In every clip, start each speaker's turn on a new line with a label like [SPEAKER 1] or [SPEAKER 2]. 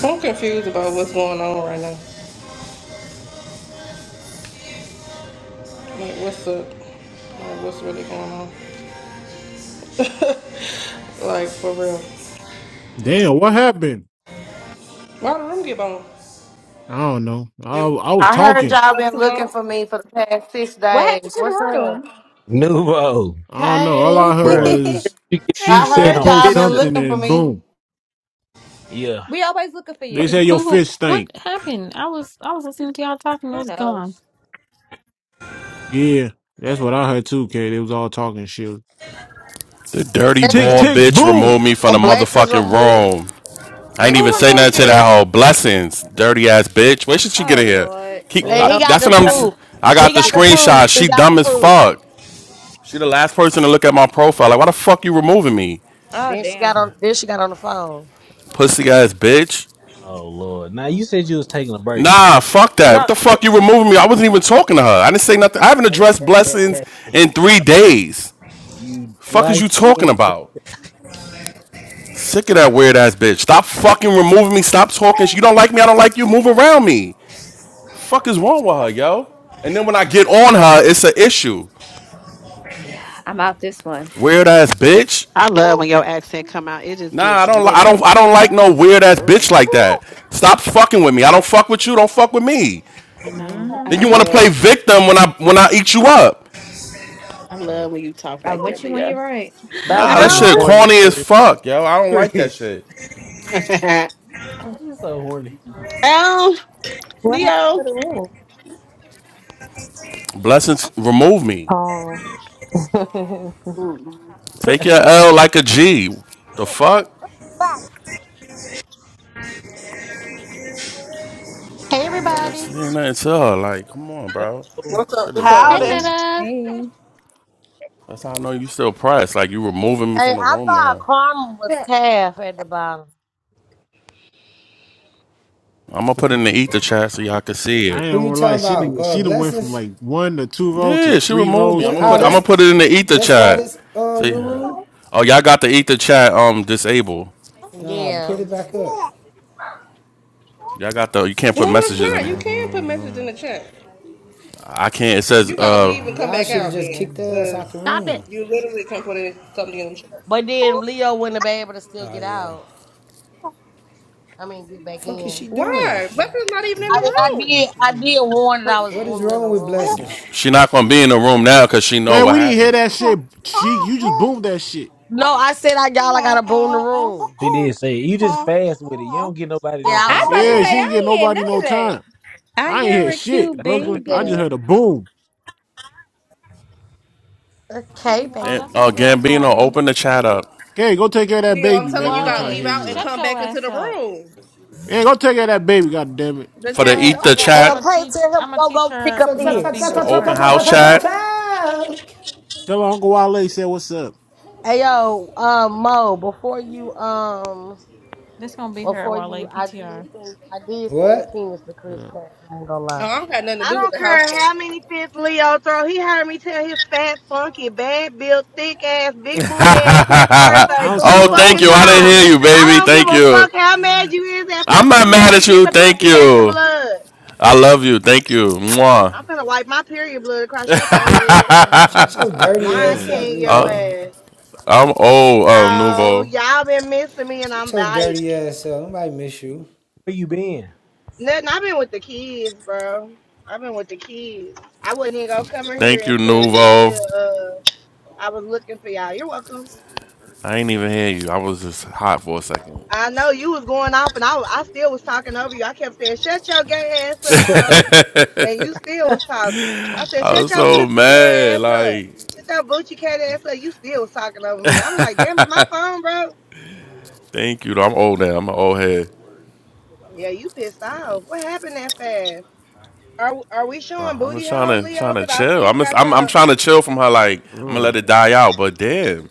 [SPEAKER 1] I'm confused about what's going on right now. Like, what's up? Like, what's really going on? Like, for real.
[SPEAKER 2] Damn, what happened?
[SPEAKER 1] Why the room get on?
[SPEAKER 2] I don't know.
[SPEAKER 1] It
[SPEAKER 2] I I was
[SPEAKER 3] I heard
[SPEAKER 2] talking.
[SPEAKER 3] y'all
[SPEAKER 1] was up
[SPEAKER 3] been
[SPEAKER 1] too
[SPEAKER 3] looking
[SPEAKER 1] long?
[SPEAKER 3] for me for the past six
[SPEAKER 4] What happened
[SPEAKER 3] days.
[SPEAKER 4] to
[SPEAKER 3] What's
[SPEAKER 4] the
[SPEAKER 3] up?
[SPEAKER 4] room?
[SPEAKER 5] Nuvo,
[SPEAKER 2] I don't know. All
[SPEAKER 3] Hey.
[SPEAKER 2] I heard
[SPEAKER 5] bruh.
[SPEAKER 2] was
[SPEAKER 5] You get
[SPEAKER 4] Hey,
[SPEAKER 2] she
[SPEAKER 5] the
[SPEAKER 3] I
[SPEAKER 2] said
[SPEAKER 3] heard
[SPEAKER 4] Nubo.
[SPEAKER 5] damn
[SPEAKER 2] post
[SPEAKER 3] y'all been
[SPEAKER 5] picture.
[SPEAKER 2] something
[SPEAKER 3] looking for
[SPEAKER 2] and
[SPEAKER 3] me.
[SPEAKER 2] boom.
[SPEAKER 5] Yeah,
[SPEAKER 4] We always looking for
[SPEAKER 2] They
[SPEAKER 4] you.
[SPEAKER 2] said your
[SPEAKER 6] Who?
[SPEAKER 2] fish
[SPEAKER 6] What
[SPEAKER 2] stink.
[SPEAKER 6] happened? I was I was listening to y'all talking. It
[SPEAKER 4] Who
[SPEAKER 6] was gone.
[SPEAKER 4] knows?
[SPEAKER 2] Yeah, that's what I heard too, K, they was all talking shit.
[SPEAKER 7] The dirty
[SPEAKER 8] Blessings,
[SPEAKER 2] Tick
[SPEAKER 7] ball
[SPEAKER 2] tick
[SPEAKER 7] bitch
[SPEAKER 2] boom.
[SPEAKER 7] removed me from the
[SPEAKER 8] blessings
[SPEAKER 7] motherfucking
[SPEAKER 8] remove.
[SPEAKER 7] room. I ain't
[SPEAKER 8] Blessings
[SPEAKER 7] even
[SPEAKER 4] Who
[SPEAKER 7] say
[SPEAKER 8] remove
[SPEAKER 7] nothing
[SPEAKER 4] removed
[SPEAKER 7] to
[SPEAKER 8] him.
[SPEAKER 7] that
[SPEAKER 4] you?
[SPEAKER 7] whole blessings, dirty ass bitch. Where should she get
[SPEAKER 4] Oh,
[SPEAKER 7] in here?
[SPEAKER 4] Lord.
[SPEAKER 7] Keep,
[SPEAKER 5] man.
[SPEAKER 1] Or
[SPEAKER 7] I,
[SPEAKER 8] And he
[SPEAKER 5] Don't,
[SPEAKER 8] got
[SPEAKER 7] that's
[SPEAKER 8] the
[SPEAKER 7] what I'm.
[SPEAKER 5] don't
[SPEAKER 7] s- i am
[SPEAKER 8] proof.
[SPEAKER 7] I
[SPEAKER 8] He
[SPEAKER 5] just-
[SPEAKER 7] got the
[SPEAKER 8] got the proof.
[SPEAKER 7] screenshot.
[SPEAKER 8] He
[SPEAKER 7] She
[SPEAKER 8] got the
[SPEAKER 7] dumb as
[SPEAKER 8] proof.
[SPEAKER 7] fuck. She the last person to look at my profile. Like, why the fuck you removing me,
[SPEAKER 4] Oh,
[SPEAKER 8] Then she got
[SPEAKER 4] damn.
[SPEAKER 8] on. Then she got on the phone.
[SPEAKER 7] pussy ass bitch?
[SPEAKER 5] oh Lord. Now you said you was taking a break. Bro.
[SPEAKER 7] Nah, fuck that. What
[SPEAKER 5] No,
[SPEAKER 7] the
[SPEAKER 5] yeah.
[SPEAKER 7] fuck you removing me? I wasn't even talking to her. I didn't say nothing. I haven't addressed blessings in three days.
[SPEAKER 5] you
[SPEAKER 7] Fuck is
[SPEAKER 5] light
[SPEAKER 7] you talking
[SPEAKER 5] skin.
[SPEAKER 7] about? Sick of that weird ass bitch. Stop fucking removing me. Stop talking. You don't like me. I don't like you. Move around me. fuck is wrong with her, yo? And then when I get on her, it's an issue.
[SPEAKER 4] Yeah, I'm out this one.
[SPEAKER 7] Weird ass bitch.
[SPEAKER 9] I love when your accent come out. It just
[SPEAKER 7] Nah, I
[SPEAKER 9] gives
[SPEAKER 7] don't. Li- I don't.
[SPEAKER 9] nigga.
[SPEAKER 7] I don't like no weird ass
[SPEAKER 9] Ooh,
[SPEAKER 7] bitch like that. Stop fucking with me. I don't fuck with you. Don't fuck with me.
[SPEAKER 9] I know.
[SPEAKER 4] hmm
[SPEAKER 9] I
[SPEAKER 7] Then you
[SPEAKER 4] You're
[SPEAKER 9] just
[SPEAKER 7] want to
[SPEAKER 4] right.
[SPEAKER 9] love.
[SPEAKER 7] play victim when I when I eat you up.
[SPEAKER 9] I
[SPEAKER 5] Oh,
[SPEAKER 9] love when you talk
[SPEAKER 4] I'm
[SPEAKER 9] like that,
[SPEAKER 4] with you when
[SPEAKER 9] Leo.
[SPEAKER 4] you're right.
[SPEAKER 5] stop
[SPEAKER 7] Nah, that
[SPEAKER 5] getting
[SPEAKER 7] shit
[SPEAKER 9] Ow,
[SPEAKER 5] horny,
[SPEAKER 7] corny as
[SPEAKER 5] Chris.
[SPEAKER 7] fuck, yo. I don't like that
[SPEAKER 5] Chris,
[SPEAKER 7] shit.
[SPEAKER 5] you so horny.
[SPEAKER 9] ow,
[SPEAKER 10] What happened to
[SPEAKER 9] Leo.
[SPEAKER 10] the room?
[SPEAKER 7] Blessings, remove me.
[SPEAKER 10] Oh.
[SPEAKER 9] Mm.
[SPEAKER 7] Take your L like a G. The fuck?
[SPEAKER 11] Hey
[SPEAKER 7] Ain't
[SPEAKER 11] everybody.
[SPEAKER 7] nothing, ain't nothing to her. Like, come on, bro.
[SPEAKER 5] Hello.
[SPEAKER 1] what's up?
[SPEAKER 7] Shit is
[SPEAKER 1] What's up?
[SPEAKER 6] Hey,
[SPEAKER 9] Howdy.
[SPEAKER 7] corny.
[SPEAKER 6] Meta,
[SPEAKER 10] hey.
[SPEAKER 7] That's how I know you still pressed. Like, you removing me
[SPEAKER 8] Hey,
[SPEAKER 7] from the
[SPEAKER 8] I
[SPEAKER 7] room
[SPEAKER 8] thought
[SPEAKER 7] now.
[SPEAKER 8] Carmen was Taff at the bottom.
[SPEAKER 7] I'm gonna put it in the ether chat so y'all can see
[SPEAKER 2] I
[SPEAKER 7] it.
[SPEAKER 2] ain't
[SPEAKER 12] Who you
[SPEAKER 2] gonna lie.
[SPEAKER 12] talking
[SPEAKER 2] She
[SPEAKER 12] about?
[SPEAKER 2] didn't.
[SPEAKER 12] Uh,
[SPEAKER 2] She done went from
[SPEAKER 12] blessings.
[SPEAKER 2] like one to two rolls to
[SPEAKER 7] Yeah, she
[SPEAKER 2] three
[SPEAKER 7] removed me.
[SPEAKER 2] rolls
[SPEAKER 7] I'm
[SPEAKER 12] Well,
[SPEAKER 7] gonna
[SPEAKER 2] per
[SPEAKER 12] ah,
[SPEAKER 7] put I'm gonna
[SPEAKER 12] that's
[SPEAKER 2] back.
[SPEAKER 7] put it in the ether
[SPEAKER 12] that's why
[SPEAKER 7] chat.
[SPEAKER 12] this uh
[SPEAKER 7] See?
[SPEAKER 12] new rule.
[SPEAKER 7] Oh, y'all got the ether chat um disabled.
[SPEAKER 12] Nah, put
[SPEAKER 8] Yeah,
[SPEAKER 12] it back up.
[SPEAKER 7] Y'all got the you can't put
[SPEAKER 1] No, it's
[SPEAKER 7] messages in
[SPEAKER 1] not. You
[SPEAKER 7] there.
[SPEAKER 1] can put messages in the chat.
[SPEAKER 7] I can't. It says
[SPEAKER 1] You gotta leave
[SPEAKER 7] uh
[SPEAKER 1] and come
[SPEAKER 12] Y'all
[SPEAKER 1] back
[SPEAKER 12] should have
[SPEAKER 1] out
[SPEAKER 12] just
[SPEAKER 1] then,
[SPEAKER 12] kicked the ass out
[SPEAKER 1] because
[SPEAKER 12] the
[SPEAKER 6] stop it.
[SPEAKER 12] room.
[SPEAKER 1] you literally can put it, something in the chat.
[SPEAKER 8] but then Leo wouldn't have been able to still
[SPEAKER 12] Oh
[SPEAKER 8] get
[SPEAKER 12] yeah.
[SPEAKER 8] out. I mean, get back
[SPEAKER 12] Fuck is
[SPEAKER 8] in.
[SPEAKER 12] she doing?
[SPEAKER 1] Why?
[SPEAKER 8] Yeah.
[SPEAKER 1] Buster's not even in the
[SPEAKER 8] I mean, I
[SPEAKER 1] room.
[SPEAKER 8] did. I did warn that I was
[SPEAKER 12] What is
[SPEAKER 8] booming in the
[SPEAKER 12] wrong with
[SPEAKER 8] room
[SPEAKER 12] blessings?
[SPEAKER 8] though.
[SPEAKER 7] she not gonna be in the room now because she know
[SPEAKER 2] Man,
[SPEAKER 7] what
[SPEAKER 2] we didn't hear
[SPEAKER 7] happened.
[SPEAKER 2] that shit. She, you just boomed that shit.
[SPEAKER 8] No, I said I y'all. I got to boom the
[SPEAKER 6] Oh,
[SPEAKER 8] room.
[SPEAKER 5] she did say it. you just fast with it. You don't get nobody no
[SPEAKER 8] Yeah, I
[SPEAKER 4] I'm
[SPEAKER 8] was
[SPEAKER 5] time.
[SPEAKER 4] about to
[SPEAKER 8] fast.
[SPEAKER 2] Yeah,
[SPEAKER 5] Yo,
[SPEAKER 2] she
[SPEAKER 4] say I
[SPEAKER 2] ain't getting
[SPEAKER 4] ain't hear none
[SPEAKER 2] nobody no
[SPEAKER 4] of that.
[SPEAKER 2] time.
[SPEAKER 10] I
[SPEAKER 2] I ain't
[SPEAKER 10] hear
[SPEAKER 2] hear
[SPEAKER 10] a
[SPEAKER 2] shit,
[SPEAKER 10] cute
[SPEAKER 2] Brooklyn. I just
[SPEAKER 10] baby.
[SPEAKER 8] Yeah.
[SPEAKER 2] heard a boom.
[SPEAKER 8] Okay,
[SPEAKER 7] And
[SPEAKER 6] that's
[SPEAKER 7] uh
[SPEAKER 8] baby.
[SPEAKER 6] my girl.
[SPEAKER 7] Gambino,
[SPEAKER 6] Sorry,
[SPEAKER 7] open the chat up
[SPEAKER 2] Okay, go take care of that
[SPEAKER 1] Leo, I'm
[SPEAKER 2] baby,
[SPEAKER 1] telling
[SPEAKER 2] man.
[SPEAKER 1] you, you
[SPEAKER 2] We ain't
[SPEAKER 1] gotta
[SPEAKER 2] trying to
[SPEAKER 1] leave
[SPEAKER 6] Wale,
[SPEAKER 2] hear
[SPEAKER 1] out
[SPEAKER 2] you
[SPEAKER 1] and
[SPEAKER 2] right.
[SPEAKER 6] shut
[SPEAKER 1] come
[SPEAKER 6] your
[SPEAKER 1] back into
[SPEAKER 6] ass
[SPEAKER 1] the
[SPEAKER 6] up.
[SPEAKER 1] room.
[SPEAKER 2] Yeah, go take care of that baby, god damn it.
[SPEAKER 6] You
[SPEAKER 1] The
[SPEAKER 7] for
[SPEAKER 6] know
[SPEAKER 7] the
[SPEAKER 1] chat is
[SPEAKER 6] what?
[SPEAKER 7] ether
[SPEAKER 6] I got.
[SPEAKER 8] Hey
[SPEAKER 1] open.
[SPEAKER 6] I'm
[SPEAKER 8] yo,
[SPEAKER 7] chat,
[SPEAKER 6] gonna
[SPEAKER 8] Clay,
[SPEAKER 6] teach.
[SPEAKER 8] tell him
[SPEAKER 6] I'm gonna
[SPEAKER 8] go
[SPEAKER 6] teach
[SPEAKER 8] go pick
[SPEAKER 6] her
[SPEAKER 8] up
[SPEAKER 12] Fuck fuck
[SPEAKER 6] middle
[SPEAKER 12] fuck
[SPEAKER 8] his
[SPEAKER 12] fuck
[SPEAKER 7] the
[SPEAKER 12] fuck
[SPEAKER 6] fingers
[SPEAKER 8] shit.
[SPEAKER 12] fuck fuck
[SPEAKER 7] open
[SPEAKER 6] first.
[SPEAKER 7] house
[SPEAKER 12] fuck fuck
[SPEAKER 6] Okay,
[SPEAKER 12] fuck fuck
[SPEAKER 7] chat.
[SPEAKER 12] fuck.
[SPEAKER 2] Tell her Uncle Wale said what's up.
[SPEAKER 8] Hey yo, um, Mo, before you um,
[SPEAKER 6] this gonna be her
[SPEAKER 8] before
[SPEAKER 6] Wale
[SPEAKER 8] you, I did
[SPEAKER 6] PTR.
[SPEAKER 8] send I did send your
[SPEAKER 12] What?
[SPEAKER 8] penis to
[SPEAKER 2] And,
[SPEAKER 8] Chris
[SPEAKER 2] uh,
[SPEAKER 8] Cash. I ain't gonna
[SPEAKER 1] Oh,
[SPEAKER 8] lie.
[SPEAKER 1] I don't got nothing to
[SPEAKER 3] I
[SPEAKER 1] do with
[SPEAKER 3] don't
[SPEAKER 1] the house
[SPEAKER 3] care
[SPEAKER 1] chat.
[SPEAKER 3] how many fifth Leo throw. He heard me tell his fat, funky, bad built, thick ass, big booty ass happy
[SPEAKER 2] I
[SPEAKER 3] birthday
[SPEAKER 2] don't see
[SPEAKER 3] three
[SPEAKER 7] oh,
[SPEAKER 2] no I don't
[SPEAKER 7] thank
[SPEAKER 3] fucking
[SPEAKER 7] you.
[SPEAKER 2] see
[SPEAKER 7] I didn't
[SPEAKER 2] nothing,
[SPEAKER 3] times.
[SPEAKER 7] hear
[SPEAKER 2] Kate.
[SPEAKER 7] you,
[SPEAKER 3] I
[SPEAKER 7] baby.
[SPEAKER 3] don't give
[SPEAKER 7] Thank
[SPEAKER 3] a
[SPEAKER 7] you.
[SPEAKER 3] fuck how mad you is at
[SPEAKER 7] I'm
[SPEAKER 3] fucking
[SPEAKER 7] not mad
[SPEAKER 3] blessing.
[SPEAKER 7] at
[SPEAKER 3] Get
[SPEAKER 7] you.
[SPEAKER 3] the
[SPEAKER 7] Thank
[SPEAKER 3] pussy back in
[SPEAKER 7] you.
[SPEAKER 3] blood.
[SPEAKER 7] I love you. Thank you. Mwah.
[SPEAKER 3] I'm finna wipe my period blood across your forehead.
[SPEAKER 6] Whoa.
[SPEAKER 12] Shut your dirty
[SPEAKER 3] Lion
[SPEAKER 2] Uh,
[SPEAKER 12] ass up,
[SPEAKER 3] King, yo
[SPEAKER 12] Nouveau.
[SPEAKER 3] ass.
[SPEAKER 7] I'm old, um,
[SPEAKER 3] No,
[SPEAKER 7] Nuvo.
[SPEAKER 3] y'all been missing me and I'm
[SPEAKER 12] Shut your
[SPEAKER 3] back.
[SPEAKER 12] dirty ass up. Nobody miss you.
[SPEAKER 5] where you been?
[SPEAKER 3] Nothing. I've been with the kids, bro. I've been with the kids. I wasn't even gonna come in here
[SPEAKER 7] Thank you,
[SPEAKER 3] until
[SPEAKER 7] Nuvo.
[SPEAKER 3] until uh I was looking for y'all. You're welcome.
[SPEAKER 7] I ain't even hear you. I was just hot for a second.
[SPEAKER 3] I know you was going off, and I wa- I still was talking over you. I kept saying, "Shut your gay ass up,
[SPEAKER 12] hey
[SPEAKER 3] hoe," and you still was talking. I said,
[SPEAKER 7] I
[SPEAKER 3] "Shut
[SPEAKER 7] was
[SPEAKER 3] your
[SPEAKER 7] so
[SPEAKER 3] pussy cat
[SPEAKER 7] mad.
[SPEAKER 3] ass up."
[SPEAKER 7] Like,
[SPEAKER 3] Shut your booty cat ass up. You still was talking over me. I'm like, damn, it's my phone, bro.
[SPEAKER 7] thank you. Though. I'm old now. I'm an old head.
[SPEAKER 3] Yeah, you pissed off. What happened that fast? Are are we
[SPEAKER 7] Uh,
[SPEAKER 3] showing
[SPEAKER 7] I'm just
[SPEAKER 3] booty
[SPEAKER 7] trying
[SPEAKER 3] hole,
[SPEAKER 7] to
[SPEAKER 3] Leo?
[SPEAKER 7] trying to
[SPEAKER 3] Cause I
[SPEAKER 7] chill.
[SPEAKER 3] see you
[SPEAKER 7] I'm just,
[SPEAKER 3] got
[SPEAKER 7] I'm
[SPEAKER 3] your
[SPEAKER 7] I'm trying to chill from her. Like, I'm gonna
[SPEAKER 2] uh.
[SPEAKER 7] let it die out. But damn,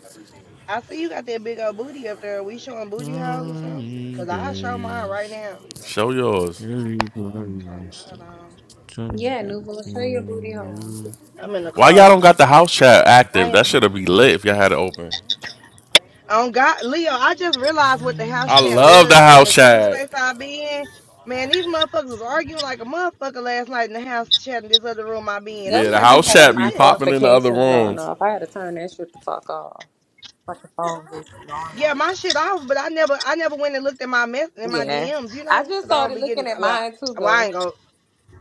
[SPEAKER 3] I see you got that big old booty up there. we showing booty house or something?
[SPEAKER 2] Sunny
[SPEAKER 3] Cause I show mine right
[SPEAKER 2] days.
[SPEAKER 3] now.
[SPEAKER 7] show yours.
[SPEAKER 2] Everybody
[SPEAKER 3] Okay,
[SPEAKER 2] wants
[SPEAKER 3] hold
[SPEAKER 2] to
[SPEAKER 3] on.
[SPEAKER 2] come
[SPEAKER 10] Yeah,
[SPEAKER 2] to
[SPEAKER 10] Nuvo, show your booty home.
[SPEAKER 2] you.
[SPEAKER 3] I'm in the
[SPEAKER 7] Why y'all
[SPEAKER 3] car.
[SPEAKER 7] don't got the house chat
[SPEAKER 3] I
[SPEAKER 7] active? That
[SPEAKER 3] am.
[SPEAKER 7] should have be lit if y'all had it open.
[SPEAKER 3] Oh God, Leo, I just realized what the house
[SPEAKER 7] I
[SPEAKER 3] chat
[SPEAKER 7] love the
[SPEAKER 3] was from
[SPEAKER 7] house
[SPEAKER 3] this other
[SPEAKER 7] chat.
[SPEAKER 3] space I be in. Man, these motherfuckers was arguing like a motherfucker last night in the house chat in this other room I be in.
[SPEAKER 10] That
[SPEAKER 3] I'm
[SPEAKER 7] Yeah, the
[SPEAKER 3] like,
[SPEAKER 10] should
[SPEAKER 3] what
[SPEAKER 10] be
[SPEAKER 3] the
[SPEAKER 7] house
[SPEAKER 3] fuck
[SPEAKER 10] having
[SPEAKER 7] chat
[SPEAKER 3] is
[SPEAKER 7] be
[SPEAKER 10] my
[SPEAKER 3] this?
[SPEAKER 7] popping in the other
[SPEAKER 10] notifications going
[SPEAKER 7] rooms.
[SPEAKER 10] off. I had to turn that shit the fuck off. Like the phone just going
[SPEAKER 3] Yeah,
[SPEAKER 10] off.
[SPEAKER 3] my shit off, but I never, I never went and looked at my mess in my
[SPEAKER 10] Yeah.
[SPEAKER 3] DMs, you
[SPEAKER 10] I
[SPEAKER 3] know,
[SPEAKER 10] just
[SPEAKER 3] cause I don't
[SPEAKER 10] started
[SPEAKER 3] be
[SPEAKER 10] looking
[SPEAKER 3] getting.
[SPEAKER 10] at
[SPEAKER 3] Well,
[SPEAKER 10] mine too,
[SPEAKER 3] I, well, I
[SPEAKER 10] though.
[SPEAKER 3] ain't go.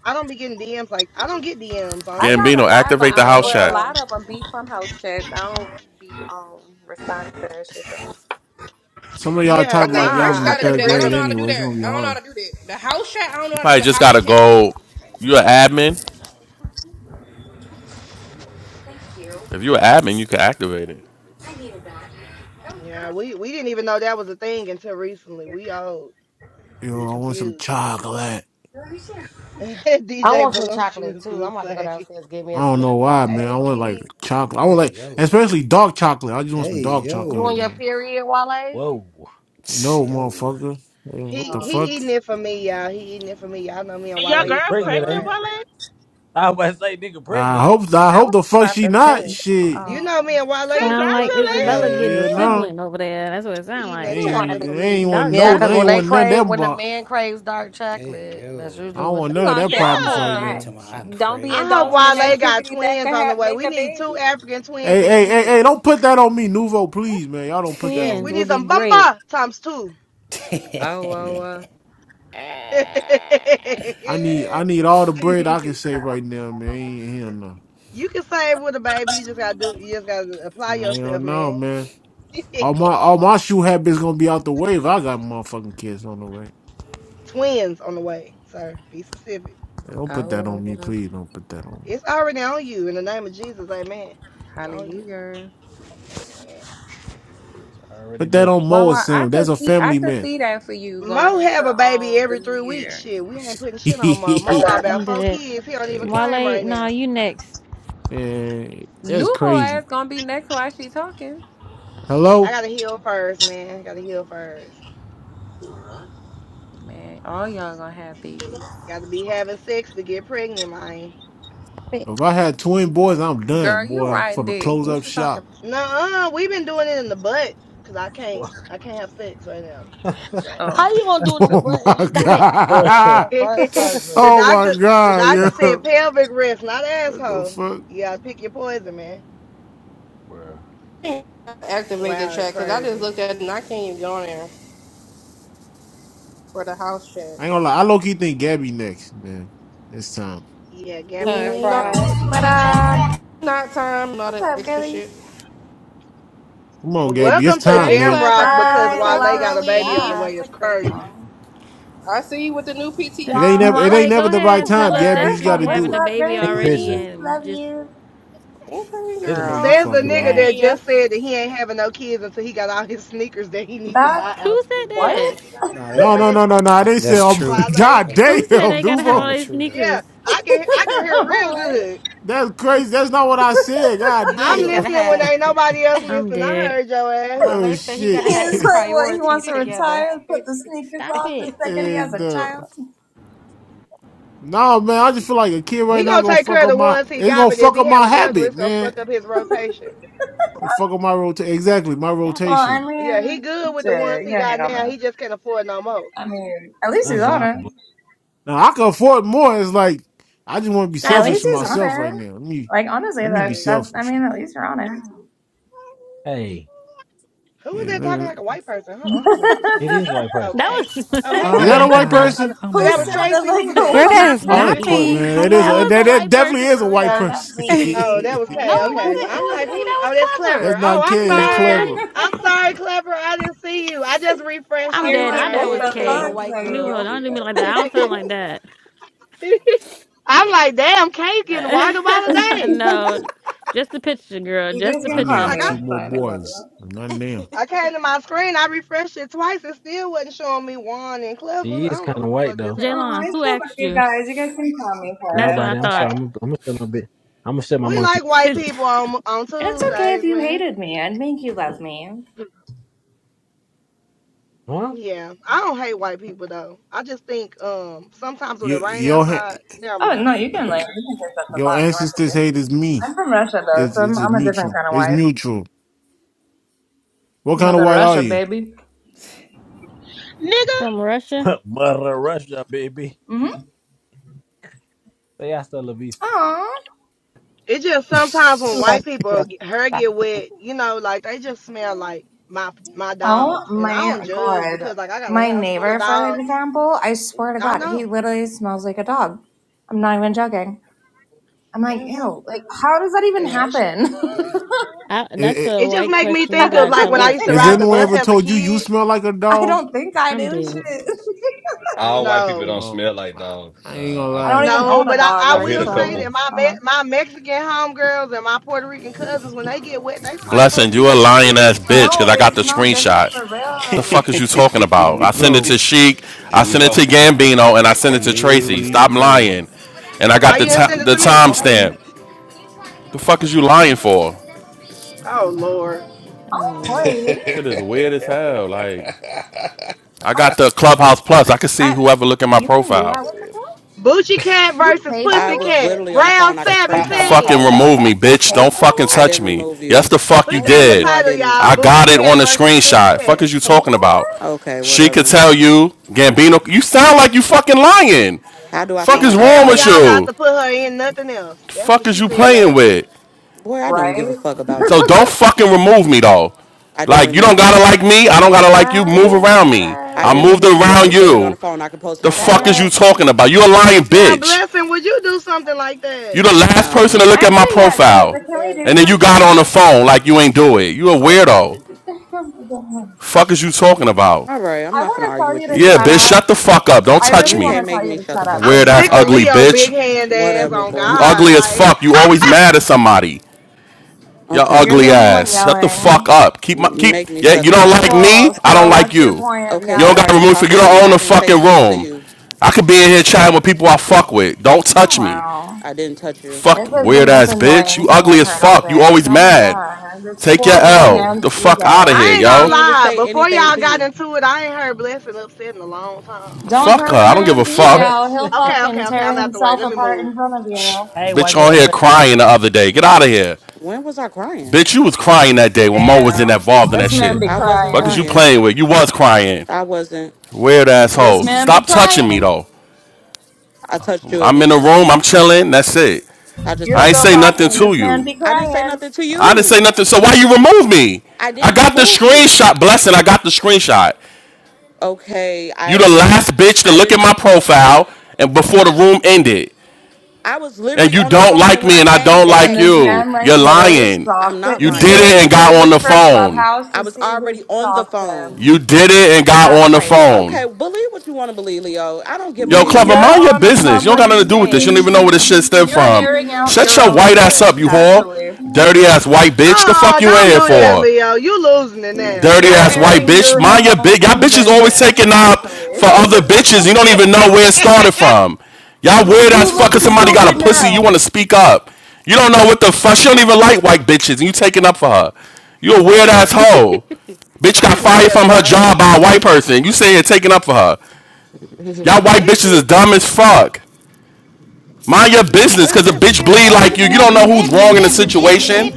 [SPEAKER 3] I don't be getting DMs like I don't get DMs on
[SPEAKER 10] I
[SPEAKER 3] here,
[SPEAKER 10] got a
[SPEAKER 7] Gambino,
[SPEAKER 10] lot, but
[SPEAKER 7] activate
[SPEAKER 3] you
[SPEAKER 10] I,
[SPEAKER 7] the house
[SPEAKER 3] know.
[SPEAKER 10] but a
[SPEAKER 7] chat.
[SPEAKER 3] So.
[SPEAKER 10] lot of them be from house chats. I don't be um responding to that shit though.
[SPEAKER 2] Some of y'all
[SPEAKER 3] Yeah,
[SPEAKER 1] I
[SPEAKER 2] type
[SPEAKER 3] nah.
[SPEAKER 2] like
[SPEAKER 1] think
[SPEAKER 2] y'all
[SPEAKER 1] Rich
[SPEAKER 2] in
[SPEAKER 3] I
[SPEAKER 2] the
[SPEAKER 1] got to do
[SPEAKER 3] just
[SPEAKER 2] third
[SPEAKER 1] that. I
[SPEAKER 3] read
[SPEAKER 1] don't
[SPEAKER 2] grade
[SPEAKER 3] a
[SPEAKER 1] know how to do
[SPEAKER 2] anyway. It's
[SPEAKER 1] that.
[SPEAKER 2] gonna be
[SPEAKER 1] I don't know
[SPEAKER 2] hard.
[SPEAKER 1] how to do that. The house chat. I don't know
[SPEAKER 7] You
[SPEAKER 1] how to do
[SPEAKER 7] probably
[SPEAKER 1] the
[SPEAKER 7] just gotta
[SPEAKER 1] house chat.
[SPEAKER 7] go. You're an admin. If you're an admin, you can activate it.
[SPEAKER 3] yeah, we we didn't even know that was a thing until recently. We old.
[SPEAKER 2] you
[SPEAKER 3] We
[SPEAKER 2] know, I want some
[SPEAKER 3] confused.
[SPEAKER 2] chocolate.
[SPEAKER 8] I
[SPEAKER 3] DJ
[SPEAKER 8] want some chocolate
[SPEAKER 3] Voluptuous is
[SPEAKER 8] too. I'm about to go
[SPEAKER 3] insane.
[SPEAKER 8] downstairs and get me
[SPEAKER 2] I
[SPEAKER 8] a
[SPEAKER 2] don't
[SPEAKER 8] Snicker
[SPEAKER 2] know
[SPEAKER 8] bar
[SPEAKER 2] why,
[SPEAKER 8] ice
[SPEAKER 2] man. I
[SPEAKER 3] Hey
[SPEAKER 2] want
[SPEAKER 8] cream.
[SPEAKER 2] like
[SPEAKER 3] Keith.
[SPEAKER 2] chocolate. I want like,
[SPEAKER 12] yo.
[SPEAKER 2] especially dark chocolate. I just want some
[SPEAKER 12] Hey
[SPEAKER 2] dark chocolate
[SPEAKER 8] You on
[SPEAKER 2] right
[SPEAKER 12] yo.
[SPEAKER 8] your
[SPEAKER 2] now.
[SPEAKER 8] period, Wale?
[SPEAKER 5] Whoa,
[SPEAKER 2] No,
[SPEAKER 12] Yo.
[SPEAKER 2] motherfucker. Yeah, What
[SPEAKER 3] He
[SPEAKER 2] the
[SPEAKER 8] Um,
[SPEAKER 3] he
[SPEAKER 2] fuck?
[SPEAKER 3] eating it for me, y'all. He eating it for me. Y'all know me and Wale
[SPEAKER 13] Your
[SPEAKER 5] nigga
[SPEAKER 3] used
[SPEAKER 13] girl
[SPEAKER 3] to fuck
[SPEAKER 5] pregnant
[SPEAKER 13] pregnant,
[SPEAKER 5] ain't? it?
[SPEAKER 3] around.
[SPEAKER 13] Wale?
[SPEAKER 5] I was about to say nigga
[SPEAKER 2] I
[SPEAKER 5] pregnant. Ain't?
[SPEAKER 2] hope, I
[SPEAKER 10] I
[SPEAKER 2] hope
[SPEAKER 10] was
[SPEAKER 2] the
[SPEAKER 10] just
[SPEAKER 2] fuck
[SPEAKER 10] about
[SPEAKER 2] she
[SPEAKER 10] to
[SPEAKER 2] not
[SPEAKER 10] say,
[SPEAKER 2] shit.
[SPEAKER 3] You know
[SPEAKER 10] um,
[SPEAKER 3] me and Wale used to
[SPEAKER 6] Sound like
[SPEAKER 3] fuck
[SPEAKER 2] Yeah,
[SPEAKER 6] Isabella
[SPEAKER 3] around.
[SPEAKER 6] getting a
[SPEAKER 2] yeah,
[SPEAKER 13] Congratulations.
[SPEAKER 3] So
[SPEAKER 2] no.
[SPEAKER 6] sibling over there. That's what it sound
[SPEAKER 3] he eating
[SPEAKER 2] I
[SPEAKER 3] that
[SPEAKER 6] like.
[SPEAKER 10] he want a
[SPEAKER 2] ain't,
[SPEAKER 3] chocolate
[SPEAKER 2] I
[SPEAKER 3] for
[SPEAKER 10] baby.
[SPEAKER 3] me.
[SPEAKER 2] ain't want
[SPEAKER 6] Dark
[SPEAKER 8] yeah,
[SPEAKER 2] no,
[SPEAKER 8] cause
[SPEAKER 2] I
[SPEAKER 8] when
[SPEAKER 2] ain't
[SPEAKER 8] they
[SPEAKER 6] chocolate
[SPEAKER 2] want none of that.
[SPEAKER 8] crave, when the
[SPEAKER 2] About.
[SPEAKER 8] man craves dark
[SPEAKER 12] Hey
[SPEAKER 8] chocolate, that's
[SPEAKER 12] yo.
[SPEAKER 2] I
[SPEAKER 8] usually
[SPEAKER 2] don't
[SPEAKER 8] what.
[SPEAKER 2] want
[SPEAKER 8] They,
[SPEAKER 10] You
[SPEAKER 2] none of
[SPEAKER 10] gonna
[SPEAKER 2] that
[SPEAKER 10] say, I
[SPEAKER 2] problems
[SPEAKER 10] hope
[SPEAKER 2] right
[SPEAKER 13] Yeah.
[SPEAKER 12] You
[SPEAKER 10] not.
[SPEAKER 2] now.
[SPEAKER 12] talking about
[SPEAKER 2] Shit.
[SPEAKER 12] I
[SPEAKER 10] Don't be
[SPEAKER 12] crave
[SPEAKER 3] I hope
[SPEAKER 10] indulging
[SPEAKER 12] dark
[SPEAKER 10] in
[SPEAKER 3] Wale got
[SPEAKER 12] chocolate.
[SPEAKER 10] activity that
[SPEAKER 3] twins
[SPEAKER 10] could
[SPEAKER 3] on the
[SPEAKER 10] have
[SPEAKER 3] way.
[SPEAKER 10] make
[SPEAKER 3] We
[SPEAKER 10] a
[SPEAKER 3] need two
[SPEAKER 10] baby.
[SPEAKER 3] African twins
[SPEAKER 2] Hey,
[SPEAKER 3] in the
[SPEAKER 2] hey, hey,
[SPEAKER 3] ether.
[SPEAKER 2] hey, don't put that on me, Nuvo, please, man. Y'all don't put that
[SPEAKER 3] Yes,
[SPEAKER 2] on
[SPEAKER 3] we
[SPEAKER 6] twins
[SPEAKER 2] me.
[SPEAKER 3] need
[SPEAKER 6] would be
[SPEAKER 3] some
[SPEAKER 6] great.
[SPEAKER 3] bumba times two.
[SPEAKER 12] nah,
[SPEAKER 10] Oh, oh,
[SPEAKER 2] Yeah.
[SPEAKER 10] uh,
[SPEAKER 2] I need, I need all the bread I can save right now, man. Ain't hell no.
[SPEAKER 3] You can save with a baby. You just gotta do. You just gotta apply
[SPEAKER 2] Hell
[SPEAKER 3] yourself,
[SPEAKER 2] no,
[SPEAKER 3] man.
[SPEAKER 2] man. All my all my shoe habits gonna be out the way if I got motherfucking kids on the way.
[SPEAKER 3] Twins on the way, sir. Be specific.
[SPEAKER 2] Don't put that
[SPEAKER 10] oh,
[SPEAKER 2] on
[SPEAKER 10] oh,
[SPEAKER 2] me,
[SPEAKER 10] uh,
[SPEAKER 2] please. Don't put that on me.
[SPEAKER 3] It's already on you. In the name of Jesus, Amen. It's on you,
[SPEAKER 10] hallelujah.
[SPEAKER 3] Amen.
[SPEAKER 5] you? It's already
[SPEAKER 2] Put that
[SPEAKER 5] done,
[SPEAKER 2] on Mo
[SPEAKER 10] Well,
[SPEAKER 2] or
[SPEAKER 10] well, I
[SPEAKER 2] son.
[SPEAKER 10] could
[SPEAKER 2] That's a
[SPEAKER 10] see, I
[SPEAKER 2] family
[SPEAKER 10] could
[SPEAKER 2] man.
[SPEAKER 10] see that for you going
[SPEAKER 3] Mo
[SPEAKER 10] into
[SPEAKER 3] have a baby
[SPEAKER 10] um the
[SPEAKER 3] every
[SPEAKER 10] new
[SPEAKER 3] three weeks.
[SPEAKER 10] year.
[SPEAKER 3] Shit, we ain't putting shit on Mo. Mo got about
[SPEAKER 6] I'm
[SPEAKER 3] four
[SPEAKER 6] good.
[SPEAKER 3] kids. He don't even claim
[SPEAKER 6] Wale,
[SPEAKER 3] right
[SPEAKER 6] no,
[SPEAKER 3] now.
[SPEAKER 6] you next.
[SPEAKER 2] Man, that's
[SPEAKER 10] Nouveau
[SPEAKER 2] crazy.
[SPEAKER 10] ass gonna be next while she talking.
[SPEAKER 3] I
[SPEAKER 2] Hello?
[SPEAKER 3] gotta heal first, man. I Gotta heal first.
[SPEAKER 10] Man, all y'all gonna have babies.
[SPEAKER 3] Gotta be having sex to get pregnant, man.
[SPEAKER 2] If I had twin boys, I'm
[SPEAKER 10] Girl,
[SPEAKER 2] done,
[SPEAKER 10] you
[SPEAKER 2] boy,
[SPEAKER 10] riding
[SPEAKER 2] from the
[SPEAKER 10] dick.
[SPEAKER 2] close
[SPEAKER 10] What
[SPEAKER 2] up
[SPEAKER 10] you
[SPEAKER 2] shop.
[SPEAKER 10] talking
[SPEAKER 3] Nuh-uh, we been doing it in the butt, cause I can't. I can't have sex right now. So.
[SPEAKER 10] about? Oh,
[SPEAKER 8] how you gonna do it in the
[SPEAKER 2] oh
[SPEAKER 8] butt and
[SPEAKER 2] my
[SPEAKER 8] you
[SPEAKER 6] Stop
[SPEAKER 8] just
[SPEAKER 6] it.
[SPEAKER 8] got
[SPEAKER 5] bruh.
[SPEAKER 2] god.
[SPEAKER 8] butt butt
[SPEAKER 3] the
[SPEAKER 8] surgery?
[SPEAKER 2] Oh my
[SPEAKER 3] doctor the
[SPEAKER 2] god, yeah.
[SPEAKER 3] doctor said pelvic rest, not
[SPEAKER 2] What the
[SPEAKER 3] asshole.
[SPEAKER 2] fuck?
[SPEAKER 3] You gotta pick your poison, man.
[SPEAKER 5] bruh.
[SPEAKER 1] Activate the
[SPEAKER 3] Wow, it's
[SPEAKER 1] chat because I just
[SPEAKER 3] crazy.
[SPEAKER 1] looked at it and I can't even go in there for the house chat.
[SPEAKER 2] I ain't gonna lie. I low key think Gabby next, man. It's time.
[SPEAKER 3] Yeah,
[SPEAKER 10] hun,
[SPEAKER 3] Gambino, you
[SPEAKER 1] No,
[SPEAKER 3] go,
[SPEAKER 10] fry.
[SPEAKER 3] baby.
[SPEAKER 14] What
[SPEAKER 3] You go first.
[SPEAKER 14] up?
[SPEAKER 1] not time. Not
[SPEAKER 14] What's
[SPEAKER 1] that
[SPEAKER 14] up,
[SPEAKER 1] extra
[SPEAKER 14] girlies?
[SPEAKER 1] shit.
[SPEAKER 2] Come on, Gabby. It's
[SPEAKER 3] Welcome to
[SPEAKER 2] time,
[SPEAKER 1] Hey,
[SPEAKER 2] man.
[SPEAKER 3] Jamrock
[SPEAKER 1] clever.
[SPEAKER 3] because
[SPEAKER 14] I
[SPEAKER 1] What's up,
[SPEAKER 3] Wale
[SPEAKER 14] love.
[SPEAKER 3] got a baby on the
[SPEAKER 1] girly?
[SPEAKER 14] Yeah,
[SPEAKER 3] way
[SPEAKER 14] that's
[SPEAKER 3] is
[SPEAKER 14] a great
[SPEAKER 3] crazy.
[SPEAKER 14] song.
[SPEAKER 1] I see you with the new
[SPEAKER 2] It ain't never
[SPEAKER 1] PTR.
[SPEAKER 2] it ain't
[SPEAKER 6] Wale, go
[SPEAKER 2] never the
[SPEAKER 6] ahead
[SPEAKER 2] right
[SPEAKER 6] and tell
[SPEAKER 2] time,
[SPEAKER 6] us
[SPEAKER 1] Clever.
[SPEAKER 2] Gabby. You
[SPEAKER 14] Great
[SPEAKER 6] that
[SPEAKER 2] just
[SPEAKER 14] song.
[SPEAKER 6] you
[SPEAKER 2] gotta
[SPEAKER 14] What's
[SPEAKER 2] do
[SPEAKER 6] having a
[SPEAKER 2] it.
[SPEAKER 14] up,
[SPEAKER 6] baby
[SPEAKER 5] Same
[SPEAKER 6] already
[SPEAKER 5] picture.
[SPEAKER 14] girlies?
[SPEAKER 6] and
[SPEAKER 14] Love
[SPEAKER 6] just
[SPEAKER 14] you.
[SPEAKER 1] Okay,
[SPEAKER 5] It
[SPEAKER 2] I
[SPEAKER 5] is
[SPEAKER 2] know you
[SPEAKER 3] Says
[SPEAKER 1] girl.
[SPEAKER 3] the
[SPEAKER 2] fucking
[SPEAKER 3] nigga
[SPEAKER 2] around.
[SPEAKER 3] that
[SPEAKER 1] Yay.
[SPEAKER 3] just said that he ain't having no kids until he got all his sneakers that he need to
[SPEAKER 14] That
[SPEAKER 3] buy out
[SPEAKER 6] who
[SPEAKER 3] the
[SPEAKER 6] said
[SPEAKER 14] what?
[SPEAKER 6] that?
[SPEAKER 3] way.
[SPEAKER 2] No,
[SPEAKER 12] that
[SPEAKER 2] no,
[SPEAKER 3] Man,
[SPEAKER 2] no, no, no. I didn't say
[SPEAKER 12] that's
[SPEAKER 2] oh,
[SPEAKER 12] true. That,
[SPEAKER 3] Wale.
[SPEAKER 2] God
[SPEAKER 12] that's
[SPEAKER 2] damn,
[SPEAKER 6] Who said they gotta
[SPEAKER 12] that's
[SPEAKER 6] have
[SPEAKER 12] kind
[SPEAKER 6] all
[SPEAKER 2] Duvo.
[SPEAKER 12] of
[SPEAKER 6] these
[SPEAKER 12] true though.
[SPEAKER 3] Yeah,
[SPEAKER 6] sneakers?
[SPEAKER 3] I can I can hear real
[SPEAKER 14] what?
[SPEAKER 3] good.
[SPEAKER 2] That's crazy. That's not what I said. God
[SPEAKER 11] He said
[SPEAKER 3] I'm
[SPEAKER 11] he
[SPEAKER 2] damn.
[SPEAKER 11] gotta
[SPEAKER 3] listening when
[SPEAKER 11] have
[SPEAKER 3] ain't nobody else
[SPEAKER 6] I'm
[SPEAKER 3] listening. I
[SPEAKER 6] dead.
[SPEAKER 3] heard your ass.
[SPEAKER 2] Oh
[SPEAKER 11] Wale said he
[SPEAKER 2] shit.
[SPEAKER 11] gotta
[SPEAKER 6] Stop
[SPEAKER 11] have
[SPEAKER 6] it.
[SPEAKER 11] his
[SPEAKER 14] He's like, what? He
[SPEAKER 11] priorities
[SPEAKER 14] wants to
[SPEAKER 11] together.
[SPEAKER 14] retire. Put the sneakers
[SPEAKER 6] Stop
[SPEAKER 14] off the
[SPEAKER 6] it.
[SPEAKER 14] second he has
[SPEAKER 2] and
[SPEAKER 14] a
[SPEAKER 2] uh,
[SPEAKER 14] child.
[SPEAKER 2] no man, I just feel like a kid
[SPEAKER 3] He
[SPEAKER 2] right now
[SPEAKER 3] gonna
[SPEAKER 2] gonna
[SPEAKER 3] take
[SPEAKER 2] fuck
[SPEAKER 3] care of
[SPEAKER 2] up
[SPEAKER 3] the
[SPEAKER 2] my
[SPEAKER 3] ones he
[SPEAKER 2] it's
[SPEAKER 3] got,
[SPEAKER 2] gonna
[SPEAKER 3] but if
[SPEAKER 2] fuck
[SPEAKER 3] he
[SPEAKER 2] up
[SPEAKER 3] have
[SPEAKER 2] my
[SPEAKER 3] another one,
[SPEAKER 2] habit,
[SPEAKER 3] it's gonna
[SPEAKER 2] man.
[SPEAKER 3] fuck up his rotation.
[SPEAKER 2] Gonna fuck up my rotation. Exactly, my
[SPEAKER 6] Stop
[SPEAKER 14] Well,
[SPEAKER 6] it.
[SPEAKER 14] I
[SPEAKER 2] rotation.
[SPEAKER 3] Yeah, he
[SPEAKER 14] mean,
[SPEAKER 3] good with the ones
[SPEAKER 14] shit, you
[SPEAKER 3] he
[SPEAKER 14] can't hate
[SPEAKER 3] got
[SPEAKER 14] on
[SPEAKER 3] now.
[SPEAKER 14] that.
[SPEAKER 3] He just can't afford no more.
[SPEAKER 14] I mean, at least he's
[SPEAKER 5] honestly, I don't believe.
[SPEAKER 14] honest.
[SPEAKER 2] Now I can afford more. It's like I just wanna be
[SPEAKER 14] At
[SPEAKER 6] Stop
[SPEAKER 2] selfish
[SPEAKER 14] least
[SPEAKER 6] it.
[SPEAKER 2] to
[SPEAKER 14] he's honest.
[SPEAKER 2] myself right now. Let me
[SPEAKER 14] Like honestly,
[SPEAKER 2] let me be
[SPEAKER 14] that
[SPEAKER 3] Period.
[SPEAKER 14] that I
[SPEAKER 2] selfish.
[SPEAKER 14] mean, at least you're honest.
[SPEAKER 5] Hey,
[SPEAKER 3] Who was
[SPEAKER 2] Yeah,
[SPEAKER 3] that
[SPEAKER 2] let
[SPEAKER 3] talking
[SPEAKER 2] me-
[SPEAKER 3] like a white person? Hold on, let me come back to the
[SPEAKER 5] it
[SPEAKER 3] screen.
[SPEAKER 5] is white person.
[SPEAKER 6] That
[SPEAKER 3] Okay.
[SPEAKER 6] was
[SPEAKER 3] Oh,
[SPEAKER 6] that
[SPEAKER 3] hey,
[SPEAKER 2] Is
[SPEAKER 15] Oh
[SPEAKER 2] that a
[SPEAKER 15] my
[SPEAKER 3] Kay.
[SPEAKER 2] white
[SPEAKER 3] Sorry.
[SPEAKER 15] God.
[SPEAKER 3] Oh, no.
[SPEAKER 2] person?
[SPEAKER 15] Oh
[SPEAKER 3] Oh,
[SPEAKER 15] my
[SPEAKER 3] that
[SPEAKER 14] Who
[SPEAKER 3] was
[SPEAKER 15] God.
[SPEAKER 14] sounded
[SPEAKER 3] Tracy. Who
[SPEAKER 14] like
[SPEAKER 3] was
[SPEAKER 14] a
[SPEAKER 3] that?
[SPEAKER 15] Girl,
[SPEAKER 6] was
[SPEAKER 15] that
[SPEAKER 6] not
[SPEAKER 15] is
[SPEAKER 14] white
[SPEAKER 2] Oh, that's
[SPEAKER 15] not
[SPEAKER 6] me.
[SPEAKER 2] clever,
[SPEAKER 14] person?
[SPEAKER 15] me.
[SPEAKER 2] man. It is
[SPEAKER 6] That
[SPEAKER 2] a
[SPEAKER 15] Hello.
[SPEAKER 6] was
[SPEAKER 2] that,
[SPEAKER 6] a
[SPEAKER 2] that
[SPEAKER 6] white
[SPEAKER 2] definitely
[SPEAKER 6] person
[SPEAKER 2] is a
[SPEAKER 6] for
[SPEAKER 2] white
[SPEAKER 14] Nah,
[SPEAKER 6] real.
[SPEAKER 3] oh,
[SPEAKER 14] that's
[SPEAKER 6] No,
[SPEAKER 2] person.
[SPEAKER 14] me,
[SPEAKER 3] oh,
[SPEAKER 14] baby.
[SPEAKER 3] that was Kay.
[SPEAKER 6] it
[SPEAKER 14] Sorry.
[SPEAKER 3] Okay.
[SPEAKER 6] wasn't. It
[SPEAKER 3] I'm like,
[SPEAKER 6] wasn't
[SPEAKER 3] who?
[SPEAKER 6] me. That was
[SPEAKER 3] Oh, that's
[SPEAKER 6] clever.
[SPEAKER 2] That's
[SPEAKER 3] clever. Oh,
[SPEAKER 2] not
[SPEAKER 3] I'm
[SPEAKER 2] Ken.
[SPEAKER 6] That
[SPEAKER 2] It's
[SPEAKER 6] was
[SPEAKER 3] sorry.
[SPEAKER 6] not.
[SPEAKER 2] clever.
[SPEAKER 3] I'm sorry, clever. I didn't see you. I just refreshed.
[SPEAKER 11] How
[SPEAKER 6] I'm
[SPEAKER 3] I'm
[SPEAKER 14] You're
[SPEAKER 11] you
[SPEAKER 6] dead.
[SPEAKER 14] like,
[SPEAKER 6] Not
[SPEAKER 11] done
[SPEAKER 3] sorry.
[SPEAKER 6] that
[SPEAKER 14] what
[SPEAKER 3] Hey,
[SPEAKER 6] was
[SPEAKER 11] made
[SPEAKER 14] the
[SPEAKER 11] Kate
[SPEAKER 6] K.
[SPEAKER 11] a
[SPEAKER 3] girl.
[SPEAKER 14] fuck?
[SPEAKER 11] white
[SPEAKER 14] No, you're
[SPEAKER 6] Nuvo,
[SPEAKER 14] good.
[SPEAKER 11] girl?
[SPEAKER 14] You're
[SPEAKER 6] don't do me like that. I don't sound like that.
[SPEAKER 3] I'm like, damn, Kay's getting whiter by the day.
[SPEAKER 14] good.
[SPEAKER 6] no, just the picture, girl.
[SPEAKER 14] You
[SPEAKER 6] Just
[SPEAKER 14] guys
[SPEAKER 6] the
[SPEAKER 2] I
[SPEAKER 14] can
[SPEAKER 2] need
[SPEAKER 6] picture.
[SPEAKER 14] clown
[SPEAKER 2] like
[SPEAKER 3] Like
[SPEAKER 14] me.
[SPEAKER 3] I,
[SPEAKER 2] two
[SPEAKER 14] It's
[SPEAKER 2] more
[SPEAKER 14] fine. I love
[SPEAKER 2] boys.
[SPEAKER 14] it.
[SPEAKER 2] None
[SPEAKER 11] he
[SPEAKER 2] now.
[SPEAKER 3] I came to my screen, I refreshed it twice, it still wasn't showing me Juan and
[SPEAKER 5] She
[SPEAKER 3] clever. I
[SPEAKER 5] is
[SPEAKER 3] don't
[SPEAKER 5] kind
[SPEAKER 3] know
[SPEAKER 5] of
[SPEAKER 3] what the
[SPEAKER 5] white
[SPEAKER 3] fuck just
[SPEAKER 5] though.
[SPEAKER 14] Oh,
[SPEAKER 3] happened.
[SPEAKER 6] Jaylon,
[SPEAKER 14] I
[SPEAKER 6] who
[SPEAKER 14] still love
[SPEAKER 6] asked
[SPEAKER 14] you
[SPEAKER 6] you?
[SPEAKER 14] guys. You guys can clown me for it.
[SPEAKER 6] That's what
[SPEAKER 5] Nobody.
[SPEAKER 6] I
[SPEAKER 5] I'm
[SPEAKER 14] Okay.
[SPEAKER 5] sorry.
[SPEAKER 6] thought.
[SPEAKER 5] I'm, I'm gonna shut my bit. I'm gonna shut my
[SPEAKER 3] We
[SPEAKER 2] Hey,
[SPEAKER 5] monkey.
[SPEAKER 3] like white
[SPEAKER 5] up.
[SPEAKER 6] Sit-
[SPEAKER 3] people on on
[SPEAKER 14] And It's okay if
[SPEAKER 3] Tuesdays,
[SPEAKER 14] you
[SPEAKER 3] man.
[SPEAKER 14] hated me. I'd make you love me.
[SPEAKER 5] Huh?
[SPEAKER 3] Yeah, I don't hate white people though. I just think um sometimes when it
[SPEAKER 2] your
[SPEAKER 3] rain
[SPEAKER 2] your ha-
[SPEAKER 3] outside, never
[SPEAKER 14] Oh no,
[SPEAKER 3] mind.
[SPEAKER 14] you can like you can take that stuff
[SPEAKER 2] your
[SPEAKER 14] off. You want to?
[SPEAKER 2] ancestors
[SPEAKER 14] take
[SPEAKER 2] hate is
[SPEAKER 14] it?
[SPEAKER 2] me.
[SPEAKER 14] I'm from Russia though,
[SPEAKER 2] It's
[SPEAKER 14] so
[SPEAKER 2] it's
[SPEAKER 14] I'm,
[SPEAKER 2] a
[SPEAKER 14] I'm a different
[SPEAKER 2] mutual.
[SPEAKER 14] kind of
[SPEAKER 2] It's
[SPEAKER 14] white.
[SPEAKER 2] mutual. What kind of
[SPEAKER 14] Mother
[SPEAKER 2] white are
[SPEAKER 14] Russia,
[SPEAKER 2] you?
[SPEAKER 14] baby.
[SPEAKER 13] Nigga,
[SPEAKER 6] From Russia?
[SPEAKER 5] Mother Russia, baby.
[SPEAKER 14] Mm-hmm.
[SPEAKER 5] Say hasta la vista.
[SPEAKER 14] Aww.
[SPEAKER 3] It just sometimes when white
[SPEAKER 16] left.
[SPEAKER 3] people
[SPEAKER 16] Yes.
[SPEAKER 3] get- hair
[SPEAKER 16] back.
[SPEAKER 3] get wet, you know, like they just smell like my my
[SPEAKER 14] Oh
[SPEAKER 3] dogs, and I
[SPEAKER 14] my
[SPEAKER 3] don't judge
[SPEAKER 14] god.
[SPEAKER 3] because like I got a
[SPEAKER 14] My
[SPEAKER 3] house full of
[SPEAKER 14] neighbor, for
[SPEAKER 3] dogs.
[SPEAKER 14] example, I swear to
[SPEAKER 3] I
[SPEAKER 14] God, he
[SPEAKER 3] know.
[SPEAKER 14] literally smells like a dog. I'm not even joking. I'm like,
[SPEAKER 3] Mhm.
[SPEAKER 14] ew, like, how does that even
[SPEAKER 3] Yeah, that shit.
[SPEAKER 14] happen?
[SPEAKER 2] Eh,
[SPEAKER 6] I,
[SPEAKER 2] eh,
[SPEAKER 6] that's
[SPEAKER 2] eh,
[SPEAKER 6] a
[SPEAKER 3] It just
[SPEAKER 6] white
[SPEAKER 3] make me
[SPEAKER 6] question.
[SPEAKER 14] how
[SPEAKER 6] You
[SPEAKER 3] think of
[SPEAKER 14] does
[SPEAKER 6] gotta
[SPEAKER 3] like
[SPEAKER 14] that
[SPEAKER 6] tell
[SPEAKER 3] when I
[SPEAKER 6] us,
[SPEAKER 3] used to
[SPEAKER 14] even
[SPEAKER 2] Has
[SPEAKER 3] ride
[SPEAKER 6] girl.
[SPEAKER 3] the
[SPEAKER 2] anyone
[SPEAKER 3] bus
[SPEAKER 2] ever
[SPEAKER 3] as
[SPEAKER 14] happen?
[SPEAKER 3] a
[SPEAKER 2] told you you
[SPEAKER 3] kid.
[SPEAKER 2] smell like a
[SPEAKER 14] I
[SPEAKER 2] dog?
[SPEAKER 14] don't think I
[SPEAKER 6] I'm
[SPEAKER 14] do
[SPEAKER 6] dead.
[SPEAKER 14] shit.
[SPEAKER 17] All white people
[SPEAKER 3] No,
[SPEAKER 17] don't
[SPEAKER 2] Well,
[SPEAKER 17] smell like
[SPEAKER 2] I
[SPEAKER 17] dog.
[SPEAKER 2] I ain't
[SPEAKER 17] Uh,
[SPEAKER 2] gonna
[SPEAKER 17] I've
[SPEAKER 14] I don't
[SPEAKER 2] lie.
[SPEAKER 14] even
[SPEAKER 3] no,
[SPEAKER 14] own a
[SPEAKER 3] but I,
[SPEAKER 14] dog,
[SPEAKER 3] I
[SPEAKER 17] I've
[SPEAKER 14] right?
[SPEAKER 17] hit
[SPEAKER 3] will
[SPEAKER 17] a
[SPEAKER 3] say
[SPEAKER 14] So,
[SPEAKER 3] that
[SPEAKER 17] couple.
[SPEAKER 3] my
[SPEAKER 14] I don't
[SPEAKER 3] Me-
[SPEAKER 14] know.
[SPEAKER 3] my Mexican homegirls and my Puerto Rican cousins, when they get wet, they smell like
[SPEAKER 7] Blessing, you a
[SPEAKER 3] tortillas and
[SPEAKER 7] lying
[SPEAKER 3] shit.
[SPEAKER 7] ass bitch
[SPEAKER 3] So
[SPEAKER 7] because
[SPEAKER 14] No,
[SPEAKER 7] I
[SPEAKER 14] they
[SPEAKER 7] got the
[SPEAKER 14] smell different
[SPEAKER 7] screenshot.
[SPEAKER 14] for
[SPEAKER 7] The
[SPEAKER 14] real.
[SPEAKER 7] fuck is you talking
[SPEAKER 2] Here
[SPEAKER 7] about?
[SPEAKER 2] we
[SPEAKER 7] I sent it
[SPEAKER 2] go.
[SPEAKER 7] to Sheik, I
[SPEAKER 17] there we
[SPEAKER 7] sent it
[SPEAKER 17] go.
[SPEAKER 7] to Gambino, and I sent it to
[SPEAKER 2] Here
[SPEAKER 7] Tracy.
[SPEAKER 2] we
[SPEAKER 7] Stop
[SPEAKER 2] go.
[SPEAKER 7] lying. And I
[SPEAKER 3] why
[SPEAKER 7] got the
[SPEAKER 3] you
[SPEAKER 7] ti
[SPEAKER 3] didn't send it
[SPEAKER 7] the
[SPEAKER 3] to
[SPEAKER 14] Oh
[SPEAKER 3] me?
[SPEAKER 7] timestamp.
[SPEAKER 14] boy.
[SPEAKER 7] The fuck is you lying for?
[SPEAKER 3] Oh Lord,
[SPEAKER 14] Oh
[SPEAKER 6] Oh,
[SPEAKER 14] boy.
[SPEAKER 7] Shit is weird as hell. Like I
[SPEAKER 14] I,
[SPEAKER 7] got the Clubhouse Plus. I can see
[SPEAKER 14] I,
[SPEAKER 7] whoever look at my
[SPEAKER 14] you can do
[SPEAKER 7] profile.
[SPEAKER 14] that with the dog?
[SPEAKER 3] Boochie Cat
[SPEAKER 14] You
[SPEAKER 3] versus
[SPEAKER 14] pay for
[SPEAKER 18] I
[SPEAKER 3] Pussy
[SPEAKER 18] was
[SPEAKER 14] this?
[SPEAKER 3] Cat,
[SPEAKER 18] literally on the
[SPEAKER 3] round
[SPEAKER 18] phone. I could screenshot my
[SPEAKER 7] Fucking
[SPEAKER 18] call
[SPEAKER 3] seventeen.
[SPEAKER 18] log.
[SPEAKER 7] remove me, bitch.
[SPEAKER 14] Pay
[SPEAKER 7] Don't
[SPEAKER 14] for
[SPEAKER 7] fucking
[SPEAKER 18] I
[SPEAKER 7] touch
[SPEAKER 18] didn't
[SPEAKER 7] me.
[SPEAKER 18] remove
[SPEAKER 7] Yes,
[SPEAKER 18] you.
[SPEAKER 7] the fuck you
[SPEAKER 3] Put
[SPEAKER 14] this?
[SPEAKER 3] that in the
[SPEAKER 14] Baby,
[SPEAKER 7] did.
[SPEAKER 18] No, I
[SPEAKER 3] title,
[SPEAKER 18] didn't.
[SPEAKER 3] y'all.
[SPEAKER 7] I
[SPEAKER 3] Boochie
[SPEAKER 7] got it on
[SPEAKER 3] Cat
[SPEAKER 7] the
[SPEAKER 3] versus Pussy
[SPEAKER 7] screenshot. Fuck
[SPEAKER 14] You
[SPEAKER 3] Cat.
[SPEAKER 7] is you
[SPEAKER 14] pay
[SPEAKER 7] talking
[SPEAKER 14] for
[SPEAKER 7] about?
[SPEAKER 14] this?
[SPEAKER 18] Okay,
[SPEAKER 7] She could
[SPEAKER 18] whatever.
[SPEAKER 7] tell you, Gambino. You sound like you fucking lying.
[SPEAKER 18] How do I
[SPEAKER 7] Fuck
[SPEAKER 3] She
[SPEAKER 18] sound
[SPEAKER 7] is
[SPEAKER 18] like I'm
[SPEAKER 3] said
[SPEAKER 7] wrong
[SPEAKER 3] for
[SPEAKER 7] with
[SPEAKER 18] lying?
[SPEAKER 3] y'all not
[SPEAKER 7] you?
[SPEAKER 3] to put her in nothing else. That's what
[SPEAKER 7] Fuck is
[SPEAKER 3] she
[SPEAKER 7] you
[SPEAKER 3] said
[SPEAKER 7] playing
[SPEAKER 3] last
[SPEAKER 7] with?
[SPEAKER 3] week.
[SPEAKER 18] Boy, I don't give a
[SPEAKER 14] Right?
[SPEAKER 18] fuck about
[SPEAKER 7] So
[SPEAKER 18] you.
[SPEAKER 7] don't fucking remove me though.
[SPEAKER 18] I didn't
[SPEAKER 7] Like you don't
[SPEAKER 18] remove
[SPEAKER 7] gotta
[SPEAKER 18] you.
[SPEAKER 7] like me. I don't gotta like you.
[SPEAKER 3] Eh?
[SPEAKER 7] Move
[SPEAKER 14] Uh,
[SPEAKER 7] around me.
[SPEAKER 18] I
[SPEAKER 7] I
[SPEAKER 18] didn't
[SPEAKER 14] uh,
[SPEAKER 7] moved
[SPEAKER 18] remove you. I
[SPEAKER 7] around
[SPEAKER 18] was literally on the
[SPEAKER 7] you.
[SPEAKER 18] phone. I could post
[SPEAKER 7] The
[SPEAKER 18] my call
[SPEAKER 7] fuck is
[SPEAKER 14] That
[SPEAKER 7] you
[SPEAKER 18] log.
[SPEAKER 14] it.
[SPEAKER 7] talking about? You a lying
[SPEAKER 3] Now,
[SPEAKER 7] bitch.
[SPEAKER 3] blessing, would you do something like
[SPEAKER 7] You the last person
[SPEAKER 18] No.
[SPEAKER 7] to look at my
[SPEAKER 14] Actually, yeah, can,
[SPEAKER 7] profile,
[SPEAKER 14] like, can we
[SPEAKER 3] that?
[SPEAKER 14] do
[SPEAKER 7] and then you got
[SPEAKER 14] something
[SPEAKER 7] on the
[SPEAKER 14] like.
[SPEAKER 7] phone like you ain't do it. You a weirdo.
[SPEAKER 14] Oh, what-
[SPEAKER 7] Fuck is you talking about?
[SPEAKER 18] All right, I'm
[SPEAKER 14] I
[SPEAKER 18] not gonna
[SPEAKER 14] want to
[SPEAKER 18] argue
[SPEAKER 14] tell
[SPEAKER 18] with
[SPEAKER 14] you
[SPEAKER 18] you.
[SPEAKER 14] to
[SPEAKER 18] You
[SPEAKER 7] Yeah,
[SPEAKER 18] got
[SPEAKER 14] shut
[SPEAKER 18] it.
[SPEAKER 7] bitch,
[SPEAKER 14] up.
[SPEAKER 7] shut the fuck up. Don't
[SPEAKER 14] I
[SPEAKER 7] touch
[SPEAKER 18] You
[SPEAKER 14] really want
[SPEAKER 7] me.
[SPEAKER 18] can't
[SPEAKER 14] to
[SPEAKER 18] make
[SPEAKER 14] tell you
[SPEAKER 18] me
[SPEAKER 14] to
[SPEAKER 18] shut the
[SPEAKER 14] shut up
[SPEAKER 18] fuck
[SPEAKER 3] I'm
[SPEAKER 14] because
[SPEAKER 7] Weird
[SPEAKER 18] up.
[SPEAKER 14] you're
[SPEAKER 7] ass
[SPEAKER 3] sick of
[SPEAKER 7] ugly
[SPEAKER 3] Leo
[SPEAKER 14] annoying.
[SPEAKER 3] big
[SPEAKER 7] bitch.
[SPEAKER 3] hand ass
[SPEAKER 18] Whatever,
[SPEAKER 3] on
[SPEAKER 7] You
[SPEAKER 18] boy.
[SPEAKER 3] God.
[SPEAKER 7] ugly as
[SPEAKER 3] Like
[SPEAKER 7] fuck. You always mad at somebody. Your
[SPEAKER 18] Okay.
[SPEAKER 14] You're the
[SPEAKER 7] ugly
[SPEAKER 14] only one
[SPEAKER 7] ass. Shut the fuck
[SPEAKER 14] yelling.
[SPEAKER 7] up. Keep my
[SPEAKER 18] No, you
[SPEAKER 7] keep
[SPEAKER 18] make me
[SPEAKER 7] yeah,
[SPEAKER 18] shut
[SPEAKER 7] you
[SPEAKER 18] the
[SPEAKER 7] don't
[SPEAKER 18] fuck
[SPEAKER 7] like
[SPEAKER 18] up.
[SPEAKER 14] Cool.
[SPEAKER 7] me, I don't
[SPEAKER 14] So
[SPEAKER 7] like
[SPEAKER 14] what's your
[SPEAKER 7] you.
[SPEAKER 14] point of
[SPEAKER 18] Okay,
[SPEAKER 7] You
[SPEAKER 18] so
[SPEAKER 7] don't
[SPEAKER 18] why are
[SPEAKER 7] gotta
[SPEAKER 18] you
[SPEAKER 14] yelling?
[SPEAKER 7] remove you
[SPEAKER 18] talking to
[SPEAKER 7] don't
[SPEAKER 18] me?
[SPEAKER 7] own
[SPEAKER 18] I
[SPEAKER 7] the
[SPEAKER 18] didn't say
[SPEAKER 7] fucking
[SPEAKER 18] shit to
[SPEAKER 7] room.
[SPEAKER 18] you.
[SPEAKER 7] I could be in here chatting with people I fuck with. Don't
[SPEAKER 14] Oh
[SPEAKER 7] touch me.
[SPEAKER 14] wow.
[SPEAKER 18] I didn't touch you.
[SPEAKER 7] Fuck
[SPEAKER 14] This is the
[SPEAKER 7] weird
[SPEAKER 14] most
[SPEAKER 7] ass bitch.
[SPEAKER 14] annoying
[SPEAKER 7] You
[SPEAKER 14] thing
[SPEAKER 7] ugly
[SPEAKER 14] I've
[SPEAKER 7] as
[SPEAKER 14] heard all
[SPEAKER 7] fuck. You
[SPEAKER 14] day.
[SPEAKER 7] always
[SPEAKER 14] Oh my
[SPEAKER 7] mad.
[SPEAKER 14] god. This
[SPEAKER 7] Take your
[SPEAKER 14] poor little
[SPEAKER 7] L.
[SPEAKER 14] man's
[SPEAKER 7] The fuck out of
[SPEAKER 14] ego.
[SPEAKER 3] I
[SPEAKER 7] here,
[SPEAKER 3] ain't
[SPEAKER 18] I
[SPEAKER 3] gonna
[SPEAKER 7] yo.
[SPEAKER 18] didn't even
[SPEAKER 3] lie.
[SPEAKER 18] say
[SPEAKER 3] Before
[SPEAKER 18] anything
[SPEAKER 3] y'all
[SPEAKER 18] to
[SPEAKER 3] got
[SPEAKER 18] you.
[SPEAKER 3] into it, I ain't heard blessing upset in a long time
[SPEAKER 14] Don't
[SPEAKER 3] on,
[SPEAKER 7] Fuck
[SPEAKER 3] on
[SPEAKER 7] her.
[SPEAKER 14] hurt
[SPEAKER 3] some
[SPEAKER 14] a
[SPEAKER 7] I don't
[SPEAKER 3] real
[SPEAKER 7] give a
[SPEAKER 14] man's
[SPEAKER 3] shit.
[SPEAKER 7] fuck.
[SPEAKER 14] ego.
[SPEAKER 5] Fresh.
[SPEAKER 14] He'll
[SPEAKER 3] Okay,
[SPEAKER 14] fucking
[SPEAKER 3] okay, okay.
[SPEAKER 14] tear
[SPEAKER 3] I'm out the way.
[SPEAKER 14] himself
[SPEAKER 3] Let me
[SPEAKER 14] apart
[SPEAKER 3] move.
[SPEAKER 14] in front of
[SPEAKER 7] Shh.
[SPEAKER 14] you.
[SPEAKER 5] hey, white
[SPEAKER 7] Bitch on
[SPEAKER 5] girl.
[SPEAKER 7] here
[SPEAKER 5] Hush,
[SPEAKER 7] crying the other day. Get out of here.
[SPEAKER 18] When was I crying?
[SPEAKER 7] Bitch, you was crying that day when Mo was in
[SPEAKER 14] Damn.
[SPEAKER 7] involved in that
[SPEAKER 14] This man
[SPEAKER 7] shit.
[SPEAKER 14] be
[SPEAKER 18] I wasn't
[SPEAKER 7] Fuck is
[SPEAKER 14] crying.
[SPEAKER 7] you
[SPEAKER 18] crying.
[SPEAKER 7] playing with? You was crying.
[SPEAKER 18] I wasn't.
[SPEAKER 7] Weird
[SPEAKER 14] This
[SPEAKER 7] asshole.
[SPEAKER 14] man be
[SPEAKER 7] Stop touching me
[SPEAKER 14] crying.
[SPEAKER 7] though.
[SPEAKER 18] I touched you
[SPEAKER 7] I'm in the
[SPEAKER 18] again.
[SPEAKER 7] room. I'm chilling. That's it.
[SPEAKER 18] I just
[SPEAKER 14] You're
[SPEAKER 7] I ain't
[SPEAKER 18] touched
[SPEAKER 14] still
[SPEAKER 7] say
[SPEAKER 18] you.
[SPEAKER 7] nothing
[SPEAKER 14] talking.
[SPEAKER 7] to
[SPEAKER 14] This man
[SPEAKER 7] you.
[SPEAKER 14] be
[SPEAKER 18] I didn't say
[SPEAKER 14] crying.
[SPEAKER 18] nothing to
[SPEAKER 7] I didn't say
[SPEAKER 18] you.
[SPEAKER 7] nothing. So why you remove me?
[SPEAKER 18] I
[SPEAKER 7] I
[SPEAKER 18] didn't
[SPEAKER 7] got the
[SPEAKER 18] remove you.
[SPEAKER 7] screenshot. Blessing. I got the screenshot.
[SPEAKER 18] Okay,
[SPEAKER 7] You
[SPEAKER 18] I
[SPEAKER 7] the
[SPEAKER 18] didn't.
[SPEAKER 7] last bitch to
[SPEAKER 18] I
[SPEAKER 7] look at
[SPEAKER 18] didn't.
[SPEAKER 7] my profile and before the room ended.
[SPEAKER 18] I was
[SPEAKER 7] And
[SPEAKER 18] literally
[SPEAKER 7] you
[SPEAKER 18] on the
[SPEAKER 7] don't
[SPEAKER 18] phone,
[SPEAKER 7] like
[SPEAKER 18] and when
[SPEAKER 7] me
[SPEAKER 18] I
[SPEAKER 7] and I
[SPEAKER 18] came
[SPEAKER 7] don't
[SPEAKER 14] And
[SPEAKER 7] like
[SPEAKER 18] back,
[SPEAKER 14] this
[SPEAKER 7] you.
[SPEAKER 14] man like
[SPEAKER 7] You're
[SPEAKER 14] literally
[SPEAKER 7] lying.
[SPEAKER 18] I'm
[SPEAKER 14] stalks it.
[SPEAKER 18] not
[SPEAKER 7] You
[SPEAKER 14] He
[SPEAKER 7] did
[SPEAKER 18] lying.
[SPEAKER 7] it
[SPEAKER 14] literally
[SPEAKER 7] and got on the
[SPEAKER 14] pays for
[SPEAKER 7] phone.
[SPEAKER 14] Clubhouse
[SPEAKER 18] I
[SPEAKER 14] to
[SPEAKER 18] was
[SPEAKER 14] see who
[SPEAKER 18] already on the
[SPEAKER 14] stalks
[SPEAKER 18] phone.
[SPEAKER 14] him.
[SPEAKER 7] You did it and got
[SPEAKER 14] That's
[SPEAKER 7] on the
[SPEAKER 14] crazy.
[SPEAKER 7] phone.
[SPEAKER 18] Okay, believe what you want to believe, Leo. I don't give a
[SPEAKER 7] Yo, Clever,
[SPEAKER 18] damn.
[SPEAKER 14] You're
[SPEAKER 7] mind your
[SPEAKER 14] on a
[SPEAKER 7] business. You don't
[SPEAKER 14] public
[SPEAKER 7] got nothing to do with this. You don't
[SPEAKER 14] stage.
[SPEAKER 7] even know where this shit stemmed
[SPEAKER 14] You're
[SPEAKER 7] from.
[SPEAKER 14] airing out
[SPEAKER 7] Shut
[SPEAKER 14] your
[SPEAKER 7] your
[SPEAKER 14] own
[SPEAKER 7] white ass up,
[SPEAKER 14] shit,
[SPEAKER 7] you whore.
[SPEAKER 14] actually.
[SPEAKER 7] Dirty ass white bitch. The fuck
[SPEAKER 3] Oh,
[SPEAKER 7] you in
[SPEAKER 3] don't
[SPEAKER 7] here
[SPEAKER 3] do that,
[SPEAKER 7] for?
[SPEAKER 3] Leo. You losing it now.
[SPEAKER 7] Dirty
[SPEAKER 14] You're
[SPEAKER 7] ass
[SPEAKER 3] God
[SPEAKER 7] white
[SPEAKER 14] airing
[SPEAKER 3] damn.
[SPEAKER 7] bitch.
[SPEAKER 14] your
[SPEAKER 7] Mind your bitch. Y'all
[SPEAKER 14] own
[SPEAKER 7] bitches always
[SPEAKER 14] business,
[SPEAKER 7] taking up
[SPEAKER 14] actually.
[SPEAKER 7] for other bitches. You don't even know where it started from. Y'all weird ass
[SPEAKER 14] Who
[SPEAKER 7] fucker.
[SPEAKER 14] looking
[SPEAKER 7] Somebody got a
[SPEAKER 14] stupid
[SPEAKER 7] pussy. You want to
[SPEAKER 14] now?
[SPEAKER 7] speak up. You don't know what the fuck. She don't even like white bitches. And you taking up for her. You a weird
[SPEAKER 3] Damn.
[SPEAKER 7] ass hoe. Bitch
[SPEAKER 3] I
[SPEAKER 7] got
[SPEAKER 3] didn't know
[SPEAKER 7] fired
[SPEAKER 3] that
[SPEAKER 7] from her
[SPEAKER 3] about her.
[SPEAKER 7] job by a white person. You say you're taking up for her. Y'all white
[SPEAKER 3] Did
[SPEAKER 7] bitches
[SPEAKER 3] she?
[SPEAKER 7] is dumb as fuck. Mind your business,
[SPEAKER 3] When
[SPEAKER 7] cause a
[SPEAKER 3] blessing
[SPEAKER 7] bitch
[SPEAKER 14] Oh,
[SPEAKER 3] get
[SPEAKER 7] bleed
[SPEAKER 3] fired?
[SPEAKER 7] like you. You don't know who's wrong in the situation.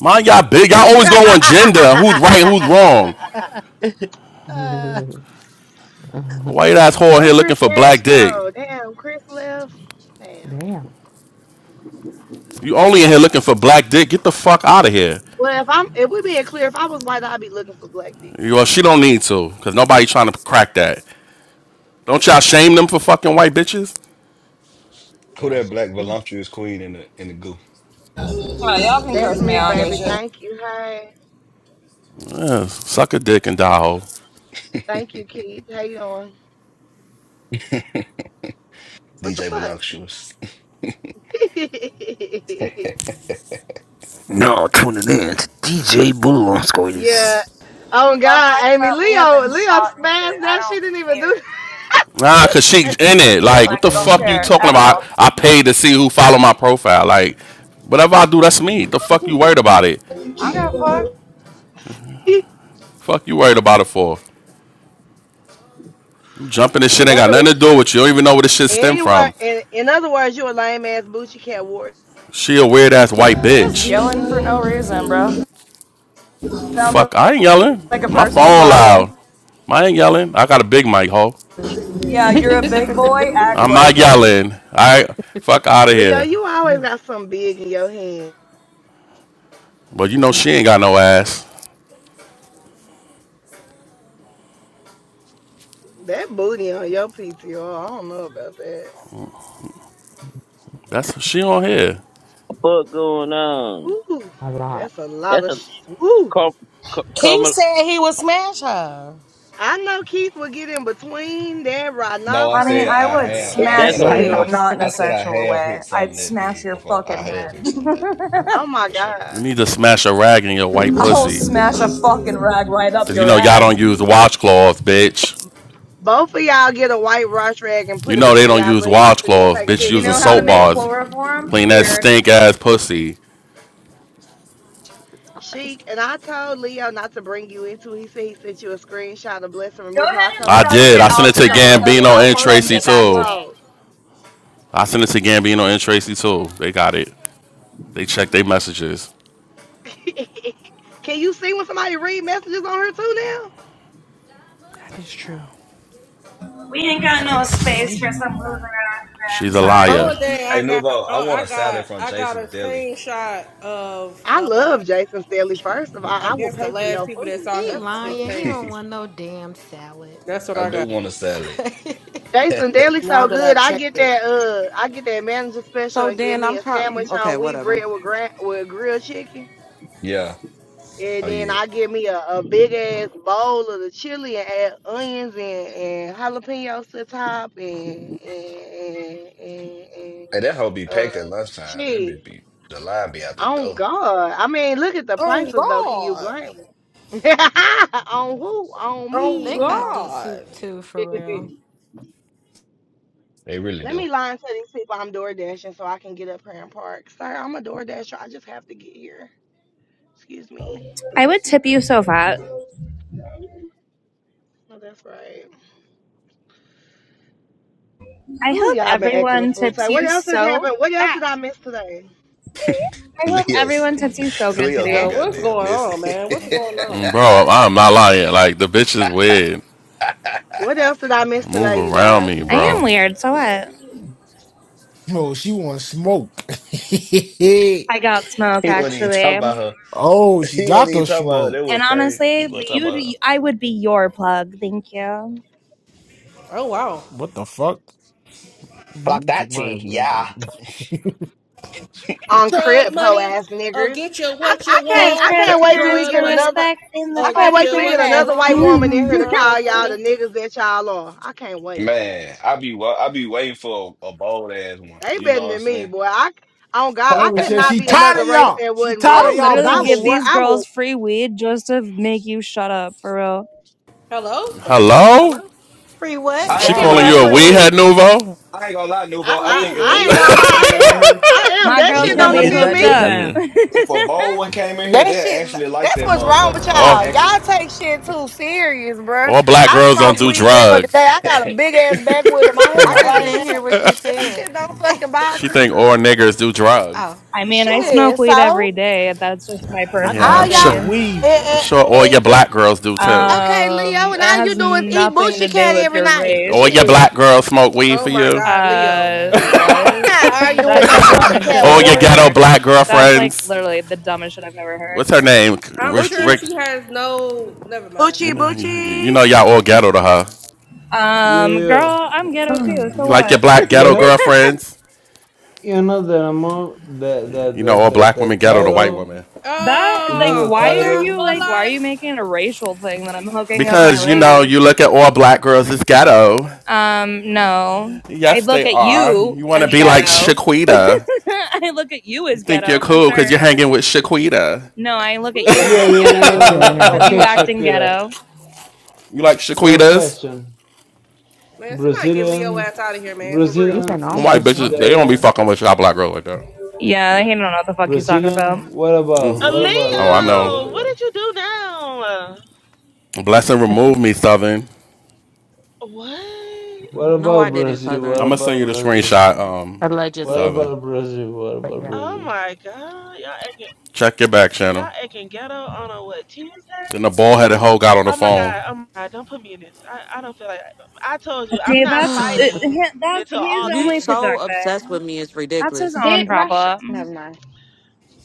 [SPEAKER 7] Mind y'all big. Y'all
[SPEAKER 5] hush.
[SPEAKER 7] always go on gender. Who's right? and Who's wrong?
[SPEAKER 5] Ah.
[SPEAKER 7] White ass whore
[SPEAKER 3] Where
[SPEAKER 7] here looking
[SPEAKER 3] Chris
[SPEAKER 7] for
[SPEAKER 3] Cash
[SPEAKER 7] black dick.
[SPEAKER 3] go? Damn, Chris left. Damn.
[SPEAKER 16] Damn.
[SPEAKER 7] You only in here looking for black dick. Get the fuck out of here.
[SPEAKER 3] Well, if I'm if we being clear, if I was white, I'd be looking for black dick.
[SPEAKER 7] Well, she don't need to, cause nobody trying to crack that. Don't y'all shame them for fucking white bitches?
[SPEAKER 17] Who
[SPEAKER 5] yeah, I
[SPEAKER 17] that
[SPEAKER 5] sure
[SPEAKER 17] black
[SPEAKER 5] do.
[SPEAKER 17] voluptuous queen in the in the goo?
[SPEAKER 14] y'all can
[SPEAKER 3] That's
[SPEAKER 14] curse me.
[SPEAKER 3] me,
[SPEAKER 14] I don't give a
[SPEAKER 3] baby.
[SPEAKER 14] shit.
[SPEAKER 3] Thank you. Hey.
[SPEAKER 7] Yeah, suck a dick and die hoe.
[SPEAKER 3] Thank you, Keith. How you doing? What the
[SPEAKER 17] DJ
[SPEAKER 3] fuck?
[SPEAKER 17] Voluptuous.
[SPEAKER 12] Now are tuning in to DJ Blue on
[SPEAKER 3] yeah.
[SPEAKER 12] Squeeze.
[SPEAKER 3] Oh
[SPEAKER 14] Don't
[SPEAKER 3] God,
[SPEAKER 14] talk
[SPEAKER 3] Amy
[SPEAKER 14] about me. I've
[SPEAKER 3] Leo,
[SPEAKER 14] been
[SPEAKER 3] Leo
[SPEAKER 14] shot and shit.
[SPEAKER 3] smashed
[SPEAKER 14] I
[SPEAKER 3] that. She didn't
[SPEAKER 14] don't
[SPEAKER 3] even do
[SPEAKER 14] care.
[SPEAKER 3] that.
[SPEAKER 7] Nah, cause she in it.
[SPEAKER 3] Amy.
[SPEAKER 7] Like, what the
[SPEAKER 14] Like,
[SPEAKER 16] A
[SPEAKER 14] don't
[SPEAKER 7] fuck
[SPEAKER 16] minute.
[SPEAKER 7] you
[SPEAKER 14] care
[SPEAKER 7] talking
[SPEAKER 14] at
[SPEAKER 7] about?
[SPEAKER 14] all.
[SPEAKER 7] I paid to see who follow my profile. Like, whatever I do, that's me. The fuck you worried about it?
[SPEAKER 14] I don't fuck.
[SPEAKER 7] Fuck you worried about it for? Jumping this shit
[SPEAKER 3] in
[SPEAKER 7] ain't got
[SPEAKER 3] other wo-
[SPEAKER 7] nothing to do with you. You don't even know where this shit stem
[SPEAKER 3] anywhere
[SPEAKER 7] from.
[SPEAKER 3] in, in other words, you a lame ass booty cat wart.
[SPEAKER 7] She a weird ass white
[SPEAKER 14] Yes.
[SPEAKER 7] bitch.
[SPEAKER 14] Yelling for no reason, bro. Sounds
[SPEAKER 7] Fuck, I ain't yelling.
[SPEAKER 14] like a
[SPEAKER 7] My
[SPEAKER 14] personal
[SPEAKER 7] phone loud.
[SPEAKER 14] problem.
[SPEAKER 7] I ain't yelling. I got a big mic, ho.
[SPEAKER 14] Yeah, you're a big boy. Act
[SPEAKER 7] I'm
[SPEAKER 14] like
[SPEAKER 7] not
[SPEAKER 14] it.
[SPEAKER 7] yelling. I fuck out of
[SPEAKER 3] Leo,
[SPEAKER 7] here.
[SPEAKER 3] you always got something big in your hand.
[SPEAKER 7] But you know she ain't got no ass.
[SPEAKER 3] That booty on your PTO, I don't know about that.
[SPEAKER 7] That's she on here.
[SPEAKER 19] fuck going on?
[SPEAKER 3] Ooh,
[SPEAKER 16] a lot.
[SPEAKER 3] that's a lot
[SPEAKER 19] That's
[SPEAKER 3] of
[SPEAKER 19] a
[SPEAKER 3] sh- ooh.
[SPEAKER 19] Car- Car-
[SPEAKER 8] He
[SPEAKER 19] Carmel.
[SPEAKER 8] said he would smash her.
[SPEAKER 3] I know Keith will get in between that
[SPEAKER 17] No, I
[SPEAKER 14] Honey,
[SPEAKER 17] said
[SPEAKER 3] rhinoceros,
[SPEAKER 14] I
[SPEAKER 17] I
[SPEAKER 14] would
[SPEAKER 17] have. I
[SPEAKER 14] smash
[SPEAKER 19] That's
[SPEAKER 17] said
[SPEAKER 3] pussycat.
[SPEAKER 17] I
[SPEAKER 19] a
[SPEAKER 16] Right
[SPEAKER 14] you,
[SPEAKER 16] now,
[SPEAKER 17] have.
[SPEAKER 16] it's
[SPEAKER 14] not
[SPEAKER 16] a
[SPEAKER 14] in a
[SPEAKER 17] I said I
[SPEAKER 14] sexual
[SPEAKER 17] have
[SPEAKER 14] way.
[SPEAKER 17] hit
[SPEAKER 14] I'd
[SPEAKER 17] something that
[SPEAKER 14] smash
[SPEAKER 17] big
[SPEAKER 14] your
[SPEAKER 17] before. I
[SPEAKER 14] fucking
[SPEAKER 17] have hit something that big
[SPEAKER 14] head.
[SPEAKER 3] Oh my
[SPEAKER 17] for sure.
[SPEAKER 7] You
[SPEAKER 3] God.
[SPEAKER 7] need to smash a rag in your white
[SPEAKER 14] I'll
[SPEAKER 7] pussy.
[SPEAKER 14] smash a fucking rag right up
[SPEAKER 7] Cause you
[SPEAKER 14] your
[SPEAKER 7] know y'all
[SPEAKER 14] ass.
[SPEAKER 7] don't use
[SPEAKER 14] Do
[SPEAKER 7] washcloths, bitch.
[SPEAKER 3] Both of y'all get a white wash rag and
[SPEAKER 7] You
[SPEAKER 3] put it
[SPEAKER 7] know they
[SPEAKER 3] between
[SPEAKER 7] don't
[SPEAKER 3] y'all
[SPEAKER 7] use
[SPEAKER 3] butt cheeks and then
[SPEAKER 7] washcloths,
[SPEAKER 3] take a
[SPEAKER 7] bitch.
[SPEAKER 14] you
[SPEAKER 3] picture
[SPEAKER 7] Using
[SPEAKER 14] know
[SPEAKER 3] and
[SPEAKER 14] how to
[SPEAKER 3] show
[SPEAKER 7] soap
[SPEAKER 14] make
[SPEAKER 3] us.
[SPEAKER 7] bars.
[SPEAKER 14] chloroform?
[SPEAKER 7] Clean that stink
[SPEAKER 14] Weird.
[SPEAKER 7] ass pussy.
[SPEAKER 3] Chic,
[SPEAKER 16] Christ.
[SPEAKER 3] and I told Leo not to bring you into it. He said he sent you a screenshot of Bless and
[SPEAKER 14] Go
[SPEAKER 3] Remove him.
[SPEAKER 14] ahead
[SPEAKER 3] I
[SPEAKER 14] and
[SPEAKER 3] told him,
[SPEAKER 7] I
[SPEAKER 3] I said,
[SPEAKER 14] study
[SPEAKER 7] did.
[SPEAKER 14] the
[SPEAKER 7] I
[SPEAKER 3] she
[SPEAKER 7] sent
[SPEAKER 3] said
[SPEAKER 7] it
[SPEAKER 3] she
[SPEAKER 7] to
[SPEAKER 3] don't
[SPEAKER 14] Alchemist
[SPEAKER 3] want to be in
[SPEAKER 7] Gambino
[SPEAKER 3] no
[SPEAKER 14] cookbook
[SPEAKER 7] and
[SPEAKER 14] and
[SPEAKER 3] more
[SPEAKER 14] then
[SPEAKER 7] Tracy
[SPEAKER 3] shit
[SPEAKER 14] get
[SPEAKER 3] with
[SPEAKER 14] back
[SPEAKER 3] you
[SPEAKER 14] to
[SPEAKER 7] too.
[SPEAKER 14] me.
[SPEAKER 3] hoes.
[SPEAKER 7] I sent it to Gambino and Tracy too. They got it. They checked their messages.
[SPEAKER 3] Can you see when somebody read messages on her too now?
[SPEAKER 15] That is true.
[SPEAKER 14] We ain't got no space
[SPEAKER 16] Damn.
[SPEAKER 14] for some loser ass
[SPEAKER 7] She's
[SPEAKER 14] men,
[SPEAKER 7] a
[SPEAKER 14] sorry.
[SPEAKER 7] liar.
[SPEAKER 1] One day
[SPEAKER 17] Hey
[SPEAKER 1] I got,
[SPEAKER 17] Nuvo, I
[SPEAKER 1] oh,
[SPEAKER 17] want
[SPEAKER 1] I
[SPEAKER 17] a salad
[SPEAKER 1] got,
[SPEAKER 17] from
[SPEAKER 1] I got a
[SPEAKER 17] Jason's Deli.
[SPEAKER 1] screenshot of,
[SPEAKER 3] I
[SPEAKER 1] uh,
[SPEAKER 3] love Jason Staley, first of all.
[SPEAKER 1] I
[SPEAKER 3] I will
[SPEAKER 1] guess the
[SPEAKER 3] pay for
[SPEAKER 1] last
[SPEAKER 3] your
[SPEAKER 1] people that
[SPEAKER 3] food.
[SPEAKER 1] saw his
[SPEAKER 3] Let's go.
[SPEAKER 1] his
[SPEAKER 11] lying. He
[SPEAKER 1] page.
[SPEAKER 11] don't
[SPEAKER 17] I
[SPEAKER 11] want no damn salad.
[SPEAKER 1] That's what I
[SPEAKER 17] do
[SPEAKER 1] got.
[SPEAKER 17] want a salad.
[SPEAKER 3] Jason Deli so
[SPEAKER 1] Now that
[SPEAKER 3] good.
[SPEAKER 1] I've
[SPEAKER 3] I
[SPEAKER 1] checked
[SPEAKER 3] get
[SPEAKER 1] it.
[SPEAKER 3] that uh I get that manager special
[SPEAKER 18] So
[SPEAKER 3] and get
[SPEAKER 18] then
[SPEAKER 3] me
[SPEAKER 18] I'm
[SPEAKER 3] a
[SPEAKER 18] trying.
[SPEAKER 3] sandwich
[SPEAKER 18] Okay,
[SPEAKER 3] on wheat
[SPEAKER 18] whatever.
[SPEAKER 3] bread with gra- with grilled chicken.
[SPEAKER 17] Yeah.
[SPEAKER 3] And
[SPEAKER 17] Oh
[SPEAKER 3] then
[SPEAKER 17] yeah.
[SPEAKER 3] I get me a, a big ass bowl of the chili and add onions and, and jalapenos to the top and and and, and, and
[SPEAKER 17] Hey, that hoe be packed at
[SPEAKER 3] uh
[SPEAKER 17] lunchtime. That
[SPEAKER 3] cheese.
[SPEAKER 17] bitch be the line be out the
[SPEAKER 3] Oh
[SPEAKER 17] door.
[SPEAKER 3] God. I mean look at the
[SPEAKER 1] Oh
[SPEAKER 3] prices though, can you
[SPEAKER 1] God!
[SPEAKER 3] blame them? on who? On
[SPEAKER 1] Oh
[SPEAKER 11] they
[SPEAKER 3] me.
[SPEAKER 11] got good soup
[SPEAKER 1] God!
[SPEAKER 11] too, for real.
[SPEAKER 17] They really
[SPEAKER 3] Let
[SPEAKER 17] do.
[SPEAKER 3] me lie and tell these people I'm door dashing so I can get up here and park. Sir, I'm a door dasher. I just have to get here. Excuse me.
[SPEAKER 14] I would tip you so fat.
[SPEAKER 3] Oh, that's right.
[SPEAKER 14] I
[SPEAKER 3] Who
[SPEAKER 14] hope
[SPEAKER 3] y'all been acting a
[SPEAKER 14] everyone
[SPEAKER 3] fool today?
[SPEAKER 14] tips
[SPEAKER 3] What
[SPEAKER 14] you
[SPEAKER 3] else has
[SPEAKER 14] so
[SPEAKER 3] happened? What else did
[SPEAKER 14] fat.
[SPEAKER 3] I miss today?
[SPEAKER 14] I hope
[SPEAKER 17] Leo's
[SPEAKER 14] everyone tips you so good
[SPEAKER 17] Leo's so
[SPEAKER 1] Yo,
[SPEAKER 14] today.
[SPEAKER 1] what's
[SPEAKER 17] goddamn
[SPEAKER 1] going on,
[SPEAKER 17] messy.
[SPEAKER 1] man? What's going on?
[SPEAKER 7] Mm, bro, I'm not lying. Like, the bitch is weird.
[SPEAKER 3] What else did I miss
[SPEAKER 7] Move
[SPEAKER 3] today, you
[SPEAKER 7] around
[SPEAKER 3] guys?
[SPEAKER 7] me,
[SPEAKER 14] I am
[SPEAKER 7] bro.
[SPEAKER 14] weird, so what?
[SPEAKER 2] Oh, she wants smoke.
[SPEAKER 14] I got smoke
[SPEAKER 17] he wasn't even talking about
[SPEAKER 14] actually.
[SPEAKER 17] her.
[SPEAKER 2] oh, she
[SPEAKER 17] He wasn't
[SPEAKER 2] got
[SPEAKER 17] even
[SPEAKER 2] the
[SPEAKER 17] talking about her.
[SPEAKER 2] smoke.
[SPEAKER 17] That
[SPEAKER 14] And
[SPEAKER 17] was crazy. He
[SPEAKER 14] honestly,
[SPEAKER 17] wasn't talking about her.
[SPEAKER 14] you I would be your plug. Thank you.
[SPEAKER 1] Oh wow!
[SPEAKER 2] What the fuck?
[SPEAKER 16] Uh-huh.
[SPEAKER 2] Let
[SPEAKER 17] Block
[SPEAKER 2] me check
[SPEAKER 17] that
[SPEAKER 2] my
[SPEAKER 17] tea, yeah.
[SPEAKER 3] On
[SPEAKER 1] Drug
[SPEAKER 3] crib hoe
[SPEAKER 1] money.
[SPEAKER 3] ass
[SPEAKER 1] Uh,
[SPEAKER 3] niggers.
[SPEAKER 1] get you
[SPEAKER 3] I,
[SPEAKER 1] what
[SPEAKER 3] I
[SPEAKER 1] you
[SPEAKER 14] Cause
[SPEAKER 3] can't I
[SPEAKER 1] want.
[SPEAKER 14] curve
[SPEAKER 3] can't wait till we
[SPEAKER 14] stands
[SPEAKER 1] Drug
[SPEAKER 3] get
[SPEAKER 14] for
[SPEAKER 1] money.
[SPEAKER 3] another
[SPEAKER 14] respect in the
[SPEAKER 3] I
[SPEAKER 1] Uh,
[SPEAKER 3] can't
[SPEAKER 1] get
[SPEAKER 14] party
[SPEAKER 3] wait till
[SPEAKER 1] you
[SPEAKER 3] we get
[SPEAKER 1] what you
[SPEAKER 3] another white
[SPEAKER 1] want.
[SPEAKER 3] woman in here
[SPEAKER 14] service.
[SPEAKER 3] to
[SPEAKER 1] Drug
[SPEAKER 3] call y'all the
[SPEAKER 1] money.
[SPEAKER 3] niggas that y'all are. I can't wait.
[SPEAKER 17] Man, I be wa- I be waiting for a, a bold ass one.
[SPEAKER 3] They
[SPEAKER 17] You
[SPEAKER 3] better
[SPEAKER 17] know what I'm
[SPEAKER 3] than me,
[SPEAKER 17] saying?
[SPEAKER 3] boy. I oh God, I
[SPEAKER 2] Clever
[SPEAKER 3] could
[SPEAKER 2] says
[SPEAKER 3] not
[SPEAKER 2] she
[SPEAKER 3] be
[SPEAKER 2] tired
[SPEAKER 3] another
[SPEAKER 2] of
[SPEAKER 3] race
[SPEAKER 2] y'all.
[SPEAKER 3] that
[SPEAKER 2] She
[SPEAKER 3] wasn't
[SPEAKER 2] tired of
[SPEAKER 3] black.
[SPEAKER 14] I'll
[SPEAKER 2] y'all
[SPEAKER 3] Cause
[SPEAKER 14] literally
[SPEAKER 3] I will
[SPEAKER 14] give
[SPEAKER 2] bullshit.
[SPEAKER 3] work
[SPEAKER 14] these
[SPEAKER 3] I will
[SPEAKER 14] girls free weed just to make you shut up for real.
[SPEAKER 1] Hello?
[SPEAKER 3] Damn,
[SPEAKER 7] Hello?
[SPEAKER 3] hello?
[SPEAKER 11] Free
[SPEAKER 2] She
[SPEAKER 11] what?
[SPEAKER 17] I
[SPEAKER 3] Who
[SPEAKER 7] She
[SPEAKER 17] ain't
[SPEAKER 2] tired
[SPEAKER 17] gonna
[SPEAKER 3] giving
[SPEAKER 2] of
[SPEAKER 7] calling
[SPEAKER 17] lie,
[SPEAKER 3] that
[SPEAKER 7] you a
[SPEAKER 2] y'all.
[SPEAKER 3] free
[SPEAKER 17] Nuvo.
[SPEAKER 7] weedhead
[SPEAKER 3] weed?
[SPEAKER 7] nouveau?
[SPEAKER 17] I ain't gonna lie,
[SPEAKER 3] I,
[SPEAKER 17] Nuvo. I
[SPEAKER 3] I,
[SPEAKER 1] Free
[SPEAKER 17] think if a
[SPEAKER 3] I ain't gonna
[SPEAKER 17] bold
[SPEAKER 1] weed?
[SPEAKER 17] one
[SPEAKER 3] lie, I
[SPEAKER 17] came in
[SPEAKER 3] am.
[SPEAKER 17] here,
[SPEAKER 3] I am.
[SPEAKER 14] My
[SPEAKER 3] That
[SPEAKER 17] if
[SPEAKER 14] girl's
[SPEAKER 3] shit
[SPEAKER 17] a
[SPEAKER 14] gonna
[SPEAKER 5] Yep,
[SPEAKER 3] don't
[SPEAKER 14] be
[SPEAKER 5] it's
[SPEAKER 17] bold,
[SPEAKER 3] offend
[SPEAKER 5] about
[SPEAKER 14] hooked
[SPEAKER 3] me.
[SPEAKER 5] that
[SPEAKER 14] up.
[SPEAKER 5] time.
[SPEAKER 7] Yeah.
[SPEAKER 17] if a
[SPEAKER 14] I
[SPEAKER 17] bold one came in here,
[SPEAKER 3] That
[SPEAKER 17] they'll
[SPEAKER 3] shit,
[SPEAKER 17] actually like
[SPEAKER 3] that's
[SPEAKER 17] that
[SPEAKER 3] what's wrong with
[SPEAKER 17] motherfucker. They'll
[SPEAKER 7] All,
[SPEAKER 3] y'all.
[SPEAKER 17] actually.
[SPEAKER 3] Y'all take shit too serious, bruh.
[SPEAKER 7] all black
[SPEAKER 3] I
[SPEAKER 7] girls
[SPEAKER 17] oh
[SPEAKER 7] don't
[SPEAKER 3] smoke
[SPEAKER 7] do
[SPEAKER 3] weed every fucking day.
[SPEAKER 7] drugs.
[SPEAKER 3] I got a big ass backwood in my
[SPEAKER 16] Did
[SPEAKER 11] I
[SPEAKER 3] hand
[SPEAKER 16] I
[SPEAKER 11] just
[SPEAKER 3] right
[SPEAKER 16] do?
[SPEAKER 11] didn't
[SPEAKER 3] now.
[SPEAKER 11] hear what she
[SPEAKER 3] That
[SPEAKER 11] said.
[SPEAKER 3] shit don't fucking
[SPEAKER 7] She
[SPEAKER 3] bother
[SPEAKER 7] think
[SPEAKER 3] me.
[SPEAKER 7] all niggers do drugs.
[SPEAKER 11] oh
[SPEAKER 14] mean, I
[SPEAKER 11] shit.
[SPEAKER 14] smoke
[SPEAKER 3] Shit,
[SPEAKER 14] weed every
[SPEAKER 3] so
[SPEAKER 14] day. That's just my
[SPEAKER 5] I thought
[SPEAKER 14] personal
[SPEAKER 7] Yeah,
[SPEAKER 5] you
[SPEAKER 3] all
[SPEAKER 7] I'm
[SPEAKER 3] y'all,
[SPEAKER 5] said
[SPEAKER 7] sure.
[SPEAKER 14] opinion.
[SPEAKER 3] eh,
[SPEAKER 5] we.
[SPEAKER 7] I'm
[SPEAKER 3] eh,
[SPEAKER 7] sure all
[SPEAKER 3] eh,
[SPEAKER 7] your
[SPEAKER 3] eh,
[SPEAKER 7] black girls do
[SPEAKER 3] eh.
[SPEAKER 7] too.
[SPEAKER 3] okay, Leo,
[SPEAKER 14] Um,
[SPEAKER 3] and
[SPEAKER 14] it
[SPEAKER 3] all you
[SPEAKER 14] has
[SPEAKER 3] do is eat
[SPEAKER 14] nothing to
[SPEAKER 3] Boochie
[SPEAKER 14] do
[SPEAKER 3] Cat
[SPEAKER 14] with
[SPEAKER 3] every
[SPEAKER 14] your
[SPEAKER 3] night.
[SPEAKER 7] All
[SPEAKER 14] race.
[SPEAKER 7] your
[SPEAKER 3] Shit,
[SPEAKER 7] black girls smoke weed
[SPEAKER 1] Oh
[SPEAKER 7] for
[SPEAKER 2] Oh,
[SPEAKER 1] my
[SPEAKER 7] you.
[SPEAKER 1] God,
[SPEAKER 2] that's
[SPEAKER 1] Leo.
[SPEAKER 14] Uh,
[SPEAKER 2] nasty.
[SPEAKER 3] I'm
[SPEAKER 14] what?
[SPEAKER 3] not arguing with
[SPEAKER 14] That's the
[SPEAKER 3] no Boochie
[SPEAKER 14] dumbest shit
[SPEAKER 3] Cat
[SPEAKER 7] All
[SPEAKER 14] I've
[SPEAKER 2] Nasty,
[SPEAKER 7] your
[SPEAKER 14] ever
[SPEAKER 3] warrior.
[SPEAKER 2] son.
[SPEAKER 7] ghetto
[SPEAKER 14] heard.
[SPEAKER 7] black
[SPEAKER 14] That's like
[SPEAKER 7] girlfriends.
[SPEAKER 14] literally the dumbest shit I've ever heard.
[SPEAKER 7] What's her name?
[SPEAKER 1] I'm
[SPEAKER 7] Rick,
[SPEAKER 1] sure
[SPEAKER 3] Boochie,
[SPEAKER 7] Rick
[SPEAKER 1] she has no. Never mind.
[SPEAKER 7] You
[SPEAKER 3] Boochie,
[SPEAKER 7] know, you, you
[SPEAKER 3] Boochie.
[SPEAKER 7] know, y'all all ghetto to her.
[SPEAKER 20] Yeah,
[SPEAKER 14] Um,
[SPEAKER 20] yeah.
[SPEAKER 14] girl, I'm ghetto too. So
[SPEAKER 7] You like your
[SPEAKER 14] what?
[SPEAKER 7] black
[SPEAKER 20] you
[SPEAKER 7] ghetto
[SPEAKER 20] know,
[SPEAKER 7] girlfriends.
[SPEAKER 20] you know the amount, the the
[SPEAKER 7] You
[SPEAKER 20] the
[SPEAKER 7] know, all
[SPEAKER 20] the,
[SPEAKER 7] black women
[SPEAKER 20] the
[SPEAKER 7] ghetto to white
[SPEAKER 20] title,
[SPEAKER 7] women.
[SPEAKER 14] That
[SPEAKER 20] you know
[SPEAKER 14] like,
[SPEAKER 1] Oh,
[SPEAKER 20] the
[SPEAKER 14] why are
[SPEAKER 1] hola,
[SPEAKER 14] you
[SPEAKER 20] title.
[SPEAKER 14] like, why are
[SPEAKER 1] hola,
[SPEAKER 14] you making a racial thing that I'm hooking up my
[SPEAKER 7] Because, you know,
[SPEAKER 1] hola.
[SPEAKER 14] ladies?
[SPEAKER 7] you look at all black girls as ghetto.
[SPEAKER 14] Um, no. I
[SPEAKER 7] Yes,
[SPEAKER 14] look
[SPEAKER 7] they
[SPEAKER 14] at
[SPEAKER 7] are.
[SPEAKER 14] you
[SPEAKER 7] You want to
[SPEAKER 14] as
[SPEAKER 7] be like
[SPEAKER 14] ghetto.
[SPEAKER 7] Shaquita.
[SPEAKER 14] I look at you
[SPEAKER 7] You
[SPEAKER 14] as
[SPEAKER 7] think you're
[SPEAKER 14] ghetto for
[SPEAKER 7] cool because
[SPEAKER 14] sure.
[SPEAKER 7] you're hanging with Shaquita.
[SPEAKER 14] No, I look
[SPEAKER 1] Who
[SPEAKER 14] at
[SPEAKER 1] the
[SPEAKER 14] you
[SPEAKER 1] fuck
[SPEAKER 20] Yeah,
[SPEAKER 14] like
[SPEAKER 20] yeah,
[SPEAKER 1] is
[SPEAKER 16] Oh,
[SPEAKER 20] yeah.
[SPEAKER 14] ghetto
[SPEAKER 1] Shaquita?
[SPEAKER 14] because
[SPEAKER 16] Damn.
[SPEAKER 14] you
[SPEAKER 20] Okay,
[SPEAKER 14] acting
[SPEAKER 20] Shakira.
[SPEAKER 14] ghetto.
[SPEAKER 7] You like
[SPEAKER 20] One
[SPEAKER 7] Shaquitas?
[SPEAKER 20] question:
[SPEAKER 1] Man, somebody get Leo
[SPEAKER 20] Brazilian,
[SPEAKER 1] ass out of here, man. For real,
[SPEAKER 20] Brazilian
[SPEAKER 16] Even on
[SPEAKER 20] is
[SPEAKER 7] White
[SPEAKER 16] one.
[SPEAKER 1] I'm
[SPEAKER 7] bitches, they
[SPEAKER 1] sick of
[SPEAKER 7] don't be
[SPEAKER 20] considered
[SPEAKER 1] his
[SPEAKER 7] fucking
[SPEAKER 1] shit.
[SPEAKER 7] with y'all black girls like that.
[SPEAKER 14] Yeah, he don't know what the fuck he's talking
[SPEAKER 20] Brazilian.
[SPEAKER 14] about.
[SPEAKER 20] What about?
[SPEAKER 13] a
[SPEAKER 20] What about?
[SPEAKER 7] Oh,
[SPEAKER 20] What
[SPEAKER 7] I
[SPEAKER 20] about?
[SPEAKER 7] know.
[SPEAKER 20] What
[SPEAKER 13] Leo, what
[SPEAKER 20] about?
[SPEAKER 13] did you do now?
[SPEAKER 7] Blessing remove me, Southern.
[SPEAKER 13] What?
[SPEAKER 20] What
[SPEAKER 16] Uh-huh.
[SPEAKER 18] No, I
[SPEAKER 20] about
[SPEAKER 18] didn't,
[SPEAKER 20] Brazil?
[SPEAKER 18] Southern.
[SPEAKER 20] What
[SPEAKER 7] I'm going to
[SPEAKER 20] about
[SPEAKER 7] send you the
[SPEAKER 20] Brazil?
[SPEAKER 7] screenshot, um,
[SPEAKER 20] What
[SPEAKER 16] Allegedly.
[SPEAKER 7] Southern.
[SPEAKER 20] about Brazil? What
[SPEAKER 16] But
[SPEAKER 20] about
[SPEAKER 16] yeah,
[SPEAKER 13] Oh
[SPEAKER 20] Brazil?
[SPEAKER 13] my god. Y'all acting,
[SPEAKER 7] Check your back
[SPEAKER 13] y'all
[SPEAKER 7] channel.
[SPEAKER 13] acting ghetto on a what, Tuesday?
[SPEAKER 7] Then the bald headed hoe got on the
[SPEAKER 13] Oh my
[SPEAKER 7] phone.
[SPEAKER 13] god. Oh my god. Don't put me in this. I, I don't feel like I told you, I'm
[SPEAKER 14] See,
[SPEAKER 13] not
[SPEAKER 14] that's it,
[SPEAKER 13] fighting
[SPEAKER 14] hi- that's
[SPEAKER 13] until
[SPEAKER 14] he's
[SPEAKER 18] you
[SPEAKER 14] only
[SPEAKER 13] August.
[SPEAKER 18] so obsessed
[SPEAKER 14] projecting.
[SPEAKER 18] with me it's
[SPEAKER 14] That's his
[SPEAKER 18] ridiculous.
[SPEAKER 14] own
[SPEAKER 4] Did Rush?
[SPEAKER 14] problem.
[SPEAKER 4] Never mind.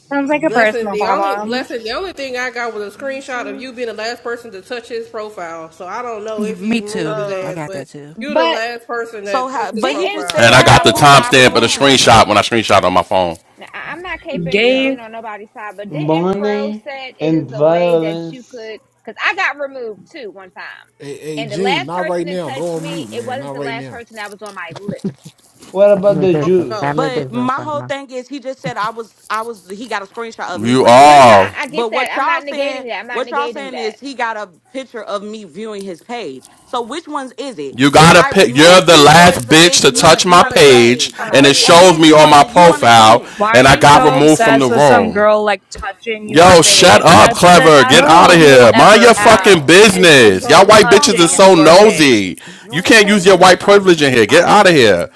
[SPEAKER 14] Sounds like a
[SPEAKER 1] Blessing,
[SPEAKER 14] personal
[SPEAKER 1] the only
[SPEAKER 14] problem.
[SPEAKER 1] blessing, the only thing I got was a
[SPEAKER 2] You
[SPEAKER 1] screenshot of
[SPEAKER 2] See?
[SPEAKER 1] you being the last person to touch his profile. So I don't know
[SPEAKER 15] You,
[SPEAKER 1] if you
[SPEAKER 15] me
[SPEAKER 1] removed his
[SPEAKER 15] too.
[SPEAKER 13] Um,
[SPEAKER 15] I
[SPEAKER 1] ass,
[SPEAKER 15] got
[SPEAKER 1] but
[SPEAKER 15] that too.
[SPEAKER 1] you the
[SPEAKER 4] But
[SPEAKER 1] last person
[SPEAKER 18] So
[SPEAKER 1] that
[SPEAKER 18] how
[SPEAKER 1] touched his
[SPEAKER 18] but he just
[SPEAKER 4] didn't
[SPEAKER 7] And
[SPEAKER 18] said
[SPEAKER 7] I
[SPEAKER 1] profile.
[SPEAKER 18] he
[SPEAKER 7] got
[SPEAKER 18] got
[SPEAKER 7] the
[SPEAKER 4] Fro?
[SPEAKER 18] proved I
[SPEAKER 7] timestamp of the
[SPEAKER 4] Hold
[SPEAKER 18] removed
[SPEAKER 4] on.
[SPEAKER 18] him.
[SPEAKER 7] screenshot when I screenshot on my phone.
[SPEAKER 4] Now, I- I'm not caping
[SPEAKER 1] Yeah.
[SPEAKER 14] Gabe,
[SPEAKER 4] being on nobody's side, but didn't Fro
[SPEAKER 20] Money
[SPEAKER 4] said it
[SPEAKER 20] and
[SPEAKER 4] is a way that you
[SPEAKER 20] violence.
[SPEAKER 4] could? Because I got removed too one time,
[SPEAKER 2] Hey, hey,
[SPEAKER 4] and the
[SPEAKER 2] Gene,
[SPEAKER 4] last
[SPEAKER 2] not
[SPEAKER 4] person
[SPEAKER 2] right
[SPEAKER 4] that
[SPEAKER 2] now. Go
[SPEAKER 4] touched
[SPEAKER 2] on
[SPEAKER 4] me,
[SPEAKER 2] mute,
[SPEAKER 4] it
[SPEAKER 2] man.
[SPEAKER 4] wasn't
[SPEAKER 2] Not
[SPEAKER 4] the
[SPEAKER 2] right
[SPEAKER 4] last
[SPEAKER 2] now.
[SPEAKER 4] person that was on my list.
[SPEAKER 20] What about
[SPEAKER 16] family
[SPEAKER 20] the
[SPEAKER 16] business.
[SPEAKER 1] No.
[SPEAKER 20] Jews?
[SPEAKER 16] Family
[SPEAKER 18] But
[SPEAKER 16] business
[SPEAKER 18] my
[SPEAKER 16] right
[SPEAKER 18] whole
[SPEAKER 16] now.
[SPEAKER 18] thing is he just said I was I was he got a screenshot of me
[SPEAKER 7] You
[SPEAKER 4] No, no,
[SPEAKER 18] removing.
[SPEAKER 4] no. I,
[SPEAKER 7] all,
[SPEAKER 4] I get
[SPEAKER 18] But
[SPEAKER 4] that.
[SPEAKER 18] what
[SPEAKER 4] I'm
[SPEAKER 18] y'all
[SPEAKER 4] not negating
[SPEAKER 18] saying
[SPEAKER 4] that. I'm not
[SPEAKER 18] what y'all
[SPEAKER 4] negating
[SPEAKER 18] saying
[SPEAKER 4] that.
[SPEAKER 18] is he got a picture of me viewing his page. So which ones is it?
[SPEAKER 7] you
[SPEAKER 18] Did
[SPEAKER 7] gotta
[SPEAKER 18] I
[SPEAKER 7] pick. You're
[SPEAKER 18] remove
[SPEAKER 7] the
[SPEAKER 18] you or is
[SPEAKER 7] last
[SPEAKER 18] it
[SPEAKER 7] bitch
[SPEAKER 18] is
[SPEAKER 7] to
[SPEAKER 1] You
[SPEAKER 18] me
[SPEAKER 1] gotta,
[SPEAKER 7] touch
[SPEAKER 1] you
[SPEAKER 7] my
[SPEAKER 18] viewing
[SPEAKER 1] gotta
[SPEAKER 18] your
[SPEAKER 1] touch, yeah,
[SPEAKER 7] page,
[SPEAKER 1] you
[SPEAKER 18] page?
[SPEAKER 4] I'm
[SPEAKER 1] gotta
[SPEAKER 7] and
[SPEAKER 4] out
[SPEAKER 1] touch
[SPEAKER 7] it
[SPEAKER 4] of
[SPEAKER 1] his,
[SPEAKER 4] it.
[SPEAKER 18] And
[SPEAKER 1] you
[SPEAKER 7] shows
[SPEAKER 18] then
[SPEAKER 7] me
[SPEAKER 18] you
[SPEAKER 7] on
[SPEAKER 1] gotta
[SPEAKER 7] my
[SPEAKER 1] touch
[SPEAKER 18] wanna
[SPEAKER 1] his
[SPEAKER 18] you wanna
[SPEAKER 1] profile.
[SPEAKER 18] see
[SPEAKER 7] profile,
[SPEAKER 18] him.
[SPEAKER 14] why are
[SPEAKER 7] and I
[SPEAKER 14] you
[SPEAKER 7] got
[SPEAKER 14] so
[SPEAKER 7] removed from the
[SPEAKER 14] obsessed with some
[SPEAKER 7] room.
[SPEAKER 14] girl like touching your
[SPEAKER 7] Yo, shut
[SPEAKER 14] page?
[SPEAKER 7] up,
[SPEAKER 14] That's the,
[SPEAKER 7] clever.
[SPEAKER 14] That's
[SPEAKER 7] Get out
[SPEAKER 14] all
[SPEAKER 7] of
[SPEAKER 14] you
[SPEAKER 16] Girl,
[SPEAKER 14] will
[SPEAKER 7] here. Mind
[SPEAKER 14] ever
[SPEAKER 7] your
[SPEAKER 14] have
[SPEAKER 7] fucking
[SPEAKER 16] girl,
[SPEAKER 14] is some
[SPEAKER 7] business. Y'all
[SPEAKER 14] girl
[SPEAKER 16] this
[SPEAKER 7] white
[SPEAKER 16] is
[SPEAKER 7] bitches is
[SPEAKER 14] touching
[SPEAKER 7] so
[SPEAKER 14] your
[SPEAKER 16] ongoing.
[SPEAKER 14] page.
[SPEAKER 7] nosy.
[SPEAKER 16] You
[SPEAKER 7] You
[SPEAKER 16] ain't
[SPEAKER 7] can't use your
[SPEAKER 16] saving
[SPEAKER 7] white
[SPEAKER 16] nobody.
[SPEAKER 7] privilege
[SPEAKER 16] Be
[SPEAKER 7] in here. Get out of
[SPEAKER 16] quiet.
[SPEAKER 7] here.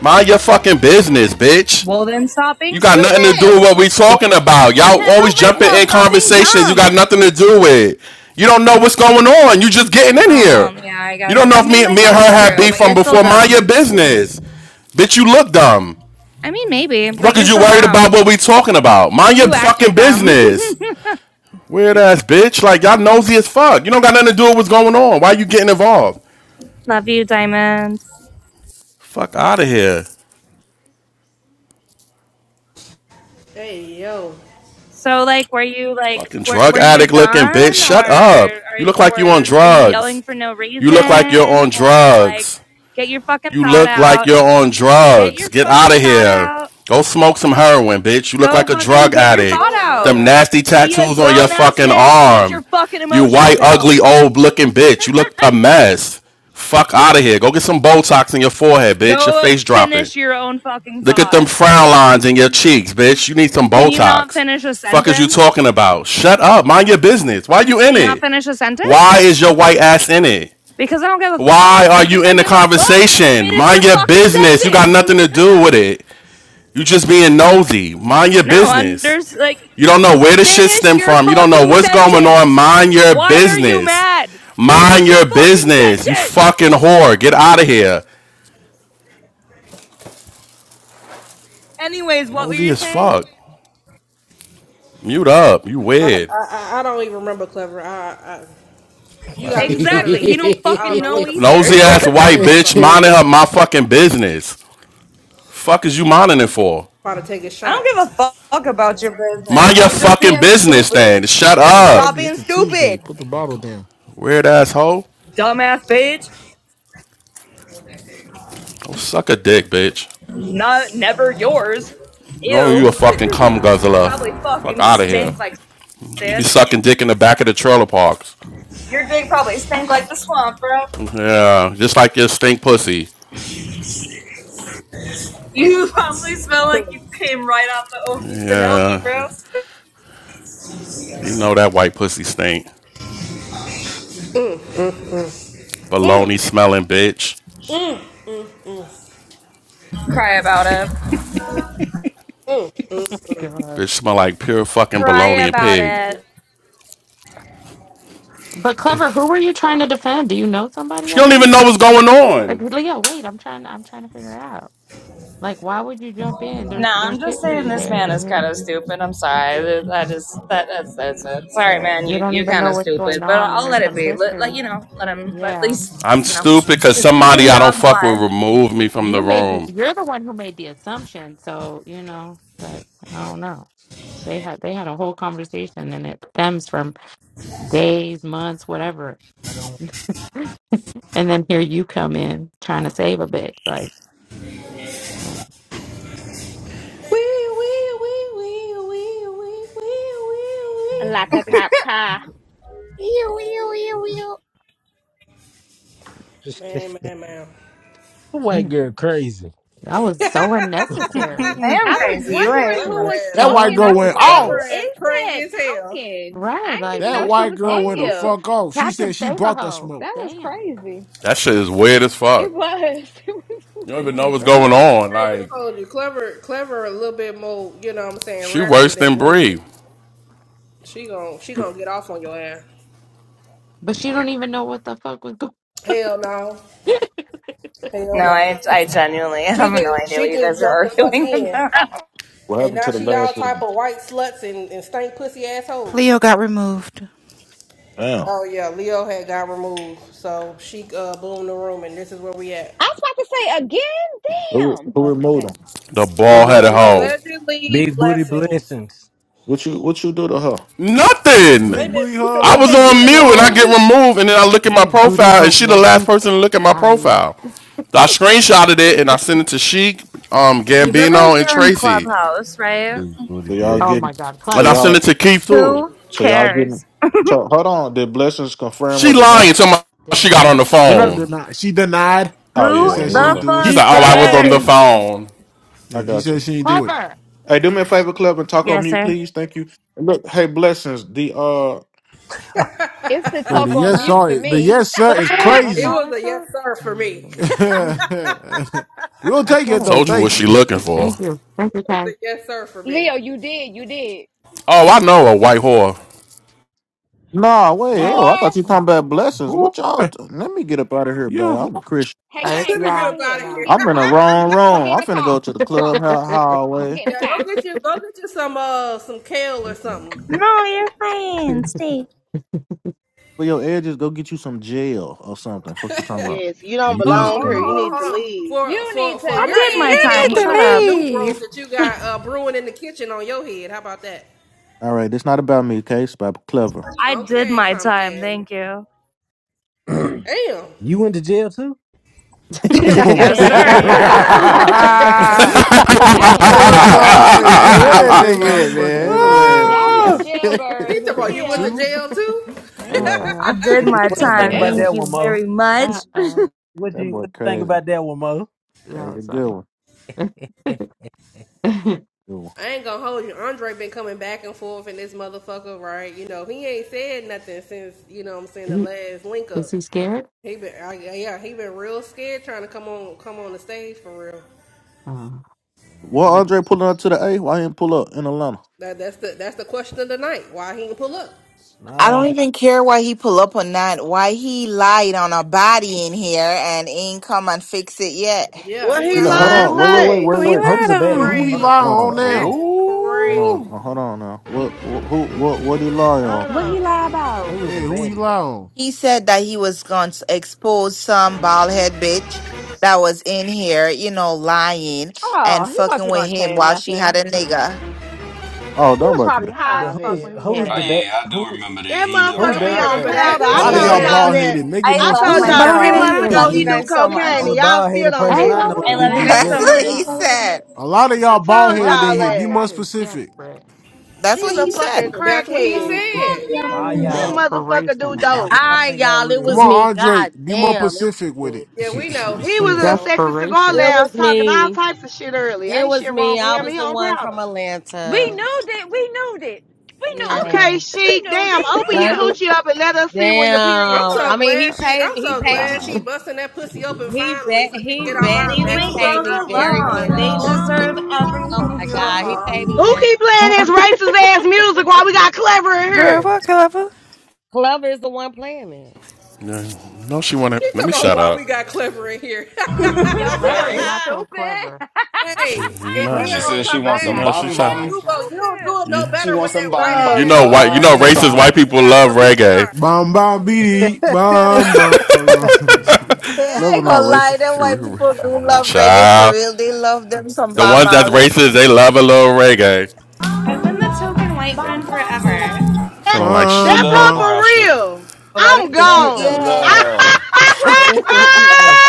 [SPEAKER 7] Mind your fucking business, bitch.
[SPEAKER 14] Well, then stop being
[SPEAKER 7] You got nothing to do with
[SPEAKER 14] stupid.
[SPEAKER 7] what we talking about.
[SPEAKER 14] I can't
[SPEAKER 7] Y'all always
[SPEAKER 14] help
[SPEAKER 7] jumping
[SPEAKER 14] myself.
[SPEAKER 7] in
[SPEAKER 14] Stop being
[SPEAKER 7] conversations you got
[SPEAKER 14] dumb.
[SPEAKER 7] nothing to do with. You don't know what's going on. You just getting in
[SPEAKER 14] Oh
[SPEAKER 7] here.
[SPEAKER 14] well, yeah, I
[SPEAKER 7] You
[SPEAKER 14] guess.
[SPEAKER 7] don't know
[SPEAKER 14] I
[SPEAKER 7] if me,
[SPEAKER 14] mean, like
[SPEAKER 7] me and her
[SPEAKER 14] that's
[SPEAKER 7] had
[SPEAKER 14] true,
[SPEAKER 7] beef
[SPEAKER 14] but
[SPEAKER 7] from
[SPEAKER 14] you're still
[SPEAKER 7] before. Mind your
[SPEAKER 14] dumb.
[SPEAKER 7] business. Bitch, you look dumb.
[SPEAKER 14] I mean, maybe, but
[SPEAKER 7] Look, cause
[SPEAKER 14] you're
[SPEAKER 7] you
[SPEAKER 14] still
[SPEAKER 7] worried
[SPEAKER 14] dumb.
[SPEAKER 7] about what we talking about. Mind
[SPEAKER 14] But
[SPEAKER 7] your
[SPEAKER 14] you
[SPEAKER 7] fucking
[SPEAKER 14] actually dumb.
[SPEAKER 7] business. Weird ass bitch. Like, y'all nosy as fuck. You don't got nothing to do with what's going on. Why you getting involved?
[SPEAKER 14] Love you, Diamond.
[SPEAKER 7] Fuck out of here.
[SPEAKER 1] Hey yo.
[SPEAKER 14] So, like, were you like,
[SPEAKER 7] Fucking
[SPEAKER 14] were,
[SPEAKER 7] drug
[SPEAKER 14] were you
[SPEAKER 7] addict looking bitch.
[SPEAKER 14] done, or
[SPEAKER 7] Shut up.
[SPEAKER 14] are
[SPEAKER 7] You look like you on
[SPEAKER 14] were are you yelling
[SPEAKER 7] drugs.
[SPEAKER 14] for no
[SPEAKER 7] You
[SPEAKER 14] reason,
[SPEAKER 7] look like you're on
[SPEAKER 14] or like,
[SPEAKER 7] drugs.
[SPEAKER 14] get your fucking
[SPEAKER 7] You
[SPEAKER 14] thought
[SPEAKER 7] look like
[SPEAKER 14] out,
[SPEAKER 7] you're on
[SPEAKER 14] get
[SPEAKER 7] drugs.
[SPEAKER 14] your
[SPEAKER 7] Get out
[SPEAKER 14] fucking
[SPEAKER 7] of
[SPEAKER 14] thought
[SPEAKER 7] here.
[SPEAKER 14] out,
[SPEAKER 7] Go smoke some heroin, bitch. You look
[SPEAKER 14] go
[SPEAKER 7] like a
[SPEAKER 14] fucking
[SPEAKER 7] drug
[SPEAKER 14] get your thought
[SPEAKER 7] addict.
[SPEAKER 1] Oh my
[SPEAKER 14] out,
[SPEAKER 7] Them
[SPEAKER 1] god.
[SPEAKER 7] nasty
[SPEAKER 14] be a
[SPEAKER 7] tattoos on your
[SPEAKER 14] grown ass
[SPEAKER 7] fucking
[SPEAKER 14] man and get your
[SPEAKER 7] arm.
[SPEAKER 14] fucking
[SPEAKER 7] You white,
[SPEAKER 14] emotions out.
[SPEAKER 7] ugly, old looking bitch. You look a mess. Fuck out of here. Go get some Botox in your forehead, bitch. Your
[SPEAKER 14] Go
[SPEAKER 7] face dropping.
[SPEAKER 14] finish your own fucking
[SPEAKER 7] Look at them
[SPEAKER 14] thought.
[SPEAKER 7] frown lines in your cheeks, bitch. You need some
[SPEAKER 14] Can you not
[SPEAKER 7] Botox.
[SPEAKER 14] finish a
[SPEAKER 7] Fuck is you
[SPEAKER 14] sentence?
[SPEAKER 7] talking about? Shut up. Mind your business. Why you in
[SPEAKER 14] Can you not
[SPEAKER 7] it?
[SPEAKER 14] finish a sentence?
[SPEAKER 7] Why is your white ass in it?
[SPEAKER 14] Because I don't give a
[SPEAKER 7] Why
[SPEAKER 14] fuck.
[SPEAKER 7] are
[SPEAKER 14] You
[SPEAKER 7] you
[SPEAKER 14] think
[SPEAKER 7] in
[SPEAKER 14] I
[SPEAKER 7] the
[SPEAKER 14] give a fuck?
[SPEAKER 7] conversation?
[SPEAKER 14] Finish your
[SPEAKER 7] Mind your
[SPEAKER 14] fucking
[SPEAKER 7] business. You got
[SPEAKER 14] sentence.
[SPEAKER 7] nothing to do with it. You just being nosy. Mind your
[SPEAKER 14] No,
[SPEAKER 7] business.
[SPEAKER 14] Anders. like
[SPEAKER 7] You don't know where the shit
[SPEAKER 14] finish
[SPEAKER 7] stem
[SPEAKER 14] your
[SPEAKER 7] from. You don't know
[SPEAKER 14] fucking
[SPEAKER 7] what's going on.
[SPEAKER 14] sentence.
[SPEAKER 7] Mind your
[SPEAKER 14] Why are you
[SPEAKER 7] business.
[SPEAKER 14] mad?
[SPEAKER 7] Mind
[SPEAKER 14] Finish your
[SPEAKER 7] your
[SPEAKER 14] fucking
[SPEAKER 7] business. You
[SPEAKER 14] sentence.
[SPEAKER 7] fucking whore. Get out of here.
[SPEAKER 14] Anyways, what were
[SPEAKER 7] Nosy
[SPEAKER 14] you
[SPEAKER 7] as fuck.
[SPEAKER 14] saying?
[SPEAKER 7] Mute up. You weird.
[SPEAKER 1] I, I I don't even remember clever. I, I you got
[SPEAKER 7] Clever.
[SPEAKER 1] me stuttering
[SPEAKER 14] Exactly.
[SPEAKER 1] and
[SPEAKER 14] He
[SPEAKER 1] shit.
[SPEAKER 14] don't
[SPEAKER 1] I
[SPEAKER 14] fucking
[SPEAKER 1] don't know what
[SPEAKER 14] know
[SPEAKER 1] the fuck
[SPEAKER 14] either.
[SPEAKER 7] Nosy
[SPEAKER 1] going
[SPEAKER 7] ass
[SPEAKER 1] on around this
[SPEAKER 7] white bitch
[SPEAKER 1] motherfucker. I'm
[SPEAKER 7] minding her my fucking business. Fuck is you minding it for?
[SPEAKER 1] about to take a
[SPEAKER 14] I don't
[SPEAKER 1] shot.
[SPEAKER 14] give a fuck about your
[SPEAKER 7] Mind
[SPEAKER 14] business.
[SPEAKER 7] your
[SPEAKER 14] You're just
[SPEAKER 7] fucking
[SPEAKER 14] being
[SPEAKER 7] business then.
[SPEAKER 14] stupid.
[SPEAKER 7] Shut
[SPEAKER 2] Damn,
[SPEAKER 7] up.
[SPEAKER 14] Stop
[SPEAKER 2] Gabby, it's
[SPEAKER 14] being
[SPEAKER 2] a Tuesday.
[SPEAKER 14] stupid.
[SPEAKER 2] Put the bottle down.
[SPEAKER 7] Weird asshole.
[SPEAKER 14] Dumbass bitch.
[SPEAKER 7] Oh, suck a dick, bitch.
[SPEAKER 14] Not never yours.
[SPEAKER 7] Knowing you a
[SPEAKER 14] Ew.
[SPEAKER 7] fucking cum guzzler.
[SPEAKER 14] Probably
[SPEAKER 7] Fuck
[SPEAKER 14] fucking
[SPEAKER 7] out of here.
[SPEAKER 14] stink like
[SPEAKER 7] You be
[SPEAKER 14] shit.
[SPEAKER 7] sucking dick in the back of the trailer parks.
[SPEAKER 14] Your dick probably stank like the swamp, bro.
[SPEAKER 7] Yeah, just like your stink pussy.
[SPEAKER 14] You probably smell like you came right off the Okie Pinokie,
[SPEAKER 7] Yeah,
[SPEAKER 14] bro.
[SPEAKER 7] you know that white pussy stink. Baloney smelling bitch.
[SPEAKER 14] Cry about it.
[SPEAKER 16] Girl.
[SPEAKER 7] Bitch smell like pure fucking
[SPEAKER 14] Cry
[SPEAKER 7] baloney and
[SPEAKER 14] about
[SPEAKER 7] pig.
[SPEAKER 14] it.
[SPEAKER 16] But clever, who were you trying to defend? Do you know somebody
[SPEAKER 7] She
[SPEAKER 16] up
[SPEAKER 7] don't
[SPEAKER 16] in
[SPEAKER 7] even know
[SPEAKER 16] there?
[SPEAKER 7] what's going
[SPEAKER 16] Like
[SPEAKER 7] on.
[SPEAKER 16] Leo, wait, I'm trying I'm trying to figure it out. Like why would you jump in? There's
[SPEAKER 14] Nah,
[SPEAKER 16] there's
[SPEAKER 14] I'm just saying
[SPEAKER 16] history
[SPEAKER 14] this
[SPEAKER 16] there.
[SPEAKER 14] man is
[SPEAKER 16] and it-
[SPEAKER 14] kind of stupid. I'm sorry. That just that that's that's
[SPEAKER 16] no,
[SPEAKER 14] it. Sorry,
[SPEAKER 16] But
[SPEAKER 14] man.
[SPEAKER 16] you
[SPEAKER 14] You
[SPEAKER 16] don't
[SPEAKER 14] you
[SPEAKER 16] even
[SPEAKER 14] kind
[SPEAKER 16] know
[SPEAKER 14] of
[SPEAKER 16] what's
[SPEAKER 14] stupid,
[SPEAKER 16] going
[SPEAKER 14] but
[SPEAKER 16] on
[SPEAKER 14] I'll,
[SPEAKER 16] and
[SPEAKER 14] I'll
[SPEAKER 16] there's
[SPEAKER 14] let it
[SPEAKER 16] some
[SPEAKER 14] be. Let, let
[SPEAKER 16] history.
[SPEAKER 14] you know. Let him. At
[SPEAKER 16] Yeah.
[SPEAKER 14] least
[SPEAKER 7] I'm
[SPEAKER 14] you know.
[SPEAKER 7] stupid because
[SPEAKER 14] The
[SPEAKER 7] somebody
[SPEAKER 14] sleeping
[SPEAKER 7] I don't
[SPEAKER 14] dogs
[SPEAKER 7] fuck with
[SPEAKER 14] lie.
[SPEAKER 7] removed me from
[SPEAKER 16] You
[SPEAKER 7] the
[SPEAKER 16] made the
[SPEAKER 7] room.
[SPEAKER 16] you're the one who made the assumption, so you know that I don't know. They had they had a whole conversation and it stems from days, months, whatever.
[SPEAKER 5] I don't.
[SPEAKER 16] And then here you come in trying to save a bitch. Like uh,
[SPEAKER 1] Wee wee wee wee wee wee wee wee
[SPEAKER 4] Like
[SPEAKER 1] wee.
[SPEAKER 4] a
[SPEAKER 5] Yeah.
[SPEAKER 4] cop car.
[SPEAKER 14] Ew, ew, ew, ew.
[SPEAKER 5] The
[SPEAKER 1] Man, man, man.
[SPEAKER 5] white
[SPEAKER 16] man,
[SPEAKER 5] girl crazy.
[SPEAKER 16] that was so unnecessary.
[SPEAKER 14] I
[SPEAKER 5] you
[SPEAKER 14] am
[SPEAKER 4] I was
[SPEAKER 14] crazy. You ain't.
[SPEAKER 4] wondering
[SPEAKER 16] Shit
[SPEAKER 1] clever
[SPEAKER 4] who
[SPEAKER 16] was
[SPEAKER 4] was
[SPEAKER 1] ass,
[SPEAKER 2] That
[SPEAKER 16] so
[SPEAKER 2] white
[SPEAKER 4] talking.
[SPEAKER 2] girl
[SPEAKER 4] I was
[SPEAKER 2] went
[SPEAKER 4] like, who
[SPEAKER 16] unnecessary.
[SPEAKER 2] off.
[SPEAKER 1] clever ass,
[SPEAKER 4] is that
[SPEAKER 1] crazy as hell.
[SPEAKER 4] talking? I
[SPEAKER 16] Right,
[SPEAKER 4] didn't even
[SPEAKER 16] like
[SPEAKER 2] That
[SPEAKER 4] know
[SPEAKER 16] what
[SPEAKER 4] she
[SPEAKER 16] the
[SPEAKER 2] white
[SPEAKER 4] was in
[SPEAKER 2] girl
[SPEAKER 16] fuck?
[SPEAKER 2] went the
[SPEAKER 16] Who's the-
[SPEAKER 4] here.
[SPEAKER 2] fuck off. She
[SPEAKER 16] Captain
[SPEAKER 2] said she
[SPEAKER 16] Save a
[SPEAKER 2] brought the
[SPEAKER 16] Hoe?
[SPEAKER 2] smoke.
[SPEAKER 4] That was
[SPEAKER 16] Damn.
[SPEAKER 4] crazy.
[SPEAKER 7] That shit is weird as fuck.
[SPEAKER 4] It was. It was
[SPEAKER 7] You don't even know
[SPEAKER 16] Damn,
[SPEAKER 7] what's
[SPEAKER 16] girl.
[SPEAKER 7] going on.
[SPEAKER 1] I ain't gonna
[SPEAKER 7] Like,
[SPEAKER 1] hold you. Clever, clever, a little bit more. You know what I'm saying?
[SPEAKER 7] she worse
[SPEAKER 1] Ratchet than
[SPEAKER 7] than
[SPEAKER 1] bling.
[SPEAKER 7] Bree.
[SPEAKER 1] She gon' she gonna get off on your ass.
[SPEAKER 16] But she
[SPEAKER 5] right.
[SPEAKER 16] don't even know what the fuck was going
[SPEAKER 1] Hell no. Hell
[SPEAKER 14] No,
[SPEAKER 1] no.
[SPEAKER 14] I I genuinely
[SPEAKER 1] She
[SPEAKER 14] have no
[SPEAKER 1] just
[SPEAKER 14] idea
[SPEAKER 1] she
[SPEAKER 14] what you
[SPEAKER 1] just
[SPEAKER 14] guys are
[SPEAKER 1] jumped the fuck
[SPEAKER 14] arguing
[SPEAKER 1] in.
[SPEAKER 14] about.
[SPEAKER 21] What
[SPEAKER 1] And
[SPEAKER 21] happened
[SPEAKER 1] now
[SPEAKER 21] to the
[SPEAKER 1] she all
[SPEAKER 21] last
[SPEAKER 1] type
[SPEAKER 21] one?
[SPEAKER 1] of white sluts and, and stank pussy assholes.
[SPEAKER 15] Cleo got removed.
[SPEAKER 21] Damn.
[SPEAKER 1] Oh yeah, Leo had got removed, so she uh boomed the room, and this is where we at.
[SPEAKER 4] I was about to say again.
[SPEAKER 21] Who, re-
[SPEAKER 4] Damn.
[SPEAKER 21] who
[SPEAKER 4] Oh,
[SPEAKER 21] removed
[SPEAKER 4] okay.
[SPEAKER 21] him?
[SPEAKER 7] The ball headed
[SPEAKER 1] Uh,
[SPEAKER 7] hoe.
[SPEAKER 16] Allegedly,
[SPEAKER 1] allegedly
[SPEAKER 5] Big booty
[SPEAKER 1] blessings.
[SPEAKER 5] blessings.
[SPEAKER 21] What you what you do to her?
[SPEAKER 5] Big
[SPEAKER 7] Nothing.
[SPEAKER 1] They've
[SPEAKER 2] Big
[SPEAKER 5] booty.
[SPEAKER 1] been
[SPEAKER 2] booty
[SPEAKER 1] beefing.
[SPEAKER 7] I
[SPEAKER 1] They've
[SPEAKER 2] hoes,
[SPEAKER 7] was
[SPEAKER 1] been
[SPEAKER 2] big
[SPEAKER 7] on
[SPEAKER 1] beefing
[SPEAKER 2] booty
[SPEAKER 1] for a
[SPEAKER 7] mute and I
[SPEAKER 1] whole
[SPEAKER 7] get
[SPEAKER 2] hoes.
[SPEAKER 1] week.
[SPEAKER 7] removed, and then I look at my
[SPEAKER 16] big booty
[SPEAKER 7] profile, and
[SPEAKER 16] hope
[SPEAKER 7] she the last
[SPEAKER 16] legend.
[SPEAKER 7] person to look at my
[SPEAKER 16] I mean,
[SPEAKER 7] profile. So I screenshotted it and I sent it to Sheik, um,
[SPEAKER 14] You
[SPEAKER 7] Gambino,
[SPEAKER 14] realize
[SPEAKER 7] and
[SPEAKER 14] you're in
[SPEAKER 7] Tracy,
[SPEAKER 14] Clubhouse, right?
[SPEAKER 5] Big booty
[SPEAKER 21] So y'all
[SPEAKER 5] blessings.
[SPEAKER 16] oh my
[SPEAKER 21] getting
[SPEAKER 16] god,
[SPEAKER 21] so
[SPEAKER 7] and I
[SPEAKER 16] clever.
[SPEAKER 7] sent it
[SPEAKER 21] y'all
[SPEAKER 7] to Keith too.
[SPEAKER 14] Who
[SPEAKER 21] so y'all getting
[SPEAKER 14] cares?
[SPEAKER 21] so hold on. Did blessings confirm
[SPEAKER 7] She
[SPEAKER 21] or deny?
[SPEAKER 7] lying to my. She got
[SPEAKER 16] Deny.
[SPEAKER 7] on the
[SPEAKER 21] No, no.
[SPEAKER 2] She
[SPEAKER 21] no.
[SPEAKER 7] phone.
[SPEAKER 2] denied. She denied.
[SPEAKER 21] Oh
[SPEAKER 2] She
[SPEAKER 14] Who
[SPEAKER 21] yeah,
[SPEAKER 2] said
[SPEAKER 21] it
[SPEAKER 2] she
[SPEAKER 21] was
[SPEAKER 14] the
[SPEAKER 2] ain't
[SPEAKER 16] Deny.
[SPEAKER 21] her.
[SPEAKER 2] do it.
[SPEAKER 7] She's
[SPEAKER 14] fuck
[SPEAKER 5] You
[SPEAKER 7] like, "Oh, I was on the
[SPEAKER 5] died.
[SPEAKER 14] cares?
[SPEAKER 7] phone."
[SPEAKER 21] I
[SPEAKER 2] Yeah, she
[SPEAKER 21] got
[SPEAKER 2] said
[SPEAKER 21] you.
[SPEAKER 2] she ain't do it.
[SPEAKER 16] Clever.
[SPEAKER 21] Hey, do me a favor, club, and talk on
[SPEAKER 14] Yes,
[SPEAKER 21] mute,
[SPEAKER 14] sir.
[SPEAKER 21] please. Thank you. And Look, hey, blessings. The uh.
[SPEAKER 4] It's the
[SPEAKER 2] So the
[SPEAKER 4] talk on
[SPEAKER 2] yes
[SPEAKER 4] mute
[SPEAKER 2] sir,
[SPEAKER 4] for
[SPEAKER 2] is- the
[SPEAKER 4] me.
[SPEAKER 2] yes sir is
[SPEAKER 16] Damn, that's
[SPEAKER 1] it
[SPEAKER 2] crazy.
[SPEAKER 16] all
[SPEAKER 1] was
[SPEAKER 16] it
[SPEAKER 1] a yes
[SPEAKER 16] took?
[SPEAKER 1] sir for me.
[SPEAKER 16] Damn.
[SPEAKER 2] we'll take
[SPEAKER 7] I
[SPEAKER 2] it
[SPEAKER 16] Okay.
[SPEAKER 2] though.
[SPEAKER 7] told you what
[SPEAKER 2] Thank
[SPEAKER 7] she
[SPEAKER 2] you.
[SPEAKER 7] looking for.
[SPEAKER 16] Thank you. Thank you,
[SPEAKER 1] It was a
[SPEAKER 16] Ken.
[SPEAKER 1] yes sir for me.
[SPEAKER 4] Leo, you did. You did.
[SPEAKER 7] Oh, I know a white whore.
[SPEAKER 21] Nah, wait. Oh, I
[SPEAKER 15] Ow.
[SPEAKER 4] Whore.
[SPEAKER 21] thought you
[SPEAKER 16] Oh,
[SPEAKER 21] talking about blessings.
[SPEAKER 2] Who?
[SPEAKER 21] What y'all? t- Let me get up out of here, man.
[SPEAKER 2] Yeah. Who?
[SPEAKER 21] I'm a Christian.
[SPEAKER 4] Hey,
[SPEAKER 16] uh,
[SPEAKER 4] Kane,
[SPEAKER 1] Let me
[SPEAKER 4] come
[SPEAKER 1] get
[SPEAKER 4] over
[SPEAKER 16] yeah,
[SPEAKER 1] up
[SPEAKER 4] here.
[SPEAKER 1] out of
[SPEAKER 4] Come
[SPEAKER 1] here.
[SPEAKER 4] get in the
[SPEAKER 21] I'm in the
[SPEAKER 4] car.
[SPEAKER 21] wrong
[SPEAKER 4] Come
[SPEAKER 21] room.
[SPEAKER 4] get in
[SPEAKER 21] I'm
[SPEAKER 4] the
[SPEAKER 21] finna go
[SPEAKER 4] car.
[SPEAKER 21] to
[SPEAKER 16] yeah.
[SPEAKER 21] the
[SPEAKER 4] Come
[SPEAKER 21] club
[SPEAKER 4] on. Come
[SPEAKER 21] hallway.
[SPEAKER 4] get in the
[SPEAKER 1] yeah,
[SPEAKER 4] car.
[SPEAKER 1] go get you. Go get you some uh some kale or something.
[SPEAKER 14] No, you're fine. Stay.
[SPEAKER 21] For your edges, go get you some gel or something. Fuck you talking about?
[SPEAKER 3] Yes, you don't
[SPEAKER 2] Who-
[SPEAKER 1] Hold
[SPEAKER 5] You
[SPEAKER 1] on,
[SPEAKER 2] who-
[SPEAKER 3] belong
[SPEAKER 1] hold
[SPEAKER 3] here.
[SPEAKER 1] on,
[SPEAKER 3] You
[SPEAKER 5] some-
[SPEAKER 1] hold on,
[SPEAKER 3] need
[SPEAKER 2] who
[SPEAKER 3] to
[SPEAKER 1] hold on.
[SPEAKER 3] leave.
[SPEAKER 1] For
[SPEAKER 4] You
[SPEAKER 1] for
[SPEAKER 4] need
[SPEAKER 1] for
[SPEAKER 4] to
[SPEAKER 14] I
[SPEAKER 1] your
[SPEAKER 14] did my
[SPEAKER 1] edges,
[SPEAKER 15] You
[SPEAKER 1] go
[SPEAKER 14] time.
[SPEAKER 15] need
[SPEAKER 1] put
[SPEAKER 15] to
[SPEAKER 4] leave.
[SPEAKER 1] some
[SPEAKER 14] Shut
[SPEAKER 1] of that
[SPEAKER 14] up.
[SPEAKER 1] new growth
[SPEAKER 15] leave.
[SPEAKER 1] that you got uh, brewing in the kitchen on your head. How about that?
[SPEAKER 21] All right, it's not about me, okay? It's about clever.
[SPEAKER 14] I did
[SPEAKER 1] Okay,
[SPEAKER 14] my time.
[SPEAKER 1] pumpkin.
[SPEAKER 14] Thank you.
[SPEAKER 1] Damn,
[SPEAKER 5] you went to jail too.
[SPEAKER 21] Yo,
[SPEAKER 14] yes, sir.
[SPEAKER 1] I'm fucking hollering.
[SPEAKER 4] Damn.
[SPEAKER 2] else?
[SPEAKER 4] Y'all some
[SPEAKER 2] Hell
[SPEAKER 4] jailbirds in
[SPEAKER 2] no,
[SPEAKER 4] here.
[SPEAKER 2] this
[SPEAKER 21] where
[SPEAKER 2] nigga
[SPEAKER 21] that
[SPEAKER 2] J Law
[SPEAKER 21] nigga at,
[SPEAKER 2] funny,
[SPEAKER 21] man?
[SPEAKER 2] yo. Hell
[SPEAKER 4] Y'all
[SPEAKER 21] Let
[SPEAKER 4] some
[SPEAKER 7] Ah.
[SPEAKER 2] no.
[SPEAKER 21] me
[SPEAKER 1] He
[SPEAKER 4] jailbirds
[SPEAKER 1] talking
[SPEAKER 4] in
[SPEAKER 1] about
[SPEAKER 21] look.
[SPEAKER 1] you went
[SPEAKER 4] here.
[SPEAKER 1] to
[SPEAKER 2] Two?
[SPEAKER 1] jail too.
[SPEAKER 4] Mm-hmm.
[SPEAKER 21] Yo,
[SPEAKER 14] I
[SPEAKER 16] uh-uh.
[SPEAKER 14] did
[SPEAKER 5] What you
[SPEAKER 14] my
[SPEAKER 5] what
[SPEAKER 21] that
[SPEAKER 5] you
[SPEAKER 21] boy,
[SPEAKER 5] think
[SPEAKER 14] time.
[SPEAKER 21] that
[SPEAKER 5] about
[SPEAKER 4] Damn.
[SPEAKER 14] Thank
[SPEAKER 5] that
[SPEAKER 21] dog,
[SPEAKER 5] one,
[SPEAKER 14] you
[SPEAKER 5] Mo?
[SPEAKER 14] very much.
[SPEAKER 16] Uh-uh.
[SPEAKER 5] What
[SPEAKER 21] that
[SPEAKER 5] you
[SPEAKER 21] boy
[SPEAKER 5] what you think
[SPEAKER 21] crazy.
[SPEAKER 5] about that one, Mo?
[SPEAKER 21] That
[SPEAKER 16] That
[SPEAKER 21] was a
[SPEAKER 16] was
[SPEAKER 21] good
[SPEAKER 16] funny.
[SPEAKER 21] one.
[SPEAKER 5] Eh,
[SPEAKER 21] Good one.
[SPEAKER 1] I ain't gonna hold you. Andre been coming back and forth in this motherfucker, right? You know he ain't said nothing since you know what I'm saying the
[SPEAKER 16] he,
[SPEAKER 1] last link up.
[SPEAKER 16] is he scared?
[SPEAKER 1] He been I, yeah he been real scared trying to come on come on the stage for real.
[SPEAKER 16] Oh,
[SPEAKER 5] No,
[SPEAKER 21] Why
[SPEAKER 5] look,
[SPEAKER 21] Andre pulling up to the A? Why he didn't pull up in Atlanta?
[SPEAKER 1] That that's the that's the question of the night. Why he did pull up?
[SPEAKER 22] I
[SPEAKER 5] nah,
[SPEAKER 22] don't
[SPEAKER 5] nah.
[SPEAKER 22] even care why he pull up or not. Why he lied on a body in here and ain't come and fix it yet.
[SPEAKER 1] Yeah,
[SPEAKER 3] What
[SPEAKER 1] he
[SPEAKER 21] He
[SPEAKER 3] he
[SPEAKER 1] lied
[SPEAKER 21] like,
[SPEAKER 1] on the
[SPEAKER 21] hold
[SPEAKER 3] lying
[SPEAKER 1] body
[SPEAKER 21] on, wait, wait,
[SPEAKER 16] oh,
[SPEAKER 1] too.
[SPEAKER 21] wait,
[SPEAKER 3] say?
[SPEAKER 21] wait,
[SPEAKER 15] we
[SPEAKER 1] Yeah,
[SPEAKER 21] wait.
[SPEAKER 1] that's
[SPEAKER 5] Who's
[SPEAKER 15] lied
[SPEAKER 5] a
[SPEAKER 2] Wait,
[SPEAKER 5] baddie?
[SPEAKER 2] who he
[SPEAKER 5] Hold
[SPEAKER 15] on.
[SPEAKER 5] on,
[SPEAKER 1] crazy.
[SPEAKER 2] lie
[SPEAKER 21] Hold on,
[SPEAKER 2] on
[SPEAKER 5] hold on.
[SPEAKER 1] That
[SPEAKER 2] now?
[SPEAKER 1] is
[SPEAKER 21] hold on,
[SPEAKER 7] Ooh.
[SPEAKER 1] crazy.
[SPEAKER 21] uh, hold on now. What, wh- who,
[SPEAKER 5] But
[SPEAKER 21] what,
[SPEAKER 5] who
[SPEAKER 21] what he lie on?
[SPEAKER 3] Hold
[SPEAKER 4] What he
[SPEAKER 3] on.
[SPEAKER 4] lie about?
[SPEAKER 5] who is
[SPEAKER 2] Yeah,
[SPEAKER 5] a
[SPEAKER 2] who he
[SPEAKER 5] baddie though?
[SPEAKER 2] lie on?
[SPEAKER 22] He said that he was going to expose some bald head bitch that was in here, you know, lying and
[SPEAKER 4] Oh, he
[SPEAKER 22] fucking
[SPEAKER 4] wasn't
[SPEAKER 22] with
[SPEAKER 4] gonna tell
[SPEAKER 22] him
[SPEAKER 4] you
[SPEAKER 22] while she had
[SPEAKER 4] nothing.
[SPEAKER 22] a nigga.
[SPEAKER 21] Oh,
[SPEAKER 4] He
[SPEAKER 21] don't
[SPEAKER 4] was
[SPEAKER 21] worry,
[SPEAKER 4] probably
[SPEAKER 21] computer.
[SPEAKER 4] high as
[SPEAKER 5] But
[SPEAKER 3] Oh
[SPEAKER 5] who
[SPEAKER 4] fuck
[SPEAKER 5] is
[SPEAKER 4] when he
[SPEAKER 3] hell.
[SPEAKER 5] who is
[SPEAKER 4] said
[SPEAKER 22] Yeah.
[SPEAKER 5] the bad?
[SPEAKER 4] that.
[SPEAKER 17] yeah, I
[SPEAKER 5] Who
[SPEAKER 17] do remember that.
[SPEAKER 3] That
[SPEAKER 17] He never
[SPEAKER 5] who
[SPEAKER 3] motherfucker
[SPEAKER 1] Yep, I
[SPEAKER 3] be
[SPEAKER 17] came
[SPEAKER 5] bad
[SPEAKER 3] on
[SPEAKER 1] remember
[SPEAKER 17] back.
[SPEAKER 5] though?
[SPEAKER 14] Can I
[SPEAKER 5] 'Cause
[SPEAKER 3] powder.
[SPEAKER 2] A
[SPEAKER 4] He
[SPEAKER 1] that.
[SPEAKER 3] I
[SPEAKER 14] just
[SPEAKER 5] Y'all
[SPEAKER 2] lot
[SPEAKER 4] was
[SPEAKER 2] of
[SPEAKER 3] told
[SPEAKER 5] ugly.
[SPEAKER 2] y'all
[SPEAKER 22] Yeah.
[SPEAKER 3] y'all
[SPEAKER 4] high.
[SPEAKER 14] say,
[SPEAKER 2] bald
[SPEAKER 3] that.
[SPEAKER 2] headed. Make it
[SPEAKER 14] I
[SPEAKER 3] I
[SPEAKER 2] more
[SPEAKER 15] Who's
[SPEAKER 14] love
[SPEAKER 3] told
[SPEAKER 15] the
[SPEAKER 14] my
[SPEAKER 3] y'all
[SPEAKER 1] Yep.
[SPEAKER 2] specific.
[SPEAKER 15] bald
[SPEAKER 3] three
[SPEAKER 15] headed
[SPEAKER 16] he
[SPEAKER 14] girls.
[SPEAKER 3] months
[SPEAKER 16] is.
[SPEAKER 3] ago
[SPEAKER 14] Love
[SPEAKER 15] hottie?
[SPEAKER 14] you
[SPEAKER 3] he do
[SPEAKER 16] Ain't
[SPEAKER 14] guys so much.
[SPEAKER 3] cocaine and
[SPEAKER 5] Only
[SPEAKER 3] y'all
[SPEAKER 5] bald
[SPEAKER 3] still
[SPEAKER 5] headed
[SPEAKER 3] don't
[SPEAKER 5] person I
[SPEAKER 3] listen.
[SPEAKER 5] know is
[SPEAKER 16] nobody
[SPEAKER 14] I love
[SPEAKER 5] Big
[SPEAKER 14] you
[SPEAKER 16] want
[SPEAKER 5] Booty
[SPEAKER 14] guys
[SPEAKER 22] That's
[SPEAKER 5] Bless.
[SPEAKER 16] that.
[SPEAKER 22] what he
[SPEAKER 16] Uh-uh.
[SPEAKER 22] said.
[SPEAKER 2] A lot of
[SPEAKER 3] I
[SPEAKER 2] y'all bald
[SPEAKER 3] told
[SPEAKER 2] headed
[SPEAKER 16] Whoever
[SPEAKER 3] y'all
[SPEAKER 2] in here.
[SPEAKER 16] wants
[SPEAKER 2] Be
[SPEAKER 3] that.
[SPEAKER 2] more
[SPEAKER 16] that is
[SPEAKER 2] specific.
[SPEAKER 16] desperate.
[SPEAKER 22] That's
[SPEAKER 3] He's
[SPEAKER 22] what
[SPEAKER 3] a
[SPEAKER 22] he
[SPEAKER 3] fucking
[SPEAKER 22] said.
[SPEAKER 1] Well, that's what he
[SPEAKER 3] crackhead.
[SPEAKER 1] said.
[SPEAKER 14] so
[SPEAKER 5] All
[SPEAKER 16] Straight
[SPEAKER 14] much.
[SPEAKER 3] That
[SPEAKER 22] Yeah.
[SPEAKER 5] y'all
[SPEAKER 3] motherfucker
[SPEAKER 16] desperation
[SPEAKER 3] do
[SPEAKER 16] at that
[SPEAKER 3] dope.
[SPEAKER 5] y'all
[SPEAKER 16] point.
[SPEAKER 8] Hi,
[SPEAKER 2] Um,
[SPEAKER 5] ain't got
[SPEAKER 8] y'all. It
[SPEAKER 5] real
[SPEAKER 2] Come
[SPEAKER 8] was
[SPEAKER 5] hair.
[SPEAKER 8] me.
[SPEAKER 2] on, Andre.
[SPEAKER 8] God
[SPEAKER 2] Be more
[SPEAKER 8] damn. It was
[SPEAKER 2] specific with
[SPEAKER 8] me.
[SPEAKER 2] it.
[SPEAKER 1] Yeah, we know.
[SPEAKER 3] He
[SPEAKER 16] In
[SPEAKER 1] We
[SPEAKER 3] was in a
[SPEAKER 1] know.
[SPEAKER 3] sexy cigar
[SPEAKER 8] It
[SPEAKER 16] desperation,
[SPEAKER 3] lounge
[SPEAKER 8] was
[SPEAKER 3] talking all
[SPEAKER 8] me.
[SPEAKER 3] types of shit early.
[SPEAKER 8] It
[SPEAKER 3] Ain't
[SPEAKER 8] was
[SPEAKER 3] shit wrong
[SPEAKER 8] me.
[SPEAKER 3] with
[SPEAKER 8] I
[SPEAKER 3] him.
[SPEAKER 8] was
[SPEAKER 3] He
[SPEAKER 8] the
[SPEAKER 3] on
[SPEAKER 8] one from
[SPEAKER 3] powder.
[SPEAKER 4] We
[SPEAKER 8] Atlanta.
[SPEAKER 4] knew that. We knew that. We knew that.
[SPEAKER 3] Okay,
[SPEAKER 8] Yeah.
[SPEAKER 4] We
[SPEAKER 3] chic.
[SPEAKER 4] knew
[SPEAKER 3] Damn,
[SPEAKER 4] that.
[SPEAKER 3] open your
[SPEAKER 8] Let me.
[SPEAKER 4] Damn.
[SPEAKER 3] coochie up and let us see when your period
[SPEAKER 1] I'm
[SPEAKER 8] Damn.
[SPEAKER 3] starts.
[SPEAKER 1] so
[SPEAKER 8] I mean,
[SPEAKER 1] glad
[SPEAKER 8] he
[SPEAKER 1] she.
[SPEAKER 8] paid.
[SPEAKER 1] I'm
[SPEAKER 8] He
[SPEAKER 1] so
[SPEAKER 8] paid me.
[SPEAKER 1] glad she
[SPEAKER 16] God.
[SPEAKER 1] busting that pussy open
[SPEAKER 8] He
[SPEAKER 1] finally,
[SPEAKER 8] bet.
[SPEAKER 1] so she can
[SPEAKER 8] He
[SPEAKER 1] get off
[SPEAKER 8] bet.
[SPEAKER 1] our
[SPEAKER 14] Leave
[SPEAKER 1] back
[SPEAKER 8] He
[SPEAKER 14] my
[SPEAKER 1] for
[SPEAKER 8] paid
[SPEAKER 1] busting
[SPEAKER 14] girls
[SPEAKER 8] me
[SPEAKER 1] our
[SPEAKER 8] very
[SPEAKER 1] pussies
[SPEAKER 14] alone.
[SPEAKER 1] open. The
[SPEAKER 14] They
[SPEAKER 8] well.
[SPEAKER 1] fuck.
[SPEAKER 14] deserve
[SPEAKER 8] Oh
[SPEAKER 14] everything
[SPEAKER 8] my God. He paid
[SPEAKER 14] beautiful.
[SPEAKER 8] me
[SPEAKER 3] Who
[SPEAKER 8] very
[SPEAKER 3] keep
[SPEAKER 8] well.
[SPEAKER 3] playing this racist ass music while we got clever in
[SPEAKER 15] Girl,
[SPEAKER 3] here?
[SPEAKER 15] what cover?
[SPEAKER 8] Clover is the one playing it.
[SPEAKER 7] No, she wanna.
[SPEAKER 1] She
[SPEAKER 7] Let me
[SPEAKER 1] talking about
[SPEAKER 7] shut
[SPEAKER 1] why we
[SPEAKER 7] up.
[SPEAKER 1] got clever in here.
[SPEAKER 4] Yo, Leo,
[SPEAKER 16] clever is
[SPEAKER 14] Sorry.
[SPEAKER 4] you
[SPEAKER 16] not so clever.
[SPEAKER 4] stupid.
[SPEAKER 1] hey,
[SPEAKER 7] You
[SPEAKER 1] and then
[SPEAKER 17] She
[SPEAKER 7] know,
[SPEAKER 16] Clever
[SPEAKER 1] on
[SPEAKER 17] said
[SPEAKER 16] is
[SPEAKER 17] she
[SPEAKER 1] top of
[SPEAKER 16] not
[SPEAKER 17] wants
[SPEAKER 7] you
[SPEAKER 17] some
[SPEAKER 1] that,
[SPEAKER 7] know,
[SPEAKER 16] that
[SPEAKER 7] she
[SPEAKER 17] bum
[SPEAKER 16] clever
[SPEAKER 4] Leo,
[SPEAKER 7] try.
[SPEAKER 17] bum.
[SPEAKER 16] right
[SPEAKER 1] Nuvo,
[SPEAKER 16] now.
[SPEAKER 1] you don't
[SPEAKER 4] stupid.
[SPEAKER 1] do it
[SPEAKER 7] You,
[SPEAKER 1] no
[SPEAKER 17] She
[SPEAKER 1] better
[SPEAKER 17] wants
[SPEAKER 1] with
[SPEAKER 17] some
[SPEAKER 1] that white
[SPEAKER 17] bum
[SPEAKER 3] Uh,
[SPEAKER 7] you
[SPEAKER 17] bum
[SPEAKER 1] ass,
[SPEAKER 7] know, white. You
[SPEAKER 1] whatever
[SPEAKER 7] know,
[SPEAKER 1] the
[SPEAKER 17] bum
[SPEAKER 1] fuck
[SPEAKER 7] racist white
[SPEAKER 1] rep
[SPEAKER 17] bum.
[SPEAKER 1] you
[SPEAKER 7] people
[SPEAKER 1] got in
[SPEAKER 7] love
[SPEAKER 1] your
[SPEAKER 7] reggae.
[SPEAKER 1] PTR.
[SPEAKER 2] bomb
[SPEAKER 4] They
[SPEAKER 2] bomb
[SPEAKER 4] do. They do.
[SPEAKER 2] BD. Bomb bomb. Fuck wrong.
[SPEAKER 16] Damn.
[SPEAKER 22] Hey, I
[SPEAKER 21] Clever
[SPEAKER 22] ain't
[SPEAKER 21] not
[SPEAKER 22] gonna lie,
[SPEAKER 21] racist.
[SPEAKER 22] them white people do
[SPEAKER 5] well,
[SPEAKER 22] love reggae for
[SPEAKER 7] Child,
[SPEAKER 22] real. They love them some
[SPEAKER 7] the
[SPEAKER 22] Bob
[SPEAKER 7] ones that's
[SPEAKER 22] Marley.
[SPEAKER 7] racist, they love a little reggae.
[SPEAKER 14] I've been the token white
[SPEAKER 7] They be
[SPEAKER 14] friend forever.
[SPEAKER 3] that,
[SPEAKER 7] feeling like
[SPEAKER 17] She
[SPEAKER 3] that's
[SPEAKER 2] Bomb
[SPEAKER 3] her
[SPEAKER 17] love
[SPEAKER 2] bomb.
[SPEAKER 3] for
[SPEAKER 17] brown sugar.
[SPEAKER 3] real.
[SPEAKER 5] like,
[SPEAKER 3] I'm
[SPEAKER 17] The
[SPEAKER 5] that's that
[SPEAKER 17] same.
[SPEAKER 5] shit
[SPEAKER 17] She
[SPEAKER 3] gone.
[SPEAKER 5] though.
[SPEAKER 17] love
[SPEAKER 22] Yeah.
[SPEAKER 17] heroin.
[SPEAKER 5] Hey, that's that shit though.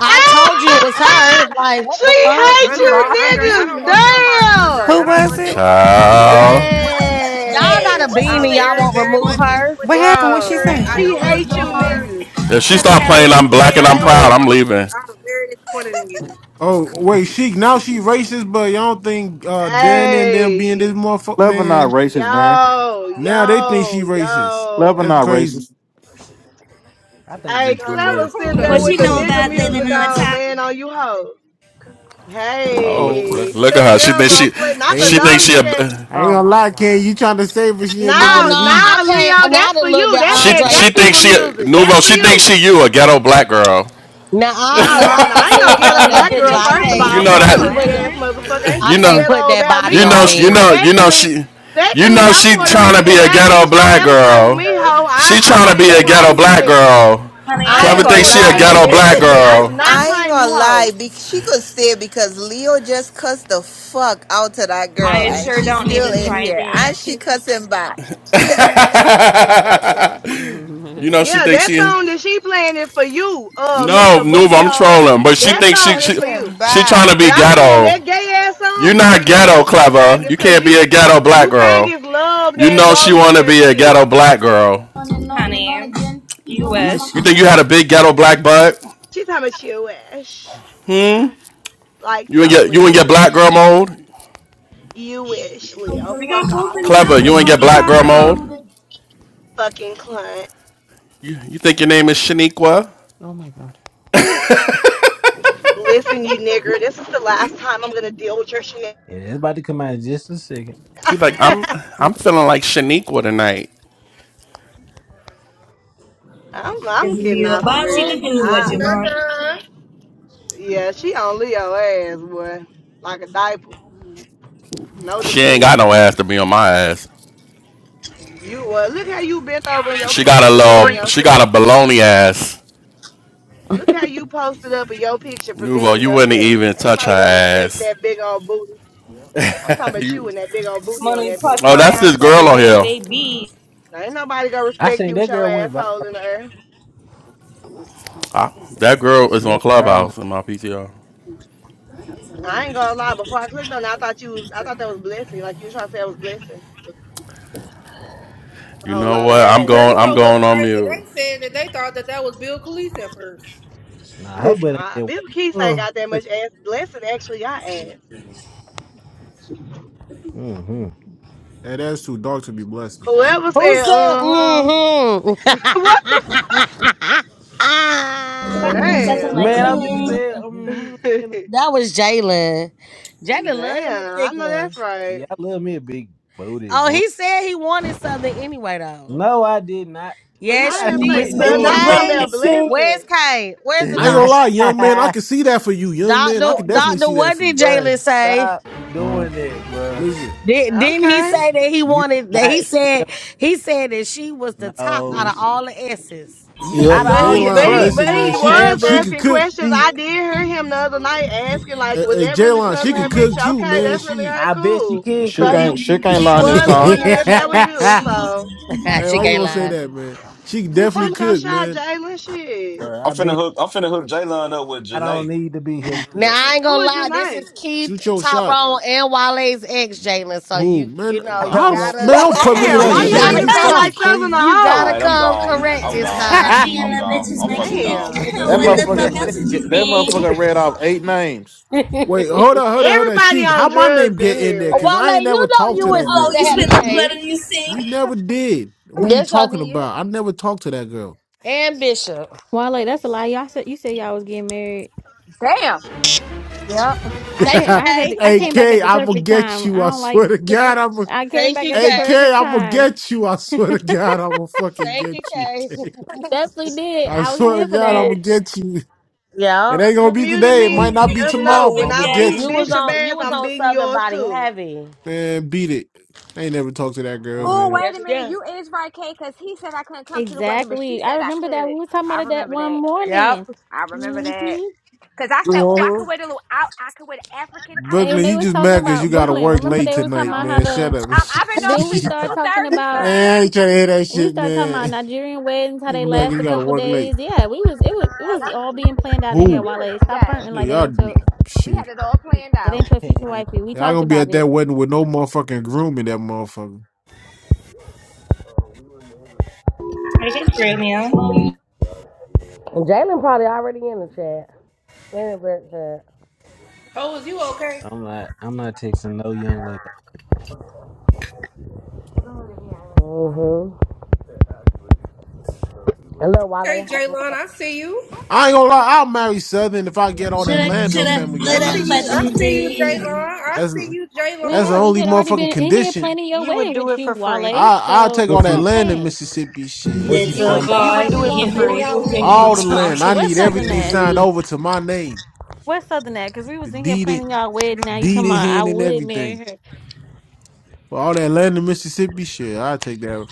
[SPEAKER 8] I told you it was her. Like, what the
[SPEAKER 3] she
[SPEAKER 8] fuck?
[SPEAKER 3] hates
[SPEAKER 16] you
[SPEAKER 1] Andre,
[SPEAKER 16] lost
[SPEAKER 1] Andre, I
[SPEAKER 3] you
[SPEAKER 1] don't
[SPEAKER 3] niggas.
[SPEAKER 1] want
[SPEAKER 16] DJ.
[SPEAKER 1] your hearts, Andre.
[SPEAKER 15] Who
[SPEAKER 1] I
[SPEAKER 3] Damn.
[SPEAKER 1] don't
[SPEAKER 15] was
[SPEAKER 1] want your
[SPEAKER 15] it?
[SPEAKER 1] hearts. I'm very
[SPEAKER 7] child.
[SPEAKER 1] disappointed in you.
[SPEAKER 8] Y'all got
[SPEAKER 14] Hey,
[SPEAKER 8] a
[SPEAKER 3] Damn.
[SPEAKER 14] what's
[SPEAKER 8] bean
[SPEAKER 1] I'm
[SPEAKER 8] and y'all
[SPEAKER 1] very,
[SPEAKER 14] up,
[SPEAKER 8] won't
[SPEAKER 1] very
[SPEAKER 8] remove
[SPEAKER 1] much
[SPEAKER 8] her.
[SPEAKER 15] What
[SPEAKER 1] disappointed in you,
[SPEAKER 15] happened? What'd she
[SPEAKER 1] Andre.
[SPEAKER 3] Bro,
[SPEAKER 15] say?
[SPEAKER 1] I
[SPEAKER 14] baby?
[SPEAKER 3] she
[SPEAKER 1] don't want
[SPEAKER 3] hates you
[SPEAKER 1] your
[SPEAKER 3] niggas.
[SPEAKER 1] hearts.
[SPEAKER 7] If she
[SPEAKER 1] For
[SPEAKER 14] Cause
[SPEAKER 7] start
[SPEAKER 1] real,
[SPEAKER 14] girls
[SPEAKER 7] playing,
[SPEAKER 1] for
[SPEAKER 14] is
[SPEAKER 7] I'm
[SPEAKER 1] real.
[SPEAKER 7] black
[SPEAKER 1] I
[SPEAKER 7] and
[SPEAKER 14] player
[SPEAKER 7] I'm
[SPEAKER 1] don't want
[SPEAKER 7] proud.
[SPEAKER 14] too.
[SPEAKER 7] I'm
[SPEAKER 1] your
[SPEAKER 3] Damn.
[SPEAKER 1] hearts.
[SPEAKER 7] leaving.
[SPEAKER 1] I'm very disappointed in you.
[SPEAKER 2] Oh wait, she now she racist, but y'all don't think uh Dan and them being this
[SPEAKER 3] Hey.
[SPEAKER 2] motherfucker
[SPEAKER 21] Love or
[SPEAKER 2] man.
[SPEAKER 21] not racist, man.
[SPEAKER 3] Yo,
[SPEAKER 2] Now they think
[SPEAKER 3] yo,
[SPEAKER 2] she racist.
[SPEAKER 21] Love
[SPEAKER 3] yo.
[SPEAKER 21] or
[SPEAKER 2] That's
[SPEAKER 21] not
[SPEAKER 2] crazy.
[SPEAKER 21] racist.
[SPEAKER 5] I think
[SPEAKER 3] Hey,
[SPEAKER 5] these
[SPEAKER 1] Nah,
[SPEAKER 5] young ladies
[SPEAKER 3] Clever
[SPEAKER 1] Claire's cool
[SPEAKER 3] sitting
[SPEAKER 5] pretty
[SPEAKER 1] though.
[SPEAKER 3] there
[SPEAKER 14] What
[SPEAKER 5] racist.
[SPEAKER 1] She
[SPEAKER 3] with
[SPEAKER 14] you
[SPEAKER 3] the
[SPEAKER 14] know
[SPEAKER 1] cool.
[SPEAKER 3] nigga
[SPEAKER 14] about living
[SPEAKER 3] music
[SPEAKER 14] on the
[SPEAKER 3] on,
[SPEAKER 14] top?
[SPEAKER 3] man, on you hoes.
[SPEAKER 7] Oh look,
[SPEAKER 2] Oh,
[SPEAKER 7] look,
[SPEAKER 3] Hey,
[SPEAKER 7] look at
[SPEAKER 3] cause
[SPEAKER 7] her. She
[SPEAKER 3] girls
[SPEAKER 7] thinks
[SPEAKER 2] hey,
[SPEAKER 3] are
[SPEAKER 7] she,
[SPEAKER 3] playing, not the
[SPEAKER 7] she thinks she
[SPEAKER 3] Doja Cat.
[SPEAKER 7] a,
[SPEAKER 2] I ain't
[SPEAKER 16] Oh
[SPEAKER 2] gonna
[SPEAKER 16] my
[SPEAKER 2] lie, Kay.
[SPEAKER 16] god.
[SPEAKER 2] You trying to save her? She ain't
[SPEAKER 8] Oh
[SPEAKER 2] making
[SPEAKER 3] No,
[SPEAKER 8] no,
[SPEAKER 2] it
[SPEAKER 3] no,
[SPEAKER 8] I
[SPEAKER 2] easy.
[SPEAKER 3] Leo,
[SPEAKER 8] can't. Now I
[SPEAKER 3] that's
[SPEAKER 8] done
[SPEAKER 3] for
[SPEAKER 8] looked
[SPEAKER 3] you.
[SPEAKER 8] at
[SPEAKER 3] That's
[SPEAKER 7] she
[SPEAKER 3] that
[SPEAKER 8] Andre.
[SPEAKER 3] gay
[SPEAKER 7] she thinks
[SPEAKER 3] people
[SPEAKER 7] she a-
[SPEAKER 3] music. That's
[SPEAKER 7] Nuvo.
[SPEAKER 3] for
[SPEAKER 7] She thinks
[SPEAKER 3] you.
[SPEAKER 7] she you a ghetto black girl.
[SPEAKER 8] Now I
[SPEAKER 3] No,
[SPEAKER 8] now
[SPEAKER 3] no,
[SPEAKER 8] I
[SPEAKER 3] no, I
[SPEAKER 8] just
[SPEAKER 3] ain't no
[SPEAKER 8] seen
[SPEAKER 3] ghetto
[SPEAKER 8] Andre
[SPEAKER 14] Y'all
[SPEAKER 3] black
[SPEAKER 14] can
[SPEAKER 8] picture.
[SPEAKER 3] girl.
[SPEAKER 8] I
[SPEAKER 3] First
[SPEAKER 14] FaceTime
[SPEAKER 3] of
[SPEAKER 8] can't
[SPEAKER 14] me
[SPEAKER 7] You
[SPEAKER 3] all,
[SPEAKER 14] right
[SPEAKER 7] know
[SPEAKER 8] I
[SPEAKER 3] punk
[SPEAKER 14] now.
[SPEAKER 7] that.
[SPEAKER 8] can't
[SPEAKER 14] I
[SPEAKER 3] pussy
[SPEAKER 8] put
[SPEAKER 14] don't
[SPEAKER 8] that
[SPEAKER 3] ass
[SPEAKER 14] care.
[SPEAKER 3] motherfucker. Ain't
[SPEAKER 8] I
[SPEAKER 7] You
[SPEAKER 3] shit
[SPEAKER 8] can't
[SPEAKER 7] know,
[SPEAKER 8] put
[SPEAKER 3] ghetto
[SPEAKER 8] that
[SPEAKER 3] about me,
[SPEAKER 8] body
[SPEAKER 7] you
[SPEAKER 8] on
[SPEAKER 7] know,
[SPEAKER 3] hoe.
[SPEAKER 7] you
[SPEAKER 8] me.
[SPEAKER 7] know, you know
[SPEAKER 3] Secondly,
[SPEAKER 7] she, you
[SPEAKER 3] secondly,
[SPEAKER 7] know
[SPEAKER 3] I'm
[SPEAKER 7] she
[SPEAKER 3] Puerto
[SPEAKER 7] trying to
[SPEAKER 3] Rican
[SPEAKER 7] be
[SPEAKER 3] and
[SPEAKER 7] a
[SPEAKER 3] black,
[SPEAKER 7] ghetto
[SPEAKER 3] bitch. Don't
[SPEAKER 7] black
[SPEAKER 3] ever play with
[SPEAKER 7] girl.
[SPEAKER 3] me, hoe.
[SPEAKER 7] She
[SPEAKER 3] I, I
[SPEAKER 7] trying to
[SPEAKER 3] don't
[SPEAKER 7] be
[SPEAKER 3] even
[SPEAKER 7] a ghetto
[SPEAKER 3] claim you
[SPEAKER 7] black
[SPEAKER 3] niggas.
[SPEAKER 7] girl.
[SPEAKER 14] Honey, I
[SPEAKER 3] I
[SPEAKER 22] I ain't
[SPEAKER 14] don't
[SPEAKER 7] Clever
[SPEAKER 3] am
[SPEAKER 14] need
[SPEAKER 22] gonna
[SPEAKER 7] thinks
[SPEAKER 14] to
[SPEAKER 7] she
[SPEAKER 3] Puerto
[SPEAKER 7] a
[SPEAKER 22] lie.
[SPEAKER 3] Rican,
[SPEAKER 7] ghetto
[SPEAKER 14] drive.
[SPEAKER 7] black
[SPEAKER 3] bitch. I do
[SPEAKER 7] girl.
[SPEAKER 3] not
[SPEAKER 22] I ain't
[SPEAKER 3] claim you
[SPEAKER 22] gonna lie.
[SPEAKER 3] hoes.
[SPEAKER 22] Be- she could say it because Leo just cussed the fuck out to that girl,
[SPEAKER 14] I
[SPEAKER 22] and
[SPEAKER 14] sure
[SPEAKER 22] she's
[SPEAKER 14] don't need
[SPEAKER 22] still
[SPEAKER 14] to
[SPEAKER 22] in
[SPEAKER 14] drive,
[SPEAKER 22] here, and
[SPEAKER 14] thanks.
[SPEAKER 22] she cussing back. she
[SPEAKER 7] You know she
[SPEAKER 3] Yeah,
[SPEAKER 7] thinks
[SPEAKER 3] that
[SPEAKER 7] she.
[SPEAKER 3] song that she playing is for you, uh,
[SPEAKER 7] No,
[SPEAKER 3] Mr. Booty
[SPEAKER 7] Nuva, I'm
[SPEAKER 3] Hole.
[SPEAKER 7] trolling, but she
[SPEAKER 3] That
[SPEAKER 7] thinks she
[SPEAKER 3] song is
[SPEAKER 7] she
[SPEAKER 3] for you.
[SPEAKER 22] cussing
[SPEAKER 7] she trying
[SPEAKER 22] back.
[SPEAKER 7] to
[SPEAKER 3] But
[SPEAKER 7] be
[SPEAKER 3] I'm saying
[SPEAKER 7] ghetto.
[SPEAKER 3] that gay ass
[SPEAKER 7] You
[SPEAKER 3] song is for
[SPEAKER 7] not
[SPEAKER 3] you.
[SPEAKER 7] ghetto,
[SPEAKER 3] That's for them
[SPEAKER 7] clever.
[SPEAKER 3] faggots,
[SPEAKER 7] You
[SPEAKER 3] cause
[SPEAKER 7] can't be
[SPEAKER 3] you
[SPEAKER 7] a ghetto black
[SPEAKER 3] you
[SPEAKER 7] girl.
[SPEAKER 3] faggots love
[SPEAKER 7] You
[SPEAKER 3] that
[SPEAKER 7] know she
[SPEAKER 3] Doja
[SPEAKER 7] want to
[SPEAKER 3] Cat
[SPEAKER 7] be a
[SPEAKER 3] shit.
[SPEAKER 7] ghetto black girl.
[SPEAKER 14] Honey, you wish.
[SPEAKER 7] You, you think you had a big ghetto black butt?
[SPEAKER 3] She talking about you wish. Uh, like
[SPEAKER 7] You in your
[SPEAKER 3] totally
[SPEAKER 7] you in
[SPEAKER 3] you
[SPEAKER 7] your black girl
[SPEAKER 3] wish.
[SPEAKER 7] mode?
[SPEAKER 3] You wish, Leo.
[SPEAKER 14] We
[SPEAKER 3] Fuck
[SPEAKER 14] got both
[SPEAKER 3] off, you
[SPEAKER 14] in
[SPEAKER 7] Clever,
[SPEAKER 14] town. What
[SPEAKER 7] you
[SPEAKER 14] The
[SPEAKER 3] cunt.
[SPEAKER 7] in
[SPEAKER 14] fuck
[SPEAKER 7] your
[SPEAKER 14] are you
[SPEAKER 7] black girl
[SPEAKER 14] talking
[SPEAKER 7] mode?
[SPEAKER 14] about?
[SPEAKER 3] Fucking cunt.
[SPEAKER 7] You you think your name is Shaniqua?
[SPEAKER 16] oh my god.
[SPEAKER 3] Listen, you nigger, this is the last time I'm gonna deal with your shit.
[SPEAKER 5] Yeah, it's about to come out in just a second.
[SPEAKER 7] She's like, I'm
[SPEAKER 16] You
[SPEAKER 7] I'm
[SPEAKER 16] got-
[SPEAKER 7] feeling like Shaniqua tonight.
[SPEAKER 3] I'm,
[SPEAKER 14] If
[SPEAKER 3] I'm getting
[SPEAKER 14] you a
[SPEAKER 3] off of
[SPEAKER 14] boss, you can do
[SPEAKER 3] here.
[SPEAKER 14] what you want.
[SPEAKER 1] uh
[SPEAKER 3] Yeah, she on Leo ass, boy. Like a diaper. No
[SPEAKER 7] She ain't got
[SPEAKER 3] depend.
[SPEAKER 7] no ass to be on my ass.
[SPEAKER 3] You well look how you bent over in your
[SPEAKER 7] She got
[SPEAKER 3] picture
[SPEAKER 7] a
[SPEAKER 3] presenting
[SPEAKER 7] little she got
[SPEAKER 3] yourself.
[SPEAKER 7] a baloney ass.
[SPEAKER 3] Look how you posted up in your picture
[SPEAKER 7] Nuvo,
[SPEAKER 3] presenting
[SPEAKER 7] you wouldn't
[SPEAKER 3] yourself.
[SPEAKER 7] even
[SPEAKER 3] Ain't
[SPEAKER 7] touch her
[SPEAKER 3] nobody gonna respect
[SPEAKER 7] ass.
[SPEAKER 3] that big old booty. I'm talking about you
[SPEAKER 7] you
[SPEAKER 3] and that big old booty on
[SPEAKER 14] Money
[SPEAKER 3] that
[SPEAKER 14] plus
[SPEAKER 7] Oh,
[SPEAKER 14] my
[SPEAKER 7] that's
[SPEAKER 3] PTR.
[SPEAKER 14] ass
[SPEAKER 7] this girl
[SPEAKER 14] every
[SPEAKER 7] on
[SPEAKER 14] day,
[SPEAKER 7] here.
[SPEAKER 14] baby.
[SPEAKER 3] Now ain't nobody gonna
[SPEAKER 5] I
[SPEAKER 3] respect
[SPEAKER 5] seen
[SPEAKER 3] you with
[SPEAKER 5] that
[SPEAKER 3] your
[SPEAKER 5] girl went viral.
[SPEAKER 3] asshole in the air.
[SPEAKER 7] Ah, that girl is
[SPEAKER 5] She
[SPEAKER 7] on
[SPEAKER 5] went viral.
[SPEAKER 7] Clubhouse in my PTR.
[SPEAKER 3] I ain't gonna lie, before I clicked on it, I thought you was, I thought that was blessing. Like you was trying to say it was blessing. It's a
[SPEAKER 7] You
[SPEAKER 3] whole
[SPEAKER 7] know
[SPEAKER 3] lot of
[SPEAKER 7] what? I'm
[SPEAKER 3] ass.
[SPEAKER 1] Girl,
[SPEAKER 7] going
[SPEAKER 1] you
[SPEAKER 7] I'm
[SPEAKER 1] know what's
[SPEAKER 7] going on
[SPEAKER 1] crazy?
[SPEAKER 7] mute.
[SPEAKER 1] They said that they thought that that was Bill Calise at first.
[SPEAKER 5] Nah, her butt ain't
[SPEAKER 3] Uh,
[SPEAKER 5] that.
[SPEAKER 3] Bill Keith ain't
[SPEAKER 2] Ugh.
[SPEAKER 3] got that much ass. Blessing actually got ass.
[SPEAKER 5] Mm-hmm.
[SPEAKER 2] Hey, that's too dark to be blessing.
[SPEAKER 3] Whoever
[SPEAKER 8] Who
[SPEAKER 3] said,
[SPEAKER 8] said
[SPEAKER 3] uh huh.
[SPEAKER 8] mm-hmm?
[SPEAKER 3] what the
[SPEAKER 14] Fuck a princess and my
[SPEAKER 5] Man,
[SPEAKER 3] f?
[SPEAKER 5] I'm just
[SPEAKER 14] king.
[SPEAKER 5] saying. Mm-hmm. You know?
[SPEAKER 3] Damn.
[SPEAKER 8] that was Jalen. Jalen love him a
[SPEAKER 3] Damn. I
[SPEAKER 8] thick
[SPEAKER 3] know
[SPEAKER 8] one.
[SPEAKER 3] that's right.
[SPEAKER 5] Yeah, I love me a big booty
[SPEAKER 8] Oh,
[SPEAKER 5] woman.
[SPEAKER 8] he said he wanted something anyway though.
[SPEAKER 5] No, I did not. Bro, you
[SPEAKER 8] Yes,
[SPEAKER 3] I
[SPEAKER 5] gotta
[SPEAKER 8] you
[SPEAKER 3] didn't
[SPEAKER 14] You're
[SPEAKER 3] say
[SPEAKER 8] did.
[SPEAKER 5] quit
[SPEAKER 14] spitting
[SPEAKER 3] sudden.
[SPEAKER 5] doing
[SPEAKER 14] the
[SPEAKER 3] I'm
[SPEAKER 5] that.
[SPEAKER 14] blood
[SPEAKER 3] talking
[SPEAKER 8] Kay,
[SPEAKER 14] in your
[SPEAKER 3] about
[SPEAKER 14] sink.
[SPEAKER 3] blessing.
[SPEAKER 8] where's Kay? Where's the
[SPEAKER 2] I ain't
[SPEAKER 21] Mm,
[SPEAKER 2] gonna lie,
[SPEAKER 8] doctor?
[SPEAKER 2] young man. I can see that for you, young man. I
[SPEAKER 8] Doctor,
[SPEAKER 2] can
[SPEAKER 5] hey,
[SPEAKER 2] definitely
[SPEAKER 8] doctor,
[SPEAKER 2] see that
[SPEAKER 8] what
[SPEAKER 2] for
[SPEAKER 8] did
[SPEAKER 2] you. Man.
[SPEAKER 5] bro,
[SPEAKER 8] Jalen say?
[SPEAKER 5] stop doing
[SPEAKER 21] mhm.
[SPEAKER 5] that, bro.
[SPEAKER 2] Listen,
[SPEAKER 8] Did, didn't he
[SPEAKER 3] Okay.
[SPEAKER 8] say that he
[SPEAKER 5] You
[SPEAKER 8] wanted that
[SPEAKER 5] cannot
[SPEAKER 8] he
[SPEAKER 5] still.
[SPEAKER 8] said he said that she was the top out
[SPEAKER 5] No,
[SPEAKER 8] of
[SPEAKER 5] she,
[SPEAKER 8] all the S's.
[SPEAKER 5] you,
[SPEAKER 21] Yep.
[SPEAKER 5] out
[SPEAKER 2] hey,
[SPEAKER 5] of
[SPEAKER 3] But
[SPEAKER 5] all,
[SPEAKER 3] he,
[SPEAKER 5] yeah,
[SPEAKER 14] I'm
[SPEAKER 3] but
[SPEAKER 2] J-Line,
[SPEAKER 14] terrified.
[SPEAKER 3] he,
[SPEAKER 5] bro.
[SPEAKER 2] listen,
[SPEAKER 3] but
[SPEAKER 2] man.
[SPEAKER 3] he
[SPEAKER 2] She
[SPEAKER 3] was
[SPEAKER 2] could, she
[SPEAKER 5] Chamber,
[SPEAKER 2] could
[SPEAKER 3] asking
[SPEAKER 2] cook.
[SPEAKER 3] questions.
[SPEAKER 5] Sheik.
[SPEAKER 3] I did hear him the other night asking, like,
[SPEAKER 2] Hey,
[SPEAKER 3] was
[SPEAKER 2] hey
[SPEAKER 3] that really
[SPEAKER 2] J-Line,
[SPEAKER 3] sudden
[SPEAKER 2] she could
[SPEAKER 3] her
[SPEAKER 2] cook
[SPEAKER 3] picture?
[SPEAKER 2] too,
[SPEAKER 3] Okay,
[SPEAKER 2] man.
[SPEAKER 3] that's really
[SPEAKER 2] She.
[SPEAKER 3] her.
[SPEAKER 5] I bet she
[SPEAKER 3] Cool.
[SPEAKER 5] can
[SPEAKER 21] Shit
[SPEAKER 5] cook.
[SPEAKER 3] So he,
[SPEAKER 21] ain't shit
[SPEAKER 2] hey,
[SPEAKER 21] ain't
[SPEAKER 3] he
[SPEAKER 14] I
[SPEAKER 21] lying this
[SPEAKER 14] know
[SPEAKER 3] was
[SPEAKER 14] it's
[SPEAKER 21] time.
[SPEAKER 14] gonna
[SPEAKER 3] wondering
[SPEAKER 14] love,
[SPEAKER 3] if
[SPEAKER 14] but I
[SPEAKER 3] that was
[SPEAKER 14] like the
[SPEAKER 3] you.
[SPEAKER 14] shoes.
[SPEAKER 3] So
[SPEAKER 8] she
[SPEAKER 2] why you
[SPEAKER 8] can't
[SPEAKER 2] gonna say
[SPEAKER 8] lie.
[SPEAKER 2] that, man? She could
[SPEAKER 5] She
[SPEAKER 2] definitely
[SPEAKER 5] probably
[SPEAKER 3] shoot
[SPEAKER 5] can.
[SPEAKER 3] your
[SPEAKER 2] cook,
[SPEAKER 3] shot,
[SPEAKER 2] man.
[SPEAKER 3] Jalen. Shit.
[SPEAKER 5] Bro,
[SPEAKER 17] I'm
[SPEAKER 5] I
[SPEAKER 17] finna
[SPEAKER 5] bet
[SPEAKER 17] hook. I'm finna hook Jalen up with
[SPEAKER 5] I don't
[SPEAKER 17] Janae.
[SPEAKER 5] need to be hooked
[SPEAKER 8] Now
[SPEAKER 5] up.
[SPEAKER 8] I ain't
[SPEAKER 3] Who
[SPEAKER 8] gonna
[SPEAKER 3] was your
[SPEAKER 8] lie, this
[SPEAKER 3] name?
[SPEAKER 8] is Keith,
[SPEAKER 2] Shoot your shot.
[SPEAKER 8] Tyrone, and Wale's ex Jalen. So
[SPEAKER 2] Who
[SPEAKER 8] you
[SPEAKER 2] man?
[SPEAKER 8] you
[SPEAKER 5] I
[SPEAKER 8] know, you
[SPEAKER 5] don't
[SPEAKER 2] How the f-
[SPEAKER 5] want.
[SPEAKER 8] gotta
[SPEAKER 2] man? Don't put me in
[SPEAKER 3] Damn.
[SPEAKER 2] that
[SPEAKER 3] Why
[SPEAKER 8] you
[SPEAKER 3] you
[SPEAKER 2] shit. Is
[SPEAKER 3] making
[SPEAKER 8] gotta
[SPEAKER 3] it
[SPEAKER 2] you
[SPEAKER 3] seem
[SPEAKER 8] come.
[SPEAKER 2] fucking
[SPEAKER 3] like Southern a
[SPEAKER 2] crazy?
[SPEAKER 8] You
[SPEAKER 3] hoe?
[SPEAKER 17] All
[SPEAKER 8] gotta
[SPEAKER 17] right, I'm
[SPEAKER 8] come
[SPEAKER 17] gone.
[SPEAKER 8] correct
[SPEAKER 17] I'm
[SPEAKER 8] this
[SPEAKER 14] A
[SPEAKER 17] gone.
[SPEAKER 8] time.
[SPEAKER 14] bee and
[SPEAKER 17] I'm
[SPEAKER 14] a bitch
[SPEAKER 17] gone.
[SPEAKER 14] is
[SPEAKER 17] I'm
[SPEAKER 14] my
[SPEAKER 17] fucking
[SPEAKER 14] king.
[SPEAKER 17] gone.
[SPEAKER 3] Damn.
[SPEAKER 17] That's
[SPEAKER 21] That
[SPEAKER 17] it.
[SPEAKER 14] what the
[SPEAKER 5] Bro,
[SPEAKER 14] fuck
[SPEAKER 21] motherfucker
[SPEAKER 14] else did you
[SPEAKER 21] that
[SPEAKER 14] think?
[SPEAKER 21] motherfucker read off eight names.
[SPEAKER 2] Wait, hold up, hold up, hold up.
[SPEAKER 3] Everybody
[SPEAKER 2] She, how
[SPEAKER 3] on
[SPEAKER 2] my name
[SPEAKER 3] drugs in
[SPEAKER 2] get in
[SPEAKER 3] here,
[SPEAKER 2] there?
[SPEAKER 8] Uh,
[SPEAKER 2] Cause I
[SPEAKER 8] Wale,
[SPEAKER 2] ain't never
[SPEAKER 8] you know
[SPEAKER 2] talked to
[SPEAKER 8] you and
[SPEAKER 2] that
[SPEAKER 14] Oh,
[SPEAKER 8] Sunday
[SPEAKER 2] girl.
[SPEAKER 14] you
[SPEAKER 8] had
[SPEAKER 14] spit the
[SPEAKER 8] a thing.
[SPEAKER 14] blood and you sing.
[SPEAKER 2] We never did. What you
[SPEAKER 8] Yes, y'all
[SPEAKER 2] talking
[SPEAKER 8] did.
[SPEAKER 2] about? I never talked to that girl.
[SPEAKER 8] And Bishop.
[SPEAKER 6] well, like that's a lie. Y'all said you said y'all was getting married.
[SPEAKER 4] Damn.
[SPEAKER 8] Yep.
[SPEAKER 6] I
[SPEAKER 8] Thank you,
[SPEAKER 6] can't. I had.
[SPEAKER 8] Kay.
[SPEAKER 6] To, I
[SPEAKER 8] Thank
[SPEAKER 6] came
[SPEAKER 2] AK,
[SPEAKER 6] back at the
[SPEAKER 2] I'ma
[SPEAKER 6] perfect
[SPEAKER 2] get
[SPEAKER 6] time. I
[SPEAKER 2] you. I
[SPEAKER 6] don't
[SPEAKER 2] swear
[SPEAKER 6] like.
[SPEAKER 2] to God, I'ma.
[SPEAKER 6] I came
[SPEAKER 8] thank
[SPEAKER 6] back
[SPEAKER 8] you,
[SPEAKER 6] at the
[SPEAKER 2] AK,
[SPEAKER 8] Kay.
[SPEAKER 6] perfect
[SPEAKER 2] I'ma
[SPEAKER 6] time.
[SPEAKER 2] get you. I swear to God, I'ma fucking
[SPEAKER 8] Thank you,
[SPEAKER 2] get you.
[SPEAKER 8] Kay.
[SPEAKER 2] K.
[SPEAKER 6] You definitely did.
[SPEAKER 2] I
[SPEAKER 6] I was
[SPEAKER 2] swear
[SPEAKER 6] here
[SPEAKER 8] Y'all
[SPEAKER 2] to
[SPEAKER 6] for
[SPEAKER 2] God,
[SPEAKER 6] that.
[SPEAKER 2] I'ma
[SPEAKER 8] did.
[SPEAKER 2] get you. It
[SPEAKER 8] Yep.
[SPEAKER 2] ain't gonna
[SPEAKER 3] man.
[SPEAKER 2] be
[SPEAKER 3] Muted
[SPEAKER 2] today.
[SPEAKER 8] You
[SPEAKER 2] It might
[SPEAKER 3] me.
[SPEAKER 2] not be
[SPEAKER 3] Just
[SPEAKER 14] you
[SPEAKER 3] know
[SPEAKER 2] tomorrow.
[SPEAKER 14] won't
[SPEAKER 2] but
[SPEAKER 3] when
[SPEAKER 2] I'ma
[SPEAKER 3] I
[SPEAKER 14] forget it.
[SPEAKER 3] beat
[SPEAKER 2] get
[SPEAKER 8] you
[SPEAKER 2] you.
[SPEAKER 8] was
[SPEAKER 3] Bishop
[SPEAKER 8] on
[SPEAKER 3] ass,
[SPEAKER 8] you was
[SPEAKER 3] I'm
[SPEAKER 8] on
[SPEAKER 3] beating
[SPEAKER 8] Southern
[SPEAKER 3] yours
[SPEAKER 8] Body
[SPEAKER 3] too.
[SPEAKER 8] Heavy.
[SPEAKER 2] Man, beat it. I ain't never talked to that girl,
[SPEAKER 5] I'm
[SPEAKER 4] Oh,
[SPEAKER 2] man.
[SPEAKER 5] so
[SPEAKER 8] Yes,
[SPEAKER 4] wait a
[SPEAKER 8] we
[SPEAKER 4] minute.
[SPEAKER 8] did.
[SPEAKER 4] You is right, Kay, because he said I couldn't come to the wedding, but she
[SPEAKER 6] Exactly. I
[SPEAKER 4] said I
[SPEAKER 6] remember that
[SPEAKER 4] could.
[SPEAKER 6] we were talking
[SPEAKER 4] I
[SPEAKER 6] about it that
[SPEAKER 4] remember
[SPEAKER 6] one
[SPEAKER 4] that.
[SPEAKER 8] Yep.
[SPEAKER 6] morning.
[SPEAKER 4] I remember
[SPEAKER 6] hmm
[SPEAKER 4] that. Because I said, oh, I could wear
[SPEAKER 8] Mm-hmm.
[SPEAKER 4] the little out. I could wear the African
[SPEAKER 2] Brooklyn,
[SPEAKER 6] And they
[SPEAKER 4] outfit.
[SPEAKER 2] you
[SPEAKER 6] was
[SPEAKER 2] just
[SPEAKER 6] talking
[SPEAKER 2] mad cause you
[SPEAKER 6] about
[SPEAKER 2] gotta
[SPEAKER 4] No,
[SPEAKER 6] Brooklyn.
[SPEAKER 2] work
[SPEAKER 6] Remember
[SPEAKER 2] late
[SPEAKER 6] they was talking
[SPEAKER 2] tonight,
[SPEAKER 6] about
[SPEAKER 4] no.
[SPEAKER 6] how
[SPEAKER 2] man. Shut
[SPEAKER 6] the
[SPEAKER 2] up. man,
[SPEAKER 4] Um, I've been off
[SPEAKER 6] then we
[SPEAKER 4] since
[SPEAKER 6] started talking
[SPEAKER 4] 2.30,
[SPEAKER 6] about
[SPEAKER 4] sir.
[SPEAKER 2] I ain't trying to hear that
[SPEAKER 6] we
[SPEAKER 2] shit,
[SPEAKER 6] started talking about
[SPEAKER 2] man.
[SPEAKER 6] Nigerian weddings, how
[SPEAKER 2] You
[SPEAKER 6] they
[SPEAKER 2] mad 'cause
[SPEAKER 6] last
[SPEAKER 2] you
[SPEAKER 6] a
[SPEAKER 2] gotta
[SPEAKER 6] couple
[SPEAKER 2] work late.
[SPEAKER 6] days. Yeah, we was it was it was all
[SPEAKER 4] hey.
[SPEAKER 6] being planned out in here,
[SPEAKER 2] Who?
[SPEAKER 4] We was,
[SPEAKER 6] Wale. Stop
[SPEAKER 4] yes.
[SPEAKER 2] I
[SPEAKER 6] fronting
[SPEAKER 2] know
[SPEAKER 6] like that
[SPEAKER 2] y'all
[SPEAKER 6] ain't your
[SPEAKER 2] need
[SPEAKER 4] We
[SPEAKER 2] shit.
[SPEAKER 4] had it all planned
[SPEAKER 6] that
[SPEAKER 4] out.
[SPEAKER 6] ain't your future
[SPEAKER 5] man.
[SPEAKER 6] wifey. We
[SPEAKER 2] Y'all
[SPEAKER 6] talked
[SPEAKER 2] gonna be
[SPEAKER 6] about
[SPEAKER 2] at
[SPEAKER 6] it.
[SPEAKER 2] that wedding with no motherfucking groom in that motherfucker.
[SPEAKER 14] Are you screwing me out?
[SPEAKER 8] Jalen probably already in the chat. Where is that chat?
[SPEAKER 1] Oh, is you okay?
[SPEAKER 5] I'm not. I'm not texting no young lady.
[SPEAKER 8] Mm-hmm. And look, while they
[SPEAKER 1] Okay,
[SPEAKER 8] hopping
[SPEAKER 1] Jaylon,
[SPEAKER 8] up.
[SPEAKER 1] I see you.
[SPEAKER 2] I ain't gonna lie, I'll marry Southern if I get all that
[SPEAKER 14] Shoulda,
[SPEAKER 2] land her
[SPEAKER 14] coulda,
[SPEAKER 2] family
[SPEAKER 1] I
[SPEAKER 2] got in
[SPEAKER 14] woulda,
[SPEAKER 1] see you.
[SPEAKER 14] but
[SPEAKER 1] I
[SPEAKER 14] you
[SPEAKER 2] Mississippi.
[SPEAKER 1] see you,
[SPEAKER 14] did.
[SPEAKER 1] Jaylon. I
[SPEAKER 2] That's
[SPEAKER 1] see you,
[SPEAKER 6] We
[SPEAKER 2] that's the
[SPEAKER 1] Jaylon.
[SPEAKER 6] knew we
[SPEAKER 2] only
[SPEAKER 6] had already
[SPEAKER 2] motherfucking
[SPEAKER 6] been in here
[SPEAKER 2] condition.
[SPEAKER 6] planning your
[SPEAKER 11] You would
[SPEAKER 6] wedding
[SPEAKER 11] do
[SPEAKER 6] with
[SPEAKER 11] it
[SPEAKER 6] you,
[SPEAKER 11] for free.
[SPEAKER 6] Wale.
[SPEAKER 2] I I'll
[SPEAKER 6] So
[SPEAKER 2] take all
[SPEAKER 5] What
[SPEAKER 2] that
[SPEAKER 5] you?
[SPEAKER 6] stop
[SPEAKER 2] land in
[SPEAKER 6] playing.
[SPEAKER 2] Mississippi shit.
[SPEAKER 11] You
[SPEAKER 5] What you?
[SPEAKER 11] you
[SPEAKER 14] Little
[SPEAKER 6] Stop
[SPEAKER 11] would
[SPEAKER 5] Somebody
[SPEAKER 6] playing
[SPEAKER 11] you
[SPEAKER 14] boy,
[SPEAKER 11] would
[SPEAKER 6] like
[SPEAKER 11] do
[SPEAKER 6] we
[SPEAKER 11] it for
[SPEAKER 6] won't planning
[SPEAKER 14] who
[SPEAKER 11] free.
[SPEAKER 6] y'all
[SPEAKER 14] you
[SPEAKER 6] wedding
[SPEAKER 14] think you
[SPEAKER 6] one
[SPEAKER 2] All the land.
[SPEAKER 6] morning.
[SPEAKER 2] I
[SPEAKER 14] talking
[SPEAKER 6] What's
[SPEAKER 2] need
[SPEAKER 6] other than
[SPEAKER 2] everything
[SPEAKER 6] that?
[SPEAKER 14] to?
[SPEAKER 2] signed over to my name.
[SPEAKER 6] What's Southern at? Because we
[SPEAKER 2] The
[SPEAKER 6] was in here planning
[SPEAKER 2] deed.
[SPEAKER 6] our wedding. Now you
[SPEAKER 2] deed
[SPEAKER 6] talking
[SPEAKER 2] in
[SPEAKER 6] about I
[SPEAKER 2] hand and
[SPEAKER 6] would marry
[SPEAKER 2] everything.
[SPEAKER 6] her.
[SPEAKER 2] For
[SPEAKER 6] I-
[SPEAKER 2] all that land in Mississippi shit, I take that.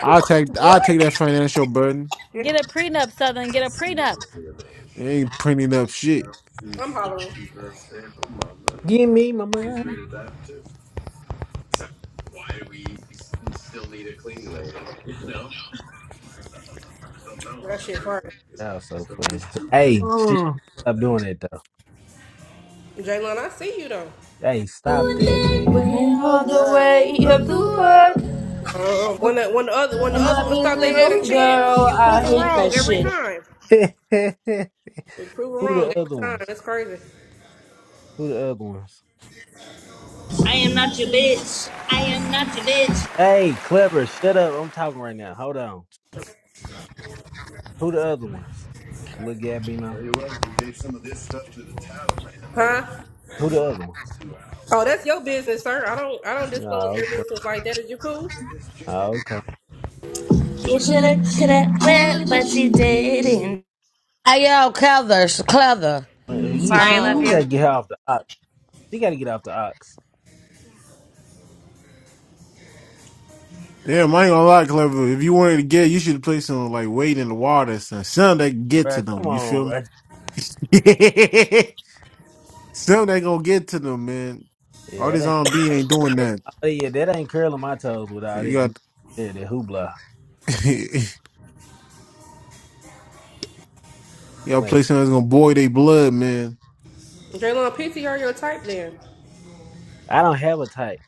[SPEAKER 2] I take I
[SPEAKER 1] what?
[SPEAKER 2] take that financial burden.
[SPEAKER 6] Get a prenup, Southern. Get a prenup.
[SPEAKER 2] It ain't printing up shit.
[SPEAKER 1] I'm hollering.
[SPEAKER 5] give me my money.
[SPEAKER 1] Well, That shit crazy.
[SPEAKER 5] That was so funny. Hey, she
[SPEAKER 2] Ugh.
[SPEAKER 5] stop doing that though.
[SPEAKER 1] Jalen, I see you though.
[SPEAKER 5] Hey, stop that, man.
[SPEAKER 14] Went all the
[SPEAKER 1] Nah.
[SPEAKER 14] way up the world
[SPEAKER 1] Uh, when the when the other when the
[SPEAKER 14] and
[SPEAKER 1] other
[SPEAKER 14] let
[SPEAKER 1] ones
[SPEAKER 14] me,
[SPEAKER 1] thought they had a
[SPEAKER 14] little
[SPEAKER 1] chance,
[SPEAKER 14] girl.
[SPEAKER 1] you prove
[SPEAKER 14] I
[SPEAKER 1] them
[SPEAKER 14] hate
[SPEAKER 1] wrong
[SPEAKER 14] that
[SPEAKER 1] every
[SPEAKER 14] shit.
[SPEAKER 1] time.
[SPEAKER 5] Who
[SPEAKER 1] You prove them wrong
[SPEAKER 5] the
[SPEAKER 1] every
[SPEAKER 5] other
[SPEAKER 1] time.
[SPEAKER 5] ones?
[SPEAKER 1] That's crazy,
[SPEAKER 5] Who the other ones?
[SPEAKER 14] I am not your bitch. I am not your bitch.
[SPEAKER 5] Hey, clever, shut up. I'm talking right now. Hold on. Who the other ones? Look, Gabino.
[SPEAKER 1] huh?
[SPEAKER 5] Who the other ones?
[SPEAKER 1] Oh, that's your business, sir. I don't I don't disclose
[SPEAKER 5] Oh,
[SPEAKER 1] your
[SPEAKER 5] okay.
[SPEAKER 1] business like that. Is you cool?
[SPEAKER 5] Oh, okay.
[SPEAKER 14] You shoulda, shoulda, well, but you didn't.
[SPEAKER 8] Hey yo, Cleather, Cleather.
[SPEAKER 5] But if you,
[SPEAKER 14] Sorry,
[SPEAKER 5] she,
[SPEAKER 14] love you.
[SPEAKER 5] we
[SPEAKER 8] Um,
[SPEAKER 5] gotta get her off the ox. She gotta get off the ox.
[SPEAKER 2] Damn, I ain't gonna lie, clever. If you wanted to get, you should play some like weight in the water, or something Something that can get to
[SPEAKER 5] Bruh, come
[SPEAKER 2] them. You
[SPEAKER 5] on,
[SPEAKER 2] feel me?
[SPEAKER 5] bruh.
[SPEAKER 2] something that gonna get to them, man.
[SPEAKER 5] Yeah,
[SPEAKER 2] All
[SPEAKER 5] that
[SPEAKER 2] this
[SPEAKER 5] ain't.
[SPEAKER 2] R and B ain't doing that.
[SPEAKER 5] oh, yeah, that ain't curling my toes without
[SPEAKER 2] You
[SPEAKER 5] it. You,
[SPEAKER 2] got
[SPEAKER 5] yeah, that hoopla.
[SPEAKER 2] you gotta
[SPEAKER 5] Man,
[SPEAKER 2] play something that's gonna boil their blood, man.
[SPEAKER 1] Jalen, PTR your type then.
[SPEAKER 5] I don't have a type.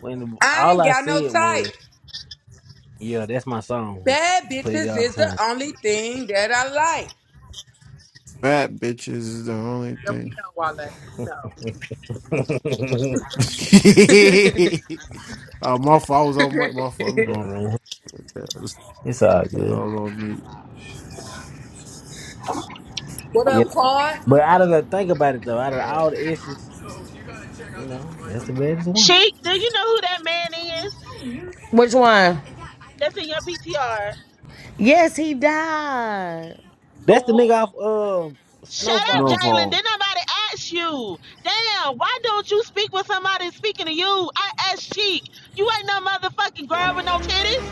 [SPEAKER 5] When
[SPEAKER 23] I
[SPEAKER 5] all
[SPEAKER 23] ain't
[SPEAKER 5] I
[SPEAKER 23] got no
[SPEAKER 5] said
[SPEAKER 23] type.
[SPEAKER 5] was, "Yeah, that's my song."
[SPEAKER 23] Bad
[SPEAKER 5] Played it
[SPEAKER 23] bitches
[SPEAKER 5] all the
[SPEAKER 23] is the
[SPEAKER 5] time.
[SPEAKER 23] only thing that I like.
[SPEAKER 2] Fat bitches is the only
[SPEAKER 23] Yeah, we know, Wale. We
[SPEAKER 2] thing. Uh, my fault. I was on
[SPEAKER 23] know.
[SPEAKER 2] mic. My fault. I'm
[SPEAKER 5] yeah,
[SPEAKER 2] going.
[SPEAKER 5] man,
[SPEAKER 2] I was
[SPEAKER 5] it's all good.
[SPEAKER 2] on mute.
[SPEAKER 1] What
[SPEAKER 5] Yeah,
[SPEAKER 1] up, Claude?
[SPEAKER 5] but out of the think about it though, out of all
[SPEAKER 21] Boy,
[SPEAKER 5] the S's, you know, that's the baddest one.
[SPEAKER 13] Sheik, do you know who that man is?
[SPEAKER 8] which one?
[SPEAKER 13] That's in your PTR.
[SPEAKER 8] Yes, he died.
[SPEAKER 5] That's the nigga off um
[SPEAKER 13] Shut
[SPEAKER 5] Snowfall.
[SPEAKER 13] up,
[SPEAKER 2] No
[SPEAKER 13] Jalen.
[SPEAKER 2] fault.
[SPEAKER 13] Did nobody ask you? Damn, why don't you speak with somebody speaking to you? I asked Cheek. You ain't no motherfucking girl with no titties.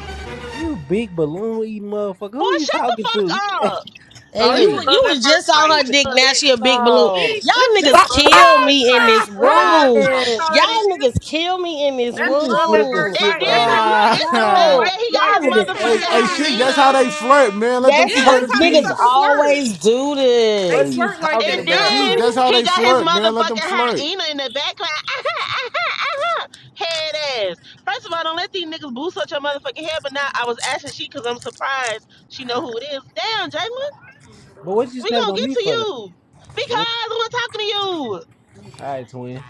[SPEAKER 5] You big balloon eating motherfucker.
[SPEAKER 13] Boy,
[SPEAKER 5] Who you
[SPEAKER 13] shut the
[SPEAKER 5] talking to?
[SPEAKER 13] fuck
[SPEAKER 5] You-
[SPEAKER 13] up.
[SPEAKER 1] Oh,
[SPEAKER 8] And
[SPEAKER 1] this
[SPEAKER 8] you
[SPEAKER 1] is
[SPEAKER 5] hey,
[SPEAKER 8] you
[SPEAKER 1] love at
[SPEAKER 8] was
[SPEAKER 1] first
[SPEAKER 8] just
[SPEAKER 1] sight.
[SPEAKER 8] on
[SPEAKER 5] she
[SPEAKER 8] her
[SPEAKER 5] been-
[SPEAKER 8] dick.
[SPEAKER 1] I love
[SPEAKER 8] Now
[SPEAKER 1] this.
[SPEAKER 8] she a big balloon.
[SPEAKER 1] See,
[SPEAKER 5] no.
[SPEAKER 1] this
[SPEAKER 8] Y'all
[SPEAKER 1] this
[SPEAKER 8] niggas
[SPEAKER 1] love at
[SPEAKER 8] kill
[SPEAKER 1] first
[SPEAKER 8] me in
[SPEAKER 1] sight.
[SPEAKER 8] this
[SPEAKER 1] Love at first
[SPEAKER 8] room.
[SPEAKER 1] sight. That's
[SPEAKER 5] Man,
[SPEAKER 1] all that
[SPEAKER 8] Y'all
[SPEAKER 1] is.
[SPEAKER 8] niggas kill me in this
[SPEAKER 5] she
[SPEAKER 1] That's
[SPEAKER 5] just
[SPEAKER 1] love at
[SPEAKER 5] flipped the
[SPEAKER 8] room.
[SPEAKER 1] first
[SPEAKER 13] And
[SPEAKER 5] script
[SPEAKER 1] sight.
[SPEAKER 13] then
[SPEAKER 5] on
[SPEAKER 1] That's
[SPEAKER 5] this.
[SPEAKER 1] how
[SPEAKER 13] hold
[SPEAKER 1] you
[SPEAKER 13] up,
[SPEAKER 1] talk
[SPEAKER 13] it's
[SPEAKER 1] to them
[SPEAKER 13] the
[SPEAKER 1] when you
[SPEAKER 13] fact
[SPEAKER 2] Ah,
[SPEAKER 8] Yo, y'all
[SPEAKER 1] like
[SPEAKER 13] that he
[SPEAKER 1] them
[SPEAKER 13] got
[SPEAKER 1] like
[SPEAKER 13] his
[SPEAKER 8] niggas
[SPEAKER 1] that.
[SPEAKER 2] hey,
[SPEAKER 8] kill
[SPEAKER 2] hey,
[SPEAKER 8] me.
[SPEAKER 2] Sheik.
[SPEAKER 13] motherfucking
[SPEAKER 2] That's how
[SPEAKER 13] hyena.
[SPEAKER 2] they flirt, man. Let them
[SPEAKER 1] Yeah,
[SPEAKER 8] That's how
[SPEAKER 2] flirt in
[SPEAKER 1] that's how they
[SPEAKER 8] niggas
[SPEAKER 1] fucking
[SPEAKER 2] peace.
[SPEAKER 8] always
[SPEAKER 1] flirt.
[SPEAKER 8] do
[SPEAKER 1] They
[SPEAKER 5] What are
[SPEAKER 8] this.
[SPEAKER 5] you
[SPEAKER 1] flirt like
[SPEAKER 5] talking
[SPEAKER 1] that.
[SPEAKER 13] And
[SPEAKER 1] Is y'all
[SPEAKER 5] about?
[SPEAKER 2] Sheik.
[SPEAKER 13] then
[SPEAKER 2] That's
[SPEAKER 1] cool?
[SPEAKER 2] how
[SPEAKER 13] he
[SPEAKER 2] they
[SPEAKER 13] got his
[SPEAKER 2] flirt, man. Let
[SPEAKER 13] motherfucking
[SPEAKER 2] them flirt.
[SPEAKER 13] hyena in the back like, aha, aha, aha. Head ass. First of all, don't let these niggas boost up your motherfucking head, but now I was asking she because I'm surprised she know who it is. Damn, Jalen.
[SPEAKER 5] But what you
[SPEAKER 13] We
[SPEAKER 5] snapping
[SPEAKER 13] gonna
[SPEAKER 5] on
[SPEAKER 13] get
[SPEAKER 5] me
[SPEAKER 13] to
[SPEAKER 5] for though?
[SPEAKER 13] you
[SPEAKER 5] What
[SPEAKER 13] because we're talking to you.
[SPEAKER 5] all right, twin.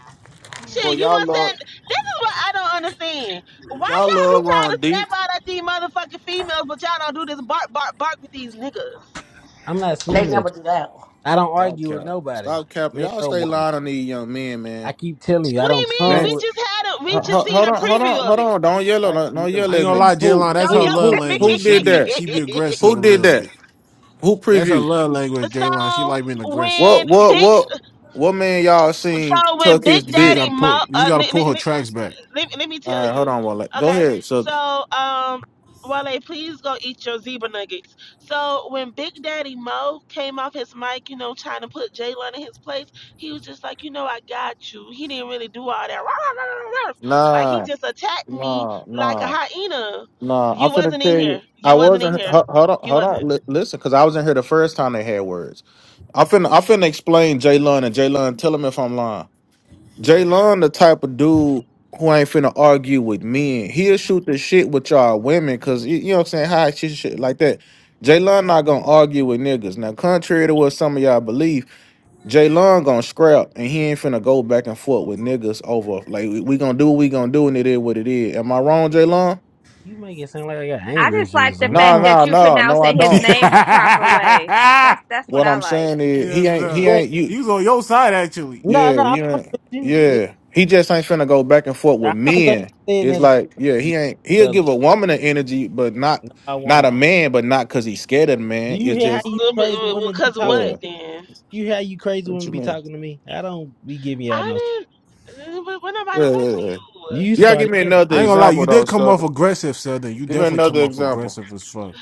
[SPEAKER 13] Shit, you
[SPEAKER 21] y'all
[SPEAKER 13] want
[SPEAKER 21] love
[SPEAKER 13] saying this is what I don't understand. Why
[SPEAKER 21] y'all
[SPEAKER 13] y'all be
[SPEAKER 21] love
[SPEAKER 13] trying
[SPEAKER 21] Ron
[SPEAKER 13] to
[SPEAKER 21] Deep.
[SPEAKER 13] snap out at these motherfucking females, but y'all don't do this bark bark bark with these niggas?
[SPEAKER 5] I'm not
[SPEAKER 8] They
[SPEAKER 5] snapping
[SPEAKER 8] never
[SPEAKER 5] at you.
[SPEAKER 8] do that.
[SPEAKER 5] I don't
[SPEAKER 21] Y'all
[SPEAKER 5] argue with
[SPEAKER 21] cap.
[SPEAKER 5] nobody.
[SPEAKER 21] Stop cap.
[SPEAKER 5] Man
[SPEAKER 21] Y'all
[SPEAKER 5] or
[SPEAKER 21] stay
[SPEAKER 5] woman.
[SPEAKER 21] lying on these young men, man.
[SPEAKER 5] I keep telling you, I
[SPEAKER 13] What do
[SPEAKER 5] don't
[SPEAKER 13] you mean?
[SPEAKER 5] tongue
[SPEAKER 21] Man,
[SPEAKER 13] We
[SPEAKER 5] with
[SPEAKER 13] just had a we
[SPEAKER 21] ho-
[SPEAKER 13] just
[SPEAKER 21] ho-
[SPEAKER 13] seen
[SPEAKER 21] hold
[SPEAKER 13] a
[SPEAKER 21] on, hold
[SPEAKER 13] preview
[SPEAKER 21] on,
[SPEAKER 13] of
[SPEAKER 21] hold
[SPEAKER 13] it.
[SPEAKER 21] on. Don't yell
[SPEAKER 5] like
[SPEAKER 21] on don't
[SPEAKER 5] yelling.
[SPEAKER 21] yell
[SPEAKER 2] I ain't
[SPEAKER 21] at
[SPEAKER 2] gonna
[SPEAKER 5] No,
[SPEAKER 21] me.
[SPEAKER 5] you
[SPEAKER 2] lie, Jaylon.
[SPEAKER 21] Who
[SPEAKER 2] That's
[SPEAKER 13] Don't
[SPEAKER 2] her
[SPEAKER 21] who
[SPEAKER 13] yell
[SPEAKER 2] love
[SPEAKER 21] who
[SPEAKER 13] at me.
[SPEAKER 21] who
[SPEAKER 2] language. She
[SPEAKER 21] did
[SPEAKER 2] be
[SPEAKER 21] that?
[SPEAKER 2] she be
[SPEAKER 21] Who
[SPEAKER 2] aggressive a
[SPEAKER 21] did
[SPEAKER 2] little
[SPEAKER 21] that?
[SPEAKER 2] bit.
[SPEAKER 21] Who
[SPEAKER 2] That's her
[SPEAKER 21] previewed?
[SPEAKER 2] love language, Jaylon. She
[SPEAKER 13] so
[SPEAKER 2] like being aggressive.
[SPEAKER 13] when
[SPEAKER 21] What what
[SPEAKER 13] big
[SPEAKER 2] You
[SPEAKER 21] what what man y'all seen
[SPEAKER 13] so when
[SPEAKER 21] tuck his
[SPEAKER 13] Big
[SPEAKER 2] just
[SPEAKER 21] dick?
[SPEAKER 13] Daddy
[SPEAKER 2] gotta
[SPEAKER 13] Mo,
[SPEAKER 2] pull. You just
[SPEAKER 13] uh, n-
[SPEAKER 2] gotta
[SPEAKER 13] n-
[SPEAKER 2] pull her
[SPEAKER 13] n-
[SPEAKER 2] tracks back.
[SPEAKER 13] let, let me
[SPEAKER 21] All
[SPEAKER 13] tell
[SPEAKER 21] right, hold
[SPEAKER 13] you.
[SPEAKER 21] on, one. Go
[SPEAKER 13] Okay.
[SPEAKER 21] ahead, So
[SPEAKER 13] So, um, Wale, please go eat your zebra nuggets. So when Big Daddy Mo came off his mic, you know, trying to put Jalen in his place, he was just like, you know, I got you. He didn't really do all that. rah, rah, rah, rah, rah. Like he
[SPEAKER 21] Nah,
[SPEAKER 13] just attacked me
[SPEAKER 21] nah,
[SPEAKER 13] like a
[SPEAKER 21] nah,
[SPEAKER 13] hyena.
[SPEAKER 21] nah. I'm
[SPEAKER 13] You
[SPEAKER 21] finna
[SPEAKER 13] wasn't in
[SPEAKER 21] tell
[SPEAKER 13] here.
[SPEAKER 21] you. I
[SPEAKER 13] You wasn't in
[SPEAKER 21] wasn't.
[SPEAKER 13] here.
[SPEAKER 21] ho- Hold on,
[SPEAKER 13] You
[SPEAKER 21] hold on.
[SPEAKER 13] wasn't.
[SPEAKER 21] li- listen, because I was in here the first time they had words. I'm finna, I'm finna explain Jay Lun and Jay Lun. Tell him if I'm lying. Jay Lun, the type of dude who ain't finna argue with men. He'll shoot the shit with y'all women, cause you, you know what I'm saying. High shit, shit like that. Jay Lun not gonna argue with niggas. Now, contrary to what some of y'all believe. Jay Long gonna scrap and he ain't finna go back and forth with niggas over like we, we gonna do what we gonna do and it is what it is. Am I wrong, Jay Long?
[SPEAKER 5] you make it sound like I got
[SPEAKER 4] I
[SPEAKER 5] anger
[SPEAKER 4] just like
[SPEAKER 5] issues or
[SPEAKER 4] the
[SPEAKER 5] something. I
[SPEAKER 21] Nah,
[SPEAKER 4] fact
[SPEAKER 5] don't
[SPEAKER 4] that
[SPEAKER 21] nah,
[SPEAKER 4] you
[SPEAKER 21] nah, no, I
[SPEAKER 4] pronouncing his
[SPEAKER 21] don't.
[SPEAKER 4] name the proper way. That's that's what
[SPEAKER 21] What
[SPEAKER 4] I
[SPEAKER 21] I'm
[SPEAKER 4] like.
[SPEAKER 21] saying is
[SPEAKER 2] Yeah,
[SPEAKER 21] he ain't he
[SPEAKER 2] nah.
[SPEAKER 5] but
[SPEAKER 21] ain't you
[SPEAKER 2] He was on your side actually.
[SPEAKER 5] no,
[SPEAKER 21] yeah,
[SPEAKER 5] no, I'm
[SPEAKER 21] you ain't
[SPEAKER 5] with you. Yeah,
[SPEAKER 21] yeah. He just ain't finna go back and forth
[SPEAKER 5] I
[SPEAKER 21] with
[SPEAKER 5] don't think
[SPEAKER 21] men.
[SPEAKER 5] I said
[SPEAKER 21] It's
[SPEAKER 5] nothing
[SPEAKER 21] like,
[SPEAKER 5] to
[SPEAKER 21] yeah,
[SPEAKER 5] you
[SPEAKER 21] he ain't
[SPEAKER 5] the
[SPEAKER 21] he'll
[SPEAKER 5] other.
[SPEAKER 21] give a woman an energy, but
[SPEAKER 5] No,
[SPEAKER 21] not
[SPEAKER 5] I
[SPEAKER 21] not
[SPEAKER 5] won't.
[SPEAKER 21] a man, but not cause he's scared of the
[SPEAKER 5] Do
[SPEAKER 21] man.
[SPEAKER 5] you
[SPEAKER 21] It's
[SPEAKER 5] hear how
[SPEAKER 21] just
[SPEAKER 5] you crazy women be
[SPEAKER 13] Because of
[SPEAKER 5] talking to
[SPEAKER 21] yeah.
[SPEAKER 13] what
[SPEAKER 5] me?
[SPEAKER 13] then?
[SPEAKER 5] You hear how you crazy
[SPEAKER 21] What
[SPEAKER 5] women
[SPEAKER 21] you
[SPEAKER 5] be
[SPEAKER 21] mean?
[SPEAKER 5] talking to me? I don't be giving y'all no.
[SPEAKER 13] I didn't. We're nobody
[SPEAKER 21] Yeah, yeah,
[SPEAKER 13] talking to
[SPEAKER 21] yeah.
[SPEAKER 13] you.
[SPEAKER 5] You
[SPEAKER 21] Y'all give
[SPEAKER 5] started
[SPEAKER 21] me
[SPEAKER 5] killing
[SPEAKER 21] another
[SPEAKER 2] I ain't
[SPEAKER 5] me.
[SPEAKER 2] gonna lie,
[SPEAKER 21] example
[SPEAKER 2] you
[SPEAKER 21] though,
[SPEAKER 2] did come off
[SPEAKER 21] Sutter.
[SPEAKER 2] aggressive, Southern. You
[SPEAKER 21] Give me
[SPEAKER 2] definitely came
[SPEAKER 21] another
[SPEAKER 2] off
[SPEAKER 21] example.
[SPEAKER 2] aggressive as fuck.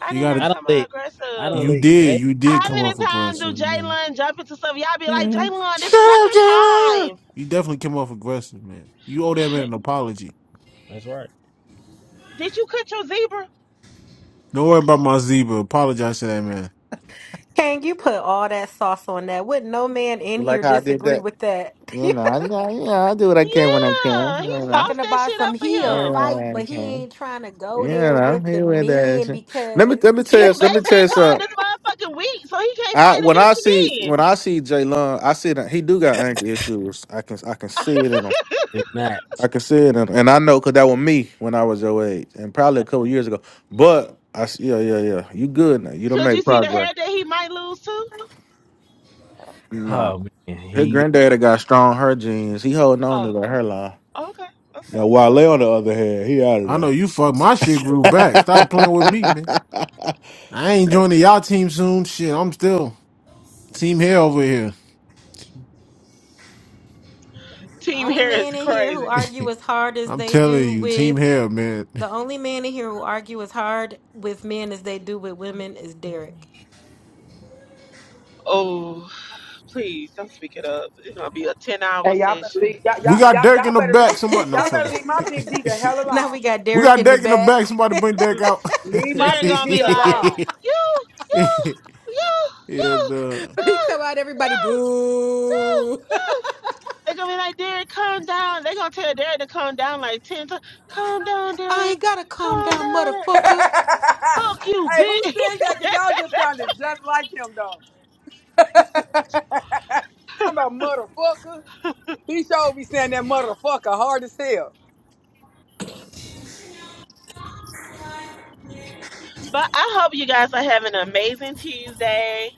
[SPEAKER 13] I
[SPEAKER 2] You
[SPEAKER 13] did
[SPEAKER 2] gotta,
[SPEAKER 13] not
[SPEAKER 5] I don't
[SPEAKER 13] come out
[SPEAKER 5] let. I don't
[SPEAKER 13] aggressive.
[SPEAKER 2] you
[SPEAKER 5] let
[SPEAKER 2] did,
[SPEAKER 5] that.
[SPEAKER 2] you
[SPEAKER 13] How
[SPEAKER 2] did come
[SPEAKER 13] many
[SPEAKER 2] off
[SPEAKER 13] times
[SPEAKER 21] You
[SPEAKER 2] aggressive,
[SPEAKER 13] do
[SPEAKER 2] man.
[SPEAKER 13] Jalen jump into stuff? Y'all be like,
[SPEAKER 2] Yeah.
[SPEAKER 13] Jalen, this
[SPEAKER 2] Shut
[SPEAKER 13] is not
[SPEAKER 2] up,
[SPEAKER 13] your
[SPEAKER 2] Jalen. You definitely came off aggressive, man. You owe that man
[SPEAKER 13] time.
[SPEAKER 2] an apology.
[SPEAKER 5] That's right.
[SPEAKER 13] Did you cut your zebra?
[SPEAKER 2] Don't worry about my zebra. Apologize to that man.
[SPEAKER 11] Can you put all that sauce on that? Would no man in here
[SPEAKER 21] like how I did
[SPEAKER 11] disagree
[SPEAKER 21] that?
[SPEAKER 11] with that?
[SPEAKER 21] You know, I, I- you know, I do what I can when I can.
[SPEAKER 13] Yeah,
[SPEAKER 21] You
[SPEAKER 13] he
[SPEAKER 21] know,
[SPEAKER 11] Talking
[SPEAKER 13] sauced that
[SPEAKER 11] about
[SPEAKER 13] shit up
[SPEAKER 11] some
[SPEAKER 13] for
[SPEAKER 21] you
[SPEAKER 11] he'll
[SPEAKER 13] him.
[SPEAKER 21] know
[SPEAKER 11] fight,
[SPEAKER 21] when I
[SPEAKER 11] but he
[SPEAKER 21] can.
[SPEAKER 11] ain't trying to
[SPEAKER 21] You
[SPEAKER 11] go there
[SPEAKER 21] know,
[SPEAKER 11] with the
[SPEAKER 21] he with that
[SPEAKER 11] men
[SPEAKER 21] shit. Let me
[SPEAKER 11] because
[SPEAKER 21] let me
[SPEAKER 11] the
[SPEAKER 21] tell
[SPEAKER 13] You
[SPEAKER 21] you. Let me tell
[SPEAKER 13] basically
[SPEAKER 21] you
[SPEAKER 13] called
[SPEAKER 21] something.
[SPEAKER 13] this motherfucking weak, so he can't
[SPEAKER 21] I
[SPEAKER 13] fight
[SPEAKER 21] when
[SPEAKER 13] against
[SPEAKER 21] I
[SPEAKER 13] the
[SPEAKER 21] see
[SPEAKER 13] men.
[SPEAKER 21] when I see Jalen, I see that he do got anger issues. I can I can see it in him.
[SPEAKER 5] I do not.
[SPEAKER 21] I can see it in him, and I know because that was me when I was your age, and probably a couple years ago. But I s- yeah yeah yeah, you good now. You don't
[SPEAKER 13] Could you
[SPEAKER 21] make
[SPEAKER 13] see the
[SPEAKER 21] progress.
[SPEAKER 13] hair that he might lose too?
[SPEAKER 21] Nah,
[SPEAKER 5] Oh man, here
[SPEAKER 21] his
[SPEAKER 5] you go.
[SPEAKER 21] granddaddy got strong her genes. He holding on
[SPEAKER 13] Oh,
[SPEAKER 21] to the hairline.
[SPEAKER 13] okay, okay,
[SPEAKER 21] Now Wale
[SPEAKER 13] okay.
[SPEAKER 21] on the other hand, he out of
[SPEAKER 2] I
[SPEAKER 21] there.
[SPEAKER 2] know you fucked my shit grew
[SPEAKER 21] Right.
[SPEAKER 2] back. Stop playing with me, man. I ain't joining y'all team soon. Shit, I'm still team hair over here.
[SPEAKER 13] Team
[SPEAKER 11] only
[SPEAKER 13] hair is
[SPEAKER 11] man in here who
[SPEAKER 13] crazy.
[SPEAKER 11] argue as hard as
[SPEAKER 2] I'm
[SPEAKER 11] they
[SPEAKER 2] telling
[SPEAKER 11] do
[SPEAKER 2] you, team
[SPEAKER 11] with
[SPEAKER 2] hair, man.
[SPEAKER 11] The only man in here who argue as hard with men as they do with women is Derek.
[SPEAKER 13] Oh, please don't speak it up. It's gonna be a ten-hour
[SPEAKER 23] Hey, y'all better
[SPEAKER 13] session.
[SPEAKER 23] leave. Y'all,
[SPEAKER 2] We
[SPEAKER 23] y'all,
[SPEAKER 2] got
[SPEAKER 23] y'all,
[SPEAKER 2] Derek
[SPEAKER 23] y'all
[SPEAKER 2] in the
[SPEAKER 23] better
[SPEAKER 2] back.
[SPEAKER 23] leave.
[SPEAKER 2] Somebody, no
[SPEAKER 23] Y'all
[SPEAKER 2] fuck.
[SPEAKER 23] better leave my big D the hell
[SPEAKER 2] we
[SPEAKER 11] now
[SPEAKER 23] alone.
[SPEAKER 11] we got Derek
[SPEAKER 2] got
[SPEAKER 11] in the
[SPEAKER 2] Derek in the
[SPEAKER 11] back.
[SPEAKER 2] back. Somebody bring Derek out.
[SPEAKER 23] Leave my
[SPEAKER 13] They're
[SPEAKER 23] big
[SPEAKER 13] gonna
[SPEAKER 23] D
[SPEAKER 13] be like,
[SPEAKER 23] alone.
[SPEAKER 13] you, you, you, you,
[SPEAKER 2] Yeah, the
[SPEAKER 11] He
[SPEAKER 13] you,
[SPEAKER 11] come out, everybody
[SPEAKER 13] you,
[SPEAKER 11] boo.
[SPEAKER 13] you, you. They're gonna be like, Derek, calm down. They're gonna tell Derek to calm down like 10 times. Calm down,
[SPEAKER 11] I
[SPEAKER 13] Derek.
[SPEAKER 11] ain't gotta calm
[SPEAKER 13] Calm
[SPEAKER 11] down,
[SPEAKER 13] down. Derek.
[SPEAKER 23] hey,
[SPEAKER 11] motherfucker.
[SPEAKER 13] Fuck you,
[SPEAKER 23] who
[SPEAKER 13] bitch.
[SPEAKER 23] said that? Cause y'all just sounded just like him though. Talking about motherfucker. He sure be saying that motherfucker hard as hell.
[SPEAKER 13] But I hope you guys are having an amazing Tuesday.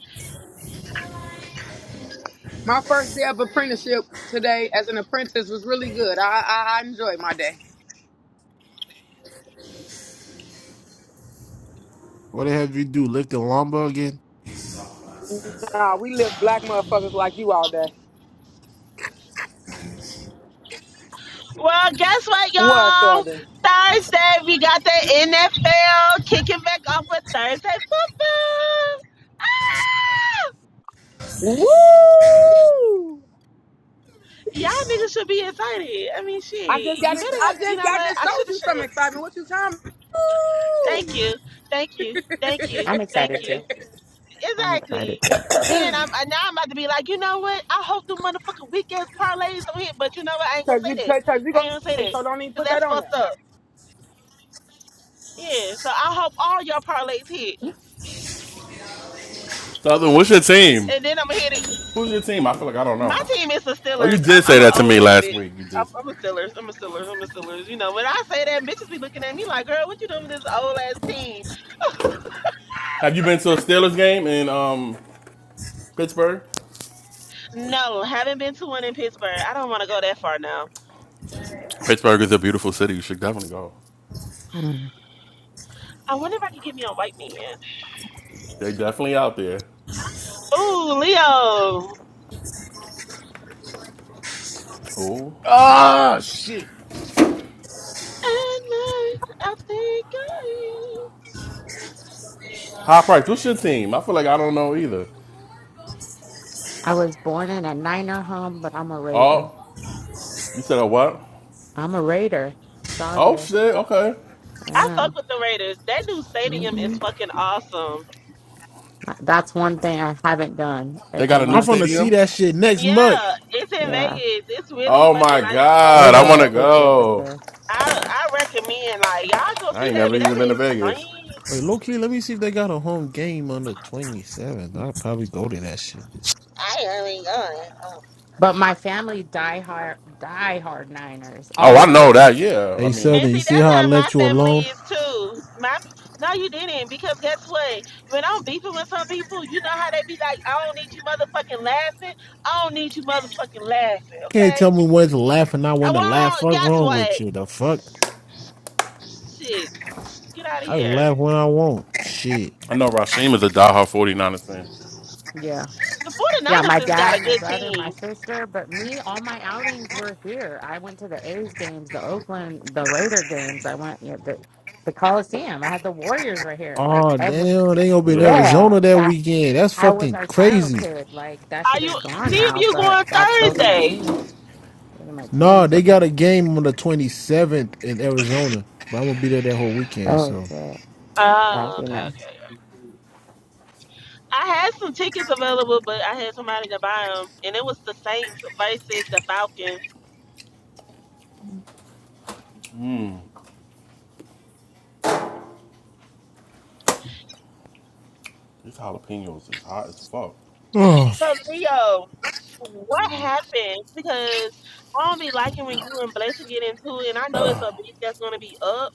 [SPEAKER 23] My first day of apprenticeship today as an apprentice was really good. I I, I enjoyed my day.
[SPEAKER 2] what the hell you do? Lift the lumber again?
[SPEAKER 23] Nah, we live black motherfuckers like you all day.
[SPEAKER 13] Well, guess what,
[SPEAKER 23] What
[SPEAKER 13] y'all?
[SPEAKER 23] other?
[SPEAKER 13] Thursday, we got the NFL kicking back off with Thursday football. Ah!
[SPEAKER 23] Woo!
[SPEAKER 13] Y'all niggas should be excited. I mean,
[SPEAKER 23] I
[SPEAKER 13] shit.
[SPEAKER 23] just got
[SPEAKER 13] You
[SPEAKER 23] it.
[SPEAKER 13] better
[SPEAKER 23] I
[SPEAKER 13] have. You
[SPEAKER 23] just
[SPEAKER 13] know
[SPEAKER 23] got
[SPEAKER 13] what?
[SPEAKER 23] just
[SPEAKER 13] I should
[SPEAKER 23] told
[SPEAKER 13] have
[SPEAKER 23] you some
[SPEAKER 13] said
[SPEAKER 23] excitement. What you talking? about?
[SPEAKER 13] thank
[SPEAKER 23] Woo!
[SPEAKER 13] you, thank you, thank you,
[SPEAKER 16] I'm
[SPEAKER 13] thank
[SPEAKER 16] excited
[SPEAKER 13] you.
[SPEAKER 16] too. I'm
[SPEAKER 13] Exactly.
[SPEAKER 16] excited too.
[SPEAKER 13] Cause then I'm I- now I'm about to be like, you know what? I hope the motherfucking weak ass parlays on it, but you know what? I ain't gonna
[SPEAKER 23] Cause
[SPEAKER 13] say
[SPEAKER 23] you
[SPEAKER 13] that.
[SPEAKER 23] cause you
[SPEAKER 13] I ain't gonna say
[SPEAKER 23] go.
[SPEAKER 13] that.
[SPEAKER 23] So don't even
[SPEAKER 13] Cause
[SPEAKER 23] put that
[SPEAKER 13] that's
[SPEAKER 23] on
[SPEAKER 13] fucked
[SPEAKER 23] there.
[SPEAKER 13] up. Yeah. So I hope all y'all parlays hit,
[SPEAKER 7] Southern, what's your team?
[SPEAKER 13] and then I'm gonna hit it.
[SPEAKER 7] Who's your team? I feel like I don't
[SPEAKER 13] My
[SPEAKER 7] know.
[SPEAKER 13] team is the
[SPEAKER 7] Oh, you
[SPEAKER 13] Steelers.
[SPEAKER 7] did
[SPEAKER 13] I'm
[SPEAKER 7] say
[SPEAKER 13] I'm an
[SPEAKER 7] that to
[SPEAKER 13] old
[SPEAKER 7] me
[SPEAKER 13] ass
[SPEAKER 7] last
[SPEAKER 13] bitch.
[SPEAKER 7] week. You
[SPEAKER 13] I'm,
[SPEAKER 7] did.
[SPEAKER 13] I'm a Steelers. I'm a Steelers. I'm a Steelers. You know, when I say that, bitches be looking at me like, girl, what you doing with this old ass team?
[SPEAKER 7] Have you been to a Steelers game in um Pittsburgh?
[SPEAKER 13] No, haven't been to one in Pittsburgh. I don't want to go that far now.
[SPEAKER 7] Pittsburgh is a beautiful city. You should definitely go.
[SPEAKER 16] Mm.
[SPEAKER 13] I wonder if I can get me a White Man.
[SPEAKER 7] They definitely out there.
[SPEAKER 13] Ooh, Leo.
[SPEAKER 7] Oh,
[SPEAKER 2] Ah, shit.
[SPEAKER 13] At night, I think I am.
[SPEAKER 7] high price. What's your team? I feel like I don't know either.
[SPEAKER 16] I was born in a Niner home, but I'm a Raider.
[SPEAKER 7] Oh, you said a what?
[SPEAKER 16] I'm a Raider.
[SPEAKER 7] Oh
[SPEAKER 16] Savia.
[SPEAKER 7] shit. Okay.
[SPEAKER 13] I
[SPEAKER 16] Yeah.
[SPEAKER 13] fuck with the Raiders. That new stadium is
[SPEAKER 16] hmm
[SPEAKER 13] fucking awesome.
[SPEAKER 16] That's one thing I haven't done.
[SPEAKER 7] They
[SPEAKER 16] It's a
[SPEAKER 7] got a new
[SPEAKER 2] I'm
[SPEAKER 16] must.
[SPEAKER 2] gonna see
[SPEAKER 7] stadium.
[SPEAKER 2] that shit next month.
[SPEAKER 13] Yeah, it's in
[SPEAKER 16] Yeah.
[SPEAKER 13] Vegas. It's really
[SPEAKER 7] Oh
[SPEAKER 13] fucking
[SPEAKER 7] my
[SPEAKER 13] nice as fuck.
[SPEAKER 16] We're
[SPEAKER 7] god. I
[SPEAKER 16] doing
[SPEAKER 7] want to
[SPEAKER 16] it
[SPEAKER 13] So
[SPEAKER 16] this year for
[SPEAKER 7] go.
[SPEAKER 16] sure. Yeah.
[SPEAKER 13] I I recommend like y'all go
[SPEAKER 7] I
[SPEAKER 13] see
[SPEAKER 7] ain't
[SPEAKER 13] that,
[SPEAKER 7] never
[SPEAKER 13] but
[SPEAKER 7] even
[SPEAKER 13] that
[SPEAKER 7] been to
[SPEAKER 13] is
[SPEAKER 7] Vegas.
[SPEAKER 2] Wait,
[SPEAKER 13] nice.
[SPEAKER 2] low key, let me see if they got a home game on the 27th. I'll probably go to that shit.
[SPEAKER 13] I ain't going.
[SPEAKER 16] But my family die hard, die hard Niners,
[SPEAKER 7] Oh,
[SPEAKER 16] all
[SPEAKER 7] I
[SPEAKER 16] of them.
[SPEAKER 7] know that. Yeah. I
[SPEAKER 2] Hey,
[SPEAKER 7] mean,
[SPEAKER 13] And
[SPEAKER 2] Southern, you
[SPEAKER 13] see,
[SPEAKER 2] see
[SPEAKER 13] that's
[SPEAKER 2] how I
[SPEAKER 13] how my
[SPEAKER 2] left you
[SPEAKER 13] family
[SPEAKER 2] alone?
[SPEAKER 13] is too. My no, you didn't because guess what? When I'm beefing with some people, you know how they be like, "I don't need you motherfucking laughing. I don't need you motherfucking laughing."
[SPEAKER 2] Can't
[SPEAKER 13] Okay.
[SPEAKER 2] tell me when to laugh and not
[SPEAKER 13] Uh,
[SPEAKER 2] when to
[SPEAKER 13] Well,
[SPEAKER 2] laugh. Fuck
[SPEAKER 13] guess
[SPEAKER 2] wrong with
[SPEAKER 13] what?
[SPEAKER 2] you? The fuck?
[SPEAKER 13] Shit, get out of
[SPEAKER 2] I
[SPEAKER 13] here.
[SPEAKER 2] laugh when I want. Shit.
[SPEAKER 7] I know Rasheem is a diehard 49ers fan.
[SPEAKER 16] Yeah.
[SPEAKER 13] The
[SPEAKER 16] Yeah,
[SPEAKER 13] 49ers
[SPEAKER 16] my
[SPEAKER 13] has got a
[SPEAKER 16] dad, my
[SPEAKER 13] good
[SPEAKER 16] brother, my
[SPEAKER 13] team.
[SPEAKER 16] sister, but me, all my outings were here. I went to the A's games, the Oakland, the Raider games. I went, you know, the, the Coliseum. I had the Warriors right here. Like,
[SPEAKER 2] Oh
[SPEAKER 16] every,
[SPEAKER 2] damn, they gonna be in
[SPEAKER 7] Yeah.
[SPEAKER 16] yeah,
[SPEAKER 2] Arizona that
[SPEAKER 16] that
[SPEAKER 2] weekend. That's
[SPEAKER 16] I was
[SPEAKER 2] fucking
[SPEAKER 16] our
[SPEAKER 2] crazy.
[SPEAKER 16] childhood. Like, that
[SPEAKER 13] Are
[SPEAKER 16] shit is
[SPEAKER 13] you
[SPEAKER 16] gone
[SPEAKER 13] see if
[SPEAKER 16] now,
[SPEAKER 13] you
[SPEAKER 16] but
[SPEAKER 13] going
[SPEAKER 16] that those are my
[SPEAKER 13] Thursday?
[SPEAKER 16] teams. Those are my
[SPEAKER 2] No,
[SPEAKER 16] teams.
[SPEAKER 2] they got a game on the twenty seventh in Arizona, but I'm gonna be there that whole weekend.
[SPEAKER 16] Oh,
[SPEAKER 2] So,
[SPEAKER 16] shit.
[SPEAKER 7] What
[SPEAKER 16] That'd
[SPEAKER 13] Oh,
[SPEAKER 16] be
[SPEAKER 7] the
[SPEAKER 13] okay,
[SPEAKER 16] nice.
[SPEAKER 13] okay. I had some tickets available, but I had somebody to buy them, and it was the Saints versus the Falcons.
[SPEAKER 7] These jalapenos is hot as fuck.
[SPEAKER 2] oh,
[SPEAKER 13] So Leo, what happened? Because I don't be liking when you and Blazer get into it, and I know it's a beef that's gonna be up.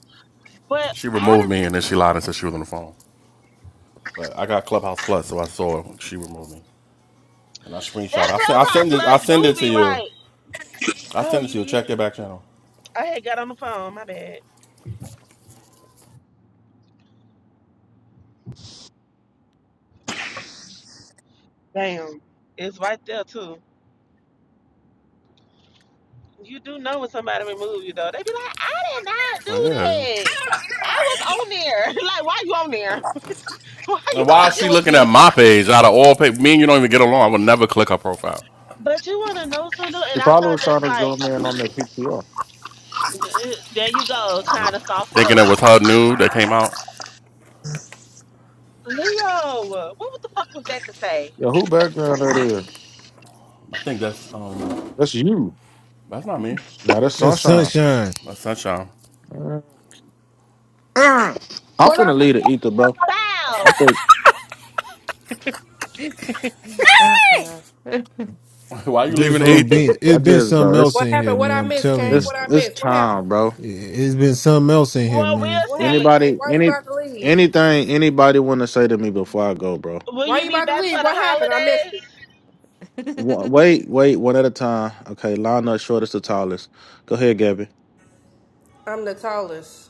[SPEAKER 13] But
[SPEAKER 7] She
[SPEAKER 13] how
[SPEAKER 7] removed
[SPEAKER 13] does
[SPEAKER 7] me and then she lied and said she was on the phone. But I got Clubhouse Plus, so I saw she removed me. And I
[SPEAKER 13] that
[SPEAKER 7] screenshot. I send. I
[SPEAKER 13] clubhouse
[SPEAKER 7] send it. I
[SPEAKER 13] plus
[SPEAKER 7] send
[SPEAKER 13] do
[SPEAKER 7] it to
[SPEAKER 13] be
[SPEAKER 7] you.
[SPEAKER 13] right?
[SPEAKER 7] I
[SPEAKER 13] Oh,
[SPEAKER 7] send it
[SPEAKER 13] you
[SPEAKER 7] to you.
[SPEAKER 13] did.
[SPEAKER 7] Check your back channel.
[SPEAKER 13] I had got on the phone. My bad. Damn, it's right there too. You do know when somebody remove you though. They be like, I did not
[SPEAKER 7] Oh
[SPEAKER 13] do
[SPEAKER 7] yeah, I
[SPEAKER 13] that. I was on there. like, why you on there? Why
[SPEAKER 7] And
[SPEAKER 13] you
[SPEAKER 7] why is she
[SPEAKER 13] fucking with
[SPEAKER 7] looking at
[SPEAKER 13] me?
[SPEAKER 7] my page out of all page? Me and you don't even get along. I would never click her profile,
[SPEAKER 13] But you wanna know something?
[SPEAKER 21] She
[SPEAKER 13] And I
[SPEAKER 21] probably
[SPEAKER 13] thought
[SPEAKER 21] was
[SPEAKER 13] that's
[SPEAKER 21] trying to
[SPEAKER 13] like,
[SPEAKER 21] zoom in on the PTR.
[SPEAKER 13] there you go, trying to sauce it
[SPEAKER 7] thinking
[SPEAKER 13] up
[SPEAKER 7] it was her nude that came out.
[SPEAKER 13] Leo, what what the fuck was that to say?
[SPEAKER 21] Yeah, who background that is?
[SPEAKER 7] I think that's um.
[SPEAKER 21] That's you.
[SPEAKER 7] That's not me.
[SPEAKER 21] Nah, that's
[SPEAKER 2] that
[SPEAKER 21] sunshine.
[SPEAKER 2] sunshine.
[SPEAKER 7] That's sunshine.
[SPEAKER 21] Mm. Mm. I'm
[SPEAKER 23] What up?
[SPEAKER 21] finna leave the ether, bro.
[SPEAKER 13] Bow.
[SPEAKER 21] I think
[SPEAKER 16] uh-uh.
[SPEAKER 7] why are you leaving
[SPEAKER 2] This
[SPEAKER 7] the
[SPEAKER 2] room
[SPEAKER 7] ether?
[SPEAKER 2] been
[SPEAKER 21] I
[SPEAKER 2] it's been
[SPEAKER 21] just,
[SPEAKER 2] something
[SPEAKER 21] bro. It's
[SPEAKER 2] else
[SPEAKER 1] What
[SPEAKER 2] in here,
[SPEAKER 1] happened? What
[SPEAKER 2] man.
[SPEAKER 1] I
[SPEAKER 2] I'm
[SPEAKER 1] missed,
[SPEAKER 2] telling
[SPEAKER 1] Kane?
[SPEAKER 2] you,
[SPEAKER 21] it's
[SPEAKER 1] What I
[SPEAKER 21] it's
[SPEAKER 1] missed? What happened?
[SPEAKER 21] time, bro.
[SPEAKER 2] It- it's been something else in here,
[SPEAKER 13] Well, we'll
[SPEAKER 2] man.
[SPEAKER 1] What happened,
[SPEAKER 13] see.
[SPEAKER 1] Kane?
[SPEAKER 21] Anybody,
[SPEAKER 1] Why you
[SPEAKER 21] any
[SPEAKER 1] about to leave?
[SPEAKER 21] anything, anybody want to say to me before I go, bro?
[SPEAKER 13] Will
[SPEAKER 1] Why
[SPEAKER 13] you
[SPEAKER 1] you
[SPEAKER 13] be
[SPEAKER 1] about to
[SPEAKER 13] back for
[SPEAKER 1] leave?
[SPEAKER 13] the
[SPEAKER 1] What happened? I missed
[SPEAKER 13] holidays?
[SPEAKER 1] it.
[SPEAKER 21] Wa- Wait, wait, one at a time. Okay, line up shortest to tallest. Go ahead, Gabby.
[SPEAKER 1] I'm the tallest,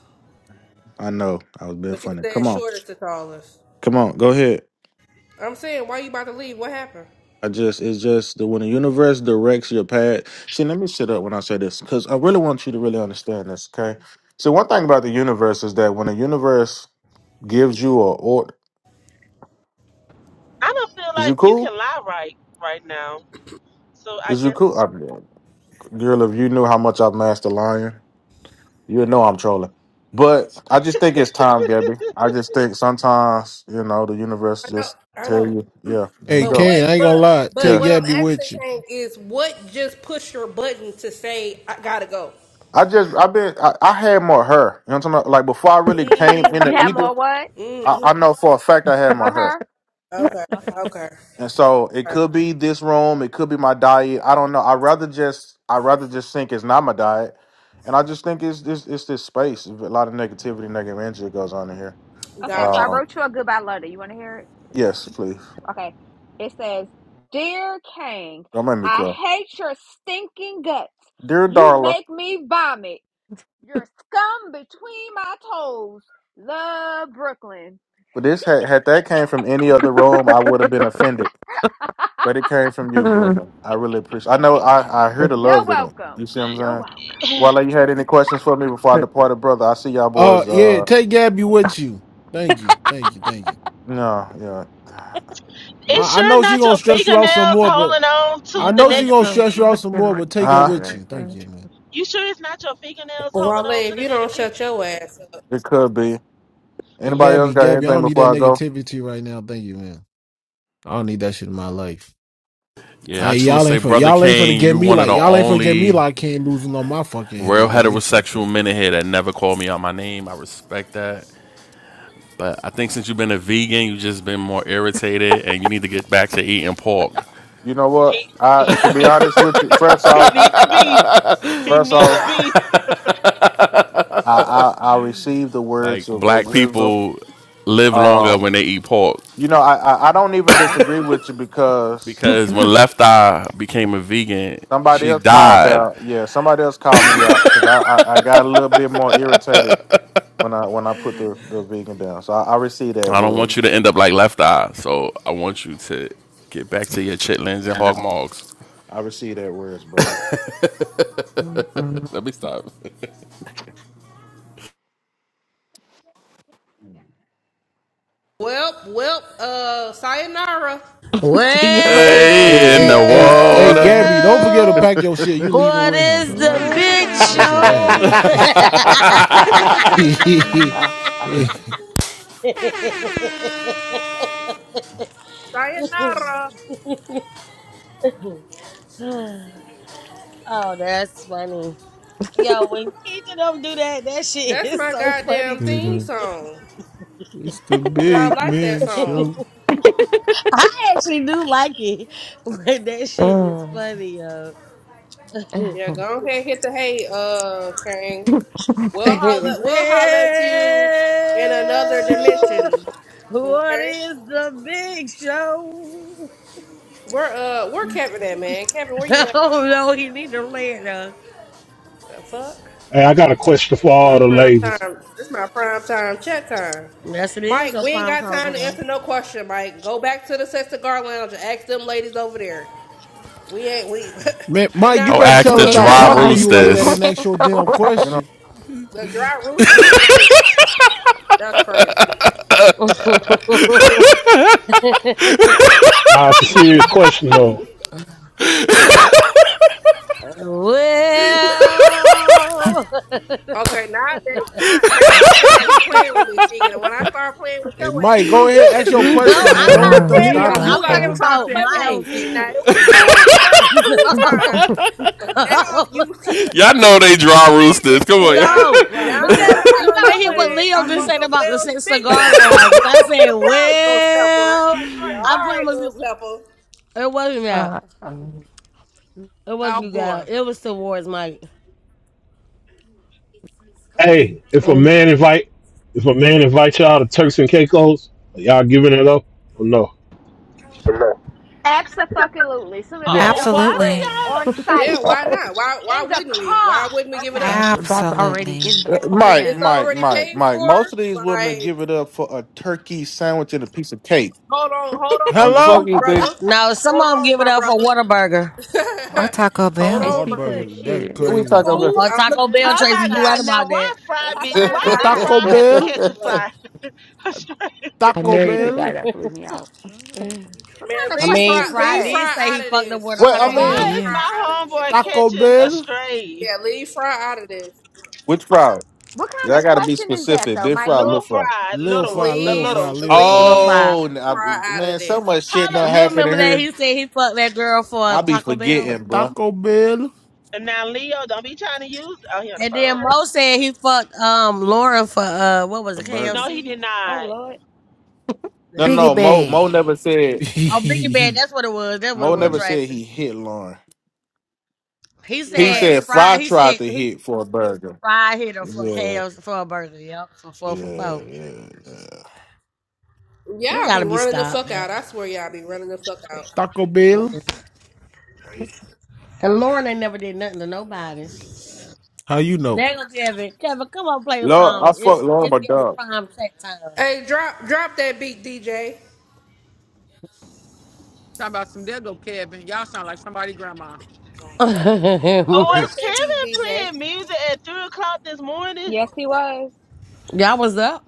[SPEAKER 21] I know I was being
[SPEAKER 1] but you
[SPEAKER 21] funny.
[SPEAKER 1] said
[SPEAKER 21] Come on,
[SPEAKER 1] short is the tallest.
[SPEAKER 21] come on. Go ahead.
[SPEAKER 1] I'm saying, why you about to leave? What happened?
[SPEAKER 21] I just it's just that when the universe directs your path. See, let me sit up when I say this because I really want you to really understand this. Okay. So one thing about the universe is that when the universe gives you a order,
[SPEAKER 13] I don't feel
[SPEAKER 21] is you
[SPEAKER 13] like you can
[SPEAKER 21] cool?
[SPEAKER 13] lie right right now. So I
[SPEAKER 21] Is you
[SPEAKER 13] guess
[SPEAKER 21] cool? I, girl, if you knew how much I've mastered lying, you would know I'm trolling. But I just think it's time, Gabby. I just think sometimes you know the universe
[SPEAKER 1] I know,
[SPEAKER 21] just
[SPEAKER 1] I
[SPEAKER 21] tell
[SPEAKER 1] know.
[SPEAKER 21] you, yeah, when you
[SPEAKER 2] Hey,
[SPEAKER 1] But
[SPEAKER 21] go,
[SPEAKER 2] Kane,
[SPEAKER 1] what?
[SPEAKER 2] I ain't gonna
[SPEAKER 1] But
[SPEAKER 2] lie.
[SPEAKER 1] but
[SPEAKER 2] Take
[SPEAKER 21] yeah.
[SPEAKER 1] what I'm
[SPEAKER 2] Gabby
[SPEAKER 1] asking,
[SPEAKER 2] with you.
[SPEAKER 1] Kane, is what just push your button to say I gotta go?
[SPEAKER 21] I just I've been I, I had more her. You know what I'm talking about? Like before I really came in
[SPEAKER 4] You
[SPEAKER 21] the
[SPEAKER 4] have
[SPEAKER 1] Mm.
[SPEAKER 21] ether.
[SPEAKER 4] more what?
[SPEAKER 21] I,
[SPEAKER 1] Mm-hmm.
[SPEAKER 21] I know for a fact I had
[SPEAKER 4] More
[SPEAKER 21] my hair,
[SPEAKER 4] her?
[SPEAKER 1] Okay.
[SPEAKER 4] Okay.
[SPEAKER 1] Okay.
[SPEAKER 21] and so it
[SPEAKER 1] Okay.
[SPEAKER 21] could be this room, it could be my diet. I don't know. I rather just I rather just think it's not my diet, and I just think it's this it's, it's this space. A lot of negativity, negative energy that goes on in here.
[SPEAKER 4] Okay, so I
[SPEAKER 1] Gotcha.
[SPEAKER 21] Um,
[SPEAKER 4] wrote you a goodbye letter. You wanna hear it?
[SPEAKER 21] yes, please
[SPEAKER 4] Okay. It says, Dear Kang,
[SPEAKER 21] don't make me
[SPEAKER 4] I
[SPEAKER 21] cry,
[SPEAKER 4] hate your stinking guts.
[SPEAKER 21] dear
[SPEAKER 4] You
[SPEAKER 21] Darla.
[SPEAKER 4] make me vomit. You're scum between my toes. Love Brooklyn.
[SPEAKER 21] But this had had that came from any other room, I would have been offended. But it came from you,
[SPEAKER 16] Y'all
[SPEAKER 21] brother. I really appreciate. I know I I hear the
[SPEAKER 4] You're
[SPEAKER 21] love in it. You
[SPEAKER 4] welcome.
[SPEAKER 21] see what I'm
[SPEAKER 4] You're
[SPEAKER 21] saying?
[SPEAKER 4] welcome.
[SPEAKER 21] Well, you had any questions for me before I departed, brother? I see y'all
[SPEAKER 2] Uh,
[SPEAKER 21] boys.
[SPEAKER 2] yeah,
[SPEAKER 21] Uh.
[SPEAKER 2] take Gabby with you. Thank you, thank you, thank you.
[SPEAKER 21] No, yeah.
[SPEAKER 13] it's
[SPEAKER 21] But,
[SPEAKER 2] I, I
[SPEAKER 13] sure
[SPEAKER 2] know she
[SPEAKER 13] not
[SPEAKER 2] gonna
[SPEAKER 13] your
[SPEAKER 2] stress you out some
[SPEAKER 13] fingernails
[SPEAKER 2] more, but
[SPEAKER 13] holding on to
[SPEAKER 2] I
[SPEAKER 13] the
[SPEAKER 2] know
[SPEAKER 16] are
[SPEAKER 2] she gonna
[SPEAKER 16] so
[SPEAKER 2] stress
[SPEAKER 13] negativity.
[SPEAKER 2] you out
[SPEAKER 16] fucking
[SPEAKER 2] some more. But take her
[SPEAKER 21] huh?
[SPEAKER 2] with
[SPEAKER 16] retarded,
[SPEAKER 2] you. Thank
[SPEAKER 16] I
[SPEAKER 2] you, man.
[SPEAKER 13] You sure it's not your fingernails holding
[SPEAKER 1] Wale,
[SPEAKER 13] on to
[SPEAKER 1] if
[SPEAKER 13] the
[SPEAKER 1] you don't shut
[SPEAKER 13] negativity?
[SPEAKER 1] your ass up.
[SPEAKER 21] It could be.
[SPEAKER 2] Hey,
[SPEAKER 21] Anybody
[SPEAKER 13] Yeah.
[SPEAKER 21] else
[SPEAKER 2] Gabby,
[SPEAKER 21] got
[SPEAKER 2] Gabby, I
[SPEAKER 21] anything
[SPEAKER 2] don't need
[SPEAKER 21] before
[SPEAKER 2] that
[SPEAKER 21] I go?
[SPEAKER 2] negativity right now. Thank you, man. I don't need that shit in my life.
[SPEAKER 7] Yeah,
[SPEAKER 2] I
[SPEAKER 7] I
[SPEAKER 2] ain't,
[SPEAKER 7] just want to
[SPEAKER 2] y'all
[SPEAKER 7] say,
[SPEAKER 2] ain't for
[SPEAKER 7] brother
[SPEAKER 2] y'all ain't finna
[SPEAKER 7] Kane,
[SPEAKER 2] get
[SPEAKER 7] you
[SPEAKER 2] me
[SPEAKER 7] one of
[SPEAKER 2] like
[SPEAKER 7] the
[SPEAKER 2] y'all ain't finna get me
[SPEAKER 7] only
[SPEAKER 2] like Kane losing on my fucking head.
[SPEAKER 7] real
[SPEAKER 2] You got me fucked up.
[SPEAKER 7] heterosexual men in here that never called me out my name. I respect that. But I think since you've been a vegan, you've just been more irritated, and you need to get back to eating pork.
[SPEAKER 21] You know what?
[SPEAKER 13] He
[SPEAKER 21] I to
[SPEAKER 13] he
[SPEAKER 21] be
[SPEAKER 13] he,
[SPEAKER 21] honest with you, first
[SPEAKER 13] he
[SPEAKER 21] off,
[SPEAKER 13] need the beef. He
[SPEAKER 21] first
[SPEAKER 13] need the
[SPEAKER 21] off,
[SPEAKER 13] beef.
[SPEAKER 21] I I, I received the
[SPEAKER 7] like
[SPEAKER 21] words of, of
[SPEAKER 7] black
[SPEAKER 21] wisdom.
[SPEAKER 7] people live longer
[SPEAKER 21] Um,
[SPEAKER 7] when they eat pork
[SPEAKER 21] you know, I, I I don't even disagree with you because
[SPEAKER 16] swear.
[SPEAKER 7] because when Left Eye became a vegan,
[SPEAKER 21] somebody
[SPEAKER 7] she
[SPEAKER 21] else called
[SPEAKER 7] died.
[SPEAKER 21] out. Yeah, somebody else called me out because I, I I got a little bit more irritated when I when I put the the vegan down. So I, I received that
[SPEAKER 7] I don't want you
[SPEAKER 21] word.
[SPEAKER 7] to end up like Left Eye, so I want you to get back to your chitlins and hog mogs.
[SPEAKER 21] I received that words, brother.
[SPEAKER 16] Mm-mm.
[SPEAKER 7] Let me stop.
[SPEAKER 1] Well, well, uh, sayonara.
[SPEAKER 16] See you later.
[SPEAKER 2] Hey,
[SPEAKER 7] Hey, in
[SPEAKER 2] hey,
[SPEAKER 7] the
[SPEAKER 2] hey,
[SPEAKER 16] See
[SPEAKER 2] hey,
[SPEAKER 7] water.
[SPEAKER 2] Gabby, don't forget to
[SPEAKER 8] Well,
[SPEAKER 2] pack your shit. You leaving
[SPEAKER 8] what
[SPEAKER 2] with him?
[SPEAKER 8] is the
[SPEAKER 2] Um,
[SPEAKER 16] you later,
[SPEAKER 8] big
[SPEAKER 2] make sure that
[SPEAKER 16] alligator.
[SPEAKER 8] show?
[SPEAKER 2] happens.
[SPEAKER 1] Sayonara.
[SPEAKER 8] oh, that's funny. Yo, when Keisha don't do that, that shit
[SPEAKER 1] That's
[SPEAKER 8] is
[SPEAKER 1] my
[SPEAKER 8] so funny
[SPEAKER 1] goddamn
[SPEAKER 8] to
[SPEAKER 1] theme
[SPEAKER 8] me.
[SPEAKER 2] it's
[SPEAKER 1] song.
[SPEAKER 2] the
[SPEAKER 1] And I
[SPEAKER 2] big
[SPEAKER 1] like that
[SPEAKER 2] man
[SPEAKER 1] song.
[SPEAKER 2] show.
[SPEAKER 8] I actually do like it, but that shit is
[SPEAKER 16] Oh.
[SPEAKER 8] funny, yo.
[SPEAKER 1] Yeah, go ahead, hit the hay, uh, Kang.
[SPEAKER 16] we
[SPEAKER 1] We'll
[SPEAKER 8] well,
[SPEAKER 1] holler, we'll holler at you in another dimension.
[SPEAKER 8] what
[SPEAKER 1] Okay?
[SPEAKER 8] is the big show?
[SPEAKER 1] Where, uh, where Kevin at, man? Kevin, where you at?
[SPEAKER 8] oh no, he need to lay it down.
[SPEAKER 1] The fuck?
[SPEAKER 24] Hey, I got a question for
[SPEAKER 1] My
[SPEAKER 24] all the
[SPEAKER 1] prime
[SPEAKER 24] ladies.
[SPEAKER 1] time. It's my prime time chat time.
[SPEAKER 8] Yes, it is
[SPEAKER 1] Mike,
[SPEAKER 8] a
[SPEAKER 1] we ain't
[SPEAKER 8] prime
[SPEAKER 1] got
[SPEAKER 8] time for
[SPEAKER 1] time to
[SPEAKER 8] them.
[SPEAKER 1] answer no question, Mike. Go back to the Sexton Guard Lounge and ask them ladies over there. We ain't we
[SPEAKER 2] Man,
[SPEAKER 1] we
[SPEAKER 2] Mike, you
[SPEAKER 1] not
[SPEAKER 7] Go
[SPEAKER 2] better
[SPEAKER 1] ready
[SPEAKER 7] ask
[SPEAKER 1] for
[SPEAKER 2] tell
[SPEAKER 7] the
[SPEAKER 2] her
[SPEAKER 1] no
[SPEAKER 16] ain't
[SPEAKER 2] stop
[SPEAKER 16] the
[SPEAKER 1] damn
[SPEAKER 7] dry
[SPEAKER 2] talking to
[SPEAKER 1] question.
[SPEAKER 16] ones.
[SPEAKER 2] you
[SPEAKER 16] We
[SPEAKER 2] like that and
[SPEAKER 7] roosters.
[SPEAKER 2] ask
[SPEAKER 16] ain't
[SPEAKER 2] your
[SPEAKER 16] the
[SPEAKER 2] damn
[SPEAKER 16] ones.
[SPEAKER 21] You know,
[SPEAKER 2] question.
[SPEAKER 1] The dry roosters is crazy. That's crazy.
[SPEAKER 8] well,
[SPEAKER 24] Nah, it's a serious question though.
[SPEAKER 1] Okay, nowadays now now I feel like you playing with me, Sheegan, and when I start playing with
[SPEAKER 2] Hey,
[SPEAKER 1] your ass,
[SPEAKER 2] Mike,
[SPEAKER 1] you
[SPEAKER 2] go
[SPEAKER 1] gonna be
[SPEAKER 2] ahead, ask your
[SPEAKER 1] sensitive.
[SPEAKER 8] no,
[SPEAKER 2] question, man.
[SPEAKER 8] I'm
[SPEAKER 2] Don't
[SPEAKER 8] not
[SPEAKER 2] let them
[SPEAKER 16] Uh,
[SPEAKER 8] playing with
[SPEAKER 1] Now
[SPEAKER 23] Leo,
[SPEAKER 8] you.
[SPEAKER 1] I
[SPEAKER 2] stop
[SPEAKER 16] uh,
[SPEAKER 2] you.
[SPEAKER 1] feel
[SPEAKER 23] you
[SPEAKER 8] I'm
[SPEAKER 1] like
[SPEAKER 23] is
[SPEAKER 8] talking
[SPEAKER 1] you
[SPEAKER 16] uh,
[SPEAKER 1] trying to
[SPEAKER 8] about
[SPEAKER 1] play
[SPEAKER 23] something
[SPEAKER 1] with me,
[SPEAKER 23] else,
[SPEAKER 8] Mike.
[SPEAKER 1] Fig. Now
[SPEAKER 23] man.
[SPEAKER 1] it was cool the first two times, but now you you
[SPEAKER 7] Y'all know they
[SPEAKER 1] continuously
[SPEAKER 7] dry
[SPEAKER 1] saying
[SPEAKER 7] roosters.
[SPEAKER 1] this
[SPEAKER 7] Come
[SPEAKER 23] Go
[SPEAKER 7] on.
[SPEAKER 1] shit.
[SPEAKER 23] ask
[SPEAKER 8] no,
[SPEAKER 23] the dry
[SPEAKER 1] Now when
[SPEAKER 23] roosters
[SPEAKER 8] because
[SPEAKER 1] I
[SPEAKER 23] is
[SPEAKER 1] get
[SPEAKER 8] you
[SPEAKER 1] on
[SPEAKER 8] gotta hear
[SPEAKER 1] your
[SPEAKER 8] what
[SPEAKER 23] crazy.
[SPEAKER 1] ass
[SPEAKER 8] Leo
[SPEAKER 1] talking
[SPEAKER 8] just
[SPEAKER 1] about
[SPEAKER 8] said
[SPEAKER 1] some
[SPEAKER 8] about the
[SPEAKER 1] Lil to
[SPEAKER 8] Six
[SPEAKER 1] Big
[SPEAKER 8] Cigar
[SPEAKER 1] Show,
[SPEAKER 8] Lounge. And
[SPEAKER 1] it's
[SPEAKER 8] I
[SPEAKER 1] gonna be
[SPEAKER 8] said,
[SPEAKER 1] a problem, Ghost Pepper.
[SPEAKER 8] well,
[SPEAKER 1] Yeah, all
[SPEAKER 8] I
[SPEAKER 1] right,
[SPEAKER 8] promise
[SPEAKER 1] Ghost
[SPEAKER 8] you.
[SPEAKER 1] Pepper.
[SPEAKER 8] It wasn't that.
[SPEAKER 16] uh, uh.
[SPEAKER 8] It wasn't
[SPEAKER 23] Oh
[SPEAKER 8] you guys.
[SPEAKER 23] boy.
[SPEAKER 8] It was towards Mike.
[SPEAKER 24] Hey, if a
[SPEAKER 8] Mm.
[SPEAKER 24] man invite if a man invite y'all to Turks and Caicos, are y'all giving it up or no?
[SPEAKER 4] Absolutely. As soon as I
[SPEAKER 16] Yes.
[SPEAKER 4] get
[SPEAKER 13] Oh,
[SPEAKER 4] off the
[SPEAKER 13] why
[SPEAKER 15] Absolutely.
[SPEAKER 4] plane,
[SPEAKER 13] do
[SPEAKER 4] on
[SPEAKER 13] y'all?
[SPEAKER 1] Yeah,
[SPEAKER 4] site.
[SPEAKER 1] why
[SPEAKER 16] yes.
[SPEAKER 1] not? Why why
[SPEAKER 4] in the
[SPEAKER 1] wouldn't we? Why
[SPEAKER 4] car,
[SPEAKER 1] wouldn't we give it
[SPEAKER 4] okay?
[SPEAKER 1] up?
[SPEAKER 16] That's, that's already in
[SPEAKER 15] Absolutely.
[SPEAKER 16] the
[SPEAKER 1] It-
[SPEAKER 21] Mike,
[SPEAKER 1] It's
[SPEAKER 16] plan.
[SPEAKER 21] Mike,
[SPEAKER 1] already
[SPEAKER 21] Mike,
[SPEAKER 1] paid
[SPEAKER 21] Mike.
[SPEAKER 1] for.
[SPEAKER 21] Most
[SPEAKER 4] Absolutely.
[SPEAKER 21] of these women
[SPEAKER 1] Like,
[SPEAKER 21] give it up for a turkey sandwich and a piece of cake.
[SPEAKER 1] hold on, hold on
[SPEAKER 21] You
[SPEAKER 1] now,
[SPEAKER 2] Hello?
[SPEAKER 1] my
[SPEAKER 21] fucking think
[SPEAKER 1] brother.
[SPEAKER 8] No, some
[SPEAKER 4] Hello?
[SPEAKER 1] Hold
[SPEAKER 8] of them
[SPEAKER 1] on,
[SPEAKER 8] give it
[SPEAKER 1] my
[SPEAKER 8] up for
[SPEAKER 1] brother.
[SPEAKER 8] Whataburger
[SPEAKER 15] Or
[SPEAKER 16] Uh,
[SPEAKER 15] Taco
[SPEAKER 4] They
[SPEAKER 1] Hold
[SPEAKER 2] The
[SPEAKER 16] I
[SPEAKER 4] burgers
[SPEAKER 15] Bell.
[SPEAKER 1] on,
[SPEAKER 4] be
[SPEAKER 1] my
[SPEAKER 16] speak from
[SPEAKER 4] good,
[SPEAKER 1] brother.
[SPEAKER 2] Whataburger, that's
[SPEAKER 4] she.
[SPEAKER 21] who
[SPEAKER 1] Is
[SPEAKER 16] experience.
[SPEAKER 21] we
[SPEAKER 1] you
[SPEAKER 2] crazy.
[SPEAKER 21] talking
[SPEAKER 1] cool?
[SPEAKER 21] about?
[SPEAKER 8] or
[SPEAKER 4] Burgers
[SPEAKER 1] I'm
[SPEAKER 4] be
[SPEAKER 8] Taco
[SPEAKER 1] looking at you
[SPEAKER 8] Bell.
[SPEAKER 4] good.
[SPEAKER 13] Oh my
[SPEAKER 1] side
[SPEAKER 8] Tracy, you
[SPEAKER 1] eye.
[SPEAKER 8] right
[SPEAKER 13] God! Now
[SPEAKER 8] about
[SPEAKER 13] why
[SPEAKER 8] that.
[SPEAKER 4] They
[SPEAKER 13] Fry
[SPEAKER 1] I'm
[SPEAKER 4] got some
[SPEAKER 13] bitch?
[SPEAKER 4] good
[SPEAKER 1] side
[SPEAKER 2] A
[SPEAKER 13] Why
[SPEAKER 1] eye
[SPEAKER 13] did
[SPEAKER 1] to you
[SPEAKER 4] fries.
[SPEAKER 2] Taco
[SPEAKER 1] now.
[SPEAKER 13] Fry have to
[SPEAKER 2] Bell,
[SPEAKER 1] Hold on,
[SPEAKER 13] catch a
[SPEAKER 1] my brother.
[SPEAKER 13] fly?
[SPEAKER 16] I
[SPEAKER 2] Taco
[SPEAKER 16] married the
[SPEAKER 4] Yeah.
[SPEAKER 2] Bell,
[SPEAKER 16] guy that blew me out.
[SPEAKER 4] Mm-hmm. What
[SPEAKER 1] Man,
[SPEAKER 4] kind of
[SPEAKER 8] I
[SPEAKER 1] leave
[SPEAKER 4] question
[SPEAKER 8] mean,
[SPEAKER 1] fry,
[SPEAKER 4] is
[SPEAKER 8] Fry
[SPEAKER 1] leave
[SPEAKER 4] that?
[SPEAKER 8] did
[SPEAKER 1] fry
[SPEAKER 8] say he
[SPEAKER 1] out of
[SPEAKER 8] fucked up
[SPEAKER 1] this.
[SPEAKER 8] with a
[SPEAKER 21] well,
[SPEAKER 8] Taco
[SPEAKER 21] I
[SPEAKER 1] Okay,
[SPEAKER 15] He
[SPEAKER 21] mean,
[SPEAKER 1] leave
[SPEAKER 8] Bell.
[SPEAKER 13] Why is
[SPEAKER 15] did.
[SPEAKER 1] fry
[SPEAKER 13] my
[SPEAKER 1] out of this.
[SPEAKER 13] homeboy
[SPEAKER 2] Taco
[SPEAKER 13] catching a
[SPEAKER 2] Bell,
[SPEAKER 13] stray?
[SPEAKER 1] Yeah, leave fry out of this.
[SPEAKER 21] which fry?
[SPEAKER 4] What
[SPEAKER 21] Yeah,
[SPEAKER 4] kind
[SPEAKER 21] I
[SPEAKER 4] of
[SPEAKER 21] gotta be
[SPEAKER 4] question is that
[SPEAKER 21] specific.
[SPEAKER 4] though,
[SPEAKER 21] Big fry, little
[SPEAKER 13] Little
[SPEAKER 4] Michael?
[SPEAKER 21] fry.
[SPEAKER 13] fried,
[SPEAKER 2] Lil
[SPEAKER 13] little
[SPEAKER 2] Fry,
[SPEAKER 13] one, the
[SPEAKER 2] Lil
[SPEAKER 1] Leave,
[SPEAKER 2] Fry,
[SPEAKER 13] little.
[SPEAKER 2] Lil Fry.
[SPEAKER 8] Real
[SPEAKER 1] leave
[SPEAKER 8] fire.
[SPEAKER 21] Oh, n- I
[SPEAKER 4] The
[SPEAKER 21] be-
[SPEAKER 1] fry out
[SPEAKER 4] fuck?
[SPEAKER 1] of
[SPEAKER 21] man, so
[SPEAKER 1] this.
[SPEAKER 21] much shit
[SPEAKER 13] Holla.
[SPEAKER 21] not
[SPEAKER 8] You
[SPEAKER 21] happening
[SPEAKER 8] remember that
[SPEAKER 21] here.
[SPEAKER 8] he said he fucked that girl for a
[SPEAKER 21] I be
[SPEAKER 8] Taco
[SPEAKER 2] A
[SPEAKER 8] Bell,
[SPEAKER 21] forgetting, bruh.
[SPEAKER 2] Taco Bell,
[SPEAKER 13] And now, Leo, don't be trying to use. Oh, he on the
[SPEAKER 8] and then
[SPEAKER 13] phone.
[SPEAKER 8] Mo said he fucked um Lauren for uh what was
[SPEAKER 21] A
[SPEAKER 8] it
[SPEAKER 21] burger.
[SPEAKER 13] No, he
[SPEAKER 8] KFC?
[SPEAKER 13] did
[SPEAKER 4] Oh
[SPEAKER 13] not.
[SPEAKER 4] Lord.
[SPEAKER 21] No, no,
[SPEAKER 8] That's it.
[SPEAKER 15] Biggie
[SPEAKER 21] no.
[SPEAKER 8] Then.
[SPEAKER 21] Mo, Mo
[SPEAKER 15] Bag.
[SPEAKER 21] never said.
[SPEAKER 8] Oh, Biggie Bad. That's what it was. That's what it
[SPEAKER 21] Mo
[SPEAKER 8] was,
[SPEAKER 21] never said
[SPEAKER 8] Tracy.
[SPEAKER 21] he hit Lauren.
[SPEAKER 8] He
[SPEAKER 21] He
[SPEAKER 8] said
[SPEAKER 23] Right.
[SPEAKER 21] said
[SPEAKER 8] Fry.
[SPEAKER 21] Fry
[SPEAKER 8] He
[SPEAKER 21] tried
[SPEAKER 8] said
[SPEAKER 21] to
[SPEAKER 8] he
[SPEAKER 21] hit for a burger.
[SPEAKER 8] Fry hit her for
[SPEAKER 21] Yeah,
[SPEAKER 8] KFC for a burger. Yep, for four for four.
[SPEAKER 21] yeah, yeah, yeah.
[SPEAKER 8] We
[SPEAKER 1] Y'all be
[SPEAKER 8] gotta be
[SPEAKER 1] running the
[SPEAKER 8] stopped,
[SPEAKER 1] fuck
[SPEAKER 8] yo.
[SPEAKER 1] out. I swear, y'all be running the fuck out.
[SPEAKER 2] Taco Bell.
[SPEAKER 8] And Lauren ain't never did nothing to nobody.
[SPEAKER 2] How you know?
[SPEAKER 8] There go Kevin. Kevin, come on, play a
[SPEAKER 21] Lord, I
[SPEAKER 8] song.
[SPEAKER 21] fuck
[SPEAKER 8] It's
[SPEAKER 21] Lord
[SPEAKER 8] it's
[SPEAKER 21] my
[SPEAKER 8] Kevin
[SPEAKER 21] dog.
[SPEAKER 8] prime check time.
[SPEAKER 1] Hey, drop, drop that beat, DJ.
[SPEAKER 23] Talking about some there go Kevin. Y'all sound like somebody grandma.
[SPEAKER 13] Oh,
[SPEAKER 1] Drop
[SPEAKER 13] was
[SPEAKER 1] that beat,
[SPEAKER 13] Kevin
[SPEAKER 1] DJ.
[SPEAKER 13] playing music at 3 o'clock this morning?
[SPEAKER 4] Yes, he was.
[SPEAKER 8] Y'all was up.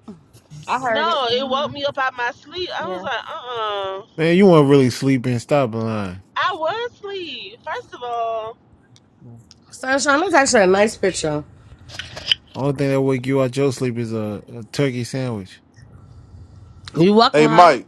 [SPEAKER 4] I heard it.
[SPEAKER 13] No, it
[SPEAKER 4] Mm-hmm.
[SPEAKER 13] woke me up out my sleep. I was
[SPEAKER 4] Yeah.
[SPEAKER 13] like, uh uh
[SPEAKER 2] Man, you weren't really sleeping. Stop lying.
[SPEAKER 13] I was asleep, first of all.
[SPEAKER 8] Sunshine, that's actually a nice picture.
[SPEAKER 2] Only thing that wake you out your sleep is a, a turkey sandwich.
[SPEAKER 8] You welcome,
[SPEAKER 21] Hey
[SPEAKER 8] hoe.
[SPEAKER 21] Mike,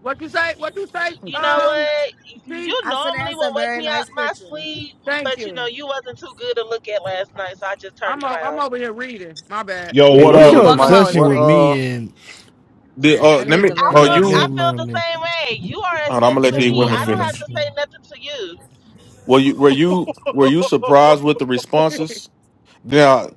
[SPEAKER 23] What you say? What you say?
[SPEAKER 13] You know
[SPEAKER 23] Um,
[SPEAKER 13] what?
[SPEAKER 23] T.
[SPEAKER 13] You
[SPEAKER 8] I said
[SPEAKER 13] normally
[SPEAKER 8] that's a
[SPEAKER 13] would wake
[SPEAKER 8] very
[SPEAKER 13] me out
[SPEAKER 8] nice
[SPEAKER 13] my
[SPEAKER 8] picture.
[SPEAKER 13] sleep,
[SPEAKER 23] Thank
[SPEAKER 13] but you know,
[SPEAKER 23] you.
[SPEAKER 13] you wasn't too good to look at last night, so I just turned
[SPEAKER 23] I'm o- I'm
[SPEAKER 13] around.
[SPEAKER 23] over here reading. My bad.
[SPEAKER 24] Yo,
[SPEAKER 2] Hey,
[SPEAKER 24] what
[SPEAKER 21] what's
[SPEAKER 2] what's
[SPEAKER 21] good
[SPEAKER 24] up?
[SPEAKER 8] You
[SPEAKER 21] with
[SPEAKER 2] your
[SPEAKER 21] you,
[SPEAKER 8] welcome,
[SPEAKER 21] Mike?
[SPEAKER 8] hoe. It's
[SPEAKER 2] obsession
[SPEAKER 21] What
[SPEAKER 2] with
[SPEAKER 8] crazy
[SPEAKER 21] uh
[SPEAKER 8] though.
[SPEAKER 2] me and
[SPEAKER 21] did uh
[SPEAKER 8] That
[SPEAKER 21] let
[SPEAKER 8] is
[SPEAKER 21] me
[SPEAKER 8] a
[SPEAKER 2] you
[SPEAKER 13] I
[SPEAKER 8] very
[SPEAKER 21] uh
[SPEAKER 8] nice
[SPEAKER 2] know?
[SPEAKER 21] you
[SPEAKER 13] feel
[SPEAKER 8] picture.
[SPEAKER 13] I
[SPEAKER 2] Never
[SPEAKER 21] hold
[SPEAKER 13] feel
[SPEAKER 2] mind,
[SPEAKER 13] the
[SPEAKER 2] man.
[SPEAKER 13] same way. You are a
[SPEAKER 21] on, I'm gonna
[SPEAKER 13] sis
[SPEAKER 21] let
[SPEAKER 13] with
[SPEAKER 2] Never
[SPEAKER 21] these
[SPEAKER 13] me.
[SPEAKER 21] women
[SPEAKER 13] I
[SPEAKER 2] mind,
[SPEAKER 13] don't have
[SPEAKER 21] finish.
[SPEAKER 13] to say
[SPEAKER 2] man.
[SPEAKER 13] nothing to you.
[SPEAKER 21] Were you were you were you surprised with the responses? Now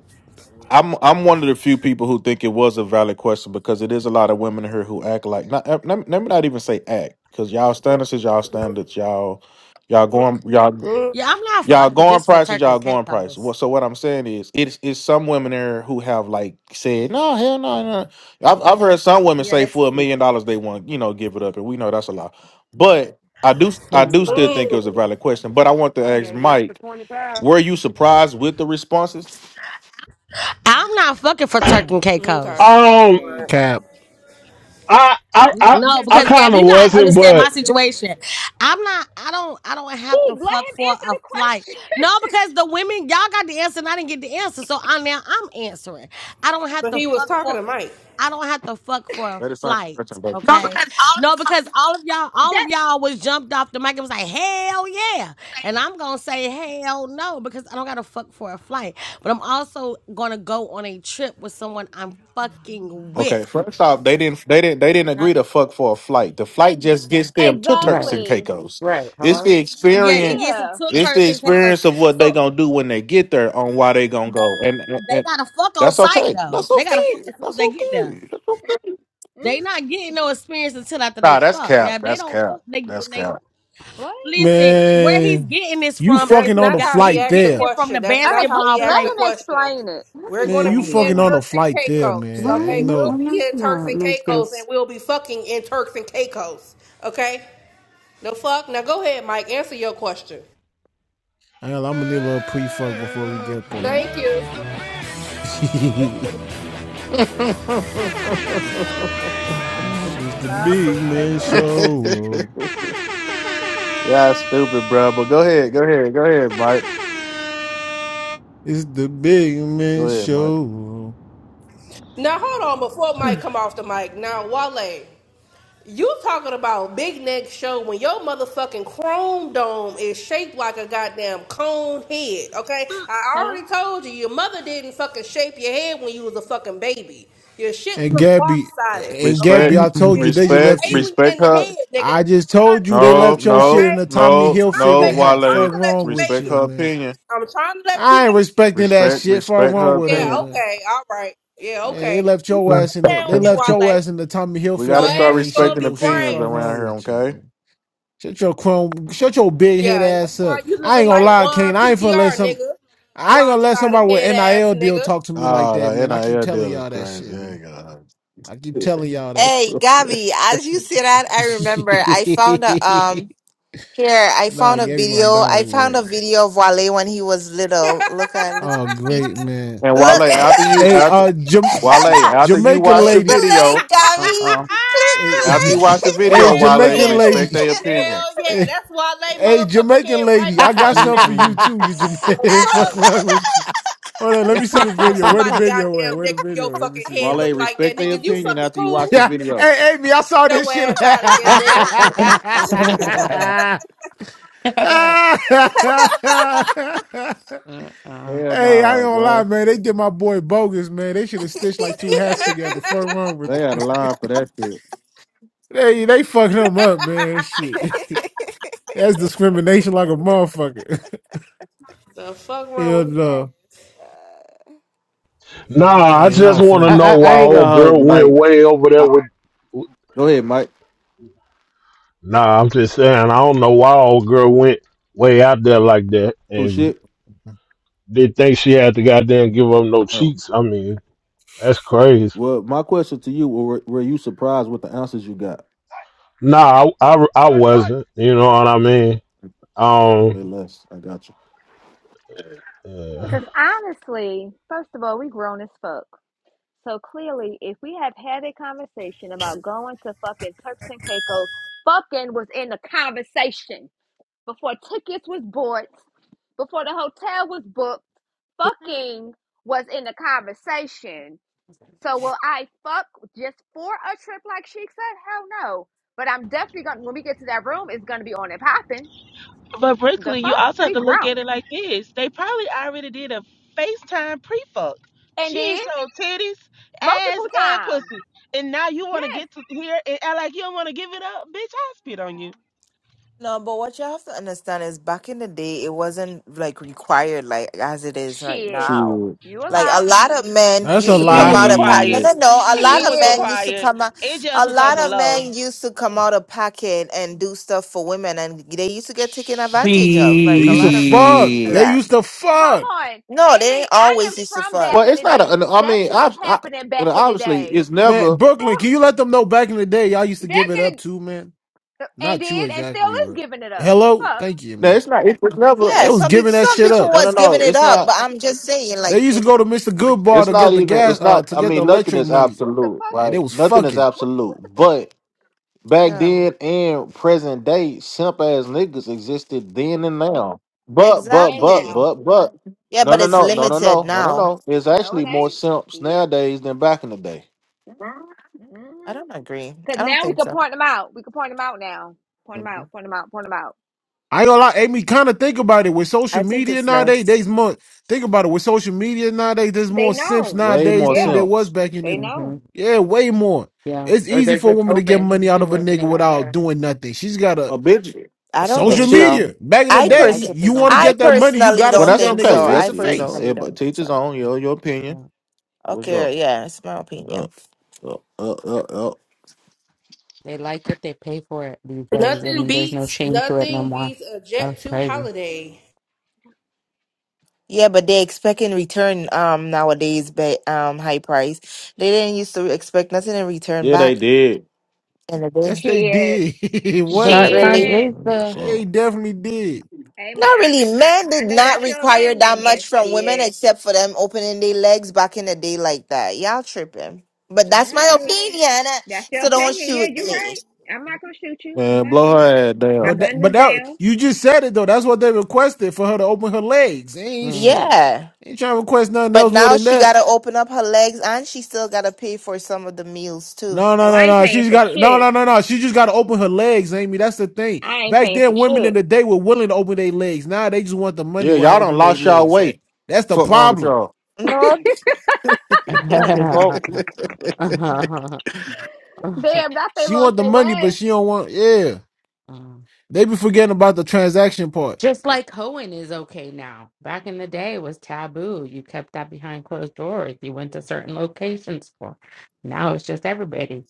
[SPEAKER 21] I'm I'm one of the few people who think it was a valid question because it is a lot of women here who act like not let me let me not even say act because y'all standards is y'all
[SPEAKER 1] Mm,
[SPEAKER 21] standards y'all y'all going y'all
[SPEAKER 1] mm.
[SPEAKER 8] Yeah, I'm not
[SPEAKER 21] Y'all
[SPEAKER 8] fucking
[SPEAKER 21] going
[SPEAKER 8] just for
[SPEAKER 21] prices,
[SPEAKER 8] turkey and
[SPEAKER 21] y'all
[SPEAKER 8] cake
[SPEAKER 21] going prices.
[SPEAKER 8] hoes.
[SPEAKER 21] What so what I'm saying is it's it's some women there who have like said, No, hell no, no. no." I've I've heard some women
[SPEAKER 8] Yeah,
[SPEAKER 21] say
[SPEAKER 8] that's
[SPEAKER 21] for a
[SPEAKER 8] me.
[SPEAKER 21] million dollars they want, you know, give it up, and we know that's a lie. But I do I
[SPEAKER 16] Mm,
[SPEAKER 8] Yes,
[SPEAKER 21] do
[SPEAKER 23] Shit.
[SPEAKER 21] still think it was a
[SPEAKER 1] mm.
[SPEAKER 21] valid question. But I want to
[SPEAKER 23] I
[SPEAKER 21] ask
[SPEAKER 23] gave it up to
[SPEAKER 21] Mike,
[SPEAKER 23] twenty pounds.
[SPEAKER 21] were you surprised with the responses?
[SPEAKER 8] I'm not fucking for turkey and cake
[SPEAKER 1] Okay.
[SPEAKER 8] hoes.
[SPEAKER 1] All
[SPEAKER 24] Um
[SPEAKER 1] right.
[SPEAKER 2] Cap,
[SPEAKER 24] I I I,
[SPEAKER 8] No,
[SPEAKER 24] I
[SPEAKER 8] because Gabby,
[SPEAKER 24] kinda
[SPEAKER 8] you gotta
[SPEAKER 24] wasn't,
[SPEAKER 8] understand
[SPEAKER 24] but
[SPEAKER 8] my situation. I'm not. I don't. I don't have to
[SPEAKER 4] She let
[SPEAKER 8] fuck
[SPEAKER 4] him
[SPEAKER 8] for
[SPEAKER 4] answer
[SPEAKER 8] a
[SPEAKER 4] the
[SPEAKER 8] flight.
[SPEAKER 4] question.
[SPEAKER 8] No, because the women y'all got the answer, and I didn't get the answer, so I now I'm answering. I don't have
[SPEAKER 1] But
[SPEAKER 8] to
[SPEAKER 1] he was
[SPEAKER 8] fuck
[SPEAKER 1] talking
[SPEAKER 8] for.
[SPEAKER 1] to Mike.
[SPEAKER 8] I don't have to fuck for a
[SPEAKER 21] That is the same
[SPEAKER 8] flight.
[SPEAKER 21] question, bro.
[SPEAKER 8] Okay. No, because all of y'all, all of
[SPEAKER 4] that
[SPEAKER 8] y'all was jumped off the mic and was like, hell yeah. And I'm gonna say hell no because I don't gotta fuck for a flight. But I'm also gonna go on a trip with someone I'm fucking
[SPEAKER 21] Okay,
[SPEAKER 8] with.
[SPEAKER 21] first off, they didn't they didn't they didn't
[SPEAKER 8] right?
[SPEAKER 21] agree to fuck for a flight. The flight just gets them to Turks
[SPEAKER 16] Right,
[SPEAKER 21] and
[SPEAKER 4] exactly.
[SPEAKER 21] Caicos.
[SPEAKER 16] right.
[SPEAKER 21] It's the
[SPEAKER 16] Hello?
[SPEAKER 8] Yeah, it
[SPEAKER 21] experience.
[SPEAKER 8] gets some
[SPEAKER 4] Yeah.
[SPEAKER 8] took
[SPEAKER 21] It's
[SPEAKER 8] turns
[SPEAKER 21] the
[SPEAKER 8] and caicos.
[SPEAKER 21] experience of what they
[SPEAKER 8] So
[SPEAKER 21] gonna do when they get there on why they gonna go, and, and,
[SPEAKER 8] they
[SPEAKER 21] and
[SPEAKER 8] gotta fuck on
[SPEAKER 21] that's
[SPEAKER 8] site
[SPEAKER 21] okay.
[SPEAKER 8] though.
[SPEAKER 21] That's
[SPEAKER 8] They gotta fuck
[SPEAKER 21] okay.
[SPEAKER 8] as soon as
[SPEAKER 21] That's
[SPEAKER 8] they get there.
[SPEAKER 21] okay. That's okay.
[SPEAKER 4] hmm
[SPEAKER 8] They not getting no experience until after they
[SPEAKER 21] Nah, that's
[SPEAKER 8] fuck. Now
[SPEAKER 21] cap.
[SPEAKER 8] if they
[SPEAKER 21] That's
[SPEAKER 8] don't
[SPEAKER 21] cap.
[SPEAKER 8] fuck, they
[SPEAKER 21] That's
[SPEAKER 8] getting they
[SPEAKER 21] cap.
[SPEAKER 4] What?
[SPEAKER 8] listen, where he's
[SPEAKER 2] man.
[SPEAKER 8] getting this
[SPEAKER 2] You
[SPEAKER 8] from is
[SPEAKER 1] That's
[SPEAKER 2] fucking
[SPEAKER 8] the
[SPEAKER 2] on the
[SPEAKER 1] not
[SPEAKER 8] guy
[SPEAKER 1] how he
[SPEAKER 8] he's
[SPEAKER 2] flight
[SPEAKER 1] asked the
[SPEAKER 8] getting
[SPEAKER 2] there.
[SPEAKER 8] it from
[SPEAKER 1] question.
[SPEAKER 8] the
[SPEAKER 1] That's
[SPEAKER 4] All
[SPEAKER 1] not
[SPEAKER 4] right.
[SPEAKER 1] how
[SPEAKER 4] ca-
[SPEAKER 8] basketball
[SPEAKER 1] he
[SPEAKER 4] Let
[SPEAKER 1] asked
[SPEAKER 8] player.
[SPEAKER 1] the
[SPEAKER 4] him
[SPEAKER 1] question.
[SPEAKER 4] explain it.
[SPEAKER 16] What
[SPEAKER 1] We're
[SPEAKER 16] is
[SPEAKER 1] going
[SPEAKER 2] Man,
[SPEAKER 1] to
[SPEAKER 2] you
[SPEAKER 1] be
[SPEAKER 16] going
[SPEAKER 1] in
[SPEAKER 16] on
[SPEAKER 2] fucking
[SPEAKER 16] right
[SPEAKER 2] on
[SPEAKER 16] now?
[SPEAKER 2] a
[SPEAKER 1] Turks and
[SPEAKER 2] flight there,
[SPEAKER 1] Caicos,
[SPEAKER 2] man.
[SPEAKER 16] We're
[SPEAKER 1] okay?
[SPEAKER 2] Ain't
[SPEAKER 16] not,
[SPEAKER 1] We'll
[SPEAKER 16] we're
[SPEAKER 2] no.
[SPEAKER 1] be
[SPEAKER 16] not
[SPEAKER 1] in Turks
[SPEAKER 16] gonna
[SPEAKER 1] and
[SPEAKER 16] make
[SPEAKER 1] Caicos,
[SPEAKER 16] this.
[SPEAKER 1] and we'll be fucking in Turks and Caicos, okay? No fuck. Now go ahead, Mike. Answer your question.
[SPEAKER 2] I know, I'm gonna need a little pre fuck before we
[SPEAKER 25] Well,
[SPEAKER 2] get there.
[SPEAKER 1] Thank you.
[SPEAKER 2] it's
[SPEAKER 1] Thank you.
[SPEAKER 21] yeah,
[SPEAKER 25] big
[SPEAKER 16] Mm-mm.
[SPEAKER 2] the
[SPEAKER 1] I
[SPEAKER 2] big
[SPEAKER 1] appreciate
[SPEAKER 2] man
[SPEAKER 1] that.
[SPEAKER 2] show.
[SPEAKER 21] it's stupid, bro. But go ahead. Go ahead. Go ahead, Mike.
[SPEAKER 2] It's the big
[SPEAKER 21] Go
[SPEAKER 2] man
[SPEAKER 21] ahead, Mike.
[SPEAKER 2] show.
[SPEAKER 1] Now hold on before Mike come off the mic. Now Wale. You talking about big neck show when your motherfucking chrome dome is shaped like a goddamn cone head, okay?
[SPEAKER 4] Mm.
[SPEAKER 1] I
[SPEAKER 4] Hello?
[SPEAKER 1] already told you, your mother didn't fucking shape your head when you was a fucking baby. Your shit
[SPEAKER 2] And
[SPEAKER 1] look
[SPEAKER 2] Gabby,
[SPEAKER 1] lopsided,
[SPEAKER 2] and
[SPEAKER 1] okay?
[SPEAKER 2] Gabby,
[SPEAKER 21] Respect.
[SPEAKER 2] I told you
[SPEAKER 1] If
[SPEAKER 2] they just
[SPEAKER 1] giving
[SPEAKER 21] Respect.
[SPEAKER 2] left you.
[SPEAKER 1] alien
[SPEAKER 21] Respect
[SPEAKER 1] in the
[SPEAKER 21] her.
[SPEAKER 1] head, nigga,
[SPEAKER 2] I
[SPEAKER 1] that's what
[SPEAKER 2] just
[SPEAKER 1] I'm trying to
[SPEAKER 2] told you they
[SPEAKER 1] tell
[SPEAKER 21] No,
[SPEAKER 2] left your
[SPEAKER 1] you,
[SPEAKER 2] shit
[SPEAKER 21] no,
[SPEAKER 2] in
[SPEAKER 1] okay?
[SPEAKER 2] a Tommy
[SPEAKER 1] I'm
[SPEAKER 21] no,
[SPEAKER 1] trying to
[SPEAKER 21] no,
[SPEAKER 2] Hilfiger
[SPEAKER 1] make, I'm
[SPEAKER 2] hat.
[SPEAKER 1] trying
[SPEAKER 21] Wale.
[SPEAKER 2] Fuck
[SPEAKER 1] to let you
[SPEAKER 2] wrong with
[SPEAKER 1] make
[SPEAKER 21] Respect
[SPEAKER 2] you,
[SPEAKER 1] it.
[SPEAKER 21] her
[SPEAKER 2] man.
[SPEAKER 21] opinion.
[SPEAKER 1] I'm trying to let you
[SPEAKER 2] I ain't
[SPEAKER 1] make it.
[SPEAKER 2] respecting that
[SPEAKER 21] Respect,
[SPEAKER 2] shit. Fuck
[SPEAKER 21] respect
[SPEAKER 2] wrong
[SPEAKER 21] her
[SPEAKER 2] with her,
[SPEAKER 1] Yeah,
[SPEAKER 21] opinion.
[SPEAKER 2] man.
[SPEAKER 1] okay, all right. Yeah,
[SPEAKER 2] Man, they
[SPEAKER 1] okay.
[SPEAKER 2] left
[SPEAKER 1] You
[SPEAKER 2] your
[SPEAKER 1] fucking
[SPEAKER 2] ass in
[SPEAKER 16] Respect
[SPEAKER 2] the
[SPEAKER 1] playing
[SPEAKER 2] they
[SPEAKER 1] with
[SPEAKER 16] her.
[SPEAKER 1] me,
[SPEAKER 2] left your
[SPEAKER 1] Wale.
[SPEAKER 2] ass in the Tommy
[SPEAKER 21] We
[SPEAKER 1] Your
[SPEAKER 21] gotta
[SPEAKER 2] Hilfiger hat.
[SPEAKER 21] start
[SPEAKER 1] ass
[SPEAKER 2] They
[SPEAKER 1] is
[SPEAKER 2] ain't
[SPEAKER 1] gonna
[SPEAKER 2] shape
[SPEAKER 21] respecting
[SPEAKER 1] be
[SPEAKER 2] your shit.
[SPEAKER 21] opinions
[SPEAKER 2] Fuck
[SPEAKER 1] grass.
[SPEAKER 21] around
[SPEAKER 2] wrong
[SPEAKER 21] here,
[SPEAKER 2] with
[SPEAKER 21] okay?
[SPEAKER 2] you. Shut your chrome, shut your big head
[SPEAKER 1] Yeah, and that's
[SPEAKER 2] ass
[SPEAKER 1] why
[SPEAKER 2] up.
[SPEAKER 1] you
[SPEAKER 2] I
[SPEAKER 1] looking
[SPEAKER 2] ain't gonna
[SPEAKER 1] like
[SPEAKER 2] lie,
[SPEAKER 1] Juan
[SPEAKER 2] Kane. I ain't finna let
[SPEAKER 1] PTR,
[SPEAKER 2] some.
[SPEAKER 1] nigga.
[SPEAKER 2] I ain't gonna let
[SPEAKER 1] Wop-sided
[SPEAKER 2] somebody
[SPEAKER 1] head
[SPEAKER 2] with
[SPEAKER 1] ass
[SPEAKER 2] NIL deal
[SPEAKER 1] nigga.
[SPEAKER 2] talk to me like
[SPEAKER 21] Oh,
[SPEAKER 2] that,
[SPEAKER 21] the
[SPEAKER 2] man. I keep
[SPEAKER 21] NIL
[SPEAKER 2] telling
[SPEAKER 21] deal is
[SPEAKER 2] y'all that
[SPEAKER 21] crazy.
[SPEAKER 2] shit,
[SPEAKER 21] Hey,
[SPEAKER 2] man.
[SPEAKER 21] God.
[SPEAKER 2] I keep telling
[SPEAKER 16] Mm-mm.
[SPEAKER 2] y'all that.
[SPEAKER 22] hey, Gabby, as you say that, I remember I found a um. Here, I
[SPEAKER 2] no,
[SPEAKER 22] found
[SPEAKER 2] I
[SPEAKER 22] a
[SPEAKER 2] gave you my
[SPEAKER 22] video. I
[SPEAKER 2] dog,
[SPEAKER 22] found a
[SPEAKER 2] man.
[SPEAKER 22] video of Wale when he was little. Look at look.
[SPEAKER 2] Oh, great, man.
[SPEAKER 21] And
[SPEAKER 22] Look.
[SPEAKER 21] Wale, after you
[SPEAKER 2] Hey,
[SPEAKER 21] after
[SPEAKER 2] uh, Jam-
[SPEAKER 21] Wale, after you
[SPEAKER 2] Jamaican
[SPEAKER 21] watch the
[SPEAKER 22] Click the
[SPEAKER 2] lady.
[SPEAKER 21] video,
[SPEAKER 22] link,
[SPEAKER 16] Uh-oh.
[SPEAKER 22] Gabby. Click the
[SPEAKER 21] after you
[SPEAKER 2] Hey,
[SPEAKER 21] watch the
[SPEAKER 2] hey,
[SPEAKER 21] video,
[SPEAKER 22] link,
[SPEAKER 1] Hell
[SPEAKER 21] Wale,
[SPEAKER 2] Jamaican
[SPEAKER 1] yeah.
[SPEAKER 2] lady.
[SPEAKER 21] respect their opinion.
[SPEAKER 1] Hell yeah. That's why I lay
[SPEAKER 2] Hey,
[SPEAKER 1] motherfucking head
[SPEAKER 2] Jamaican
[SPEAKER 1] right
[SPEAKER 2] lady.
[SPEAKER 1] the
[SPEAKER 2] I got
[SPEAKER 1] fuck
[SPEAKER 2] something for
[SPEAKER 1] now.
[SPEAKER 2] you
[SPEAKER 16] Mm-mm.
[SPEAKER 2] too. You
[SPEAKER 1] The
[SPEAKER 2] Jamaican.
[SPEAKER 22] Gabby.
[SPEAKER 2] Fuck
[SPEAKER 1] fuck?
[SPEAKER 2] around with Hold on, let me see
[SPEAKER 1] Talk
[SPEAKER 2] the
[SPEAKER 1] about
[SPEAKER 2] video. Where the
[SPEAKER 1] somebody
[SPEAKER 2] video at?
[SPEAKER 1] goddamn
[SPEAKER 2] Where the
[SPEAKER 1] nigga with your
[SPEAKER 2] video? at? Let me
[SPEAKER 1] fucking head
[SPEAKER 2] see.
[SPEAKER 1] look
[SPEAKER 21] Wale,
[SPEAKER 1] like that,
[SPEAKER 21] respect their
[SPEAKER 1] nigga. You
[SPEAKER 21] opinion
[SPEAKER 1] fucking
[SPEAKER 21] after you watch
[SPEAKER 1] cool?
[SPEAKER 21] the
[SPEAKER 2] Yeah.
[SPEAKER 21] video.
[SPEAKER 2] Hey, Amy, I saw
[SPEAKER 1] Get
[SPEAKER 2] this
[SPEAKER 1] Your
[SPEAKER 2] shit.
[SPEAKER 1] ass
[SPEAKER 2] hey,
[SPEAKER 1] out of
[SPEAKER 2] I
[SPEAKER 1] here,
[SPEAKER 21] Hell
[SPEAKER 1] nigga.
[SPEAKER 16] Uh-uh.
[SPEAKER 2] ain't
[SPEAKER 21] nah,
[SPEAKER 2] gonna lie,
[SPEAKER 21] boy.
[SPEAKER 2] man. They did my boy bogus, man. They should have stitched like two hats together. Fuck wrong
[SPEAKER 21] They
[SPEAKER 2] with
[SPEAKER 21] had a
[SPEAKER 2] them.
[SPEAKER 21] line for that shit.
[SPEAKER 2] They they fucked him up, man. Shit. That's discrimination like a motherfucker.
[SPEAKER 1] The fuck wrong
[SPEAKER 2] Hell
[SPEAKER 1] with his ass?
[SPEAKER 2] no.
[SPEAKER 24] nah, I
[SPEAKER 2] Hey,
[SPEAKER 24] just
[SPEAKER 2] y'all
[SPEAKER 24] wanna
[SPEAKER 21] I,
[SPEAKER 2] funny.
[SPEAKER 24] know
[SPEAKER 21] I, I
[SPEAKER 24] why
[SPEAKER 21] ain't gonna
[SPEAKER 24] old
[SPEAKER 21] hold you.
[SPEAKER 24] girl went
[SPEAKER 21] Like,
[SPEAKER 24] way over there
[SPEAKER 21] I,
[SPEAKER 24] with
[SPEAKER 21] go ahead, Mike.
[SPEAKER 24] Nah, I'm just saying I don't know why old girl went way out there like that
[SPEAKER 21] Oh
[SPEAKER 24] and
[SPEAKER 21] shit.
[SPEAKER 24] didn't think she had to goddamn give up no
[SPEAKER 21] Oh
[SPEAKER 24] cheeks. I mean, that's crazy.
[SPEAKER 21] well, my question to you: Were were you surprised with the answers you got?
[SPEAKER 24] No, I, I, I wasn't. You know what I mean?
[SPEAKER 21] Say
[SPEAKER 24] Um,
[SPEAKER 21] less. I got you.
[SPEAKER 24] uh,
[SPEAKER 4] Because honestly, first of all, we grown as fuck. So clearly, if we have had a conversation about going to fucking Turks and Caicos, fucking was in the conversation before tickets was bought, before the hotel was booked, fucking was in the conversation. So will I fuck just for a trip like she said? Hell no. But I'm definitely gonna when we get to that room, it's gonna be on and popping.
[SPEAKER 13] But
[SPEAKER 4] The
[SPEAKER 13] Brooklyn, you
[SPEAKER 4] fuck?
[SPEAKER 13] also have
[SPEAKER 4] We
[SPEAKER 13] to look
[SPEAKER 4] grown.
[SPEAKER 13] at it like this. They probably already did a FaceTime pre-fuck.
[SPEAKER 4] And
[SPEAKER 13] She ain't
[SPEAKER 4] then
[SPEAKER 13] showed titties,
[SPEAKER 4] multiple
[SPEAKER 13] ass, and
[SPEAKER 4] times.
[SPEAKER 13] pussy. And now you want to
[SPEAKER 4] Yes,
[SPEAKER 13] get to here and act like you don't want to give it up? Bitch, I spit on you.
[SPEAKER 22] no, but what you have to understand is back in the day, it wasn't like required like as it is right
[SPEAKER 4] Shit.
[SPEAKER 21] She,
[SPEAKER 22] now.
[SPEAKER 4] You a
[SPEAKER 22] Like
[SPEAKER 4] lie.
[SPEAKER 22] a lot of men
[SPEAKER 2] That's
[SPEAKER 22] used
[SPEAKER 2] a
[SPEAKER 22] to
[SPEAKER 13] It
[SPEAKER 22] come
[SPEAKER 2] lie.
[SPEAKER 13] was
[SPEAKER 4] Shit.
[SPEAKER 22] out of pack. No,
[SPEAKER 13] required.
[SPEAKER 21] she,
[SPEAKER 22] no, no. A lot
[SPEAKER 13] It
[SPEAKER 22] of
[SPEAKER 13] was
[SPEAKER 22] men
[SPEAKER 4] Shit.
[SPEAKER 22] used to
[SPEAKER 13] required.
[SPEAKER 22] come out.
[SPEAKER 13] It just
[SPEAKER 22] A
[SPEAKER 13] was on
[SPEAKER 22] lot
[SPEAKER 13] the
[SPEAKER 22] of
[SPEAKER 13] low.
[SPEAKER 22] men used to come out of pocket and do stuff for women, and they used to get taken advantage of.
[SPEAKER 2] They
[SPEAKER 22] Like a
[SPEAKER 2] used to
[SPEAKER 22] lot of men used to
[SPEAKER 2] fuck.
[SPEAKER 22] do
[SPEAKER 4] Amy.
[SPEAKER 21] she.
[SPEAKER 2] They
[SPEAKER 22] that.
[SPEAKER 2] used to
[SPEAKER 4] Hold
[SPEAKER 2] fuck.
[SPEAKER 4] on.
[SPEAKER 22] No, they ain't
[SPEAKER 4] Amy, I am
[SPEAKER 22] always used to
[SPEAKER 4] from
[SPEAKER 22] fuck.
[SPEAKER 4] back
[SPEAKER 21] Well,
[SPEAKER 4] in
[SPEAKER 21] it's
[SPEAKER 4] the
[SPEAKER 21] not. A,
[SPEAKER 4] day.
[SPEAKER 21] I
[SPEAKER 4] That
[SPEAKER 21] mean,
[SPEAKER 4] shit was
[SPEAKER 21] I, I,
[SPEAKER 4] happening back in the
[SPEAKER 21] obviously,
[SPEAKER 4] day.
[SPEAKER 21] it's
[SPEAKER 2] Man,
[SPEAKER 21] never.
[SPEAKER 2] Brooklyn, can you
[SPEAKER 4] Fuck.
[SPEAKER 2] let them know back in the day y'all used to give
[SPEAKER 4] Back
[SPEAKER 2] it up
[SPEAKER 4] in
[SPEAKER 2] too, man?
[SPEAKER 4] the and
[SPEAKER 2] Not you
[SPEAKER 4] did and still
[SPEAKER 2] exactly,
[SPEAKER 4] is
[SPEAKER 2] but
[SPEAKER 4] giving it up. The
[SPEAKER 2] hello,
[SPEAKER 4] fuck?
[SPEAKER 2] thank you,
[SPEAKER 21] No,
[SPEAKER 2] man.
[SPEAKER 21] it's not. It's it's never.
[SPEAKER 4] Still
[SPEAKER 22] Yeah,
[SPEAKER 2] They was
[SPEAKER 22] some people
[SPEAKER 2] giving that
[SPEAKER 22] some
[SPEAKER 2] shit
[SPEAKER 22] people
[SPEAKER 2] up.
[SPEAKER 21] No, no,
[SPEAKER 22] was
[SPEAKER 21] no.
[SPEAKER 22] giving it
[SPEAKER 21] It's
[SPEAKER 22] up,
[SPEAKER 21] not.
[SPEAKER 22] but I'm just saying,
[SPEAKER 2] They
[SPEAKER 22] like
[SPEAKER 2] used
[SPEAKER 22] they
[SPEAKER 2] to go to Mr. Goodbar
[SPEAKER 21] It's
[SPEAKER 2] to
[SPEAKER 21] not
[SPEAKER 2] get the
[SPEAKER 21] even.
[SPEAKER 2] gas,
[SPEAKER 21] It's
[SPEAKER 2] uh,
[SPEAKER 21] not.
[SPEAKER 2] to
[SPEAKER 21] I
[SPEAKER 2] get the
[SPEAKER 21] mean, nothing
[SPEAKER 2] electric
[SPEAKER 21] is
[SPEAKER 2] money,
[SPEAKER 4] what the
[SPEAKER 21] absolute,
[SPEAKER 4] fuck?
[SPEAKER 2] and it
[SPEAKER 21] right?
[SPEAKER 2] was
[SPEAKER 21] Nothing is
[SPEAKER 2] fucking.
[SPEAKER 4] What
[SPEAKER 21] absolute. But back
[SPEAKER 22] Yeah.
[SPEAKER 21] then and present day, simp ass niggas existed then and now. But but
[SPEAKER 4] and
[SPEAKER 21] but
[SPEAKER 22] Exactly.
[SPEAKER 4] now.
[SPEAKER 21] but but
[SPEAKER 22] Yeah,
[SPEAKER 21] no
[SPEAKER 22] but
[SPEAKER 21] no
[SPEAKER 22] it's
[SPEAKER 21] no no no
[SPEAKER 22] limited
[SPEAKER 21] no no no
[SPEAKER 22] now.
[SPEAKER 21] no. There's
[SPEAKER 4] No, it
[SPEAKER 21] actually more
[SPEAKER 4] ain't.
[SPEAKER 21] simps
[SPEAKER 4] Shit.
[SPEAKER 21] nowadays than back in the day.
[SPEAKER 4] mm
[SPEAKER 22] I don't agree.
[SPEAKER 4] Cause
[SPEAKER 22] I don't
[SPEAKER 4] now we
[SPEAKER 22] think
[SPEAKER 4] can
[SPEAKER 22] so.
[SPEAKER 4] point them out. We can point them out now. Point them out,
[SPEAKER 21] Mhm.
[SPEAKER 4] point them out, point them out.
[SPEAKER 2] I ain't gonna lie, Amy. Kind of think about it with
[SPEAKER 22] I
[SPEAKER 2] social
[SPEAKER 22] think
[SPEAKER 2] media
[SPEAKER 22] it's
[SPEAKER 2] nowadays.
[SPEAKER 22] less.
[SPEAKER 2] There's more. Think about it with social media nowadays. There's
[SPEAKER 4] They
[SPEAKER 2] more simps
[SPEAKER 4] know.
[SPEAKER 21] Way
[SPEAKER 2] nowadays
[SPEAKER 21] more
[SPEAKER 2] than
[SPEAKER 4] Yeah,
[SPEAKER 2] there was
[SPEAKER 21] simps.
[SPEAKER 2] back in
[SPEAKER 4] they
[SPEAKER 2] the.
[SPEAKER 4] know.
[SPEAKER 16] hmm
[SPEAKER 2] Yeah, way more.
[SPEAKER 16] Yeah.
[SPEAKER 2] It's
[SPEAKER 16] Or
[SPEAKER 2] easy
[SPEAKER 16] they're
[SPEAKER 2] for a
[SPEAKER 16] just
[SPEAKER 2] woman to get
[SPEAKER 16] open
[SPEAKER 2] money out
[SPEAKER 16] to
[SPEAKER 2] of a
[SPEAKER 16] it and
[SPEAKER 2] nigga
[SPEAKER 16] they don't
[SPEAKER 2] without
[SPEAKER 16] care.
[SPEAKER 2] doing nothing. She's gotta
[SPEAKER 21] A bitch,
[SPEAKER 22] I don't
[SPEAKER 21] a
[SPEAKER 2] Social
[SPEAKER 22] think
[SPEAKER 21] chick.
[SPEAKER 22] so.
[SPEAKER 2] media. Back in the
[SPEAKER 22] I
[SPEAKER 16] They
[SPEAKER 2] day,
[SPEAKER 16] like
[SPEAKER 22] pers
[SPEAKER 16] it, they
[SPEAKER 2] you
[SPEAKER 16] gonna
[SPEAKER 2] want to
[SPEAKER 22] I
[SPEAKER 16] pay
[SPEAKER 2] get that
[SPEAKER 16] for it.
[SPEAKER 2] money, you
[SPEAKER 22] personally
[SPEAKER 2] got to
[SPEAKER 21] Well,
[SPEAKER 22] don't
[SPEAKER 2] see
[SPEAKER 21] that's
[SPEAKER 2] that
[SPEAKER 22] think
[SPEAKER 2] nigga
[SPEAKER 21] okay.
[SPEAKER 22] so.
[SPEAKER 2] face
[SPEAKER 22] I
[SPEAKER 21] That's
[SPEAKER 2] to
[SPEAKER 21] you know.
[SPEAKER 2] face.
[SPEAKER 22] personally don't
[SPEAKER 21] Everybody
[SPEAKER 22] think so.
[SPEAKER 21] teaches on your your
[SPEAKER 16] Yeah.
[SPEAKER 21] opinion. What's up?
[SPEAKER 22] Okay, yeah, it's my
[SPEAKER 21] Uh,
[SPEAKER 22] opinion.
[SPEAKER 21] uh, uh, uh, uh.
[SPEAKER 16] They like it, they pay for it these days. I
[SPEAKER 1] Nothing
[SPEAKER 16] mean, there's no
[SPEAKER 1] beats,
[SPEAKER 16] shame to it no
[SPEAKER 1] nothing
[SPEAKER 16] more.
[SPEAKER 1] beats a jet
[SPEAKER 16] That's
[SPEAKER 1] to
[SPEAKER 16] crazy.
[SPEAKER 1] holiday.
[SPEAKER 22] Yeah, but they expect in return um nowadays but um high price. They didn't used to expect nothing in return
[SPEAKER 21] Yeah, they
[SPEAKER 22] back
[SPEAKER 21] did.
[SPEAKER 22] in the
[SPEAKER 2] Yes,
[SPEAKER 22] day.
[SPEAKER 2] they
[SPEAKER 4] Shit.
[SPEAKER 2] did.
[SPEAKER 16] The
[SPEAKER 2] what?
[SPEAKER 22] Not
[SPEAKER 21] Dude.
[SPEAKER 16] return
[SPEAKER 22] really.
[SPEAKER 4] Shit,
[SPEAKER 16] is the.
[SPEAKER 21] So.
[SPEAKER 2] They definitely did.
[SPEAKER 4] Amy,
[SPEAKER 22] Not really.
[SPEAKER 4] I, I
[SPEAKER 22] Men
[SPEAKER 4] I
[SPEAKER 22] did
[SPEAKER 4] know
[SPEAKER 22] not
[SPEAKER 4] that's your
[SPEAKER 22] require that
[SPEAKER 4] opinion, but
[SPEAKER 22] much from women
[SPEAKER 4] shit,
[SPEAKER 22] except for them opening their legs back in the day like that. Y'all tripping. But
[SPEAKER 4] yeah,
[SPEAKER 22] that's my
[SPEAKER 4] alright.
[SPEAKER 22] opinion.
[SPEAKER 4] that's your
[SPEAKER 22] So don't
[SPEAKER 4] opinion. Yeah,
[SPEAKER 22] shoot
[SPEAKER 4] you're
[SPEAKER 22] me.
[SPEAKER 4] right. I'm not gonna shoot you. I'm
[SPEAKER 21] Man,
[SPEAKER 4] not. I'm
[SPEAKER 21] blow her
[SPEAKER 4] not.
[SPEAKER 21] head
[SPEAKER 4] My
[SPEAKER 21] down.
[SPEAKER 2] But that,
[SPEAKER 4] guns
[SPEAKER 2] but
[SPEAKER 4] is
[SPEAKER 2] that,
[SPEAKER 4] down.
[SPEAKER 2] you just said it though. That's what they requested for her to open her legs. Ain't shit.
[SPEAKER 22] Yeah.
[SPEAKER 2] Ain't trying to request nothing
[SPEAKER 22] But
[SPEAKER 2] else more
[SPEAKER 22] now
[SPEAKER 2] than
[SPEAKER 22] she
[SPEAKER 2] that.
[SPEAKER 22] gotta open up her legs and she still gotta pay for some of the meals too.
[SPEAKER 2] No,
[SPEAKER 4] Oh,
[SPEAKER 2] no, no,
[SPEAKER 4] I ain't
[SPEAKER 2] no.
[SPEAKER 4] paying
[SPEAKER 2] She's
[SPEAKER 4] for
[SPEAKER 2] got no,
[SPEAKER 4] shit.
[SPEAKER 2] no, no, no. She just got to open her legs, Amy. That's the thing.
[SPEAKER 4] I ain't
[SPEAKER 2] Back
[SPEAKER 4] paying for
[SPEAKER 2] then, women in
[SPEAKER 4] shit.
[SPEAKER 2] the day were willing to open their legs. Now they just want the money
[SPEAKER 21] Yeah,
[SPEAKER 2] without
[SPEAKER 21] y'all done
[SPEAKER 2] opening their
[SPEAKER 21] lost y'all
[SPEAKER 2] legs. That,
[SPEAKER 21] way.
[SPEAKER 2] that's the
[SPEAKER 21] Fuck wrong with
[SPEAKER 2] problem.
[SPEAKER 21] y'all.
[SPEAKER 22] No, get on the boat.
[SPEAKER 21] Yeah,
[SPEAKER 16] Mm.
[SPEAKER 4] Damn, that they
[SPEAKER 2] She
[SPEAKER 4] lost
[SPEAKER 2] want the
[SPEAKER 4] their
[SPEAKER 2] money, but
[SPEAKER 4] way.
[SPEAKER 2] she don't want. Yeah. They be forgetting about the transaction part.
[SPEAKER 16] Just like hoeing is okay now. Back in the day, it was taboo. You kept that behind closed doors. You went to certain locations for. Now it's just everybody.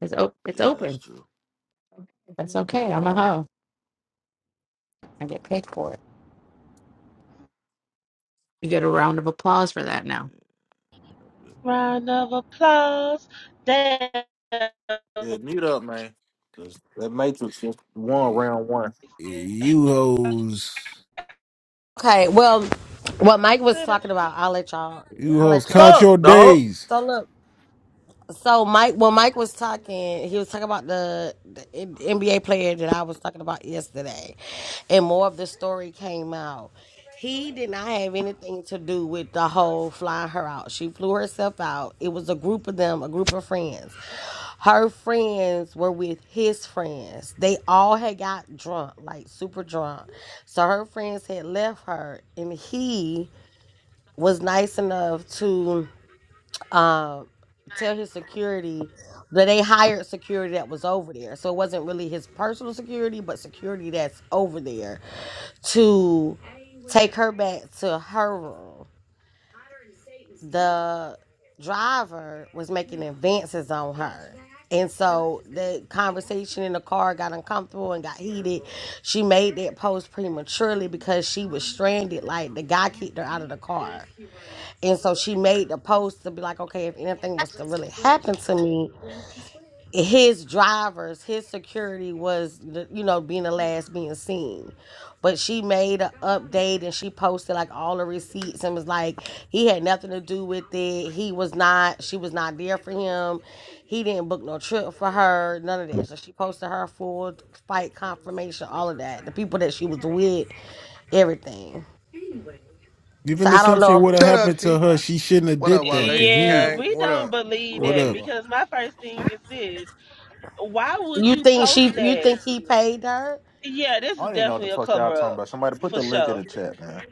[SPEAKER 16] It's op- it's
[SPEAKER 21] that's
[SPEAKER 16] open.
[SPEAKER 21] true.
[SPEAKER 16] That's okay. I'm a hoe. I get paid for it. You get a round of applause for that now.
[SPEAKER 13] Round of applause. Damn.
[SPEAKER 21] Yeah, mute up, man. Cause that Matrix just won round one.
[SPEAKER 2] You hoes,
[SPEAKER 8] Okay, well what Mike was talking about, I'll let y'all
[SPEAKER 2] you
[SPEAKER 8] I'll
[SPEAKER 2] hoes,
[SPEAKER 8] let y'all.
[SPEAKER 2] count
[SPEAKER 21] Fuck,
[SPEAKER 2] your
[SPEAKER 21] dog.
[SPEAKER 2] days.
[SPEAKER 8] So look, So Mike, when Mike was talking, he was talking about the, the NBA player that I was talking about yesterday, and more of the story came out. He did not have anything to do with the whole flying her out. She flew herself out. It was a group of them, a group of friends. Her friends were with his friends. They all had got drunk, like super drunk. So her friends had left her, and he was nice enough to um tell his security that they hired security that was over there. So it wasn't really his personal security, but security that's over there to take her back to her room the driver was making advances on her. And so the conversation in the car got uncomfortable and got heated. She made that post prematurely because she was stranded. Like the guy kicked her out of the car. And so she made the post to be like, okay, if anything was to really happen to me, his drivers, his security was, the- you know, being the last being seen. But she made an update and she posted like all the receipts and was like, he had nothing to do with it. He was not, she was not there for him. He didn't book no trip for her, none of that. So she posted her full fight confirmation, all of that. The people that she was with, everything.
[SPEAKER 2] Given
[SPEAKER 8] So
[SPEAKER 2] the
[SPEAKER 8] I don't know.
[SPEAKER 2] assumption what
[SPEAKER 8] if-
[SPEAKER 26] Shut up,
[SPEAKER 2] happened to
[SPEAKER 26] Sheik.
[SPEAKER 2] her, she shouldn't have
[SPEAKER 26] What up,
[SPEAKER 2] did that.
[SPEAKER 26] Wale?
[SPEAKER 2] Cause
[SPEAKER 13] Yeah,
[SPEAKER 26] Kang,
[SPEAKER 2] he,
[SPEAKER 13] we
[SPEAKER 26] what
[SPEAKER 13] don't
[SPEAKER 26] up?
[SPEAKER 13] believe
[SPEAKER 21] What
[SPEAKER 2] what
[SPEAKER 21] up,
[SPEAKER 13] that
[SPEAKER 2] up?
[SPEAKER 21] T.Y.?
[SPEAKER 13] because my first thing is this. Why would
[SPEAKER 8] You
[SPEAKER 13] you
[SPEAKER 8] think she?
[SPEAKER 13] post
[SPEAKER 8] You
[SPEAKER 13] that?
[SPEAKER 8] think he paid her?
[SPEAKER 13] Yeah, this
[SPEAKER 21] I
[SPEAKER 13] is
[SPEAKER 21] don't even know what
[SPEAKER 13] definitely
[SPEAKER 21] the
[SPEAKER 13] a
[SPEAKER 21] fuck y'all
[SPEAKER 13] cover
[SPEAKER 21] talking
[SPEAKER 13] up
[SPEAKER 21] about. Somebody put
[SPEAKER 13] for
[SPEAKER 21] the link in
[SPEAKER 13] sure.
[SPEAKER 21] the chat, man.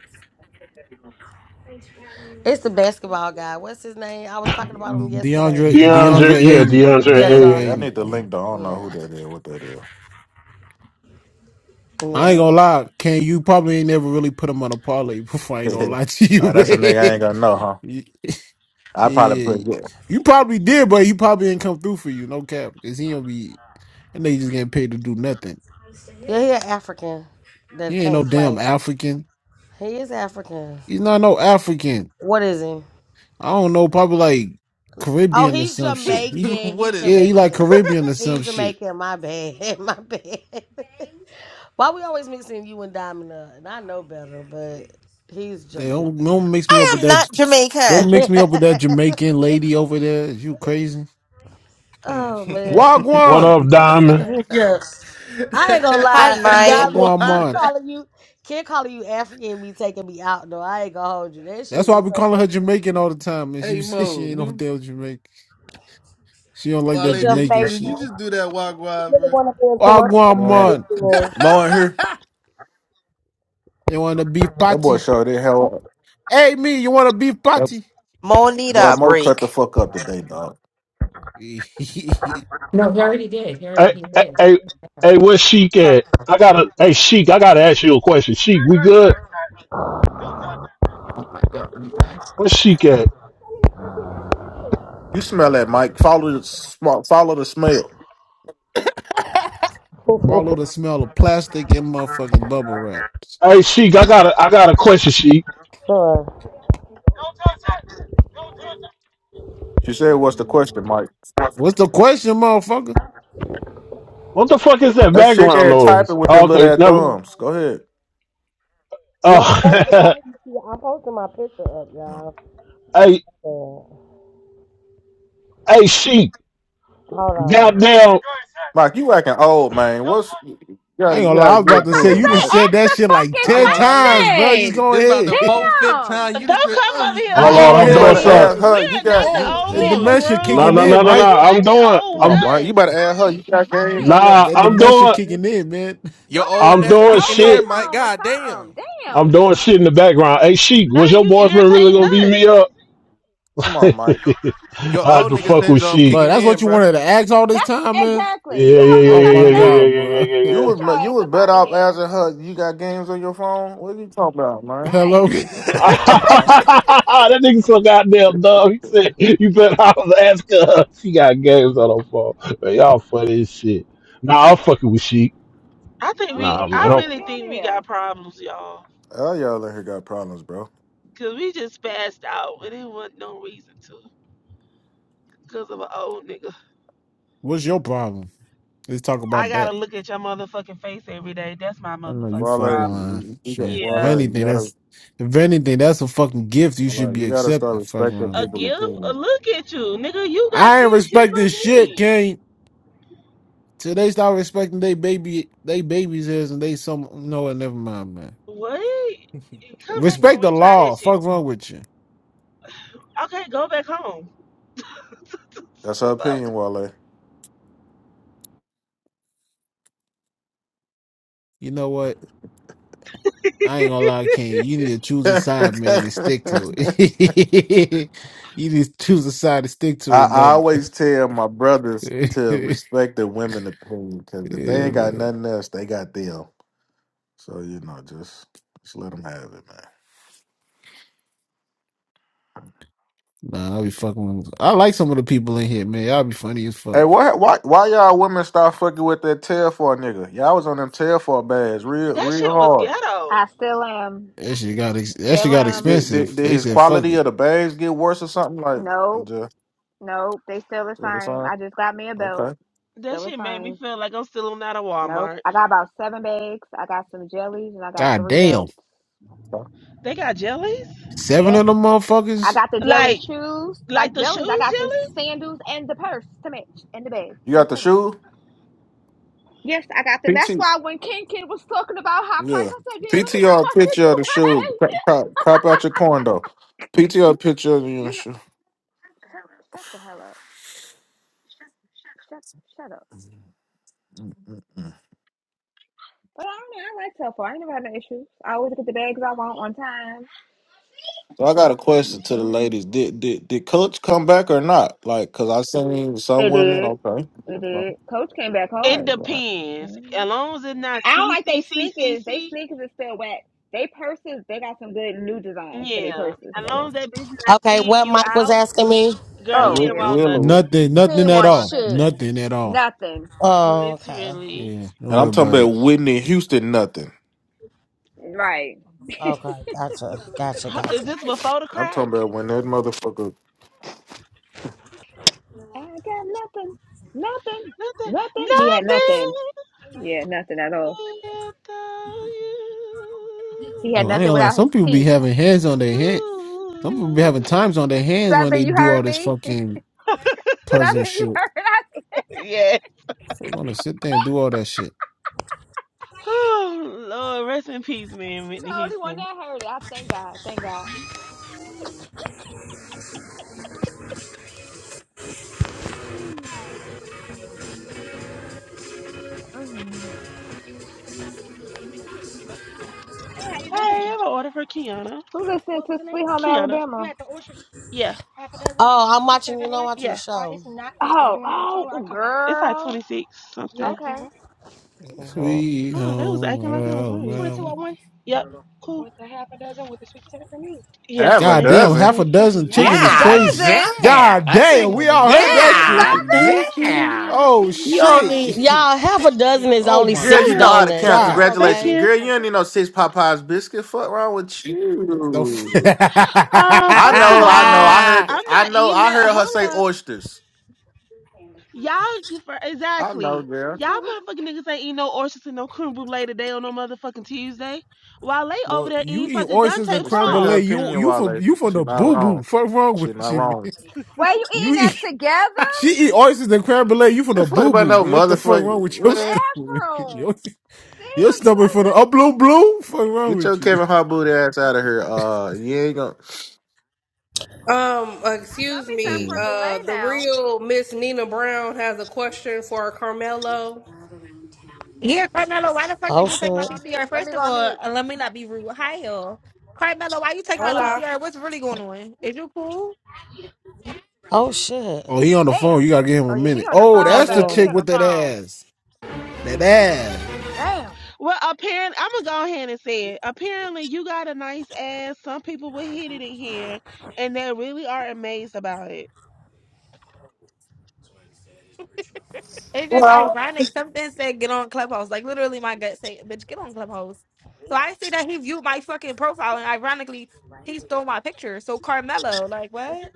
[SPEAKER 8] It's the basketball guy. What's his name? I was talking about him yesterday.
[SPEAKER 2] DeAndre
[SPEAKER 8] Wale.
[SPEAKER 2] DeAndre
[SPEAKER 24] DeAndre, yeah,
[SPEAKER 2] Ayton.
[SPEAKER 24] DeAndre.
[SPEAKER 8] Yeah,
[SPEAKER 2] DeAndre
[SPEAKER 24] Hey,
[SPEAKER 8] John
[SPEAKER 21] Yeah, I
[SPEAKER 2] Ayton.
[SPEAKER 8] Hayden.
[SPEAKER 21] need the
[SPEAKER 2] Yeah.
[SPEAKER 21] link though. I don't know who
[SPEAKER 8] Yeah,
[SPEAKER 21] that is, what that is.
[SPEAKER 2] I ain't
[SPEAKER 8] yeah.
[SPEAKER 2] gonna lie, Ken, you probably ain't never really put him on a parlay before. I ain't gonna lie to
[SPEAKER 21] uh,
[SPEAKER 2] you,
[SPEAKER 21] that's
[SPEAKER 2] man.
[SPEAKER 21] a nigga I ain't gonna know, huh?
[SPEAKER 2] You-
[SPEAKER 21] I probably
[SPEAKER 2] yeah.
[SPEAKER 21] put it.
[SPEAKER 2] You probably did, but he probably ain't come through for you, no cap. Cause he don't be and they just getting paid to do nothing.
[SPEAKER 8] Yeah, he an African
[SPEAKER 2] He
[SPEAKER 8] that
[SPEAKER 2] ain't no
[SPEAKER 8] can't play.
[SPEAKER 2] damn African.
[SPEAKER 8] He is African.
[SPEAKER 2] He's not no African.
[SPEAKER 8] What is he?
[SPEAKER 2] I don't know, probably like
[SPEAKER 8] Oh,
[SPEAKER 2] Caribbean or
[SPEAKER 8] he's
[SPEAKER 2] some shit.
[SPEAKER 8] Jamaican.
[SPEAKER 2] He
[SPEAKER 8] He's
[SPEAKER 2] yeah, he like
[SPEAKER 8] Jamaican.
[SPEAKER 2] Caribbean or
[SPEAKER 8] He's
[SPEAKER 2] some shit.
[SPEAKER 8] Jamaican. My bad. My bad. Why we always mixing you and Diamond up? And I know better, but he's
[SPEAKER 2] Yeah,
[SPEAKER 8] Jamaican.
[SPEAKER 2] don't, don't mix me up
[SPEAKER 22] I
[SPEAKER 2] with
[SPEAKER 22] am
[SPEAKER 2] that
[SPEAKER 22] not
[SPEAKER 2] Don't
[SPEAKER 22] Jamaican.
[SPEAKER 2] mix me up with that Jamaican lady over there. you crazy?
[SPEAKER 26] hey,
[SPEAKER 8] oh man.
[SPEAKER 24] what
[SPEAKER 2] Wagwan!
[SPEAKER 24] up, Diamond?
[SPEAKER 8] Yeah. I ain't gonna lie,
[SPEAKER 22] Hi, Mike.
[SPEAKER 8] Dominic,
[SPEAKER 2] Wagwan
[SPEAKER 26] Wale.
[SPEAKER 8] kid
[SPEAKER 2] man.
[SPEAKER 8] calling you, kid calling you African be taking me out though. I ain't gonna hold you. That
[SPEAKER 2] That's
[SPEAKER 8] shit
[SPEAKER 2] why I
[SPEAKER 8] be
[SPEAKER 2] be
[SPEAKER 8] so
[SPEAKER 2] calling her
[SPEAKER 8] funny to me.
[SPEAKER 2] Jamaican all the time, man. She
[SPEAKER 26] Hey,
[SPEAKER 2] be saying she
[SPEAKER 26] Mo.
[SPEAKER 2] ain't no
[SPEAKER 26] Who,
[SPEAKER 2] damn Jamaican. She don't like
[SPEAKER 26] Wale,
[SPEAKER 2] that
[SPEAKER 8] Shit
[SPEAKER 26] did
[SPEAKER 8] just
[SPEAKER 26] you
[SPEAKER 2] Jamaican
[SPEAKER 26] did you
[SPEAKER 2] shit.
[SPEAKER 8] faithful.
[SPEAKER 26] just do that walk
[SPEAKER 8] You
[SPEAKER 26] wide,
[SPEAKER 8] really
[SPEAKER 26] bro?
[SPEAKER 8] wanna be in
[SPEAKER 2] Wagwan
[SPEAKER 21] Yeah.
[SPEAKER 2] man.
[SPEAKER 8] commercial.
[SPEAKER 26] I
[SPEAKER 21] Mo in here.
[SPEAKER 2] You want a beef
[SPEAKER 21] That boy
[SPEAKER 2] patty?
[SPEAKER 21] showed it hell up.
[SPEAKER 2] Hey, me, you want a beef
[SPEAKER 21] That
[SPEAKER 2] patty?
[SPEAKER 22] Mo need
[SPEAKER 21] boy
[SPEAKER 22] a
[SPEAKER 21] Mo cut
[SPEAKER 22] break.
[SPEAKER 21] the fuck up today, dog.
[SPEAKER 16] No, he already did. He, alre-
[SPEAKER 24] Hey,
[SPEAKER 16] he
[SPEAKER 24] hey,
[SPEAKER 16] did.
[SPEAKER 24] hey, hey, where's Sheik at? I gotta, hey, Sheik, I gotta ask you a question. Sheik, we good?
[SPEAKER 16] Oh my god, you guys.
[SPEAKER 24] Where's Sheik at?
[SPEAKER 21] You smell that, Mike. Follow the smell. Follow the smell.
[SPEAKER 2] Follow the smell of plastic and motherfucking bubble wrap.
[SPEAKER 24] Hey, Sheik, I got, a, I got a question, Sheik.
[SPEAKER 8] sure.
[SPEAKER 21] She said, "What's the question, Mike?"
[SPEAKER 2] What's the question, motherfucker?
[SPEAKER 24] What the fuck is that
[SPEAKER 21] That shit
[SPEAKER 24] background
[SPEAKER 21] ass typing
[SPEAKER 24] noise?
[SPEAKER 21] with
[SPEAKER 24] Oh,
[SPEAKER 21] them little
[SPEAKER 24] okay,
[SPEAKER 21] ass
[SPEAKER 24] never.
[SPEAKER 21] thumbs. Go ahead,
[SPEAKER 8] No, I'm posting my
[SPEAKER 24] Oh,
[SPEAKER 8] picture. I'm posting my picture up,
[SPEAKER 21] Um,
[SPEAKER 8] y'all.
[SPEAKER 24] hey,
[SPEAKER 8] Yeah.
[SPEAKER 24] hey, Sheik,
[SPEAKER 8] Hold on.
[SPEAKER 24] goddamn.
[SPEAKER 21] Mike. You acting old, man. What's you
[SPEAKER 2] I
[SPEAKER 21] gotta,
[SPEAKER 2] ain't
[SPEAKER 21] you
[SPEAKER 2] gonna lie, I
[SPEAKER 21] gotta
[SPEAKER 2] was
[SPEAKER 4] I'm
[SPEAKER 2] about
[SPEAKER 21] get
[SPEAKER 2] to
[SPEAKER 4] about
[SPEAKER 2] say
[SPEAKER 21] to
[SPEAKER 4] to
[SPEAKER 21] it,
[SPEAKER 2] you done
[SPEAKER 4] say,
[SPEAKER 21] Mike.
[SPEAKER 2] said
[SPEAKER 4] ask
[SPEAKER 2] that
[SPEAKER 4] the
[SPEAKER 2] shit like
[SPEAKER 4] fucking
[SPEAKER 26] ain't
[SPEAKER 2] ten
[SPEAKER 26] gonna lie, this been,
[SPEAKER 2] times, bro. Just
[SPEAKER 4] question.
[SPEAKER 2] go
[SPEAKER 26] this about
[SPEAKER 2] ahead.
[SPEAKER 26] the fourth, fifth
[SPEAKER 4] Damn,
[SPEAKER 26] time you
[SPEAKER 13] Don't
[SPEAKER 26] just said,
[SPEAKER 13] come
[SPEAKER 26] hey,
[SPEAKER 13] over
[SPEAKER 4] old
[SPEAKER 13] here
[SPEAKER 24] Oh
[SPEAKER 2] Just
[SPEAKER 26] shit.
[SPEAKER 24] Lord,
[SPEAKER 2] go
[SPEAKER 13] acting
[SPEAKER 24] I'm
[SPEAKER 21] You
[SPEAKER 4] ass
[SPEAKER 13] like
[SPEAKER 24] doing
[SPEAKER 21] better
[SPEAKER 2] ahead,
[SPEAKER 13] these.
[SPEAKER 2] bro.
[SPEAKER 4] nigga.
[SPEAKER 21] ask
[SPEAKER 24] something.
[SPEAKER 21] her.
[SPEAKER 13] We
[SPEAKER 21] You
[SPEAKER 13] are not
[SPEAKER 21] got
[SPEAKER 13] the
[SPEAKER 21] you.
[SPEAKER 13] old
[SPEAKER 2] That
[SPEAKER 26] Oh,
[SPEAKER 13] people
[SPEAKER 26] shit.
[SPEAKER 2] dementia
[SPEAKER 24] No,
[SPEAKER 2] kicking
[SPEAKER 21] Come
[SPEAKER 24] no,
[SPEAKER 13] room.
[SPEAKER 21] on,
[SPEAKER 24] no,
[SPEAKER 2] in,
[SPEAKER 24] no, no.
[SPEAKER 21] Mike.
[SPEAKER 13] Why
[SPEAKER 2] Mike.
[SPEAKER 13] you
[SPEAKER 24] I'm
[SPEAKER 13] acting
[SPEAKER 24] doing.
[SPEAKER 13] old
[SPEAKER 21] Come
[SPEAKER 13] with
[SPEAKER 24] I'm.
[SPEAKER 21] on,
[SPEAKER 24] do-
[SPEAKER 21] Mike. You
[SPEAKER 13] us?
[SPEAKER 21] better ask her. You got games on
[SPEAKER 4] Right.
[SPEAKER 21] your.
[SPEAKER 4] The
[SPEAKER 24] Nah,
[SPEAKER 2] That
[SPEAKER 4] fuck.
[SPEAKER 24] I'm
[SPEAKER 2] dementia
[SPEAKER 24] doing.
[SPEAKER 2] kicking in, man.
[SPEAKER 4] Go
[SPEAKER 26] Your
[SPEAKER 4] back
[SPEAKER 26] old and
[SPEAKER 24] I'm
[SPEAKER 4] over
[SPEAKER 26] that's
[SPEAKER 4] to the
[SPEAKER 24] doing
[SPEAKER 4] old
[SPEAKER 26] kicking in,
[SPEAKER 4] folks'
[SPEAKER 24] shit.
[SPEAKER 26] Mike.
[SPEAKER 4] home or
[SPEAKER 26] God damn.
[SPEAKER 4] something.
[SPEAKER 24] I'm
[SPEAKER 4] Damn.
[SPEAKER 24] doing shit in the background. Hey, Sheik,
[SPEAKER 13] Now
[SPEAKER 24] was your
[SPEAKER 13] you
[SPEAKER 24] boyfriend really
[SPEAKER 13] irritating
[SPEAKER 24] gonna beat
[SPEAKER 13] us.
[SPEAKER 24] me up?
[SPEAKER 21] Come on, Mike.
[SPEAKER 26] Your
[SPEAKER 24] I had
[SPEAKER 26] old
[SPEAKER 24] to
[SPEAKER 26] nigga
[SPEAKER 24] fuck with
[SPEAKER 26] syndrome
[SPEAKER 24] Sheik.
[SPEAKER 2] But
[SPEAKER 26] kicking
[SPEAKER 2] that's what
[SPEAKER 26] in,
[SPEAKER 2] you
[SPEAKER 26] bro.
[SPEAKER 2] wanted to ask all this
[SPEAKER 4] That's
[SPEAKER 2] time, man.
[SPEAKER 4] exactly. You
[SPEAKER 24] Yeah, yeah,
[SPEAKER 4] hold
[SPEAKER 24] yeah,
[SPEAKER 4] us
[SPEAKER 2] Oh
[SPEAKER 24] yeah,
[SPEAKER 4] up
[SPEAKER 2] my
[SPEAKER 4] for
[SPEAKER 24] yeah, yeah,
[SPEAKER 4] that.
[SPEAKER 24] yeah,
[SPEAKER 2] god,
[SPEAKER 24] yeah,
[SPEAKER 2] bro.
[SPEAKER 24] yeah,
[SPEAKER 21] You
[SPEAKER 24] yeah.
[SPEAKER 4] Get
[SPEAKER 24] yeah.
[SPEAKER 4] your
[SPEAKER 21] was you
[SPEAKER 4] ass
[SPEAKER 21] was
[SPEAKER 4] up out
[SPEAKER 21] better
[SPEAKER 4] of
[SPEAKER 21] off
[SPEAKER 4] here.
[SPEAKER 21] asking her. You got games on your phone. What are you talking about, man?
[SPEAKER 4] Right.
[SPEAKER 2] Hello,
[SPEAKER 21] Come on, Mike.
[SPEAKER 24] that nigga so goddamn dumb. He said, "You better I was asking her. She got games on her phone. Man, y'all funny as shit." Nah, I'm fucking with Sheik.
[SPEAKER 13] I
[SPEAKER 4] You
[SPEAKER 13] think
[SPEAKER 4] owe
[SPEAKER 24] Nah,
[SPEAKER 13] we,
[SPEAKER 4] this
[SPEAKER 24] man.
[SPEAKER 13] I
[SPEAKER 24] I'm...
[SPEAKER 4] shit.
[SPEAKER 13] really
[SPEAKER 4] Get out of
[SPEAKER 13] think we
[SPEAKER 4] here.
[SPEAKER 13] got problems, y'all.
[SPEAKER 21] All y'all in here got problems, bro.
[SPEAKER 13] Cause we just passed out and it wasn't no reason to. Cause of an old nigga.
[SPEAKER 2] what's your problem? Let's talk
[SPEAKER 13] I
[SPEAKER 2] about
[SPEAKER 13] gotta
[SPEAKER 2] that.
[SPEAKER 13] look at your motherfucking face every day. That's my
[SPEAKER 2] I know you
[SPEAKER 13] motherfucking
[SPEAKER 21] Wale,
[SPEAKER 2] fucking
[SPEAKER 13] problem.
[SPEAKER 2] lying,
[SPEAKER 21] we, we got
[SPEAKER 2] shit. If
[SPEAKER 13] Yeah.
[SPEAKER 21] Wale. You
[SPEAKER 2] anything,
[SPEAKER 21] gotta.
[SPEAKER 2] that's if anything, that's a fucking gift you
[SPEAKER 21] I'm
[SPEAKER 2] should
[SPEAKER 21] like, you
[SPEAKER 2] be
[SPEAKER 21] gotta start
[SPEAKER 2] accepting. Fuck
[SPEAKER 21] respecting
[SPEAKER 13] A
[SPEAKER 21] people's
[SPEAKER 2] lying.
[SPEAKER 13] gift? Uh,
[SPEAKER 21] opinion.
[SPEAKER 13] Look at you. Nigga, you got
[SPEAKER 2] I ain't
[SPEAKER 13] titties just
[SPEAKER 2] respecting
[SPEAKER 13] like
[SPEAKER 2] shit,
[SPEAKER 13] me.
[SPEAKER 2] Kane. Till they start respecting they baby, they babies is and they some no, never mind, man.
[SPEAKER 13] What? Come back and
[SPEAKER 2] Respect the
[SPEAKER 13] retry that
[SPEAKER 2] law.
[SPEAKER 13] shit.
[SPEAKER 2] Fuck wrong with you.
[SPEAKER 13] Okay, go back home.
[SPEAKER 21] That's her
[SPEAKER 13] Fuck.
[SPEAKER 21] opinion, Wale.
[SPEAKER 2] You know what? I ain't gonna lie, Ken. You need to choose a side, man, and stick to it. you need to choose a side and stick
[SPEAKER 21] I,
[SPEAKER 2] to it,
[SPEAKER 21] I
[SPEAKER 2] brother.
[SPEAKER 21] always tell my brothers to
[SPEAKER 2] yeah,
[SPEAKER 21] respect the women' opinion because if they ain't got
[SPEAKER 2] man.
[SPEAKER 21] nothing else, they got them. So you know, just just let them have it, man.
[SPEAKER 2] Nah, I be fucking. With, I like some of the people in here, man. Y'all be funny as
[SPEAKER 21] Hey,
[SPEAKER 2] fuck.
[SPEAKER 21] why why why y'all women start fucking with that for nigga? Y'all was on them for bags real
[SPEAKER 13] that shit
[SPEAKER 21] real
[SPEAKER 13] was
[SPEAKER 21] hard.
[SPEAKER 13] ghetto.
[SPEAKER 4] I still am.
[SPEAKER 2] That shit got ex- that shit
[SPEAKER 4] Still
[SPEAKER 2] got
[SPEAKER 21] Did,
[SPEAKER 4] am.
[SPEAKER 21] did, did,
[SPEAKER 2] expensive.
[SPEAKER 21] did
[SPEAKER 2] They
[SPEAKER 21] his
[SPEAKER 2] said, "Fuck
[SPEAKER 21] quality
[SPEAKER 2] it."
[SPEAKER 21] of the bags get worse or something? Like,
[SPEAKER 4] Nope.
[SPEAKER 21] just,
[SPEAKER 4] Nope. They still the
[SPEAKER 21] just a
[SPEAKER 4] same.
[SPEAKER 21] sign?
[SPEAKER 4] I just got me a belt.
[SPEAKER 21] Okay.
[SPEAKER 13] That
[SPEAKER 4] Still the
[SPEAKER 13] shit made me
[SPEAKER 4] same.
[SPEAKER 13] feel like I'm still not at
[SPEAKER 4] Nope.
[SPEAKER 13] Walmart.
[SPEAKER 4] I got about seven bags. I got some jellies and I got
[SPEAKER 2] God
[SPEAKER 4] three
[SPEAKER 2] damn,
[SPEAKER 4] belts.
[SPEAKER 21] okay.
[SPEAKER 13] They got jellies?
[SPEAKER 2] seven
[SPEAKER 4] Yeah.
[SPEAKER 2] of them
[SPEAKER 4] I
[SPEAKER 2] motherfuckers.
[SPEAKER 4] got the jelly
[SPEAKER 13] Like,
[SPEAKER 4] shoes.
[SPEAKER 13] like
[SPEAKER 4] Like
[SPEAKER 13] the
[SPEAKER 4] jellies. I
[SPEAKER 13] shoes
[SPEAKER 4] got the
[SPEAKER 13] jellies?
[SPEAKER 4] sandals and the purse to match and the bag.
[SPEAKER 21] You
[SPEAKER 4] Yes,
[SPEAKER 21] got the
[SPEAKER 4] ma'am.
[SPEAKER 21] shoe?
[SPEAKER 4] Yes, I got them.
[SPEAKER 21] PT.
[SPEAKER 4] That's why when Ken Ken was talking about high price,
[SPEAKER 21] Yeah.
[SPEAKER 4] I said, damn, let me throw
[SPEAKER 21] PTR
[SPEAKER 4] my shit
[SPEAKER 21] picture of the shoes.
[SPEAKER 4] away.
[SPEAKER 21] Crop, crop, crop out your corn though. PTR picture of your
[SPEAKER 4] You know,
[SPEAKER 21] shoe.
[SPEAKER 4] shut, shut the hell up. Shut shut up.
[SPEAKER 21] Mm-mm-mm.
[SPEAKER 4] But I don't know. I like Telfar. I ain't never had no issues. I always get the bags I want on time.
[SPEAKER 21] So I got a question
[SPEAKER 4] So
[SPEAKER 21] to
[SPEAKER 4] I
[SPEAKER 21] the
[SPEAKER 4] don't know.
[SPEAKER 21] ladies. Did did did Coach come back or not? Like, cause I seen
[SPEAKER 4] It
[SPEAKER 21] some women.
[SPEAKER 4] did.
[SPEAKER 21] Okay.
[SPEAKER 4] It
[SPEAKER 21] Okay.
[SPEAKER 4] did. Coach came back
[SPEAKER 13] It
[SPEAKER 4] hard.
[SPEAKER 21] right,
[SPEAKER 13] depends.
[SPEAKER 4] Mhm.
[SPEAKER 13] As long as it's not
[SPEAKER 4] I don't
[SPEAKER 13] c
[SPEAKER 4] like they
[SPEAKER 13] c c c
[SPEAKER 4] sneakers. They
[SPEAKER 13] c.
[SPEAKER 4] sneakers is still whack. They purses, they got some good new designs for their
[SPEAKER 13] yeah.
[SPEAKER 4] purses
[SPEAKER 13] As
[SPEAKER 4] though.
[SPEAKER 13] long as
[SPEAKER 21] Okay.
[SPEAKER 13] that bitch not
[SPEAKER 8] Okay,
[SPEAKER 13] seeing
[SPEAKER 8] what
[SPEAKER 13] you
[SPEAKER 8] Mike was
[SPEAKER 13] out,
[SPEAKER 8] asking me?
[SPEAKER 13] girl,
[SPEAKER 21] I
[SPEAKER 13] he
[SPEAKER 4] Oh
[SPEAKER 21] will.
[SPEAKER 13] didn't
[SPEAKER 4] hell.
[SPEAKER 13] want
[SPEAKER 21] will
[SPEAKER 13] nothing.
[SPEAKER 21] uh,
[SPEAKER 2] Nothing,
[SPEAKER 4] He
[SPEAKER 2] nothing
[SPEAKER 13] He
[SPEAKER 4] ain't
[SPEAKER 2] at
[SPEAKER 13] didn't
[SPEAKER 4] want
[SPEAKER 13] want
[SPEAKER 2] all.
[SPEAKER 4] shit.
[SPEAKER 13] nothing.
[SPEAKER 2] Nothing at all.
[SPEAKER 4] Nothing.
[SPEAKER 8] Oh, okay.
[SPEAKER 13] Literally.
[SPEAKER 2] Yeah, don't
[SPEAKER 21] and
[SPEAKER 2] worry
[SPEAKER 21] I'm talking
[SPEAKER 2] about
[SPEAKER 21] about
[SPEAKER 2] it.
[SPEAKER 21] Whitney Houston. Nothing.
[SPEAKER 4] Right.
[SPEAKER 8] Okay, gotcha, gotcha,
[SPEAKER 13] Huh, Is
[SPEAKER 8] gotcha.
[SPEAKER 13] this before the
[SPEAKER 21] I'm
[SPEAKER 13] crack?
[SPEAKER 21] talking about when that motherfucker
[SPEAKER 4] I got nothing. Nothing.
[SPEAKER 13] Nothing.
[SPEAKER 4] Nothing. He had
[SPEAKER 13] Nothing
[SPEAKER 4] nothing. Yeah, nothing at all.
[SPEAKER 13] without you.
[SPEAKER 4] He had
[SPEAKER 2] Yo, I ain't
[SPEAKER 4] nothing
[SPEAKER 2] gonna lie.
[SPEAKER 4] without his
[SPEAKER 2] Some people be
[SPEAKER 4] teeth.
[SPEAKER 2] having hands on their head. Some people be having times on their hands when
[SPEAKER 4] Southern,
[SPEAKER 2] they
[SPEAKER 4] you
[SPEAKER 2] do
[SPEAKER 4] heard
[SPEAKER 2] all this
[SPEAKER 4] me?
[SPEAKER 2] fucking. puzzle
[SPEAKER 4] Southern, you
[SPEAKER 2] shit.
[SPEAKER 4] heard us?
[SPEAKER 13] Yeah.
[SPEAKER 2] I want to sit there and do all that shit.
[SPEAKER 13] Oh, Lord, rest in peace, man,
[SPEAKER 4] You
[SPEAKER 13] Whitney
[SPEAKER 4] the only one
[SPEAKER 13] Houston.
[SPEAKER 4] that heard it. I thank God. Thank God. Mm, mm.
[SPEAKER 13] Hey, I have an order for Kiana.
[SPEAKER 4] Who listened to Sweet Home
[SPEAKER 13] Kiana.
[SPEAKER 4] Alabama?
[SPEAKER 13] Yeah,
[SPEAKER 8] Oh, I'm watching. You know, I'm watching the
[SPEAKER 13] yeah.
[SPEAKER 8] show.
[SPEAKER 4] Oh, oh,
[SPEAKER 13] It's like
[SPEAKER 4] girl.
[SPEAKER 13] 26 something.
[SPEAKER 4] Okay.
[SPEAKER 8] Mhm.
[SPEAKER 2] Sweet
[SPEAKER 13] Oh, that was
[SPEAKER 2] home
[SPEAKER 13] acting like it was ready.
[SPEAKER 2] Alabama.
[SPEAKER 13] Yep, cool. Yeah,
[SPEAKER 21] have a
[SPEAKER 2] God
[SPEAKER 13] thank
[SPEAKER 2] damn,
[SPEAKER 13] you,
[SPEAKER 21] dozen.
[SPEAKER 2] half a
[SPEAKER 13] thank you.
[SPEAKER 2] dozen
[SPEAKER 4] Half
[SPEAKER 2] chicken
[SPEAKER 4] a
[SPEAKER 2] is
[SPEAKER 21] Yeah,
[SPEAKER 2] crazy.
[SPEAKER 4] dozen?
[SPEAKER 21] damn.
[SPEAKER 2] God
[SPEAKER 21] I
[SPEAKER 2] damn,
[SPEAKER 21] think
[SPEAKER 2] we all heard that
[SPEAKER 4] Damn,
[SPEAKER 21] yeah,
[SPEAKER 2] shit.
[SPEAKER 13] Thank you. you.
[SPEAKER 21] damn.
[SPEAKER 2] Oh
[SPEAKER 21] You only
[SPEAKER 2] shit.
[SPEAKER 8] Y'all, half a dozen is
[SPEAKER 2] Oh
[SPEAKER 8] only
[SPEAKER 2] my
[SPEAKER 21] Girl,
[SPEAKER 13] I
[SPEAKER 8] six
[SPEAKER 21] you know
[SPEAKER 13] will.
[SPEAKER 21] how to
[SPEAKER 8] donuts.
[SPEAKER 21] count.
[SPEAKER 8] Are
[SPEAKER 2] god.
[SPEAKER 8] y'all
[SPEAKER 13] Thank
[SPEAKER 21] Congratulations.
[SPEAKER 8] okay?
[SPEAKER 13] you.
[SPEAKER 21] Girl, you ain't need no six Popeyes biscuit. Fuck wrong with
[SPEAKER 2] No. f-
[SPEAKER 21] you.
[SPEAKER 13] Uh,
[SPEAKER 21] I
[SPEAKER 13] first of
[SPEAKER 21] know, I know.
[SPEAKER 13] all,
[SPEAKER 21] I heard
[SPEAKER 13] I'm
[SPEAKER 21] I
[SPEAKER 13] not
[SPEAKER 21] know
[SPEAKER 13] eating
[SPEAKER 21] I
[SPEAKER 13] that.
[SPEAKER 21] heard her say
[SPEAKER 13] Hold up.
[SPEAKER 21] oysters.
[SPEAKER 13] Y'all, good for,
[SPEAKER 21] I know,
[SPEAKER 13] exactly.
[SPEAKER 21] girl.
[SPEAKER 13] Y'all
[SPEAKER 4] son.
[SPEAKER 13] motherfucking niggas ain't eating no oysters and no creme brulee today on no motherfucking Tuesday. While they over
[SPEAKER 2] well,
[SPEAKER 13] there
[SPEAKER 2] you
[SPEAKER 13] eating
[SPEAKER 2] eat
[SPEAKER 13] fucking
[SPEAKER 2] oysters
[SPEAKER 13] Dante
[SPEAKER 2] and creme
[SPEAKER 21] Respect her
[SPEAKER 2] brulee.
[SPEAKER 13] Frog.
[SPEAKER 2] You
[SPEAKER 21] opinion,
[SPEAKER 2] you from
[SPEAKER 21] Wale.
[SPEAKER 2] you from
[SPEAKER 21] She
[SPEAKER 2] the
[SPEAKER 21] not
[SPEAKER 2] boo boo.
[SPEAKER 21] wrong.
[SPEAKER 2] Fuck wrong
[SPEAKER 21] She
[SPEAKER 2] with
[SPEAKER 21] not
[SPEAKER 2] you,
[SPEAKER 21] wrong.
[SPEAKER 2] man.
[SPEAKER 4] Why you
[SPEAKER 2] You
[SPEAKER 4] eating that
[SPEAKER 2] eat
[SPEAKER 4] together?
[SPEAKER 2] she eat oysters and creme brulee. You from
[SPEAKER 21] Yeah,
[SPEAKER 2] the
[SPEAKER 21] fuck
[SPEAKER 2] boo
[SPEAKER 21] about
[SPEAKER 2] boo.
[SPEAKER 21] no
[SPEAKER 2] What the fuck wrong
[SPEAKER 21] motherfucker.
[SPEAKER 4] In
[SPEAKER 2] with
[SPEAKER 4] the
[SPEAKER 2] your
[SPEAKER 21] Man,
[SPEAKER 2] stupid?
[SPEAKER 4] bathroom.
[SPEAKER 2] You're
[SPEAKER 4] Damn,
[SPEAKER 2] stubborn for the oh
[SPEAKER 4] Susan.
[SPEAKER 2] blue blue. Fuck wrong
[SPEAKER 21] get your
[SPEAKER 2] with you?
[SPEAKER 21] Kevin Hart booty ass out of here. Uh you ain't gonna
[SPEAKER 1] Um,
[SPEAKER 4] I love
[SPEAKER 1] excuse
[SPEAKER 4] me some
[SPEAKER 1] me.
[SPEAKER 4] creme
[SPEAKER 2] Mm.
[SPEAKER 4] brulee
[SPEAKER 1] Uh, the
[SPEAKER 4] now.
[SPEAKER 1] real Miss Nina Brown has a question for Carmelo.
[SPEAKER 27] Yeah, Carmelo, why the fuck
[SPEAKER 8] Oh
[SPEAKER 27] did you take
[SPEAKER 4] I'm going to
[SPEAKER 27] my
[SPEAKER 4] go
[SPEAKER 8] shit.
[SPEAKER 4] on mute.
[SPEAKER 27] PCR?
[SPEAKER 4] Let me
[SPEAKER 27] First
[SPEAKER 4] go
[SPEAKER 27] of all,
[SPEAKER 4] on mute.
[SPEAKER 27] uh, let me not be rude. Hi, y'all. Carmelo, why you take my
[SPEAKER 4] Hello.
[SPEAKER 1] Hola.
[SPEAKER 27] PCR? What's really going on? Is you cool?
[SPEAKER 8] Oh shit.
[SPEAKER 2] Oh, he on the phone.
[SPEAKER 4] Damn.
[SPEAKER 2] You gotta give him a
[SPEAKER 4] Oh, yeah, he
[SPEAKER 2] minute.
[SPEAKER 4] on the
[SPEAKER 2] Oh,
[SPEAKER 8] You
[SPEAKER 4] phone,
[SPEAKER 8] gotta
[SPEAKER 2] that's
[SPEAKER 8] get
[SPEAKER 2] the
[SPEAKER 4] baby. He
[SPEAKER 2] chick
[SPEAKER 4] on the
[SPEAKER 2] with that
[SPEAKER 4] phone.
[SPEAKER 2] ass. That ass.
[SPEAKER 4] Damn.
[SPEAKER 13] Well, apparently, I'm gonna go ahead and say it. Apparently, you got a nice ass. Some people will hit it in here and they really are amazed about it.
[SPEAKER 27] It's just
[SPEAKER 28] Well,
[SPEAKER 27] ironic. Something said get on Clubhouse. Like literally, my gut said, "Bitch, get on Clubhouse." So I see that he viewed my fucking profile, and ironically, he stole my picture. So Carmelo, like what?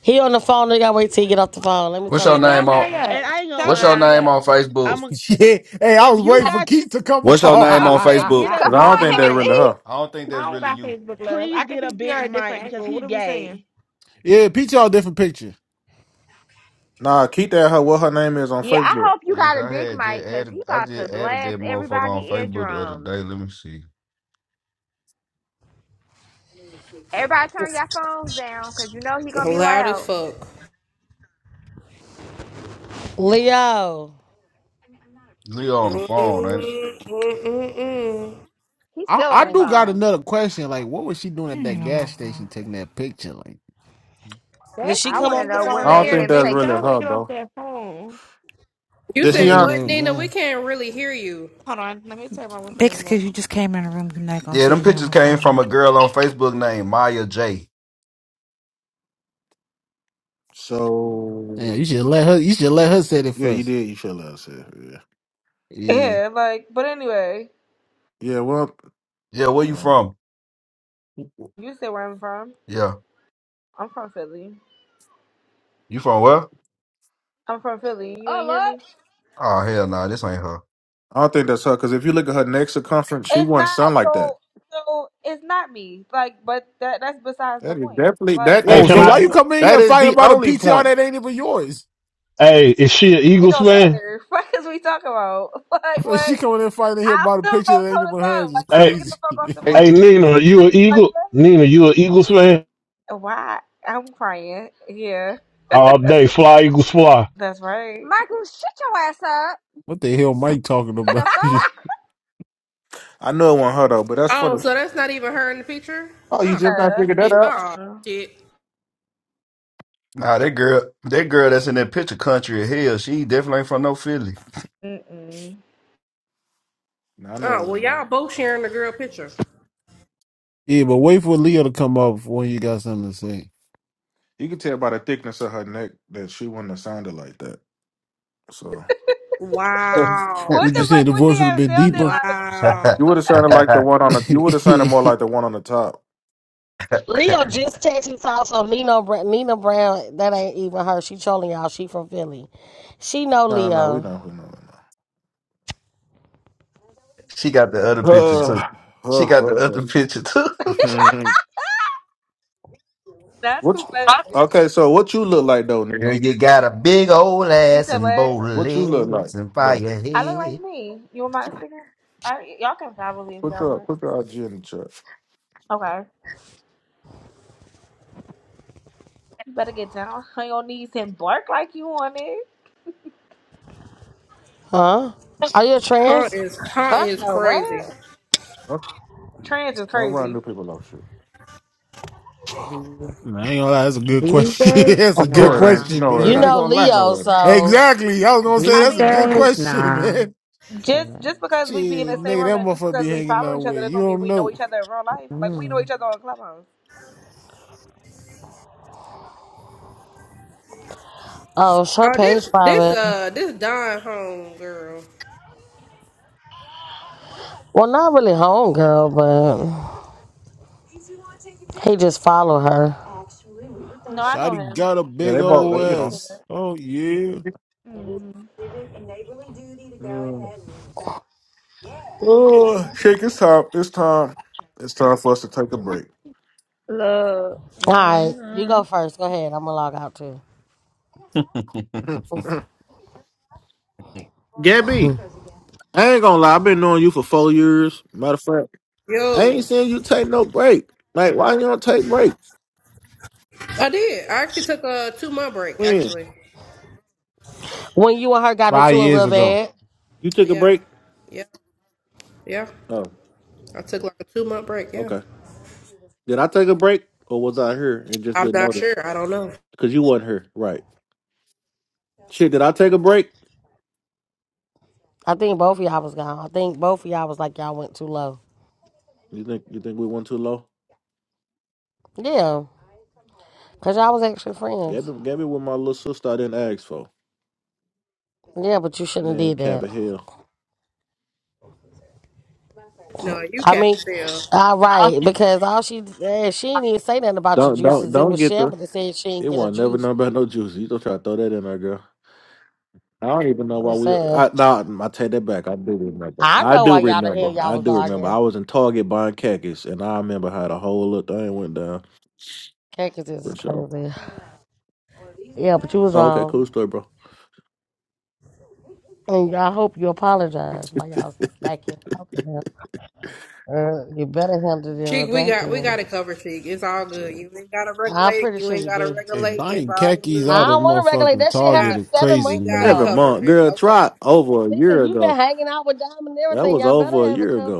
[SPEAKER 8] He on the phone. You gotta wait till he get off the phone. Let me
[SPEAKER 17] What's
[SPEAKER 8] tell him
[SPEAKER 27] Yeah,
[SPEAKER 17] your
[SPEAKER 8] to get
[SPEAKER 27] tell
[SPEAKER 8] off
[SPEAKER 17] name
[SPEAKER 8] the
[SPEAKER 27] him
[SPEAKER 17] on
[SPEAKER 27] hurry
[SPEAKER 8] phone.
[SPEAKER 13] And
[SPEAKER 27] up.
[SPEAKER 13] I ain't gonna
[SPEAKER 27] Tell him
[SPEAKER 17] What's your
[SPEAKER 13] lie.
[SPEAKER 27] hurry
[SPEAKER 17] name
[SPEAKER 27] up.
[SPEAKER 17] on Facebook?
[SPEAKER 13] I'm a,
[SPEAKER 2] Yeah. Hey, I
[SPEAKER 13] if
[SPEAKER 2] was
[SPEAKER 13] you
[SPEAKER 2] waiting for
[SPEAKER 13] got
[SPEAKER 2] Keith to come
[SPEAKER 17] What's your name
[SPEAKER 13] I
[SPEAKER 17] on
[SPEAKER 13] would say
[SPEAKER 17] Facebook?
[SPEAKER 13] get
[SPEAKER 2] on.
[SPEAKER 13] a
[SPEAKER 4] Come
[SPEAKER 21] Cause I
[SPEAKER 13] big
[SPEAKER 21] don't think
[SPEAKER 4] on,
[SPEAKER 21] that really
[SPEAKER 4] Timothy.
[SPEAKER 13] mic.
[SPEAKER 21] her.
[SPEAKER 17] I don't think
[SPEAKER 27] I
[SPEAKER 17] that's
[SPEAKER 27] don't
[SPEAKER 17] really
[SPEAKER 27] got
[SPEAKER 17] you.
[SPEAKER 27] Facebook love. I
[SPEAKER 13] Please
[SPEAKER 27] can
[SPEAKER 13] get a big
[SPEAKER 27] PTR a
[SPEAKER 13] mic
[SPEAKER 27] different
[SPEAKER 13] because
[SPEAKER 27] angle. What
[SPEAKER 13] he's
[SPEAKER 27] are we saying?
[SPEAKER 13] gay.
[SPEAKER 2] yeah, peach all different picture.
[SPEAKER 21] Nah, keep that her what her name is on
[SPEAKER 4] Yeah, I
[SPEAKER 21] Facebook.
[SPEAKER 4] hope you
[SPEAKER 17] Yeah,
[SPEAKER 4] got a
[SPEAKER 17] 'cause I
[SPEAKER 4] big
[SPEAKER 17] had
[SPEAKER 4] mic
[SPEAKER 17] just
[SPEAKER 4] because he
[SPEAKER 17] added. I
[SPEAKER 4] about to
[SPEAKER 17] just added
[SPEAKER 4] blast
[SPEAKER 17] that motherfucker on
[SPEAKER 4] everybody
[SPEAKER 17] Facebook the other
[SPEAKER 4] eardrums.
[SPEAKER 17] day. Let me see.
[SPEAKER 4] Everybody turn your phones down because you know he gonna be
[SPEAKER 1] Loud as
[SPEAKER 4] loud.
[SPEAKER 1] fuck.
[SPEAKER 8] Leo,
[SPEAKER 17] Leo on the phone, ain't it?
[SPEAKER 1] Mm-mm-mm-mm.
[SPEAKER 4] He's
[SPEAKER 2] I
[SPEAKER 4] still on the
[SPEAKER 2] I do got
[SPEAKER 4] phone.
[SPEAKER 2] another question. Like, what was she doing
[SPEAKER 15] He
[SPEAKER 2] at that
[SPEAKER 15] ain't on
[SPEAKER 2] gas
[SPEAKER 15] no
[SPEAKER 2] station
[SPEAKER 15] phone.
[SPEAKER 2] taking that picture? Like,
[SPEAKER 8] did
[SPEAKER 27] That's
[SPEAKER 8] she
[SPEAKER 4] I
[SPEAKER 8] come
[SPEAKER 4] want to
[SPEAKER 27] neither
[SPEAKER 8] off the
[SPEAKER 4] know
[SPEAKER 27] here
[SPEAKER 4] what
[SPEAKER 27] nor
[SPEAKER 21] I
[SPEAKER 8] phone?
[SPEAKER 21] don't
[SPEAKER 4] made
[SPEAKER 27] there,
[SPEAKER 21] think
[SPEAKER 4] him
[SPEAKER 21] that's
[SPEAKER 27] baby.
[SPEAKER 4] take
[SPEAKER 21] really
[SPEAKER 27] Tell him
[SPEAKER 4] what
[SPEAKER 27] to
[SPEAKER 21] her,
[SPEAKER 27] get off
[SPEAKER 21] bro.
[SPEAKER 27] that phone.
[SPEAKER 1] You
[SPEAKER 21] Did
[SPEAKER 2] you
[SPEAKER 1] said
[SPEAKER 21] she
[SPEAKER 2] don't think
[SPEAKER 21] on?
[SPEAKER 1] what,
[SPEAKER 2] that?
[SPEAKER 1] Nina? We
[SPEAKER 2] Uh,
[SPEAKER 1] can't really hear you.
[SPEAKER 27] Hold on, let me tell my what's the
[SPEAKER 15] That's
[SPEAKER 27] name was.
[SPEAKER 15] because you just came in the room. You're not going to
[SPEAKER 17] Yeah,
[SPEAKER 15] see
[SPEAKER 17] them
[SPEAKER 15] he on
[SPEAKER 17] pictures
[SPEAKER 15] the
[SPEAKER 17] came from
[SPEAKER 15] phone.
[SPEAKER 17] a girl on Facebook named Maya J.
[SPEAKER 2] yeah, you
[SPEAKER 21] So
[SPEAKER 2] should let her. You should let her say it
[SPEAKER 21] Yeah, you
[SPEAKER 2] first.
[SPEAKER 21] did. You should have said. Yeah.
[SPEAKER 2] Yeah.
[SPEAKER 27] Yeah, like, but anyway,
[SPEAKER 21] Yeah. Well,
[SPEAKER 17] Yeah, where you
[SPEAKER 21] uh,
[SPEAKER 17] from?
[SPEAKER 27] you said where I'm from.
[SPEAKER 17] Yeah,
[SPEAKER 27] I'm from Philly.
[SPEAKER 17] you from where?
[SPEAKER 27] I'm from
[SPEAKER 4] Philly.
[SPEAKER 27] Philly. You
[SPEAKER 4] Oh
[SPEAKER 27] ain't hear me?
[SPEAKER 4] look,
[SPEAKER 17] Oh hell, nah, this ain't her.
[SPEAKER 21] I don't think that's her because if you look at her neck circumference, she
[SPEAKER 27] It's
[SPEAKER 21] wouldn't
[SPEAKER 27] not
[SPEAKER 21] sound like that.
[SPEAKER 27] so. So it's not me. Like, but that that's besides the
[SPEAKER 21] That is
[SPEAKER 27] point.
[SPEAKER 21] definitely
[SPEAKER 27] Like,
[SPEAKER 21] that
[SPEAKER 24] Hey,
[SPEAKER 27] what?
[SPEAKER 2] Oh,
[SPEAKER 21] is
[SPEAKER 24] can
[SPEAKER 2] so
[SPEAKER 21] the
[SPEAKER 2] why
[SPEAKER 24] I?
[SPEAKER 2] you coming in
[SPEAKER 21] that
[SPEAKER 2] here
[SPEAKER 21] is
[SPEAKER 2] fighting
[SPEAKER 21] the
[SPEAKER 2] about a
[SPEAKER 21] only
[SPEAKER 2] PTR
[SPEAKER 21] point.
[SPEAKER 2] that ain't even yours?
[SPEAKER 24] Hey, is she an
[SPEAKER 27] It
[SPEAKER 24] Eagles
[SPEAKER 27] don't
[SPEAKER 24] fan?
[SPEAKER 27] matter. What is we talking about? Like,
[SPEAKER 2] Well, She
[SPEAKER 27] what?
[SPEAKER 2] coming in fighting here
[SPEAKER 27] I'll
[SPEAKER 2] about a
[SPEAKER 27] still go
[SPEAKER 2] picture
[SPEAKER 27] toe
[SPEAKER 2] that ain't
[SPEAKER 27] to
[SPEAKER 2] even
[SPEAKER 27] toe.
[SPEAKER 2] hers is
[SPEAKER 27] Like, tell
[SPEAKER 24] Hey,
[SPEAKER 27] him to get the
[SPEAKER 2] crazy.
[SPEAKER 27] fuck off the
[SPEAKER 21] Hey,
[SPEAKER 24] hey,
[SPEAKER 27] phone.
[SPEAKER 24] Nina, you an
[SPEAKER 27] Like,
[SPEAKER 24] Eagle?
[SPEAKER 27] what?
[SPEAKER 24] Nina, you an Eagles fan?
[SPEAKER 27] Why? I'm crying. Yeah,
[SPEAKER 24] All day, fly Eagles fly.
[SPEAKER 27] that's right.
[SPEAKER 4] Michael, shut your ass up.
[SPEAKER 2] what the hell Mike talking about?
[SPEAKER 4] The
[SPEAKER 2] yeah,
[SPEAKER 4] fuck?
[SPEAKER 21] I know it wasn't her though, but that's
[SPEAKER 1] Oh,
[SPEAKER 21] funny.
[SPEAKER 1] so that's not even her in the picture?
[SPEAKER 21] Oh, you
[SPEAKER 1] Oh
[SPEAKER 21] just not
[SPEAKER 27] Nah.
[SPEAKER 21] figured that
[SPEAKER 1] shit.
[SPEAKER 21] out?
[SPEAKER 1] Oh shit.
[SPEAKER 17] Nah, that girl, that girl that's in that picture, country as hell. She definitely ain't from no Philly.
[SPEAKER 27] Mm-mm.
[SPEAKER 21] No, I know it
[SPEAKER 1] Oh well,
[SPEAKER 21] wasn't her.
[SPEAKER 1] y'all both sharing the girl picture.
[SPEAKER 2] but wait for Leo to come up before you got something to say.
[SPEAKER 21] You can tell by the thickness of her neck that she wouldn't have sounded like that. So
[SPEAKER 1] Wow.
[SPEAKER 27] What
[SPEAKER 2] Would you
[SPEAKER 27] the
[SPEAKER 2] say
[SPEAKER 27] fuck
[SPEAKER 2] the
[SPEAKER 27] would
[SPEAKER 2] voice
[SPEAKER 27] she
[SPEAKER 2] would have
[SPEAKER 27] have
[SPEAKER 2] been
[SPEAKER 27] sounded
[SPEAKER 2] deeper?
[SPEAKER 27] like?
[SPEAKER 1] Wow.
[SPEAKER 21] you would have sounded like the one on the. You would have sounded more like the one on the top.
[SPEAKER 8] Leo just texted us also Nina Br- Nina Brown. That ain't even her. She trolling y'all. She from Philly. She know
[SPEAKER 21] No, no, no. We
[SPEAKER 8] Leo.
[SPEAKER 21] know. We know. We know.
[SPEAKER 17] she got the other picture
[SPEAKER 8] Shit.
[SPEAKER 21] Uh,
[SPEAKER 17] too. She
[SPEAKER 21] uh,
[SPEAKER 17] got the
[SPEAKER 21] uh,
[SPEAKER 17] other picture
[SPEAKER 21] uh.
[SPEAKER 17] too.
[SPEAKER 27] Not
[SPEAKER 21] what?
[SPEAKER 27] too
[SPEAKER 21] you-
[SPEAKER 27] much.
[SPEAKER 21] okay, so what you look like though, Nino?
[SPEAKER 17] Girl, you got a big old
[SPEAKER 27] You
[SPEAKER 17] ass
[SPEAKER 27] said
[SPEAKER 17] and
[SPEAKER 27] what?
[SPEAKER 17] bold
[SPEAKER 21] What you look
[SPEAKER 17] legs
[SPEAKER 21] like?
[SPEAKER 17] and
[SPEAKER 21] No.
[SPEAKER 17] fire
[SPEAKER 27] I look like
[SPEAKER 17] head.
[SPEAKER 27] me. You want my Instagram? I, y'all can follow me if
[SPEAKER 21] Put
[SPEAKER 27] y'all
[SPEAKER 21] your
[SPEAKER 27] want.
[SPEAKER 21] put your IG in the chat.
[SPEAKER 27] Okay. You better get down on your knees and bark like you want it.
[SPEAKER 8] Huh? Are you a
[SPEAKER 1] Her
[SPEAKER 8] trans?
[SPEAKER 1] is her
[SPEAKER 27] Fuck
[SPEAKER 1] is
[SPEAKER 27] no,
[SPEAKER 1] crazy.
[SPEAKER 27] what?
[SPEAKER 21] Don't,
[SPEAKER 27] Trans is
[SPEAKER 21] don't run
[SPEAKER 27] crazy.
[SPEAKER 21] new people off shit.
[SPEAKER 16] The-
[SPEAKER 2] I ain't gonna lie, that's a good
[SPEAKER 16] These
[SPEAKER 2] question.
[SPEAKER 16] days,
[SPEAKER 2] that's a
[SPEAKER 21] No,
[SPEAKER 2] good
[SPEAKER 21] it
[SPEAKER 16] nah.
[SPEAKER 21] ain't.
[SPEAKER 2] question,
[SPEAKER 21] No,
[SPEAKER 2] man.
[SPEAKER 8] you
[SPEAKER 21] it
[SPEAKER 2] I ain't
[SPEAKER 21] ain't.
[SPEAKER 8] know
[SPEAKER 2] gonna lie.
[SPEAKER 8] Leo,
[SPEAKER 21] No, it ain't.
[SPEAKER 8] so
[SPEAKER 2] Exactly. I was gonna say
[SPEAKER 27] I
[SPEAKER 16] These
[SPEAKER 2] that's a
[SPEAKER 27] mean,
[SPEAKER 2] good
[SPEAKER 16] days,
[SPEAKER 2] question,
[SPEAKER 16] nah.
[SPEAKER 2] man.
[SPEAKER 16] Yeah.
[SPEAKER 27] just just because we be in
[SPEAKER 2] Shit,
[SPEAKER 27] the same
[SPEAKER 2] nigga,
[SPEAKER 27] room
[SPEAKER 2] that
[SPEAKER 27] and just
[SPEAKER 2] motherfucker
[SPEAKER 27] because
[SPEAKER 2] be
[SPEAKER 27] we
[SPEAKER 2] hanging
[SPEAKER 27] follow
[SPEAKER 2] out
[SPEAKER 27] each other,
[SPEAKER 2] with. You
[SPEAKER 27] doesn't mean
[SPEAKER 2] don't
[SPEAKER 27] we know each
[SPEAKER 2] know.
[SPEAKER 27] other in real life. Like we know
[SPEAKER 16] Mm.
[SPEAKER 27] each other on Clubhouse.
[SPEAKER 8] oh, it's her
[SPEAKER 1] Oh,
[SPEAKER 8] page
[SPEAKER 1] this this
[SPEAKER 8] private.
[SPEAKER 1] uh this Don home girl.
[SPEAKER 8] Well, not really home girl, but he just followed her.
[SPEAKER 27] No, I know
[SPEAKER 2] Shotty
[SPEAKER 27] him.
[SPEAKER 2] got a
[SPEAKER 21] Yeah,
[SPEAKER 2] big
[SPEAKER 21] they
[SPEAKER 27] So yeah,
[SPEAKER 21] both.
[SPEAKER 2] old
[SPEAKER 21] They,
[SPEAKER 27] you
[SPEAKER 21] you
[SPEAKER 27] can
[SPEAKER 21] know.
[SPEAKER 27] say
[SPEAKER 2] ass.
[SPEAKER 27] that.
[SPEAKER 2] Oh yeah.
[SPEAKER 27] Mm-hmm.
[SPEAKER 21] Mm. Oh, shake! It's time. It's time. It's time for us to take a break.
[SPEAKER 4] Look.
[SPEAKER 8] All right, you
[SPEAKER 4] hmm
[SPEAKER 8] go first. Go ahead. I'm gonna log out too.
[SPEAKER 21] Gabby, I ain't gonna lie. I've been knowing you for four years. Matter of fact, I ain't
[SPEAKER 1] Yo.
[SPEAKER 21] seen you take no break. Like, why you don't take breaks?
[SPEAKER 1] I did. I actually took a two month break.
[SPEAKER 21] When
[SPEAKER 1] Actually,
[SPEAKER 8] When you and her got into
[SPEAKER 2] Five
[SPEAKER 8] it real
[SPEAKER 2] years ago.
[SPEAKER 8] bad,
[SPEAKER 21] you took a
[SPEAKER 1] yeah,
[SPEAKER 21] break?
[SPEAKER 1] yeah, yeah.
[SPEAKER 21] Oh,
[SPEAKER 1] I took like a two month break. Yeah,
[SPEAKER 21] okay. Did I take a break, or was I here and just
[SPEAKER 1] I'm
[SPEAKER 21] didn't
[SPEAKER 1] not
[SPEAKER 21] notice?
[SPEAKER 1] sure. I don't know.
[SPEAKER 21] Because you wasn't here, right? Shit, did I take a break?
[SPEAKER 8] I think both of y'all was gone. I think both of y'all was like y'all went too low.
[SPEAKER 21] You think you think we went too low?
[SPEAKER 8] Yeah, cause y'all was actually
[SPEAKER 21] Gabby,
[SPEAKER 8] friends.
[SPEAKER 21] Gabby, with my little sister, I didn't ask for.
[SPEAKER 8] Yeah, but you shouldn't have
[SPEAKER 21] Man,
[SPEAKER 8] did
[SPEAKER 21] cap
[SPEAKER 8] that.
[SPEAKER 21] of hell.
[SPEAKER 1] No, you
[SPEAKER 8] I
[SPEAKER 1] can't
[SPEAKER 8] mean,
[SPEAKER 1] tell.
[SPEAKER 8] all right, because all she eh, she didn't even say nothing about your
[SPEAKER 21] Don't don't
[SPEAKER 8] juices. It
[SPEAKER 21] don't
[SPEAKER 8] was
[SPEAKER 21] get the.
[SPEAKER 8] Shamba that said she didn't
[SPEAKER 21] It
[SPEAKER 8] get her
[SPEAKER 21] won't never
[SPEAKER 8] juice.
[SPEAKER 21] know about no juice. You don't try to throw that in there, girl. I don't even know
[SPEAKER 8] I'm
[SPEAKER 21] why
[SPEAKER 8] just
[SPEAKER 21] we.
[SPEAKER 8] saying.
[SPEAKER 21] I nah, I take that back. I do remember.
[SPEAKER 8] I
[SPEAKER 21] I
[SPEAKER 8] know
[SPEAKER 21] do
[SPEAKER 8] why y'all the hell
[SPEAKER 21] remember.
[SPEAKER 8] y'all
[SPEAKER 21] I
[SPEAKER 8] was
[SPEAKER 21] do remember.
[SPEAKER 8] arguing.
[SPEAKER 21] I was in Target buying khakis, and I remember how the whole little thing went down
[SPEAKER 8] Cactus is
[SPEAKER 21] for sure.
[SPEAKER 8] crazy. Yeah, but you was
[SPEAKER 21] Oh, okay,
[SPEAKER 8] wrong.
[SPEAKER 21] cool story, bro.
[SPEAKER 8] And I hope you apologize by y'all back end talking to her. Uh, you better handle it in the
[SPEAKER 1] Sheik, we
[SPEAKER 8] back
[SPEAKER 1] got we
[SPEAKER 8] end.
[SPEAKER 1] got it covered. Sheik, it's all good. You ain't gotta
[SPEAKER 8] I'm
[SPEAKER 1] regulate.
[SPEAKER 8] pretty
[SPEAKER 1] You
[SPEAKER 8] sure
[SPEAKER 1] ain't
[SPEAKER 8] you
[SPEAKER 1] gotta
[SPEAKER 8] do.
[SPEAKER 2] Hey,
[SPEAKER 1] regulate. It's
[SPEAKER 2] buying
[SPEAKER 1] all
[SPEAKER 2] khakis
[SPEAKER 8] I
[SPEAKER 2] out
[SPEAKER 1] good.
[SPEAKER 2] of
[SPEAKER 8] don't want to regulate.
[SPEAKER 2] motherfucking
[SPEAKER 8] That shit
[SPEAKER 2] Target
[SPEAKER 1] Got
[SPEAKER 8] happened
[SPEAKER 2] is
[SPEAKER 1] it.
[SPEAKER 8] seven
[SPEAKER 2] crazy,
[SPEAKER 1] We
[SPEAKER 8] months
[SPEAKER 1] got it
[SPEAKER 2] man.
[SPEAKER 21] Seven
[SPEAKER 8] ago.
[SPEAKER 1] covered.
[SPEAKER 21] month
[SPEAKER 1] It's
[SPEAKER 21] girl,
[SPEAKER 1] okay.
[SPEAKER 21] try over a
[SPEAKER 8] Listen,
[SPEAKER 21] year
[SPEAKER 8] you've been
[SPEAKER 21] ago.
[SPEAKER 8] hanging out with Dom and
[SPEAKER 21] That
[SPEAKER 8] everything.
[SPEAKER 21] was
[SPEAKER 8] Y'all better
[SPEAKER 21] over a
[SPEAKER 8] have it
[SPEAKER 21] year
[SPEAKER 8] covered.
[SPEAKER 21] ago.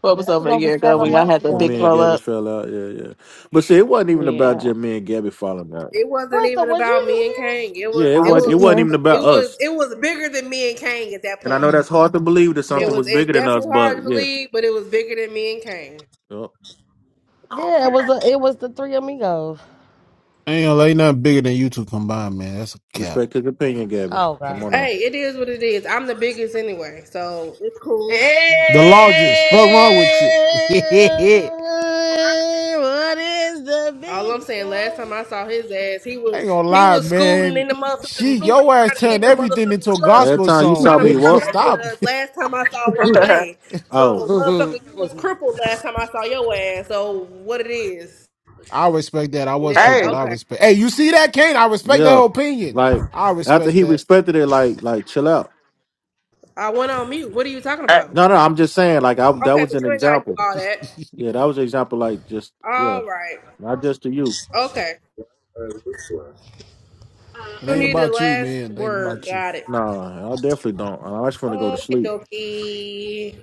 [SPEAKER 9] What was
[SPEAKER 8] That was
[SPEAKER 9] over a
[SPEAKER 8] over
[SPEAKER 9] year ago
[SPEAKER 8] seven
[SPEAKER 9] when
[SPEAKER 21] When
[SPEAKER 9] y'all
[SPEAKER 8] months
[SPEAKER 9] had the
[SPEAKER 21] when
[SPEAKER 8] ago.
[SPEAKER 9] big
[SPEAKER 21] me and
[SPEAKER 9] blow
[SPEAKER 21] Gabby
[SPEAKER 9] up?
[SPEAKER 21] fell out, yeah, yeah. But see, it wasn't even about
[SPEAKER 9] Yeah,
[SPEAKER 21] just me and Gabby falling out.
[SPEAKER 1] It wasn't
[SPEAKER 8] Crystal,
[SPEAKER 1] even
[SPEAKER 8] was
[SPEAKER 1] about me and
[SPEAKER 8] you
[SPEAKER 1] Kang. It
[SPEAKER 21] Yeah,
[SPEAKER 1] was.
[SPEAKER 21] it
[SPEAKER 9] I
[SPEAKER 1] It
[SPEAKER 21] wasn't.
[SPEAKER 9] was in
[SPEAKER 21] It
[SPEAKER 1] was.
[SPEAKER 21] wasn't
[SPEAKER 9] here.
[SPEAKER 21] even
[SPEAKER 1] It
[SPEAKER 21] about
[SPEAKER 1] was.
[SPEAKER 21] us.
[SPEAKER 1] It was bigger than me and Kang at that
[SPEAKER 21] And I know
[SPEAKER 1] point.
[SPEAKER 21] that's hard to believe that
[SPEAKER 8] in here?
[SPEAKER 1] It
[SPEAKER 21] something
[SPEAKER 8] Yeah.
[SPEAKER 1] was.
[SPEAKER 21] was
[SPEAKER 1] It's
[SPEAKER 21] bigger than us,
[SPEAKER 1] definitely
[SPEAKER 21] but
[SPEAKER 1] hard to
[SPEAKER 21] yeah.
[SPEAKER 1] believe, but it was bigger than me and Kang.
[SPEAKER 21] Yup.
[SPEAKER 8] Yeah, it was a, it was the three amigos.
[SPEAKER 2] I ain't gonna let nothing bigger than you two combined, man. That's a cap.
[SPEAKER 21] Respect his opinion, Gabby.
[SPEAKER 8] Oh
[SPEAKER 21] Come on
[SPEAKER 8] God.
[SPEAKER 21] now.
[SPEAKER 1] Hey, it is what it is. I'm the biggest anyway, so it's cool.
[SPEAKER 2] The largest. Fuck wrong with you.
[SPEAKER 8] Hey,
[SPEAKER 2] I
[SPEAKER 8] what is the
[SPEAKER 1] All I'm
[SPEAKER 8] big
[SPEAKER 1] saying, last time
[SPEAKER 8] show?
[SPEAKER 1] I saw his ass, he was
[SPEAKER 2] ain't gonna
[SPEAKER 1] he
[SPEAKER 2] lie,
[SPEAKER 1] was scooting
[SPEAKER 2] man.
[SPEAKER 1] in the motherfucking
[SPEAKER 2] She,
[SPEAKER 1] scooter,
[SPEAKER 2] your ass
[SPEAKER 1] trying to get in
[SPEAKER 2] turned
[SPEAKER 1] the
[SPEAKER 2] everything
[SPEAKER 1] motherfucking
[SPEAKER 2] into a
[SPEAKER 1] club,
[SPEAKER 21] Last
[SPEAKER 2] gospel
[SPEAKER 21] time you
[SPEAKER 2] song,
[SPEAKER 1] trying
[SPEAKER 21] saw
[SPEAKER 1] to
[SPEAKER 21] me,
[SPEAKER 2] man. You
[SPEAKER 21] what?
[SPEAKER 1] parlay with
[SPEAKER 2] Stop.
[SPEAKER 1] us. Last time I saw Wale,
[SPEAKER 21] Oh,
[SPEAKER 1] so motherfucker, you was crippled last time I saw your ass. So what it is?
[SPEAKER 2] I respect that. I was
[SPEAKER 1] Yeah,
[SPEAKER 9] hey,
[SPEAKER 2] crippled. I
[SPEAKER 1] okay.
[SPEAKER 2] respect. Hey, you see that, Kane? I respect that
[SPEAKER 21] yeah.
[SPEAKER 2] whole opinion.
[SPEAKER 21] Like
[SPEAKER 2] I
[SPEAKER 21] after
[SPEAKER 2] respect
[SPEAKER 21] he
[SPEAKER 2] that.
[SPEAKER 21] respected it, like like chill out.
[SPEAKER 1] I went on mute. What are you talking
[SPEAKER 9] hey,
[SPEAKER 1] about?
[SPEAKER 21] No, no, I'm just saying, like I that
[SPEAKER 1] Okay,
[SPEAKER 21] was
[SPEAKER 1] but
[SPEAKER 21] an
[SPEAKER 1] you ain't gotta do
[SPEAKER 21] example.
[SPEAKER 1] all that.
[SPEAKER 2] it
[SPEAKER 21] Yeah, that was an example. Like just yeah,
[SPEAKER 1] All right.
[SPEAKER 21] not just to you.
[SPEAKER 1] Okay. You
[SPEAKER 2] ain't
[SPEAKER 1] need the
[SPEAKER 2] about you,
[SPEAKER 1] last
[SPEAKER 2] man. It ain't
[SPEAKER 1] word.
[SPEAKER 2] about you.
[SPEAKER 1] Got it.
[SPEAKER 21] Nah, I definitely don't. I just want to go to
[SPEAKER 1] Okay,
[SPEAKER 21] sleep.
[SPEAKER 1] Dokie.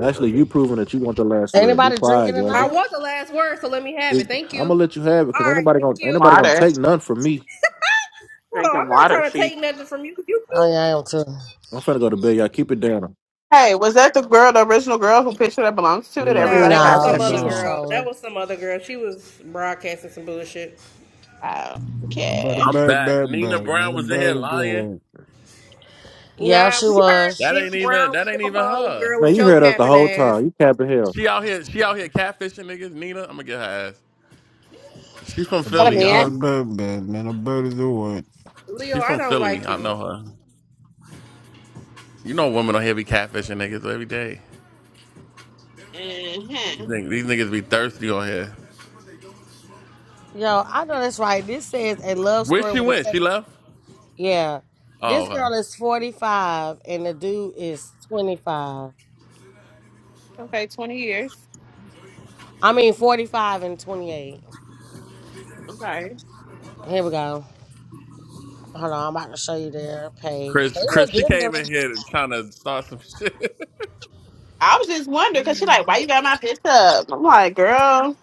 [SPEAKER 21] Actually, you proving that you want the last word. Be
[SPEAKER 8] Anybody drinking
[SPEAKER 21] quiet, Gabby.
[SPEAKER 1] I
[SPEAKER 8] tonight?
[SPEAKER 1] want the last word, so let me have
[SPEAKER 21] Be-
[SPEAKER 1] it. Thank
[SPEAKER 21] I'm gonna
[SPEAKER 1] you.
[SPEAKER 21] let you have it
[SPEAKER 1] All
[SPEAKER 21] because ain't
[SPEAKER 1] right,
[SPEAKER 21] nobody gonna
[SPEAKER 1] thank
[SPEAKER 21] ain't
[SPEAKER 1] you.
[SPEAKER 21] nobody gonna
[SPEAKER 9] water.
[SPEAKER 21] take none from me.
[SPEAKER 1] Hold on, I'm
[SPEAKER 9] Drinking
[SPEAKER 1] not
[SPEAKER 9] water.
[SPEAKER 1] trying to
[SPEAKER 9] She.
[SPEAKER 1] take nothing from you. You
[SPEAKER 8] Oh
[SPEAKER 1] too.
[SPEAKER 8] yeah, I am too.
[SPEAKER 21] I'm finna go to bed, y'all. Keep it down.
[SPEAKER 9] Hey, was that the girl, the original girl who picture that belongs to that
[SPEAKER 21] Nah,
[SPEAKER 1] Nah,
[SPEAKER 9] everybody
[SPEAKER 1] that was
[SPEAKER 9] had
[SPEAKER 21] nah.
[SPEAKER 8] No,
[SPEAKER 1] some
[SPEAKER 9] in
[SPEAKER 8] she
[SPEAKER 1] other
[SPEAKER 8] was
[SPEAKER 9] pieces?
[SPEAKER 2] Nah.
[SPEAKER 1] girl. That
[SPEAKER 8] trolling.
[SPEAKER 1] was some other girl. She was broadcasting some bullshit.
[SPEAKER 9] Oh,
[SPEAKER 2] About a
[SPEAKER 9] okay.
[SPEAKER 7] I'm
[SPEAKER 2] bird,
[SPEAKER 7] back.
[SPEAKER 2] bird,
[SPEAKER 7] Nina
[SPEAKER 2] bird. About
[SPEAKER 7] Brown
[SPEAKER 2] a
[SPEAKER 7] was in here
[SPEAKER 2] bird,
[SPEAKER 7] lying.
[SPEAKER 2] bird.
[SPEAKER 8] Yeah,
[SPEAKER 1] Nah,
[SPEAKER 8] she
[SPEAKER 1] we heard
[SPEAKER 8] was.
[SPEAKER 7] That
[SPEAKER 1] Nina
[SPEAKER 7] ain't even.
[SPEAKER 1] Brown
[SPEAKER 7] That
[SPEAKER 1] with
[SPEAKER 7] ain't
[SPEAKER 1] your
[SPEAKER 7] even
[SPEAKER 1] home
[SPEAKER 7] her.
[SPEAKER 1] girl with
[SPEAKER 21] Man, you
[SPEAKER 1] your
[SPEAKER 21] heard us the
[SPEAKER 1] capping
[SPEAKER 21] whole
[SPEAKER 1] ass.
[SPEAKER 21] time. You capping hell.
[SPEAKER 7] She out here. She out here catfishing niggas. Nina, I'm gonna get her ass. She's from
[SPEAKER 9] What
[SPEAKER 2] About
[SPEAKER 7] Philly,
[SPEAKER 9] a
[SPEAKER 2] a
[SPEAKER 9] man.
[SPEAKER 2] bad,
[SPEAKER 7] y'all.
[SPEAKER 2] bad, bad man. A bird is a what?
[SPEAKER 1] Leo,
[SPEAKER 7] She's
[SPEAKER 1] I
[SPEAKER 7] from
[SPEAKER 1] don't
[SPEAKER 7] Philly.
[SPEAKER 1] like
[SPEAKER 7] I
[SPEAKER 1] you.
[SPEAKER 7] know her. You know women on here be catfishing niggas every day. These
[SPEAKER 9] hmm
[SPEAKER 7] niggas, these niggas be thirsty on here.
[SPEAKER 8] Yo, I know that's right. This says a love
[SPEAKER 7] Where
[SPEAKER 8] story
[SPEAKER 7] she
[SPEAKER 8] with a
[SPEAKER 7] went? She
[SPEAKER 8] seventeen.
[SPEAKER 7] left?
[SPEAKER 8] Yeah,
[SPEAKER 7] Oh,
[SPEAKER 8] this
[SPEAKER 7] okay.
[SPEAKER 8] girl is forty five and the dude is twenty five.
[SPEAKER 9] Okay, 20 years.
[SPEAKER 8] I mean forty five and twenty eight.
[SPEAKER 9] Okay.
[SPEAKER 8] Here we go. Hold on, I'm about to show you their page.
[SPEAKER 7] Chris,
[SPEAKER 8] They
[SPEAKER 7] Chris,
[SPEAKER 8] look
[SPEAKER 7] she
[SPEAKER 8] good.
[SPEAKER 7] came in
[SPEAKER 8] Dylan.
[SPEAKER 7] here trying to start some shit.
[SPEAKER 9] I was just wondering because she like, why you got my picture up? I'm like, girl,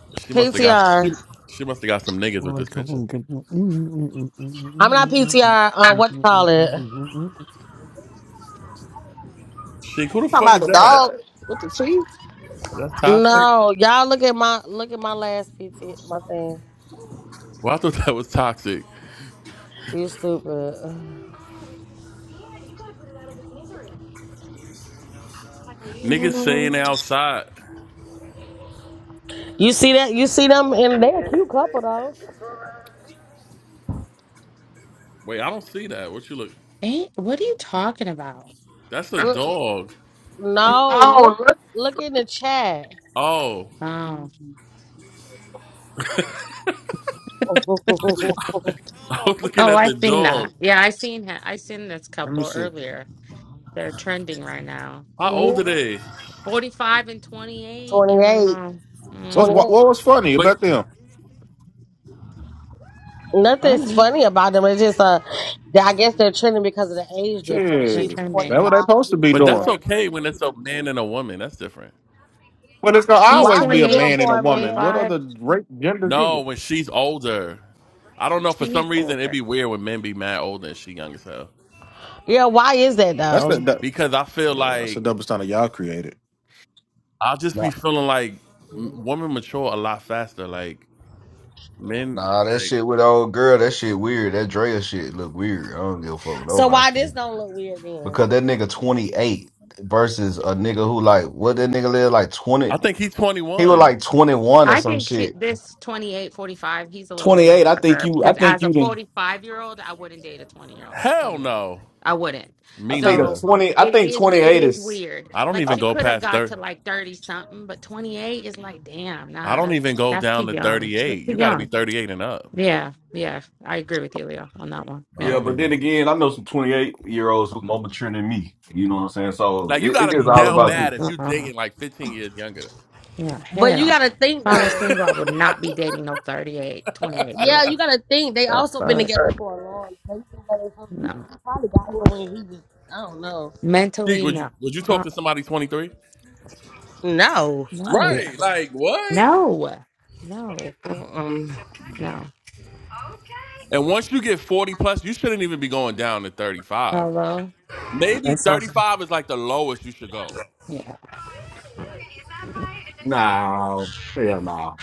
[SPEAKER 7] she must have got she,
[SPEAKER 8] PTR.
[SPEAKER 7] she must have got some niggas with
[SPEAKER 2] Oh, I
[SPEAKER 7] this
[SPEAKER 2] come
[SPEAKER 7] picture.
[SPEAKER 2] on, come on.
[SPEAKER 8] I'm not PTR. Uh, what you call it?
[SPEAKER 7] She who the
[SPEAKER 9] talking
[SPEAKER 7] fuck
[SPEAKER 9] about
[SPEAKER 7] is
[SPEAKER 9] the
[SPEAKER 7] that?
[SPEAKER 9] dog with the teeth.
[SPEAKER 7] That's toxic.
[SPEAKER 8] No, y'all look at my look at my last PT my thing.
[SPEAKER 7] Well, I thought that was toxic.
[SPEAKER 8] You stupid.
[SPEAKER 7] Niggas saying
[SPEAKER 9] Mm.
[SPEAKER 7] outside.
[SPEAKER 8] You see that? You see them in they a cute couple though.
[SPEAKER 7] Wait, I don't see that. What you look?
[SPEAKER 16] Eh, what are you talking about?
[SPEAKER 7] That's a
[SPEAKER 8] Look,
[SPEAKER 7] dog.
[SPEAKER 8] no, look,
[SPEAKER 9] Oh, look.
[SPEAKER 8] look in the chat.
[SPEAKER 7] Oh, I
[SPEAKER 9] Oh,
[SPEAKER 7] was looking
[SPEAKER 16] Oh,
[SPEAKER 7] at
[SPEAKER 16] I
[SPEAKER 7] the
[SPEAKER 16] seen that.
[SPEAKER 7] dog.
[SPEAKER 16] Yeah, I seen him. I seen this
[SPEAKER 21] Let me
[SPEAKER 16] couple
[SPEAKER 21] see.
[SPEAKER 16] earlier. They're trending right now.
[SPEAKER 7] How old
[SPEAKER 8] yeah,
[SPEAKER 7] are they?
[SPEAKER 16] Forty-five and twenty-eight. You
[SPEAKER 8] twenty eight,
[SPEAKER 16] know,
[SPEAKER 21] What's
[SPEAKER 8] twenty
[SPEAKER 16] mm,
[SPEAKER 21] what,
[SPEAKER 8] eight.
[SPEAKER 21] what was funny
[SPEAKER 7] But
[SPEAKER 21] about them?
[SPEAKER 8] Nothing's
[SPEAKER 16] funny.
[SPEAKER 8] funny about them. It's just uh, that I guess they're trending because of the age difference.
[SPEAKER 16] They're
[SPEAKER 21] Shit,
[SPEAKER 8] She's
[SPEAKER 21] that what
[SPEAKER 16] trending.
[SPEAKER 21] they
[SPEAKER 8] 25 and
[SPEAKER 21] supposed to
[SPEAKER 8] he's
[SPEAKER 21] be
[SPEAKER 7] but
[SPEAKER 21] doing.
[SPEAKER 7] that's
[SPEAKER 8] 28.
[SPEAKER 7] okay when it's a man and a woman. That's different.
[SPEAKER 21] But it's gonna
[SPEAKER 16] He's
[SPEAKER 8] Why
[SPEAKER 21] always
[SPEAKER 8] is
[SPEAKER 21] be
[SPEAKER 8] it
[SPEAKER 21] a
[SPEAKER 16] twenty-eight
[SPEAKER 8] different
[SPEAKER 16] and
[SPEAKER 21] man and
[SPEAKER 8] for
[SPEAKER 21] a
[SPEAKER 16] she's
[SPEAKER 8] a
[SPEAKER 21] woman.
[SPEAKER 8] man?
[SPEAKER 21] What
[SPEAKER 16] forty-five.
[SPEAKER 21] other rape genders is
[SPEAKER 7] No,
[SPEAKER 21] it?
[SPEAKER 7] when she's older. I don't know. For
[SPEAKER 16] She's
[SPEAKER 7] some reason, it'd
[SPEAKER 16] older.
[SPEAKER 7] be weird when men be mad older and she young as hell.
[SPEAKER 8] Yeah, why is that
[SPEAKER 21] That's the,
[SPEAKER 8] though?
[SPEAKER 21] that.
[SPEAKER 7] Because I feel
[SPEAKER 21] Yeah, that's the
[SPEAKER 7] like
[SPEAKER 21] double standard y'all created.
[SPEAKER 7] I'll just be
[SPEAKER 17] Nah,
[SPEAKER 7] feeling like
[SPEAKER 16] Mm.
[SPEAKER 7] m- women mature a lot faster. Like men,
[SPEAKER 17] nah, that
[SPEAKER 7] like
[SPEAKER 17] shit with the old girl, that shit weird. That Drea shit look weird. I don't give a fuck with
[SPEAKER 8] So
[SPEAKER 17] nobody.
[SPEAKER 8] why this don't look weird then?
[SPEAKER 17] Because that nigga 28 versus a nigga who like, what that nigga live like 20?
[SPEAKER 7] I think he's twenty
[SPEAKER 17] He was
[SPEAKER 7] one.
[SPEAKER 17] like 21 or
[SPEAKER 16] I
[SPEAKER 17] some
[SPEAKER 16] think she,
[SPEAKER 17] shit.
[SPEAKER 16] this 28 45. he's a little young
[SPEAKER 17] 28, I
[SPEAKER 16] for
[SPEAKER 17] think
[SPEAKER 16] her
[SPEAKER 17] you, I
[SPEAKER 16] because
[SPEAKER 17] think
[SPEAKER 16] as a
[SPEAKER 17] you did
[SPEAKER 16] 45 year old, I wouldn't date a 20 year old,
[SPEAKER 7] Hell
[SPEAKER 16] 28.
[SPEAKER 7] no,
[SPEAKER 16] I wouldn't.
[SPEAKER 17] I
[SPEAKER 7] me
[SPEAKER 17] think a
[SPEAKER 16] So
[SPEAKER 7] neither.
[SPEAKER 17] 20, I
[SPEAKER 16] it
[SPEAKER 17] think
[SPEAKER 16] is it
[SPEAKER 17] 28
[SPEAKER 16] is
[SPEAKER 17] is,
[SPEAKER 16] weird.
[SPEAKER 7] I don't
[SPEAKER 16] Like
[SPEAKER 17] I,
[SPEAKER 7] even
[SPEAKER 16] she
[SPEAKER 7] go
[SPEAKER 16] could have
[SPEAKER 7] past
[SPEAKER 16] got
[SPEAKER 7] thirty.
[SPEAKER 16] to like 30 something, but 28 is like, damn,
[SPEAKER 7] I
[SPEAKER 16] nah,
[SPEAKER 7] don't
[SPEAKER 16] that's
[SPEAKER 7] even go
[SPEAKER 16] that's too
[SPEAKER 7] down to
[SPEAKER 16] young.
[SPEAKER 7] thirty
[SPEAKER 16] That's
[SPEAKER 7] eight.
[SPEAKER 16] too
[SPEAKER 7] You got to be
[SPEAKER 16] young.
[SPEAKER 7] thirty eight and up.
[SPEAKER 16] Yeah, yeah. I agree with you, Leo, on that one.
[SPEAKER 7] I
[SPEAKER 16] Yeah.
[SPEAKER 17] yeah,
[SPEAKER 7] don't
[SPEAKER 17] but
[SPEAKER 7] even
[SPEAKER 17] then again, I know some 28 year olds who more mature than me. You know what I'm saying? So
[SPEAKER 7] like you
[SPEAKER 17] it,
[SPEAKER 7] got
[SPEAKER 17] it
[SPEAKER 7] to
[SPEAKER 17] is
[SPEAKER 7] be
[SPEAKER 16] Yeah,
[SPEAKER 17] all
[SPEAKER 16] I
[SPEAKER 7] down
[SPEAKER 17] about you.
[SPEAKER 16] don't
[SPEAKER 7] bad if you
[SPEAKER 16] uh-uh.
[SPEAKER 7] dating like fifteen years younger.
[SPEAKER 16] yeah
[SPEAKER 8] But you
[SPEAKER 16] hell. If
[SPEAKER 8] gotta think
[SPEAKER 16] I was
[SPEAKER 8] though.
[SPEAKER 16] single, I would not be dating no 38, 28 year
[SPEAKER 8] Yeah, you
[SPEAKER 16] old.
[SPEAKER 8] gotta think they
[SPEAKER 16] The
[SPEAKER 8] also been
[SPEAKER 16] fuck?
[SPEAKER 8] together for a long time. They been together for- he
[SPEAKER 16] No.
[SPEAKER 8] probably got here when he was I don't know.
[SPEAKER 7] Geek,
[SPEAKER 16] Mentally,
[SPEAKER 7] would you
[SPEAKER 16] no.
[SPEAKER 7] would you
[SPEAKER 16] Uh-uh.
[SPEAKER 7] talk to somebody 23?
[SPEAKER 8] No, fuck
[SPEAKER 16] No,
[SPEAKER 8] no.
[SPEAKER 7] Right. Like what?
[SPEAKER 16] no, no,
[SPEAKER 8] Mm-mm.
[SPEAKER 16] no.
[SPEAKER 7] And once you get 40 plus, you shouldn't even be going down to 35.
[SPEAKER 16] Hello? Yeah,
[SPEAKER 7] Maybe
[SPEAKER 8] That's so sad.
[SPEAKER 7] 35 is like the lowest you should go.
[SPEAKER 16] yeah.
[SPEAKER 17] No, hell no.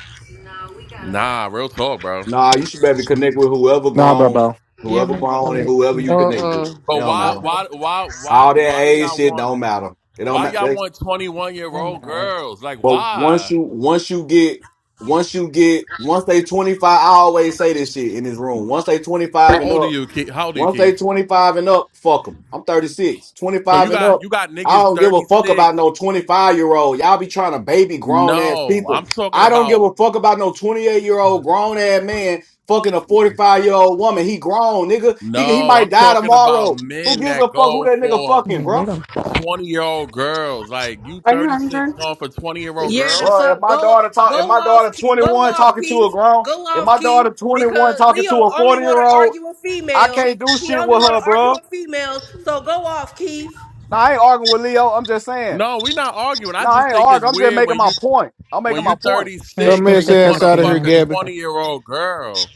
[SPEAKER 7] Nah, real talk, bro.
[SPEAKER 17] Nah, you should better connect with whoever
[SPEAKER 21] Nah, bro,
[SPEAKER 17] grown,
[SPEAKER 21] bro.
[SPEAKER 16] You're
[SPEAKER 17] whoever
[SPEAKER 16] meant to
[SPEAKER 17] grown, and whoever
[SPEAKER 16] Mm,
[SPEAKER 17] you connect with.
[SPEAKER 8] Mm-mm.
[SPEAKER 17] It
[SPEAKER 7] But
[SPEAKER 17] don't
[SPEAKER 7] why
[SPEAKER 17] matter.
[SPEAKER 8] Mm-mm.
[SPEAKER 7] why why why
[SPEAKER 17] All that
[SPEAKER 7] why do
[SPEAKER 17] age
[SPEAKER 7] y'all
[SPEAKER 17] shit
[SPEAKER 7] want
[SPEAKER 17] don't matter. It don't
[SPEAKER 7] why y'all
[SPEAKER 17] matter.
[SPEAKER 7] want 21 year
[SPEAKER 16] I
[SPEAKER 7] old
[SPEAKER 16] matter.
[SPEAKER 7] girls? Like
[SPEAKER 17] But once
[SPEAKER 7] why?
[SPEAKER 17] you, once you get, once you get, once they twenty five, I always say this shit in this room. Once they twenty
[SPEAKER 7] How
[SPEAKER 17] five and
[SPEAKER 7] old are
[SPEAKER 17] up.
[SPEAKER 7] you, Keith? How old are you,
[SPEAKER 17] Once they
[SPEAKER 7] Keith?
[SPEAKER 17] 25 and up, fuck them. I'm 36.
[SPEAKER 7] So
[SPEAKER 17] 25
[SPEAKER 7] you
[SPEAKER 17] and
[SPEAKER 7] got you
[SPEAKER 17] up,
[SPEAKER 7] got
[SPEAKER 17] I
[SPEAKER 7] niggas
[SPEAKER 17] don't give a fuck about
[SPEAKER 7] 36.
[SPEAKER 17] no 25 year old. Y'all be trying to baby grown ass
[SPEAKER 7] No,
[SPEAKER 17] people.
[SPEAKER 7] I'm talking
[SPEAKER 17] I don't give
[SPEAKER 7] about
[SPEAKER 17] a fuck about no 28 year old grown ass man fucking a 45 year old woman. He grown, nigga. He, he
[SPEAKER 7] no,
[SPEAKER 17] might
[SPEAKER 7] I'm
[SPEAKER 17] die
[SPEAKER 7] talking about
[SPEAKER 17] tomorrow. Who
[SPEAKER 7] men
[SPEAKER 17] gives a
[SPEAKER 7] that
[SPEAKER 17] fuck who
[SPEAKER 7] go
[SPEAKER 17] that nigga
[SPEAKER 7] for
[SPEAKER 16] I
[SPEAKER 17] fucking,
[SPEAKER 16] mean, we
[SPEAKER 17] bro?
[SPEAKER 16] don't.
[SPEAKER 7] 20 year old girls. Like, you
[SPEAKER 28] are you
[SPEAKER 7] 36
[SPEAKER 28] hungry?
[SPEAKER 7] going for 20 year old
[SPEAKER 1] Yeah, the
[SPEAKER 7] girls?
[SPEAKER 17] Bro, if
[SPEAKER 1] fuck.
[SPEAKER 17] my
[SPEAKER 1] Go
[SPEAKER 17] daughter talk, if
[SPEAKER 1] go
[SPEAKER 17] my
[SPEAKER 1] off
[SPEAKER 17] daughter
[SPEAKER 1] Ke- go
[SPEAKER 17] 21
[SPEAKER 1] off
[SPEAKER 17] talking to a
[SPEAKER 1] Keith.
[SPEAKER 17] grown,
[SPEAKER 1] Go
[SPEAKER 17] if
[SPEAKER 1] off
[SPEAKER 17] my
[SPEAKER 1] Keith.
[SPEAKER 17] daughter 21
[SPEAKER 1] Because
[SPEAKER 17] talking to
[SPEAKER 1] Leo
[SPEAKER 17] a
[SPEAKER 1] only
[SPEAKER 17] 40
[SPEAKER 1] wanna
[SPEAKER 17] year old,
[SPEAKER 1] argue with
[SPEAKER 17] I
[SPEAKER 1] females.
[SPEAKER 17] can't do
[SPEAKER 1] He
[SPEAKER 17] shit
[SPEAKER 1] only
[SPEAKER 17] with
[SPEAKER 1] wanna
[SPEAKER 17] her,
[SPEAKER 1] argue
[SPEAKER 17] bro.
[SPEAKER 1] with females. So go off Keith.
[SPEAKER 17] Now, I ain't arguing with Leo. I'm just saying.
[SPEAKER 7] No, we're not arguing. I
[SPEAKER 17] No, I
[SPEAKER 7] just
[SPEAKER 17] ain't
[SPEAKER 7] think it's
[SPEAKER 17] arguing. I'm just
[SPEAKER 7] weird
[SPEAKER 17] making
[SPEAKER 7] when
[SPEAKER 17] my
[SPEAKER 7] you
[SPEAKER 17] point. I'm
[SPEAKER 7] when
[SPEAKER 17] making
[SPEAKER 7] you
[SPEAKER 17] my point.
[SPEAKER 16] There's
[SPEAKER 21] Dumb
[SPEAKER 7] 36
[SPEAKER 16] just
[SPEAKER 7] and
[SPEAKER 21] ass
[SPEAKER 7] you
[SPEAKER 16] different
[SPEAKER 7] want
[SPEAKER 21] ass
[SPEAKER 7] to
[SPEAKER 21] out of here,
[SPEAKER 7] fuck
[SPEAKER 16] opinions.
[SPEAKER 7] a
[SPEAKER 16] and
[SPEAKER 21] Gabby.
[SPEAKER 7] 20 year old girl.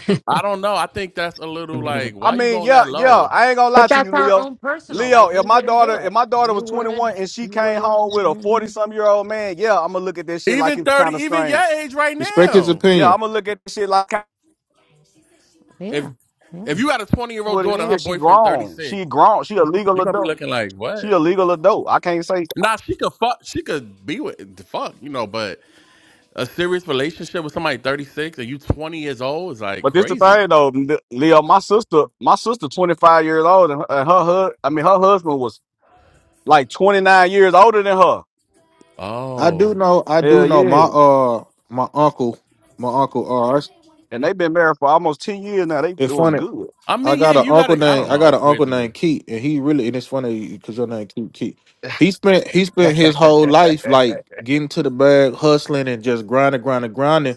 [SPEAKER 16] stuff.
[SPEAKER 7] I don't know. I think that's a little like,
[SPEAKER 17] I
[SPEAKER 7] why you
[SPEAKER 17] mean,
[SPEAKER 7] going
[SPEAKER 17] yeah,
[SPEAKER 7] that
[SPEAKER 17] yeah.
[SPEAKER 7] low?
[SPEAKER 17] I ain't gonna lie
[SPEAKER 16] But
[SPEAKER 17] to
[SPEAKER 16] that's
[SPEAKER 17] you,
[SPEAKER 16] our
[SPEAKER 17] Leo.
[SPEAKER 16] own personal.
[SPEAKER 17] Leo,
[SPEAKER 16] Like,
[SPEAKER 17] if
[SPEAKER 16] we
[SPEAKER 17] my
[SPEAKER 16] wouldn't do
[SPEAKER 17] daughter, if
[SPEAKER 16] it.
[SPEAKER 17] my daughter
[SPEAKER 16] You
[SPEAKER 17] was
[SPEAKER 16] would,
[SPEAKER 17] 21 and she
[SPEAKER 16] you
[SPEAKER 17] came
[SPEAKER 16] wouldn't.
[SPEAKER 17] home with
[SPEAKER 16] you
[SPEAKER 17] a 40
[SPEAKER 16] know?
[SPEAKER 17] some year old man, yeah, I'm gonna look at this shit like
[SPEAKER 7] Even
[SPEAKER 17] it's
[SPEAKER 7] 30,
[SPEAKER 17] kind of
[SPEAKER 7] even
[SPEAKER 17] strange.
[SPEAKER 7] your age right
[SPEAKER 21] Respect his
[SPEAKER 7] now.
[SPEAKER 17] Yeah,
[SPEAKER 21] opinion.
[SPEAKER 17] I'm gonna look at this shit like kinda
[SPEAKER 7] If
[SPEAKER 16] Yeah,
[SPEAKER 7] if
[SPEAKER 16] yeah.
[SPEAKER 7] you got a 20 year old
[SPEAKER 17] what it
[SPEAKER 7] daughter and her
[SPEAKER 17] is. She
[SPEAKER 7] boyfriend
[SPEAKER 17] grown.
[SPEAKER 7] 36,
[SPEAKER 17] She grown. She a legal
[SPEAKER 7] you're gonna be
[SPEAKER 17] adult.
[SPEAKER 7] looking like, what?
[SPEAKER 17] She a legal adult. I can't say.
[SPEAKER 7] Nah, she could fuck she could be with fuck, you know, but A serious relationship with somebody 36 and you 20 years old is like
[SPEAKER 17] But this the
[SPEAKER 7] crazy.
[SPEAKER 17] thing though, Le- Leo. My sister, my sister, 25 years old, and her, and her hus- I mean, her husband was like 29 years older than her.
[SPEAKER 21] I
[SPEAKER 7] Oh,
[SPEAKER 21] do know. I do
[SPEAKER 17] Hell
[SPEAKER 21] know.
[SPEAKER 17] yeah.
[SPEAKER 21] My uh, my uncle, my uncle. Uh, it's
[SPEAKER 17] And they've been married for almost 10 years now. They
[SPEAKER 21] it's
[SPEAKER 17] doing
[SPEAKER 21] funny.
[SPEAKER 17] good.
[SPEAKER 7] I
[SPEAKER 21] I
[SPEAKER 7] mean, yeah,
[SPEAKER 21] got an
[SPEAKER 7] you
[SPEAKER 21] uncle
[SPEAKER 7] gotta. I don't
[SPEAKER 21] named. I
[SPEAKER 7] know.
[SPEAKER 21] got
[SPEAKER 7] It's
[SPEAKER 21] an
[SPEAKER 7] weird
[SPEAKER 21] uncle
[SPEAKER 7] to me.
[SPEAKER 21] named Keith, and he really. And it's funny because your name Keith. Keith. He spent. He spent his whole life like getting to the bag, hustling, and just grinding, grinding, grinding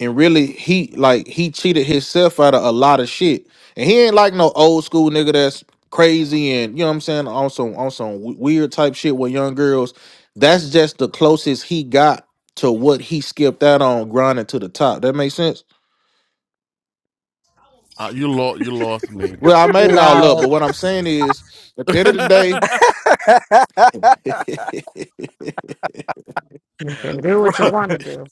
[SPEAKER 21] and really he like he cheated himself out of a lot of shit. And he ain't like no old school nigga that's crazy and you know what I'm saying on some on some w- weird type shit with young girls. That's just the closest he got to what he skipped out on grinding to the top. That makes sense.
[SPEAKER 7] Uh, you lost. You lost me.
[SPEAKER 21] Well, I made it all up,
[SPEAKER 8] No,
[SPEAKER 21] but what I'm saying is, at the end of the day,
[SPEAKER 16] You can do what you
[SPEAKER 17] Bro,
[SPEAKER 16] want to do.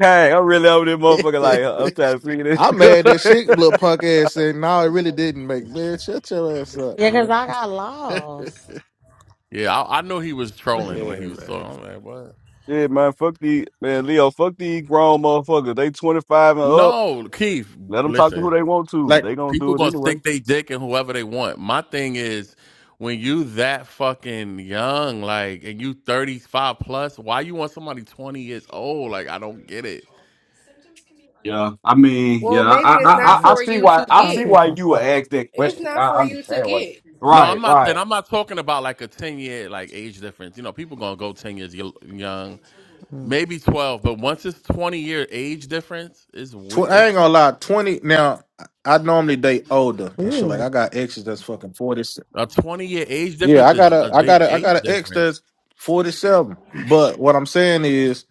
[SPEAKER 17] hey, I'm really over this motherfucker. Like, uh, I'm trying to
[SPEAKER 21] I'm
[SPEAKER 17] figure
[SPEAKER 21] mad that shit
[SPEAKER 17] this.
[SPEAKER 21] little punk ass said, "No, it really didn't make man. Shut your ass up,
[SPEAKER 8] yeah, cause
[SPEAKER 21] man."
[SPEAKER 8] I got
[SPEAKER 21] but
[SPEAKER 8] lost.
[SPEAKER 7] yeah, I, I know he was trolling
[SPEAKER 21] yeah,
[SPEAKER 7] when he was
[SPEAKER 21] man.
[SPEAKER 7] talking. I'm like, what?
[SPEAKER 17] yeah, man, fuck the man, Leo, fuck these grown motherfuckers. They 25 and up.
[SPEAKER 7] No, Keith.
[SPEAKER 17] Let them talk to who
[SPEAKER 7] Listen,
[SPEAKER 17] they want to.
[SPEAKER 21] like.
[SPEAKER 17] They gonna
[SPEAKER 7] people
[SPEAKER 17] do it
[SPEAKER 7] gonna
[SPEAKER 17] anyway.
[SPEAKER 7] stick their dick in whoever they want. My thing is, when you that fucking young, like, and you 35 plus, why you want somebody 20 years old? Like, I don't get it.
[SPEAKER 17] Yeah, I mean, yeah,
[SPEAKER 1] Well,
[SPEAKER 17] I,
[SPEAKER 1] maybe
[SPEAKER 17] I,
[SPEAKER 1] it's
[SPEAKER 17] I,
[SPEAKER 16] Yeah,
[SPEAKER 1] not
[SPEAKER 17] I I
[SPEAKER 1] for
[SPEAKER 16] that's
[SPEAKER 17] see
[SPEAKER 1] you
[SPEAKER 17] why,
[SPEAKER 1] to
[SPEAKER 17] I
[SPEAKER 16] some
[SPEAKER 17] see
[SPEAKER 1] get.
[SPEAKER 17] why
[SPEAKER 16] people.
[SPEAKER 17] you would ask that
[SPEAKER 1] It's
[SPEAKER 17] question.
[SPEAKER 1] not
[SPEAKER 17] I
[SPEAKER 1] for you to
[SPEAKER 17] understand why.
[SPEAKER 1] get.
[SPEAKER 7] No, I'm
[SPEAKER 17] Right,
[SPEAKER 7] not. And
[SPEAKER 17] right,
[SPEAKER 7] I'm not talking about like a ten year like age difference. You know, people gonna go ten years yo- young,
[SPEAKER 16] Mm.
[SPEAKER 7] maybe twelve. But once it's twenty year age difference, it's wi-
[SPEAKER 21] Tw- I ain't
[SPEAKER 7] it's
[SPEAKER 21] gonna lie, twenty. Now I I normally date older and shit. Like
[SPEAKER 16] Ew,
[SPEAKER 21] I got exes that's fucking forty.
[SPEAKER 7] a twenty year age
[SPEAKER 21] Yeah,
[SPEAKER 7] difference
[SPEAKER 21] I
[SPEAKER 7] is
[SPEAKER 21] got a,
[SPEAKER 7] a
[SPEAKER 21] I got
[SPEAKER 7] big
[SPEAKER 21] a, I got
[SPEAKER 7] age
[SPEAKER 21] an ex
[SPEAKER 7] difference.
[SPEAKER 21] that's forty seven. But what I'm saying is,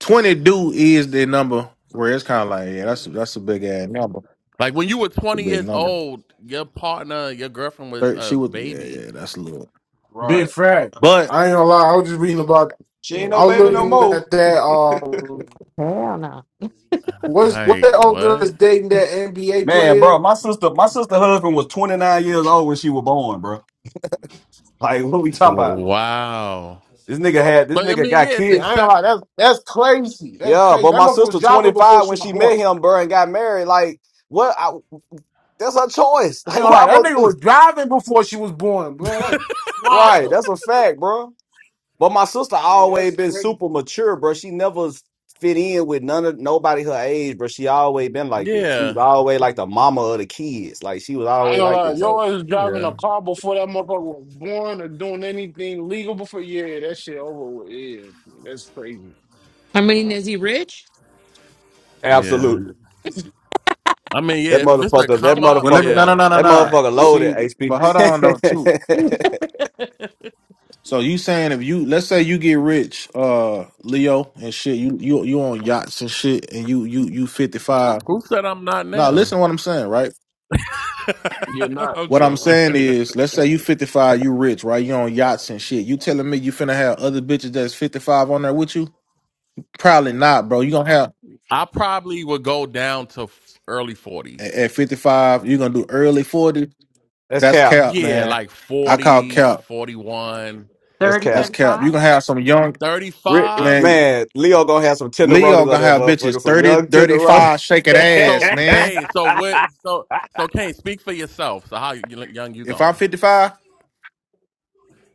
[SPEAKER 21] twenty do is the number where it's kind of like, yeah, that's that's a big ass number,
[SPEAKER 7] Like when you were
[SPEAKER 21] a
[SPEAKER 7] twenty
[SPEAKER 21] big
[SPEAKER 7] years
[SPEAKER 21] number.
[SPEAKER 7] old, your partner, your girlfriend was
[SPEAKER 21] Thir
[SPEAKER 7] a
[SPEAKER 21] she was, yeah,
[SPEAKER 7] baby.
[SPEAKER 21] yeah, that's a little.
[SPEAKER 2] Big
[SPEAKER 17] right.
[SPEAKER 2] fat.
[SPEAKER 21] But
[SPEAKER 2] I ain't gonna lie. I was just reading about.
[SPEAKER 17] She
[SPEAKER 21] uh,
[SPEAKER 17] ain't no
[SPEAKER 2] I was
[SPEAKER 17] baby no
[SPEAKER 21] yeah.
[SPEAKER 2] looking
[SPEAKER 17] more.
[SPEAKER 2] at that. Um,
[SPEAKER 16] hell no.
[SPEAKER 2] what's what that
[SPEAKER 7] Like
[SPEAKER 2] old girl
[SPEAKER 7] what?
[SPEAKER 2] is dating that NBA
[SPEAKER 17] Man,
[SPEAKER 2] player?
[SPEAKER 17] bro, my sister, my sister husband was 29 years old when she was born, bro. Like, what we talking about?
[SPEAKER 7] W- Wow.
[SPEAKER 17] This nigga had this
[SPEAKER 7] But I
[SPEAKER 17] nigga
[SPEAKER 7] mean,
[SPEAKER 17] got
[SPEAKER 7] yeah, it's
[SPEAKER 17] kid.
[SPEAKER 2] Yeah, I ain't gonna
[SPEAKER 7] accept.
[SPEAKER 2] lie. That's that's crazy. That's
[SPEAKER 17] Yeah,
[SPEAKER 2] crazy.
[SPEAKER 17] but
[SPEAKER 2] That
[SPEAKER 17] my
[SPEAKER 2] motherfucker was
[SPEAKER 17] sister
[SPEAKER 2] driving before
[SPEAKER 17] 25
[SPEAKER 2] she
[SPEAKER 17] when
[SPEAKER 2] was
[SPEAKER 17] she
[SPEAKER 2] born.
[SPEAKER 17] met him, bro, and got married. Like, what? I, that's her choice.
[SPEAKER 2] I ain't
[SPEAKER 17] Like,
[SPEAKER 2] gonna
[SPEAKER 17] what
[SPEAKER 2] lie.
[SPEAKER 17] I'm
[SPEAKER 2] That nigga
[SPEAKER 17] gonna
[SPEAKER 2] was
[SPEAKER 17] do?
[SPEAKER 2] driving before she was born, bro. That's
[SPEAKER 17] Right,
[SPEAKER 2] wild.
[SPEAKER 17] that's a fact, bro. But my sister
[SPEAKER 2] Yeah,
[SPEAKER 17] always
[SPEAKER 2] that's
[SPEAKER 17] been
[SPEAKER 2] crazy.
[SPEAKER 17] super mature, bro. She never fit in with none of nobody her age, bro. She always been like this. She was
[SPEAKER 7] Yeah,
[SPEAKER 17] always like the mama of the kids. Like, she was
[SPEAKER 2] I ain't
[SPEAKER 17] always
[SPEAKER 2] gonna
[SPEAKER 17] like
[SPEAKER 2] lie, if
[SPEAKER 17] this.
[SPEAKER 2] yo
[SPEAKER 17] So,
[SPEAKER 2] was driving
[SPEAKER 7] yeah,
[SPEAKER 2] a car before that motherfucker was born or doing anything legal before, yeah, that shit over with. Yeah, that's crazy.
[SPEAKER 16] I mean, is he rich?
[SPEAKER 7] yeah.
[SPEAKER 17] absolutely,
[SPEAKER 7] I mean,
[SPEAKER 17] that
[SPEAKER 7] yeah. If it's a
[SPEAKER 17] motherfucker, that
[SPEAKER 7] come up,
[SPEAKER 21] well, let me,
[SPEAKER 17] motherfucker,
[SPEAKER 21] no,
[SPEAKER 16] That's
[SPEAKER 21] no,
[SPEAKER 7] yeah.
[SPEAKER 16] the
[SPEAKER 21] no, no,
[SPEAKER 17] that
[SPEAKER 16] fuck
[SPEAKER 21] no.
[SPEAKER 16] up.
[SPEAKER 17] motherfucker loaded.
[SPEAKER 21] See,
[SPEAKER 17] HP.
[SPEAKER 21] but hold on though, too. So you saying if you let's say you get rich, uh, Leo and shit, you you you on yachts and shit, and you you you fifty five.
[SPEAKER 7] Who said I'm not
[SPEAKER 21] Now
[SPEAKER 7] now?
[SPEAKER 21] listen to what I'm saying, right?
[SPEAKER 2] You're not.
[SPEAKER 7] I'm
[SPEAKER 21] What I'm
[SPEAKER 7] joking.
[SPEAKER 2] Bruh.
[SPEAKER 21] saying is, let's say you fifty five, you rich, right? You on yachts and shit. You telling me you finna have other bitches that's fifty five on there with you? Probably not, bro. You gonna have
[SPEAKER 7] I probably would go down to f- early
[SPEAKER 21] at,
[SPEAKER 7] 40s.
[SPEAKER 21] at fifty five, you gonna do early forty.
[SPEAKER 17] that's
[SPEAKER 21] That's
[SPEAKER 17] cap.
[SPEAKER 21] cap,
[SPEAKER 7] Yeah,
[SPEAKER 21] man.
[SPEAKER 7] like
[SPEAKER 21] I call
[SPEAKER 7] 40,
[SPEAKER 21] cap.
[SPEAKER 7] 41,
[SPEAKER 17] That's
[SPEAKER 16] 30,
[SPEAKER 17] cap.
[SPEAKER 21] That's cap. You
[SPEAKER 16] thirty-five?
[SPEAKER 21] gonna have some young
[SPEAKER 17] Rick,
[SPEAKER 7] thirty-five.
[SPEAKER 21] man.
[SPEAKER 17] man, Leo gonna have some
[SPEAKER 21] Leo
[SPEAKER 17] tenderonis on
[SPEAKER 21] gonna
[SPEAKER 17] that
[SPEAKER 21] have bitches
[SPEAKER 17] motherfucker. Some
[SPEAKER 21] 30,
[SPEAKER 17] young
[SPEAKER 21] thirty
[SPEAKER 17] tenderoni.
[SPEAKER 21] five shaking ass,
[SPEAKER 7] So,
[SPEAKER 21] man.
[SPEAKER 7] Kane, so what? So, so Kane, speak for yourself. So, how you- young you
[SPEAKER 21] If I'm
[SPEAKER 7] going?
[SPEAKER 21] 55, all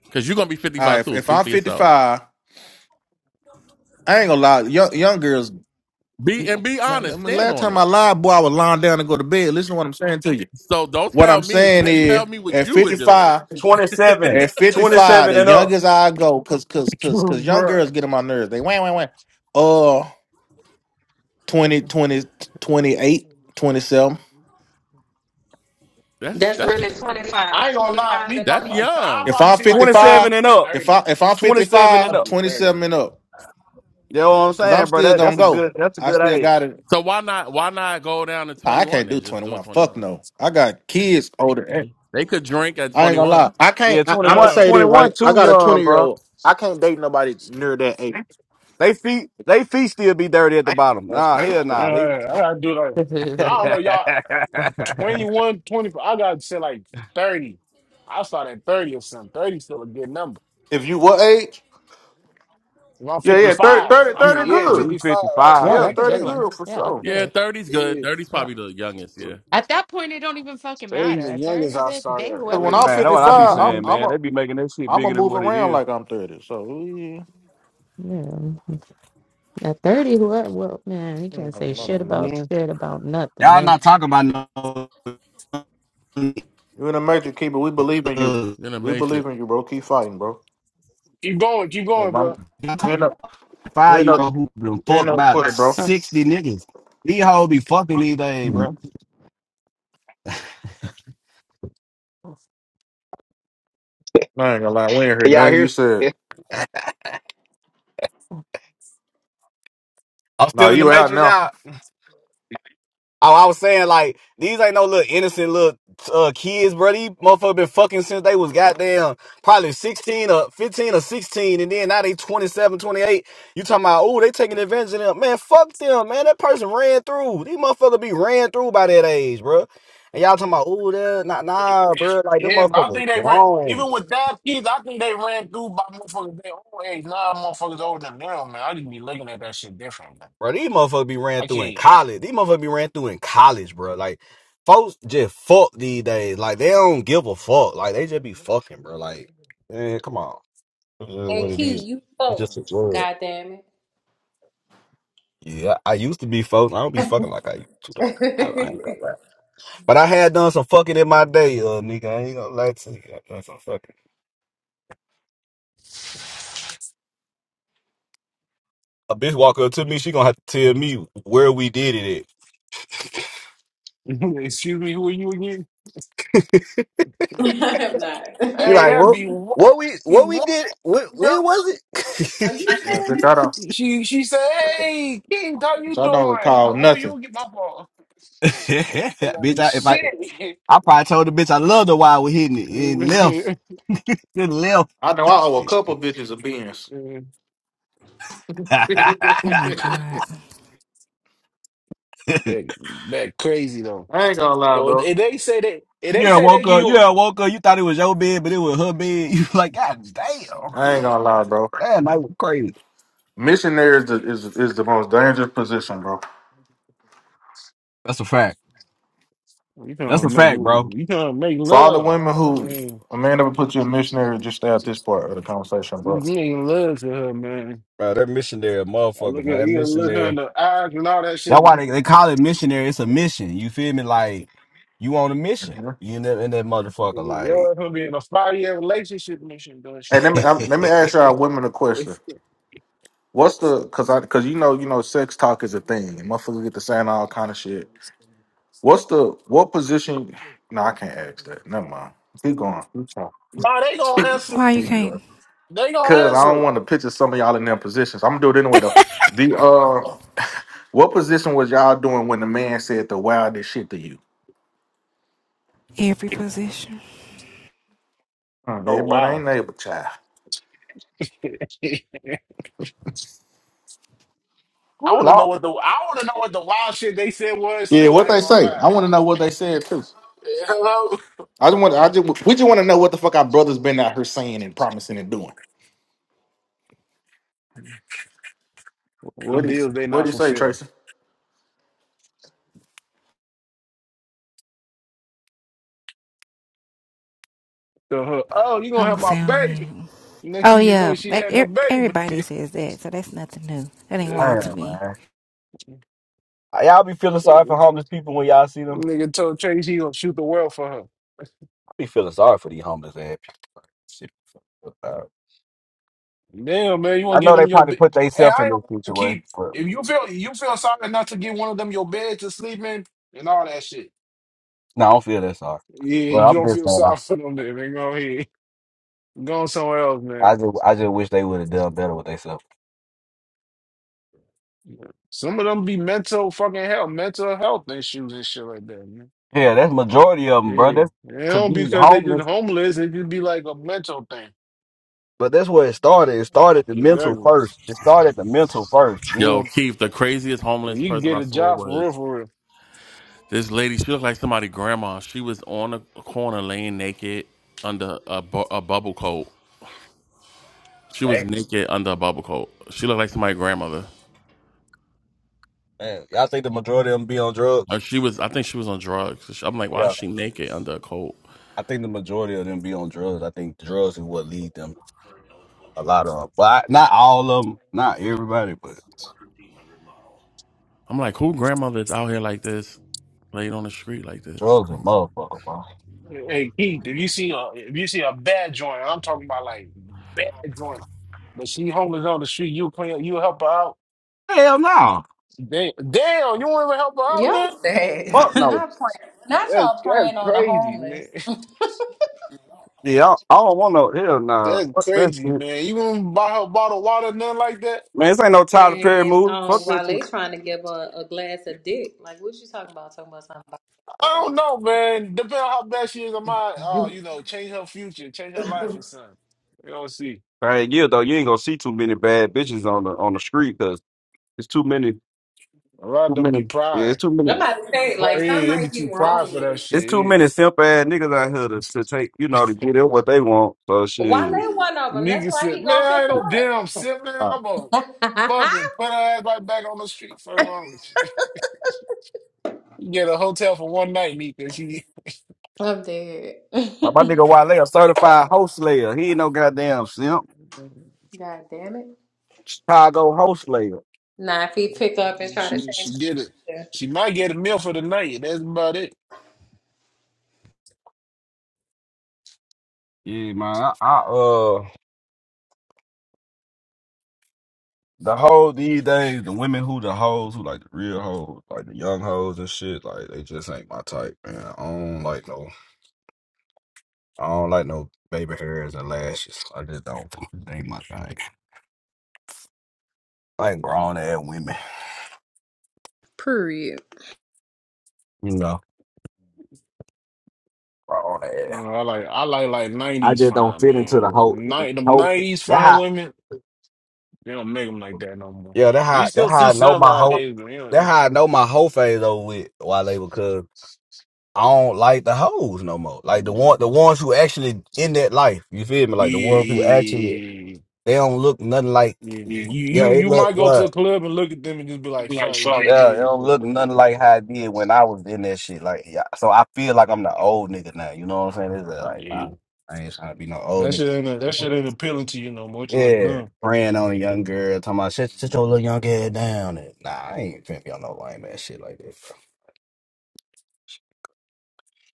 [SPEAKER 7] Because you're going to be
[SPEAKER 21] right,
[SPEAKER 7] 55
[SPEAKER 21] if,
[SPEAKER 7] too.
[SPEAKER 21] if
[SPEAKER 7] Speak
[SPEAKER 21] I'm
[SPEAKER 7] for yourself.
[SPEAKER 21] 55, I ain't gonna lie. Young, young girls,
[SPEAKER 7] Be And be
[SPEAKER 21] man, I
[SPEAKER 7] honest. Stand
[SPEAKER 21] last
[SPEAKER 7] on
[SPEAKER 21] time I
[SPEAKER 7] it.
[SPEAKER 21] lied, boy, I was lying down to go to bed. Listen to what I'm saying to you.
[SPEAKER 7] So, don't
[SPEAKER 21] What
[SPEAKER 7] tell
[SPEAKER 21] I'm
[SPEAKER 7] me.
[SPEAKER 21] saying
[SPEAKER 7] T-
[SPEAKER 21] is,
[SPEAKER 7] tell me what
[SPEAKER 21] at
[SPEAKER 7] you would do.
[SPEAKER 21] 55,
[SPEAKER 17] 27.
[SPEAKER 21] at 55,
[SPEAKER 17] 27
[SPEAKER 21] the
[SPEAKER 17] and up.
[SPEAKER 21] youngest I go, cause, cause, cause, cause young girls get on my nerves. They wham, wham, wham. Uh, twenty twenty twenty-eight twenty-seven.
[SPEAKER 7] That's,
[SPEAKER 10] That's
[SPEAKER 7] that's,
[SPEAKER 10] really
[SPEAKER 2] I
[SPEAKER 10] twenty-five,
[SPEAKER 2] ain't gonna lie,
[SPEAKER 10] twenty-five 25
[SPEAKER 2] me
[SPEAKER 10] and
[SPEAKER 2] probably
[SPEAKER 7] that's
[SPEAKER 10] up.
[SPEAKER 2] like, I'll
[SPEAKER 7] young.
[SPEAKER 21] If
[SPEAKER 2] probably
[SPEAKER 21] I'm
[SPEAKER 2] say like
[SPEAKER 21] 55,
[SPEAKER 2] 30.
[SPEAKER 17] 27 and up.
[SPEAKER 21] if I
[SPEAKER 2] 30,
[SPEAKER 21] if
[SPEAKER 2] man.
[SPEAKER 21] I'm
[SPEAKER 17] 27 and
[SPEAKER 2] I'll
[SPEAKER 21] fifty-five,
[SPEAKER 17] up.
[SPEAKER 2] be 30,
[SPEAKER 21] twenty-seven and
[SPEAKER 2] man.
[SPEAKER 21] up,
[SPEAKER 17] You know what I'm
[SPEAKER 21] cause I'm
[SPEAKER 17] saying, bro?
[SPEAKER 21] still
[SPEAKER 17] That,
[SPEAKER 21] gonna
[SPEAKER 17] that's a
[SPEAKER 21] go.
[SPEAKER 17] good that's a
[SPEAKER 21] I
[SPEAKER 17] good
[SPEAKER 21] still
[SPEAKER 17] age.
[SPEAKER 21] got it.
[SPEAKER 7] So why not why not go down to
[SPEAKER 21] I
[SPEAKER 7] 21
[SPEAKER 21] can't do
[SPEAKER 7] and just do it
[SPEAKER 21] 21. Fuck
[SPEAKER 7] 21?
[SPEAKER 21] no. I got kids older. and-
[SPEAKER 7] They, they could drink at
[SPEAKER 21] I ain't gonna
[SPEAKER 7] 21.
[SPEAKER 21] lie. I can't.
[SPEAKER 17] Yeah,
[SPEAKER 21] I, I'm gonna
[SPEAKER 17] twenty-one,
[SPEAKER 21] say this
[SPEAKER 2] Oh,
[SPEAKER 21] right.
[SPEAKER 17] twenty-one,
[SPEAKER 21] I
[SPEAKER 17] too
[SPEAKER 21] got a 20
[SPEAKER 17] young,
[SPEAKER 21] year
[SPEAKER 17] bro.
[SPEAKER 21] old. I can't date nobody near that age.
[SPEAKER 17] They feet they feet still be dirty at the bottom. Nah, hell
[SPEAKER 2] uh, uh,
[SPEAKER 17] nah. They
[SPEAKER 2] I gotta do like, I
[SPEAKER 16] yeah,
[SPEAKER 2] don't
[SPEAKER 17] if
[SPEAKER 2] know, y'all. 21, 24. I got to say like 30. I start at 30 or something. 30 still a good number.
[SPEAKER 21] If you what age?
[SPEAKER 2] If I'm
[SPEAKER 21] Yeah, yeah. 30,
[SPEAKER 2] 55,
[SPEAKER 21] 30,
[SPEAKER 2] I
[SPEAKER 21] 30,
[SPEAKER 2] mean, yeah,
[SPEAKER 21] good.
[SPEAKER 17] you
[SPEAKER 2] 55, I
[SPEAKER 17] 55,
[SPEAKER 2] start
[SPEAKER 21] Yeah,
[SPEAKER 16] that's
[SPEAKER 2] at
[SPEAKER 16] a
[SPEAKER 21] 30
[SPEAKER 16] good
[SPEAKER 2] 30.
[SPEAKER 16] one.
[SPEAKER 21] good for
[SPEAKER 16] Yeah, that's
[SPEAKER 21] sure.
[SPEAKER 16] a good
[SPEAKER 7] Yeah,
[SPEAKER 16] one.
[SPEAKER 7] thirty's good.
[SPEAKER 2] Yeah,
[SPEAKER 7] Thirty's
[SPEAKER 16] Yeah.
[SPEAKER 7] probably the youngest, yeah.
[SPEAKER 16] At that point, it don't even fucking
[SPEAKER 2] 30
[SPEAKER 16] matter.
[SPEAKER 2] is the
[SPEAKER 16] At
[SPEAKER 2] youngest
[SPEAKER 16] 30,
[SPEAKER 2] I
[SPEAKER 16] bitch,
[SPEAKER 2] start
[SPEAKER 16] date
[SPEAKER 2] at.
[SPEAKER 21] Cause
[SPEAKER 16] whoever
[SPEAKER 21] when
[SPEAKER 16] you
[SPEAKER 2] Yeah.
[SPEAKER 21] I'm
[SPEAKER 17] man, that's
[SPEAKER 16] want.
[SPEAKER 17] what
[SPEAKER 16] I
[SPEAKER 17] I be
[SPEAKER 21] 55, I'm
[SPEAKER 17] saying,
[SPEAKER 16] mean,
[SPEAKER 21] I'm
[SPEAKER 17] man.
[SPEAKER 21] a
[SPEAKER 17] They be making that shit
[SPEAKER 21] I'm a
[SPEAKER 17] bigger than
[SPEAKER 21] move
[SPEAKER 17] what it
[SPEAKER 21] around
[SPEAKER 17] is.
[SPEAKER 21] like I'm 30. So yeah.
[SPEAKER 16] really, yeah. At 30, whoever, well, man, you
[SPEAKER 21] I ain't
[SPEAKER 16] can't
[SPEAKER 21] gonna
[SPEAKER 16] say
[SPEAKER 21] lie,
[SPEAKER 16] shit
[SPEAKER 21] bro.
[SPEAKER 16] about
[SPEAKER 2] hmm
[SPEAKER 16] shit about nothing.
[SPEAKER 17] Y'all
[SPEAKER 16] Then
[SPEAKER 17] not talking about
[SPEAKER 21] you in the major keeper. We believe in you.
[SPEAKER 17] no
[SPEAKER 7] Then I
[SPEAKER 21] We
[SPEAKER 7] made sure.
[SPEAKER 21] believe in you, bro. Keep fighting, bro.
[SPEAKER 2] Keep going, keep
[SPEAKER 21] Yeah,
[SPEAKER 2] going, bro.
[SPEAKER 21] mom. You ain't
[SPEAKER 17] five
[SPEAKER 21] no.
[SPEAKER 16] Huh.
[SPEAKER 21] You ain't
[SPEAKER 17] year
[SPEAKER 21] no.
[SPEAKER 17] old who been
[SPEAKER 21] You ain't
[SPEAKER 17] fucked
[SPEAKER 21] no
[SPEAKER 17] about
[SPEAKER 21] quitter, bro.
[SPEAKER 17] sixty niggas. These hoes be fucking these days, bro.
[SPEAKER 21] I ain't gonna lie, we ain't heard
[SPEAKER 17] Y'all
[SPEAKER 21] nothing you
[SPEAKER 17] hear?
[SPEAKER 21] said.
[SPEAKER 17] I'm
[SPEAKER 21] No,
[SPEAKER 17] still in the
[SPEAKER 21] you out
[SPEAKER 17] matrix,
[SPEAKER 21] now.
[SPEAKER 17] y'all. Oh, I was saying like these ain't no little innocent little uh, kids, bro. These motherfuckers been fucking since they was goddamn probably 16 or 15 or 16, and then now they 27, 28. You talking about? Oh, they taking advantage of them, man. Fuck them, man. That person ran through. These motherfuckers be ran through by that age, bro. And y'all talking about? Oh, that nah, nah, bro. Like them
[SPEAKER 2] Yeah, but I
[SPEAKER 17] motherfuckers
[SPEAKER 2] think they ran,
[SPEAKER 17] grown.
[SPEAKER 2] even with that kids, I think they ran through by motherfuckers their old age. Now nah, motherfuckers older than them, man. I just be looking at that shit different, man.
[SPEAKER 17] Bro, these motherfuckers be ran
[SPEAKER 2] I
[SPEAKER 17] through in
[SPEAKER 2] can't.
[SPEAKER 17] college. These motherfuckers be ran through in college, bro. Like, folks just fuck these days. Like, they don't give a fuck. Like, they just be fucking, bro. Like, man, come on. This is what
[SPEAKER 10] And
[SPEAKER 17] it
[SPEAKER 10] Key,
[SPEAKER 17] is.
[SPEAKER 10] you
[SPEAKER 17] You just a
[SPEAKER 10] folks.
[SPEAKER 17] world.
[SPEAKER 10] God damn
[SPEAKER 17] Yeah, I used to be folks. I don't be fucking like I used to, though. I, I
[SPEAKER 10] it.
[SPEAKER 17] ain't gonna lie. But I had done some fucking in my day, uh, nigga. I ain't gonna lie to you. I done some fucking. A bitch walk up to me, she gonna have to tell me where we did it at.
[SPEAKER 2] Excuse me, who are you again?
[SPEAKER 10] I have not.
[SPEAKER 17] He
[SPEAKER 2] Hey,
[SPEAKER 17] like,
[SPEAKER 2] that'd
[SPEAKER 17] what?
[SPEAKER 2] be wild.
[SPEAKER 17] What we
[SPEAKER 2] Be
[SPEAKER 17] what we
[SPEAKER 2] wild,
[SPEAKER 17] did? When, when
[SPEAKER 2] yo.
[SPEAKER 17] was it?
[SPEAKER 10] Are you
[SPEAKER 21] Uh, bitch,
[SPEAKER 10] sure?
[SPEAKER 21] I don't.
[SPEAKER 2] She she said, "Hey, King, how
[SPEAKER 21] Bitch,
[SPEAKER 2] you
[SPEAKER 21] I don't
[SPEAKER 2] doing? How-
[SPEAKER 21] recall
[SPEAKER 2] Who are
[SPEAKER 21] nothing.
[SPEAKER 2] you again? My fault." I'm
[SPEAKER 17] bitch,
[SPEAKER 2] like,
[SPEAKER 17] I, if I,
[SPEAKER 2] Shit,
[SPEAKER 17] I probably told the bitch I loved her while we hitting it and left. Just left.
[SPEAKER 21] I know I owe a couple bitches a beans.
[SPEAKER 15] Oh, my God.
[SPEAKER 17] you
[SPEAKER 2] that, that crazy though.
[SPEAKER 21] I ain't gonna lie,
[SPEAKER 2] Yo, if
[SPEAKER 21] bro.
[SPEAKER 2] if they say they, if they
[SPEAKER 17] done
[SPEAKER 2] say they
[SPEAKER 17] woke
[SPEAKER 2] give
[SPEAKER 17] up.
[SPEAKER 2] you
[SPEAKER 17] You
[SPEAKER 2] a,
[SPEAKER 17] done woke up. You thought it was your bed, but it was her bed. You like, God damn.
[SPEAKER 21] I ain't gonna lie, bro.
[SPEAKER 17] Man, that was crazy.
[SPEAKER 21] Missionary is the, is is the most dangerous position, bro.
[SPEAKER 17] That's a fact.
[SPEAKER 2] you
[SPEAKER 17] That's
[SPEAKER 2] trying to
[SPEAKER 17] a
[SPEAKER 2] make
[SPEAKER 17] fact, bro.
[SPEAKER 2] you trying to make
[SPEAKER 21] For all the
[SPEAKER 2] love,
[SPEAKER 21] women who
[SPEAKER 2] man.
[SPEAKER 21] a man ever put you in missionary, just stay at this part of the conversation, bro.
[SPEAKER 2] You ain't love to her, man.
[SPEAKER 17] Bro, that missionary a
[SPEAKER 2] I look
[SPEAKER 17] motherfucker, man.
[SPEAKER 2] at
[SPEAKER 17] That
[SPEAKER 2] you, look her in
[SPEAKER 17] missionary.
[SPEAKER 2] the eyes and all that
[SPEAKER 17] That's
[SPEAKER 2] shit.
[SPEAKER 17] why they, they call it missionary. It's a mission. You feel me? Like you on a mission.
[SPEAKER 21] Mhm.
[SPEAKER 17] You in that, in that motherfucker. Like,
[SPEAKER 2] You're gonna be in a five-year relationship and shit doing
[SPEAKER 21] Hey,
[SPEAKER 2] shit.
[SPEAKER 21] let
[SPEAKER 2] no,
[SPEAKER 21] me um, let me ask y'all women a question. What's the cause I cause you know you know sex talk is a thing and motherfuckers get to saying all kind of shit What's the what position? No, I can't ask that. Never mind. Keep going. Keep going.
[SPEAKER 2] they gonna
[SPEAKER 21] Keep
[SPEAKER 2] answer.
[SPEAKER 15] Why you
[SPEAKER 21] keep going.
[SPEAKER 15] can't?
[SPEAKER 2] They gonna
[SPEAKER 21] Cause I
[SPEAKER 2] answer.
[SPEAKER 21] don't want to picture some of y'all in them positions. I'm gonna do it anyway though. The uh, what position was y'all doing when the man said the wildest shit to you?
[SPEAKER 15] Every position.
[SPEAKER 21] Hmm,
[SPEAKER 2] Oh
[SPEAKER 21] Everybody
[SPEAKER 2] wow.
[SPEAKER 21] ain't neighbor child.
[SPEAKER 2] I
[SPEAKER 17] good
[SPEAKER 2] want to know
[SPEAKER 17] lord,
[SPEAKER 2] what the I want to know what the wild shit they said was
[SPEAKER 21] Yeah,
[SPEAKER 2] too.
[SPEAKER 21] what
[SPEAKER 2] I ain't
[SPEAKER 21] they
[SPEAKER 2] gonna
[SPEAKER 21] say.
[SPEAKER 2] lie.
[SPEAKER 21] I want to know what they said too.
[SPEAKER 2] Hello.
[SPEAKER 21] I just want. I just. We just want to know what the fuck our brothers been out here saying and promising and doing. What
[SPEAKER 2] What
[SPEAKER 21] do you
[SPEAKER 2] deals they
[SPEAKER 21] What do
[SPEAKER 2] not
[SPEAKER 21] you say,
[SPEAKER 2] fulfilling?
[SPEAKER 21] Tracy?
[SPEAKER 2] So her, oh, you gonna
[SPEAKER 15] I'm going
[SPEAKER 2] have
[SPEAKER 15] to
[SPEAKER 2] my
[SPEAKER 15] sound
[SPEAKER 2] baby?
[SPEAKER 15] mute.
[SPEAKER 2] Next
[SPEAKER 15] Oh,
[SPEAKER 2] thing you know,
[SPEAKER 15] yeah.
[SPEAKER 2] she had
[SPEAKER 15] e- e-
[SPEAKER 2] the baby.
[SPEAKER 15] Everybody says that, so that's nothing new. That ain't
[SPEAKER 2] Yeah.
[SPEAKER 15] wild to
[SPEAKER 17] damn
[SPEAKER 15] me.
[SPEAKER 17] man. Y'all be feeling sorry for homeless people when y'all see them.
[SPEAKER 2] Nigga told Chase he gonna shoot the world for her.
[SPEAKER 17] I be feeling sorry for these homeless ass people. Shit, uh,
[SPEAKER 2] Damn, man, you wanna
[SPEAKER 17] I
[SPEAKER 2] give
[SPEAKER 17] know
[SPEAKER 2] them
[SPEAKER 17] they
[SPEAKER 2] your
[SPEAKER 17] probably
[SPEAKER 2] bed?
[SPEAKER 17] put
[SPEAKER 2] Hey,
[SPEAKER 17] themselves
[SPEAKER 2] I
[SPEAKER 17] in
[SPEAKER 2] don't
[SPEAKER 17] this
[SPEAKER 2] wanna
[SPEAKER 17] situation,
[SPEAKER 2] keep.
[SPEAKER 17] but
[SPEAKER 2] If you feel you feel sorry not to get one of them your bed to sleep in and all that shit.
[SPEAKER 17] no, I don't feel that sorry.
[SPEAKER 2] Yeah,
[SPEAKER 17] Well,
[SPEAKER 2] you
[SPEAKER 17] I'm
[SPEAKER 2] don't
[SPEAKER 17] just
[SPEAKER 2] feel
[SPEAKER 17] saying, I,
[SPEAKER 2] sorry for them. Then they go here, go somewhere else, man.
[SPEAKER 17] I just, I just wish they would have done better with themselves.
[SPEAKER 2] Some of them be mental fucking health, mental health issues and shit like that, man.
[SPEAKER 17] Yeah, that's majority of them, bro.
[SPEAKER 2] Yeah,
[SPEAKER 17] That's
[SPEAKER 2] they
[SPEAKER 17] to
[SPEAKER 2] don't
[SPEAKER 17] be
[SPEAKER 2] because they just
[SPEAKER 17] homeless,
[SPEAKER 2] homeless. It just be like a mental thing.
[SPEAKER 17] but that's where it started. It started the mental
[SPEAKER 2] Exactly.
[SPEAKER 17] first. It started the mental first.
[SPEAKER 7] Yo,
[SPEAKER 17] Then,
[SPEAKER 7] Keith, the craziest homeless
[SPEAKER 2] You can
[SPEAKER 7] person
[SPEAKER 2] get
[SPEAKER 7] I
[SPEAKER 2] a
[SPEAKER 7] saw
[SPEAKER 2] job for real,
[SPEAKER 7] was
[SPEAKER 2] for real.
[SPEAKER 7] this lady. She looked like somebody grandma. She was on a corner laying naked under a, bu- a bubble coat. She was
[SPEAKER 17] Hey.
[SPEAKER 7] naked under a bubble coat. She looked like somebody's grandmother.
[SPEAKER 17] man, y'all think the majority of them be on
[SPEAKER 7] Or
[SPEAKER 17] drugs?
[SPEAKER 7] she was, I think she was on drugs. I'm like, why is
[SPEAKER 17] Yeah,
[SPEAKER 7] she naked under a coat?
[SPEAKER 17] I think the majority of them be on drugs. I think drugs is what lead them A lot of 'em. But I, not all of them, not everybody, but
[SPEAKER 7] I'm like, who grandmother is out here like this, laid on the street like this?
[SPEAKER 17] drugs a motherfucker, bro.
[SPEAKER 2] Hey Keith, if you see a if you see a bad joint, I'm talking about like bad joint, but she homeless on the street, you clean, you help her out.
[SPEAKER 17] Hell no.
[SPEAKER 2] Damn, damn, you won't even help her out,
[SPEAKER 10] Y'all
[SPEAKER 2] man.
[SPEAKER 10] said
[SPEAKER 17] Fuck no.
[SPEAKER 10] not praying, not
[SPEAKER 2] That's,
[SPEAKER 10] y'all
[SPEAKER 2] that's
[SPEAKER 10] praying on the
[SPEAKER 2] crazy, man.
[SPEAKER 10] homeless.
[SPEAKER 17] Yeah, I, I don't want no. Hell no.
[SPEAKER 2] That's
[SPEAKER 17] Fuck that shit.
[SPEAKER 2] crazy,
[SPEAKER 17] Man,
[SPEAKER 2] man. You won't buy her a bottle of water, nothing like that.
[SPEAKER 17] this ain't no Tyler Perry
[SPEAKER 10] Man,
[SPEAKER 17] movie.
[SPEAKER 10] um,
[SPEAKER 17] Fuck that
[SPEAKER 10] while they
[SPEAKER 17] shit.
[SPEAKER 10] trying to give a, a glass of dick, like what you talking about? Talking about something about
[SPEAKER 2] I
[SPEAKER 10] the
[SPEAKER 2] don't know, man. Depending on how bad she is, I might, uh, you know, change her future, change her life or
[SPEAKER 10] water.
[SPEAKER 2] something. You don't see.
[SPEAKER 17] Hey, yeah, though, you ain't gonna see too many bad bitches on the on the street because it's too many,
[SPEAKER 2] A lot of
[SPEAKER 17] too
[SPEAKER 2] them be
[SPEAKER 17] many. Yeah, it's
[SPEAKER 2] pride.
[SPEAKER 17] too many.
[SPEAKER 10] I'm about to say,
[SPEAKER 2] Pride,
[SPEAKER 10] like something
[SPEAKER 2] yeah, they be
[SPEAKER 10] might be
[SPEAKER 2] too
[SPEAKER 10] wrong
[SPEAKER 2] pride for
[SPEAKER 10] with
[SPEAKER 2] that
[SPEAKER 10] it.
[SPEAKER 17] It's too
[SPEAKER 2] shit.
[SPEAKER 17] many simp ass niggas out here to, to take, you
[SPEAKER 2] Yeah.
[SPEAKER 17] know, to get in what they want. So shit.
[SPEAKER 10] Wale one of them. That's
[SPEAKER 2] Nigga
[SPEAKER 10] why
[SPEAKER 2] said,
[SPEAKER 10] he
[SPEAKER 2] man,
[SPEAKER 10] gonna
[SPEAKER 2] I
[SPEAKER 10] pick
[SPEAKER 2] ain't no damn simp, man.
[SPEAKER 17] Uh,
[SPEAKER 2] I'm gonna
[SPEAKER 10] her up.
[SPEAKER 2] fucking put her ass right back on the street for Orange. You You get a hotel for one night, Nika. She,
[SPEAKER 10] I'm dead.
[SPEAKER 17] my, my nigga Wale a certified host slayer. He ain't no goddamn simp.
[SPEAKER 10] God damn it. up.
[SPEAKER 17] Chicago host
[SPEAKER 10] Nah, if he pick up and try to
[SPEAKER 2] she, she
[SPEAKER 10] change the
[SPEAKER 2] did it.
[SPEAKER 10] picture.
[SPEAKER 2] She might get a meal for the night. That's about it.
[SPEAKER 17] Yeah, man. I, I uh the whole these days, the women who the hoes who like the real hoes, like the young hoes and shit, like they just ain't my type, man. I don't like no I don't like no baby hairs and lashes. I just don't they ain't my thing. I ain't grown ass women.
[SPEAKER 10] Period.
[SPEAKER 17] You know. Grown ass.
[SPEAKER 2] No, I like, I like, like
[SPEAKER 17] I
[SPEAKER 2] '90s
[SPEAKER 17] just don't
[SPEAKER 2] fine,
[SPEAKER 17] fit into
[SPEAKER 2] man.
[SPEAKER 17] the whole
[SPEAKER 2] Night, them
[SPEAKER 17] whole
[SPEAKER 2] '90s
[SPEAKER 17] that
[SPEAKER 2] fine
[SPEAKER 17] how
[SPEAKER 2] women. They don't make them like that no more.
[SPEAKER 17] yeah, that
[SPEAKER 2] You
[SPEAKER 17] how that
[SPEAKER 2] still see
[SPEAKER 17] how I know
[SPEAKER 2] some
[SPEAKER 17] my whole
[SPEAKER 2] nowadays, but you know,
[SPEAKER 17] that
[SPEAKER 2] yeah,
[SPEAKER 17] how I know my whole phase over with Wale because I don't like the hoes no more. Like the one, the ones who actually in that life. You feel me?
[SPEAKER 2] yeah, yeah.
[SPEAKER 17] Like the
[SPEAKER 2] yeah,
[SPEAKER 17] ones who actually
[SPEAKER 2] yeah, yeah.
[SPEAKER 17] they don't look nothing like.
[SPEAKER 2] Yeah.
[SPEAKER 17] Yeah,
[SPEAKER 2] You
[SPEAKER 17] yeah
[SPEAKER 2] you
[SPEAKER 17] it
[SPEAKER 2] you might
[SPEAKER 17] look
[SPEAKER 2] go to a
[SPEAKER 17] what.
[SPEAKER 2] club and look at them and just be
[SPEAKER 17] It
[SPEAKER 2] like,
[SPEAKER 17] be Like
[SPEAKER 2] fuck, you
[SPEAKER 17] fuck.
[SPEAKER 2] just
[SPEAKER 17] Yeah, it
[SPEAKER 2] yeah.
[SPEAKER 17] don't look
[SPEAKER 2] Yeah.
[SPEAKER 17] nothing like how it did when I was in that shit. Like, yeah, so I feel like I'm the old nigga now. You know what I'm saying? It's like,
[SPEAKER 2] Yeah.
[SPEAKER 17] nah, I ain't trying to be no old
[SPEAKER 2] That
[SPEAKER 17] nigga.
[SPEAKER 2] shit ain't that shit ain't appealing to you no more. It just look
[SPEAKER 17] Yeah,
[SPEAKER 2] dumb.
[SPEAKER 17] praying on a
[SPEAKER 2] Yeah.
[SPEAKER 17] young girl, talking about shut, shut your little young head down. And, nah, I ain't finna be on no lame ass shit like that. bro.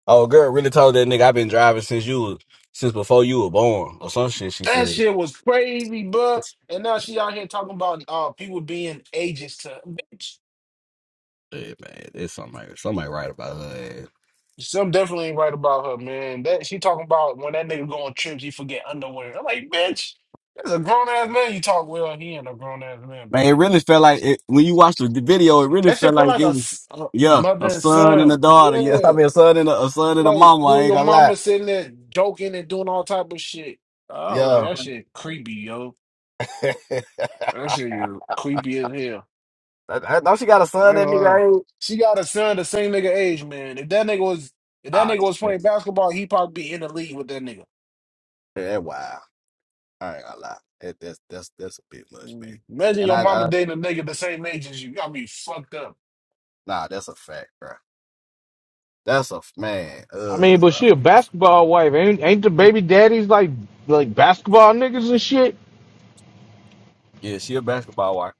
[SPEAKER 17] Oh, girl, really told that nigga I've been driving since you was, since before you were born or some shit. She
[SPEAKER 2] That
[SPEAKER 17] said,
[SPEAKER 2] shit was crazy, bruh. And now she out here talking about uh people being ages to bitch.
[SPEAKER 17] "Hey, man, there's somebody somebody right about her." Ass.
[SPEAKER 2] Some definitely ain't right about her, man. That she talking about when that nigga go on trips, he forget underwear. I'm like, bitch, that's a grown ass man you talk well. He ain't a grown ass man,
[SPEAKER 17] Man,
[SPEAKER 2] but
[SPEAKER 17] it
[SPEAKER 2] you know.
[SPEAKER 17] really felt like it, when you watched the video, it really
[SPEAKER 2] That shit
[SPEAKER 17] felt
[SPEAKER 2] feel
[SPEAKER 17] like
[SPEAKER 2] like
[SPEAKER 17] it
[SPEAKER 2] a,
[SPEAKER 17] was
[SPEAKER 2] s- a
[SPEAKER 17] yeah,
[SPEAKER 2] mother
[SPEAKER 17] a
[SPEAKER 2] and
[SPEAKER 17] son and a
[SPEAKER 2] son.
[SPEAKER 17] daughter. Yeah, I
[SPEAKER 2] Yeah,
[SPEAKER 17] mean a son and a, a son and a
[SPEAKER 2] like
[SPEAKER 17] mama.
[SPEAKER 2] you
[SPEAKER 17] I
[SPEAKER 2] and
[SPEAKER 17] ain't
[SPEAKER 2] your
[SPEAKER 17] gonna lie.
[SPEAKER 2] mama sitting there joking and doing all type of shit. Oh, like
[SPEAKER 17] Yeah,
[SPEAKER 2] that shit creepy, yo. That shit is creepy as hell.
[SPEAKER 17] don't don't she got a
[SPEAKER 2] I
[SPEAKER 17] son? That
[SPEAKER 2] ain't lying.
[SPEAKER 17] nigga ain't.
[SPEAKER 2] She got a son the same nigga age, man. If that nigga was if that
[SPEAKER 17] Ah,
[SPEAKER 2] nigga was
[SPEAKER 17] shit.
[SPEAKER 2] playing basketball, he probably be in the league with that nigga.
[SPEAKER 17] yeah, wow. I ain't gonna lie. That, that's that's that's a bit much,
[SPEAKER 2] Mm.
[SPEAKER 17] man.
[SPEAKER 2] Imagine
[SPEAKER 17] And
[SPEAKER 2] your
[SPEAKER 17] I,
[SPEAKER 2] mama
[SPEAKER 17] I
[SPEAKER 2] dating a nigga the same age as you. You gotta be fucked up.
[SPEAKER 17] nah, that's a fact, bro. That's a f- man.
[SPEAKER 29] I mean, but
[SPEAKER 17] Ugh.
[SPEAKER 29] she a basketball wife. Ain't ain't the baby daddies like like basketball niggas and shit?
[SPEAKER 17] Yeah, she a basketball wife.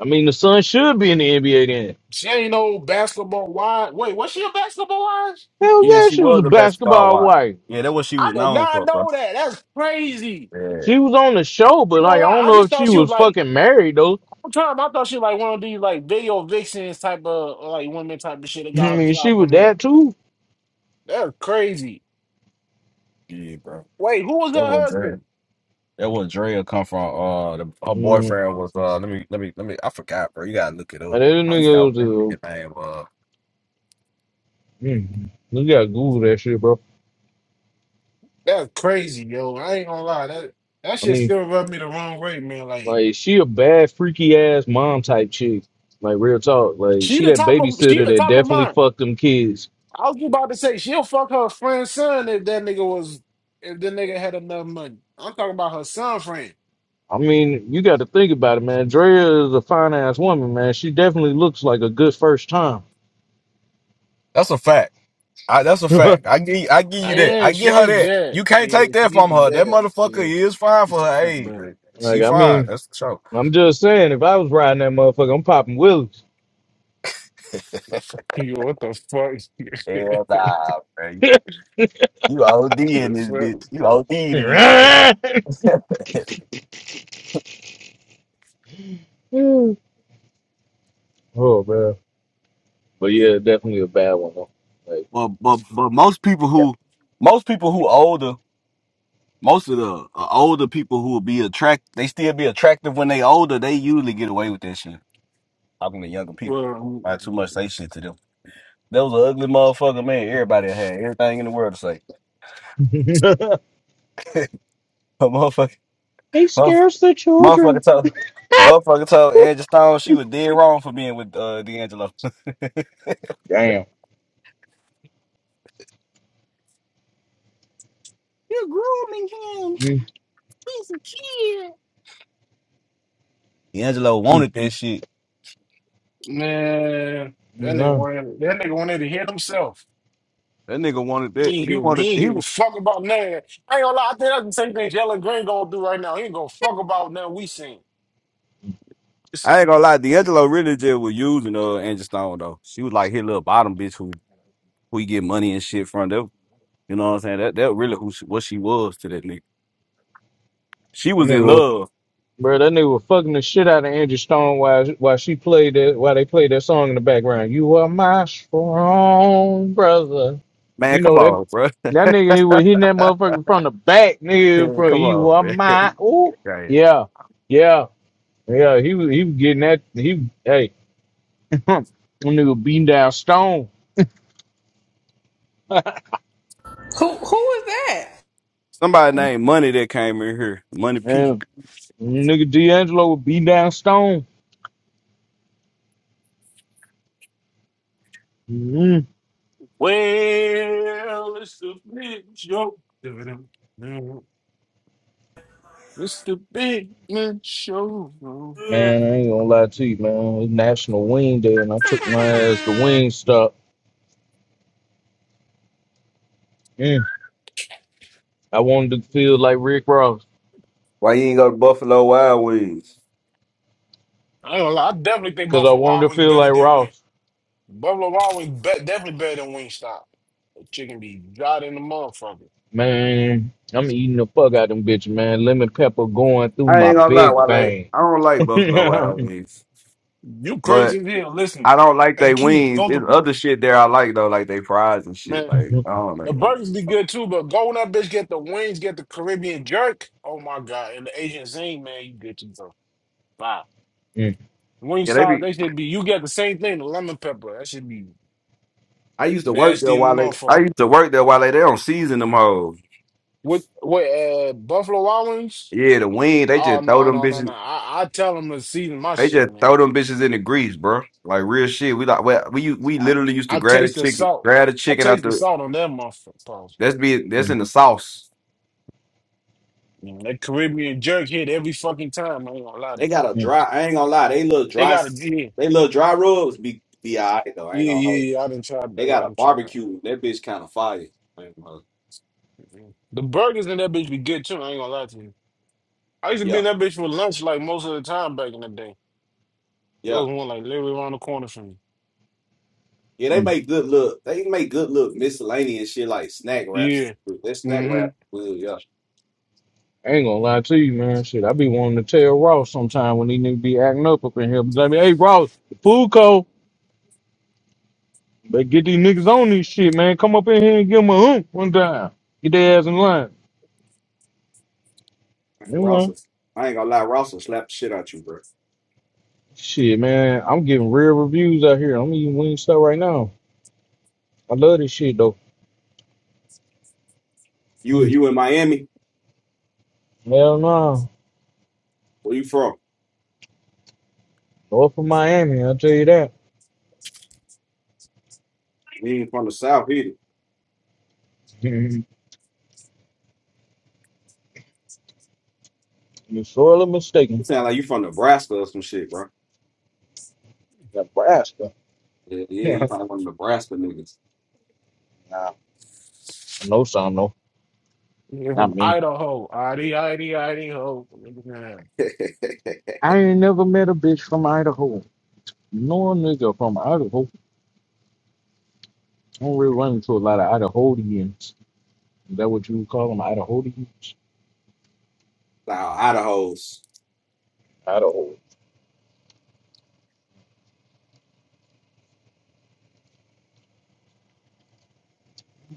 [SPEAKER 29] I mean, the son should be in the NBA then.
[SPEAKER 2] She ain't no basketball wise. Wait, was she a basketball wise?
[SPEAKER 29] Hell
[SPEAKER 17] Yeah,
[SPEAKER 29] yeah,
[SPEAKER 17] she
[SPEAKER 29] she was
[SPEAKER 17] was
[SPEAKER 29] a
[SPEAKER 17] a basketball
[SPEAKER 29] basketball
[SPEAKER 17] wife.
[SPEAKER 29] wife.
[SPEAKER 17] Yeah, that what she
[SPEAKER 2] I
[SPEAKER 17] was
[SPEAKER 2] did
[SPEAKER 17] known
[SPEAKER 2] not
[SPEAKER 17] for, bro.
[SPEAKER 2] know that. That's crazy.
[SPEAKER 17] Yeah,
[SPEAKER 29] She was on the show, but
[SPEAKER 2] ain't
[SPEAKER 29] like
[SPEAKER 2] gonna
[SPEAKER 29] I
[SPEAKER 2] lie.
[SPEAKER 29] don't
[SPEAKER 2] I
[SPEAKER 29] know
[SPEAKER 2] just
[SPEAKER 29] if
[SPEAKER 2] thought
[SPEAKER 29] she
[SPEAKER 2] she was
[SPEAKER 29] was
[SPEAKER 2] like
[SPEAKER 29] fucking married though.
[SPEAKER 2] whole time. I thought she was like one of these like video vixens type of like women type of shit that
[SPEAKER 29] I
[SPEAKER 2] got her
[SPEAKER 29] mean, she
[SPEAKER 2] clout
[SPEAKER 29] was
[SPEAKER 2] from that.
[SPEAKER 29] that too.
[SPEAKER 2] That's crazy.
[SPEAKER 17] yeah, bro.
[SPEAKER 2] Wait, who was
[SPEAKER 17] That
[SPEAKER 2] her
[SPEAKER 17] was Drea.
[SPEAKER 2] husband?
[SPEAKER 17] That was Drea come from. Uh, the, her
[SPEAKER 29] Mm.
[SPEAKER 17] boyfriend was. Uh, let me, let me, let me. I forgot, bro. You gotta look it
[SPEAKER 29] Like,
[SPEAKER 17] up.
[SPEAKER 29] that
[SPEAKER 17] I
[SPEAKER 29] nigga
[SPEAKER 17] forgot
[SPEAKER 29] was
[SPEAKER 17] what that nigga name. Uh,
[SPEAKER 29] a, mm, you gotta Google that shit, bro.
[SPEAKER 2] That's crazy, yo. I ain't gonna lie. That that
[SPEAKER 29] I
[SPEAKER 2] shit
[SPEAKER 29] mean,
[SPEAKER 2] still rubbed me the wrong way, man. Like
[SPEAKER 29] like she a bad freaky ass mom type chick. Like real talk, like
[SPEAKER 2] she
[SPEAKER 29] she
[SPEAKER 2] the
[SPEAKER 29] that
[SPEAKER 2] top of she
[SPEAKER 29] babysitter
[SPEAKER 2] the
[SPEAKER 29] that
[SPEAKER 2] top of
[SPEAKER 29] definitely
[SPEAKER 2] mine.
[SPEAKER 29] fucked them kids
[SPEAKER 2] I was just about to say she'll fuck her friend's son if that nigga was if that nigga had enough money. I'm talking about her son friend.
[SPEAKER 29] I mean, you got to think about it, man. Drea is a fine ass woman, man. She definitely looks like a good first time.
[SPEAKER 17] that's a fact. I, that's a
[SPEAKER 29] like,
[SPEAKER 17] fact. I give, I give you
[SPEAKER 2] Like,
[SPEAKER 17] that. I
[SPEAKER 2] yeah,
[SPEAKER 17] give
[SPEAKER 2] she
[SPEAKER 17] her
[SPEAKER 2] is
[SPEAKER 17] that.
[SPEAKER 2] bad.
[SPEAKER 17] You can't
[SPEAKER 2] Yeah,
[SPEAKER 17] take
[SPEAKER 2] she
[SPEAKER 17] that
[SPEAKER 2] is
[SPEAKER 17] from her. That
[SPEAKER 2] bad.
[SPEAKER 17] motherfucker
[SPEAKER 2] Yeah,
[SPEAKER 17] is fine
[SPEAKER 2] she's
[SPEAKER 17] for her
[SPEAKER 2] fine,
[SPEAKER 17] age.
[SPEAKER 2] but.
[SPEAKER 17] She
[SPEAKER 29] I
[SPEAKER 17] fine.
[SPEAKER 29] mean,
[SPEAKER 17] That's the show.
[SPEAKER 29] I'm just saying, if I was riding that motherfucker, I'm popping willies.
[SPEAKER 2] You what the
[SPEAKER 17] Hell
[SPEAKER 2] fuck?
[SPEAKER 17] nah, bro. You OD in
[SPEAKER 2] Yes,
[SPEAKER 17] this
[SPEAKER 2] sir.
[SPEAKER 17] bitch. You OD in this motherfucker.
[SPEAKER 29] oh man, but yeah, definitely a bad one though. Like,
[SPEAKER 17] But but but most people
[SPEAKER 29] yeah.
[SPEAKER 17] who most people who older most of the uh, older people who will be attract they still be attractive when they older they usually get away with that shit. Talking to younger people,
[SPEAKER 2] Well,
[SPEAKER 17] not too much say shit to them. That was an ugly motherfucker, man. Everybody had everything in the world to say. A motherfucker,
[SPEAKER 29] He
[SPEAKER 17] motherf-
[SPEAKER 29] scares the
[SPEAKER 17] motherfucker
[SPEAKER 29] children.
[SPEAKER 17] told motherfucker told Edge Stone she was dead wrong for being with uh, D'Angelo.
[SPEAKER 29] Damn.
[SPEAKER 17] You're grooming him.
[SPEAKER 29] Mm-hmm.
[SPEAKER 17] He's a kid. D'Angelo wanted that shit.
[SPEAKER 2] man, that nigga
[SPEAKER 29] Yeah.
[SPEAKER 2] wanted that nigga wanted to hit himself.
[SPEAKER 17] That nigga wanted that.
[SPEAKER 2] He ain't
[SPEAKER 17] He
[SPEAKER 2] give
[SPEAKER 17] wanted
[SPEAKER 2] he ain't
[SPEAKER 17] he.
[SPEAKER 2] give a fuck about nothing. I ain't gonna lie, I think that's the same thing Jalen Green gonna do right now. He ain't gonna fuck about nothing we seen. It's,
[SPEAKER 17] I ain't gonna lie, D'Angelo really just was using uh Angie Stone though. She was like his little bottom bitch who who he get money and shit from. That you know what I'm saying? That that really who she, what she was to that nigga. She
[SPEAKER 29] I
[SPEAKER 17] was in
[SPEAKER 29] knew
[SPEAKER 17] love.
[SPEAKER 29] Bro, that nigga was fucking the shit out of Angie Stone while while she played that while they played that song in the background. You are my strong brother.
[SPEAKER 17] Man,
[SPEAKER 29] You
[SPEAKER 17] come
[SPEAKER 29] know that
[SPEAKER 17] on, bro.
[SPEAKER 29] that nigga he was hitting that motherfucker from the back, nigga.
[SPEAKER 17] Man,
[SPEAKER 29] From
[SPEAKER 17] come
[SPEAKER 29] you
[SPEAKER 17] on,
[SPEAKER 29] are
[SPEAKER 17] man.
[SPEAKER 29] my ooh
[SPEAKER 17] Right.
[SPEAKER 29] yeah yeah yeah. He was he was getting that he hey that nigga beating down Stone.
[SPEAKER 1] Who who is
[SPEAKER 17] Somebody named Money that came in here. Money P.
[SPEAKER 29] Yeah, nigga D'Angelo was beating down Stone. Mm-hmm.
[SPEAKER 2] well, it's the big show. It's the big man show.
[SPEAKER 29] Man, I ain't gonna lie to you, man. It's National Wing Day, and I took my ass to
[SPEAKER 1] that?
[SPEAKER 29] Wing Stop. Mm. I wanted to feel like Rick Ross,
[SPEAKER 17] Why you ain't go to Buffalo Wild Wings?
[SPEAKER 2] I ain't gonna lie, I definitely think
[SPEAKER 29] cause I
[SPEAKER 2] Buffalo
[SPEAKER 29] wanted
[SPEAKER 2] Wild
[SPEAKER 29] to
[SPEAKER 2] Wings
[SPEAKER 29] feel
[SPEAKER 2] better
[SPEAKER 29] like
[SPEAKER 2] than Wentz.
[SPEAKER 29] Ross.
[SPEAKER 2] Buffalo Wild Wings be- definitely better than Wingstop. Chicken be god in the motherfucker.
[SPEAKER 29] Man, I'm eating the fuck out of them bitch, man. Lemon pepper going through
[SPEAKER 17] I
[SPEAKER 29] my
[SPEAKER 17] ain't gonna lie,
[SPEAKER 29] big
[SPEAKER 17] Wale.
[SPEAKER 29] vein.
[SPEAKER 17] I don't like Buffalo Wild Wings,
[SPEAKER 2] You
[SPEAKER 17] but
[SPEAKER 2] crazy as hell. Listen,
[SPEAKER 17] I don't like
[SPEAKER 2] hey
[SPEAKER 17] they
[SPEAKER 2] Keith,
[SPEAKER 17] wings.
[SPEAKER 2] go
[SPEAKER 17] There's
[SPEAKER 2] to
[SPEAKER 17] other shit there I like though, like they fries and shit.
[SPEAKER 2] man.
[SPEAKER 17] Like
[SPEAKER 29] Mm,
[SPEAKER 17] I don't like
[SPEAKER 2] The
[SPEAKER 17] it.
[SPEAKER 2] burgers be good too, but go when that bitch get the wings, get the Caribbean jerk. Oh my god, and the Asian zing, man, you get you some fire.
[SPEAKER 29] mm,
[SPEAKER 17] Yeah, they
[SPEAKER 2] Wingstop,
[SPEAKER 17] be.
[SPEAKER 2] they should be. You get the same thing, the lemon pepper. That should be
[SPEAKER 17] I used to work there
[SPEAKER 2] nasty in
[SPEAKER 17] while
[SPEAKER 2] the
[SPEAKER 17] they. I
[SPEAKER 2] motherfucker.
[SPEAKER 17] used to work there while they. They don't season them hoes.
[SPEAKER 2] With with uh, Buffalo Wild Wings?
[SPEAKER 17] Yeah, the wing. They
[SPEAKER 2] Oh
[SPEAKER 17] just throw
[SPEAKER 2] no
[SPEAKER 17] them
[SPEAKER 2] no no no!
[SPEAKER 17] bitches.
[SPEAKER 2] I, I tell them to season my
[SPEAKER 17] They
[SPEAKER 2] shit,
[SPEAKER 17] just
[SPEAKER 2] man.
[SPEAKER 17] throw them bitches in the grease, bro. Like real shit. We like we we, we
[SPEAKER 2] I,
[SPEAKER 17] literally used to
[SPEAKER 2] I
[SPEAKER 17] grab the
[SPEAKER 2] taste the
[SPEAKER 17] chicken,
[SPEAKER 2] salt.
[SPEAKER 17] grab the
[SPEAKER 2] I
[SPEAKER 17] chicken out
[SPEAKER 2] taste the
[SPEAKER 17] the.
[SPEAKER 2] salt on that motherfucker. Pause.
[SPEAKER 17] That's be that's
[SPEAKER 29] mm,
[SPEAKER 17] in the sauce.
[SPEAKER 2] Man, that Caribbean jerk hit every fucking time. I ain't gonna lie to
[SPEAKER 17] They
[SPEAKER 2] you.
[SPEAKER 17] got a
[SPEAKER 29] mm,
[SPEAKER 17] dry. I ain't gonna lie. They little
[SPEAKER 2] They
[SPEAKER 17] dry.
[SPEAKER 2] got a yeah,
[SPEAKER 17] They little dry rubs be be alright though. I ain't
[SPEAKER 2] yeah, yeah.
[SPEAKER 17] gonna hold. you.
[SPEAKER 2] yeah. I didn't try that.
[SPEAKER 17] They
[SPEAKER 2] I
[SPEAKER 17] got a
[SPEAKER 2] didn't try that.
[SPEAKER 17] barbecue. That bitch kind of fire. I ain't gonna hold
[SPEAKER 2] Mhm. The burgers in that bitch be good too. I ain't gonna lie to you. I used to
[SPEAKER 17] you.
[SPEAKER 2] be
[SPEAKER 17] Yeah,
[SPEAKER 2] in that bitch for lunch like most of the time back in the day. There
[SPEAKER 17] yeah.
[SPEAKER 2] was one like literally around the corner from me.
[SPEAKER 17] Yeah, they
[SPEAKER 29] mm.
[SPEAKER 17] make good look. They make good look miscellaneous shit like snack wraps.
[SPEAKER 2] Yeah.
[SPEAKER 17] That snack
[SPEAKER 2] Mm-hmm.
[SPEAKER 17] wrap, well, yeah.
[SPEAKER 29] I ain't gonna lie to you, man. Shit, I be wanting to tell Ross sometime when he niggas be acting up up in here. But I mean, hey Ross, the food cold. Better get these niggas on this shit, man. Come up in here and give them a hump one time. Get their ass in line.
[SPEAKER 17] Man,
[SPEAKER 29] You
[SPEAKER 17] Ross,
[SPEAKER 29] know,
[SPEAKER 17] will- I ain't gonna lie, Ross will slap the shit out you, bro.
[SPEAKER 29] shit, man, I'm getting real reviews out here. I'm eating wing stuff right now. I love this shit though.
[SPEAKER 17] You
[SPEAKER 29] Mm.
[SPEAKER 17] you in Miami?
[SPEAKER 29] Hell no,
[SPEAKER 17] Where you from?
[SPEAKER 29] north of Miami, I'll tell you that.
[SPEAKER 17] You ain't from the South either.
[SPEAKER 29] Mhm. You're sorely
[SPEAKER 17] You
[SPEAKER 29] mistaken,
[SPEAKER 17] sound like you from Nebraska or some shit, bro.
[SPEAKER 29] Nebraska.
[SPEAKER 17] Yeah, yeah
[SPEAKER 29] nah,
[SPEAKER 17] you probably from Nebraska niggas.
[SPEAKER 29] I know some though,
[SPEAKER 2] Yeah, from
[SPEAKER 29] not many.
[SPEAKER 2] Idaho. Idy, Idy, Idaho. Yeah.
[SPEAKER 29] I ain't never met a bitch from Idaho. No nigga from Idaho. I don't really run into a lot of Idahoans. Is that what you would call them, Idahoans?
[SPEAKER 17] nah, Idaho's.
[SPEAKER 29] Idaho.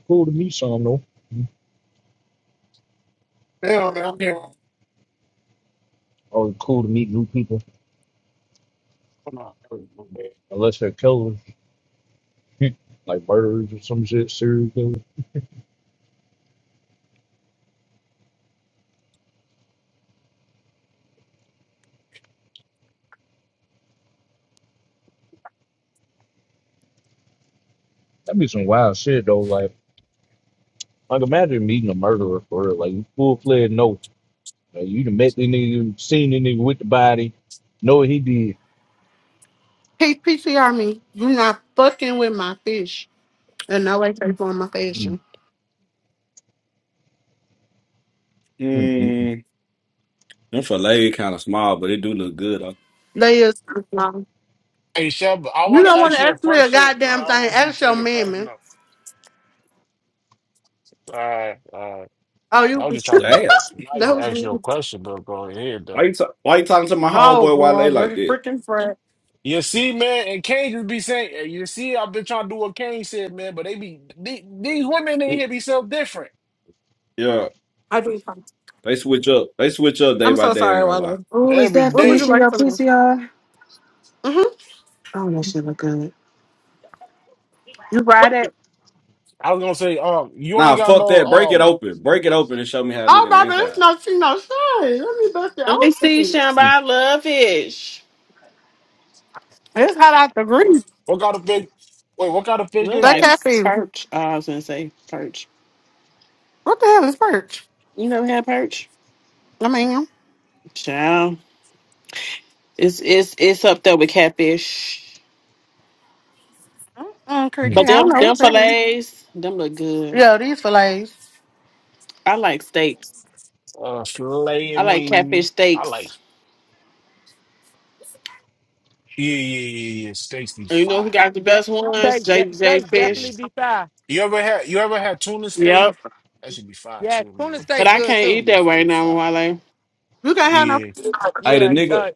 [SPEAKER 29] Cool to meet some though.
[SPEAKER 2] Hell, man, I'm here.
[SPEAKER 29] Always cool to meet new people,
[SPEAKER 2] Hold on.
[SPEAKER 29] unless they're killers. like murderers or some shit, serial killers. That'd be some wild shit though. Like, like imagine meeting a murderer for real, like full fledged. No, like, you done met the nigga, seen the nigga with the body, know what he did.
[SPEAKER 28] Hey, PCR me. You're not fucking with my fish. And no way, take on my fashion.
[SPEAKER 29] Mm, mm, mm, mm,
[SPEAKER 17] Mm, them filet kind of small, but it do look good. Huh?
[SPEAKER 28] Layers. No.
[SPEAKER 2] Hey Shep, I
[SPEAKER 28] You
[SPEAKER 2] want
[SPEAKER 28] don't
[SPEAKER 2] to
[SPEAKER 28] want
[SPEAKER 2] ask
[SPEAKER 28] to
[SPEAKER 2] you a
[SPEAKER 28] ask me a
[SPEAKER 2] question, and
[SPEAKER 28] goddamn
[SPEAKER 2] I don't
[SPEAKER 28] thing.
[SPEAKER 2] want you to
[SPEAKER 28] Ask your
[SPEAKER 2] take it
[SPEAKER 28] mammy.
[SPEAKER 2] personal. Uh, uh,
[SPEAKER 28] Oh,
[SPEAKER 2] I
[SPEAKER 28] you.
[SPEAKER 2] was just trying to be
[SPEAKER 17] Damn.
[SPEAKER 2] nice
[SPEAKER 28] that
[SPEAKER 2] and
[SPEAKER 28] was
[SPEAKER 2] ask
[SPEAKER 28] me.
[SPEAKER 2] you a question, but go ahead
[SPEAKER 17] Why you,
[SPEAKER 2] though.
[SPEAKER 17] ta- why you talking to my
[SPEAKER 28] Oh,
[SPEAKER 17] homeboy Wale like
[SPEAKER 28] brother.
[SPEAKER 17] that?
[SPEAKER 28] Freaking Fred.
[SPEAKER 2] You see, man, and Kane just be saying, eh, you see, I've been trying to do what Kane said, man, but they be the- these women in
[SPEAKER 17] He-
[SPEAKER 2] here be so different
[SPEAKER 17] Yeah,
[SPEAKER 28] I do. apologize.
[SPEAKER 17] they switch up. They switch up day
[SPEAKER 28] I'm
[SPEAKER 17] by
[SPEAKER 28] so
[SPEAKER 17] day. ain't
[SPEAKER 28] sorry,
[SPEAKER 17] gonna lie.
[SPEAKER 28] Wallow.
[SPEAKER 9] Ooh, is
[SPEAKER 2] every
[SPEAKER 9] that
[SPEAKER 28] What would you
[SPEAKER 9] fish in
[SPEAKER 2] day.
[SPEAKER 28] like
[SPEAKER 9] your
[SPEAKER 28] to know?
[SPEAKER 9] PCR?
[SPEAKER 28] Mm-hmm.
[SPEAKER 9] Oh, that shit look good. You brought it.
[SPEAKER 2] I was gonna say, um, you ain't
[SPEAKER 17] Nah,
[SPEAKER 2] got
[SPEAKER 17] fuck
[SPEAKER 2] no
[SPEAKER 17] that. Break it
[SPEAKER 2] um,
[SPEAKER 17] open. Break it open and show me how it look
[SPEAKER 28] Oh,
[SPEAKER 17] on the
[SPEAKER 28] baby, it's
[SPEAKER 17] inside.
[SPEAKER 28] no tea, no shade. Let me bust it
[SPEAKER 9] Let me
[SPEAKER 28] out to
[SPEAKER 9] see,
[SPEAKER 28] you.
[SPEAKER 9] Shamba.
[SPEAKER 29] mm,
[SPEAKER 9] I love fish.
[SPEAKER 28] It's hot out the grease.
[SPEAKER 2] what kind of fish? Wait, what kind of
[SPEAKER 9] You
[SPEAKER 2] fish
[SPEAKER 9] look
[SPEAKER 2] is
[SPEAKER 28] That
[SPEAKER 9] like
[SPEAKER 2] that?
[SPEAKER 28] caffeine.
[SPEAKER 9] perch. Oh, I was gonna say perch.
[SPEAKER 28] What the hell is perch?
[SPEAKER 9] You never had perch?
[SPEAKER 28] I mean,
[SPEAKER 9] Child. It's it's it's up there with catfish.
[SPEAKER 28] mm-mm, Creek,
[SPEAKER 29] mm.
[SPEAKER 28] I
[SPEAKER 9] But them them
[SPEAKER 28] don't know.
[SPEAKER 9] fillets, them look good.
[SPEAKER 28] Yeah, these fillets.
[SPEAKER 9] I like steaks.
[SPEAKER 2] Uh,
[SPEAKER 9] I
[SPEAKER 2] slaying
[SPEAKER 9] like
[SPEAKER 2] me.
[SPEAKER 9] catfish
[SPEAKER 2] I like,
[SPEAKER 9] steaks.
[SPEAKER 2] yeah, yeah, yeah, yeah. Steaks be
[SPEAKER 9] And you know
[SPEAKER 2] fire.
[SPEAKER 9] who got the best ones?
[SPEAKER 23] Steaks,
[SPEAKER 9] J
[SPEAKER 23] de-
[SPEAKER 9] J
[SPEAKER 23] steaks
[SPEAKER 2] Yeah.
[SPEAKER 23] definitely
[SPEAKER 9] Fish.
[SPEAKER 23] be fine.
[SPEAKER 2] You ever had you ever had tuna steak?
[SPEAKER 9] Yep.
[SPEAKER 2] That should be fire
[SPEAKER 23] Yeah,
[SPEAKER 2] too,
[SPEAKER 23] tuna
[SPEAKER 2] man.
[SPEAKER 9] But
[SPEAKER 23] steak
[SPEAKER 9] I
[SPEAKER 23] good
[SPEAKER 9] can't eat
[SPEAKER 23] too.
[SPEAKER 2] Tuna
[SPEAKER 9] that right
[SPEAKER 2] steak
[SPEAKER 9] now,
[SPEAKER 2] fire.
[SPEAKER 9] Wale.
[SPEAKER 28] You can't have
[SPEAKER 2] Yeah.
[SPEAKER 28] no.
[SPEAKER 17] Hey, the
[SPEAKER 23] Yeah.
[SPEAKER 17] nigga.
[SPEAKER 23] Uh,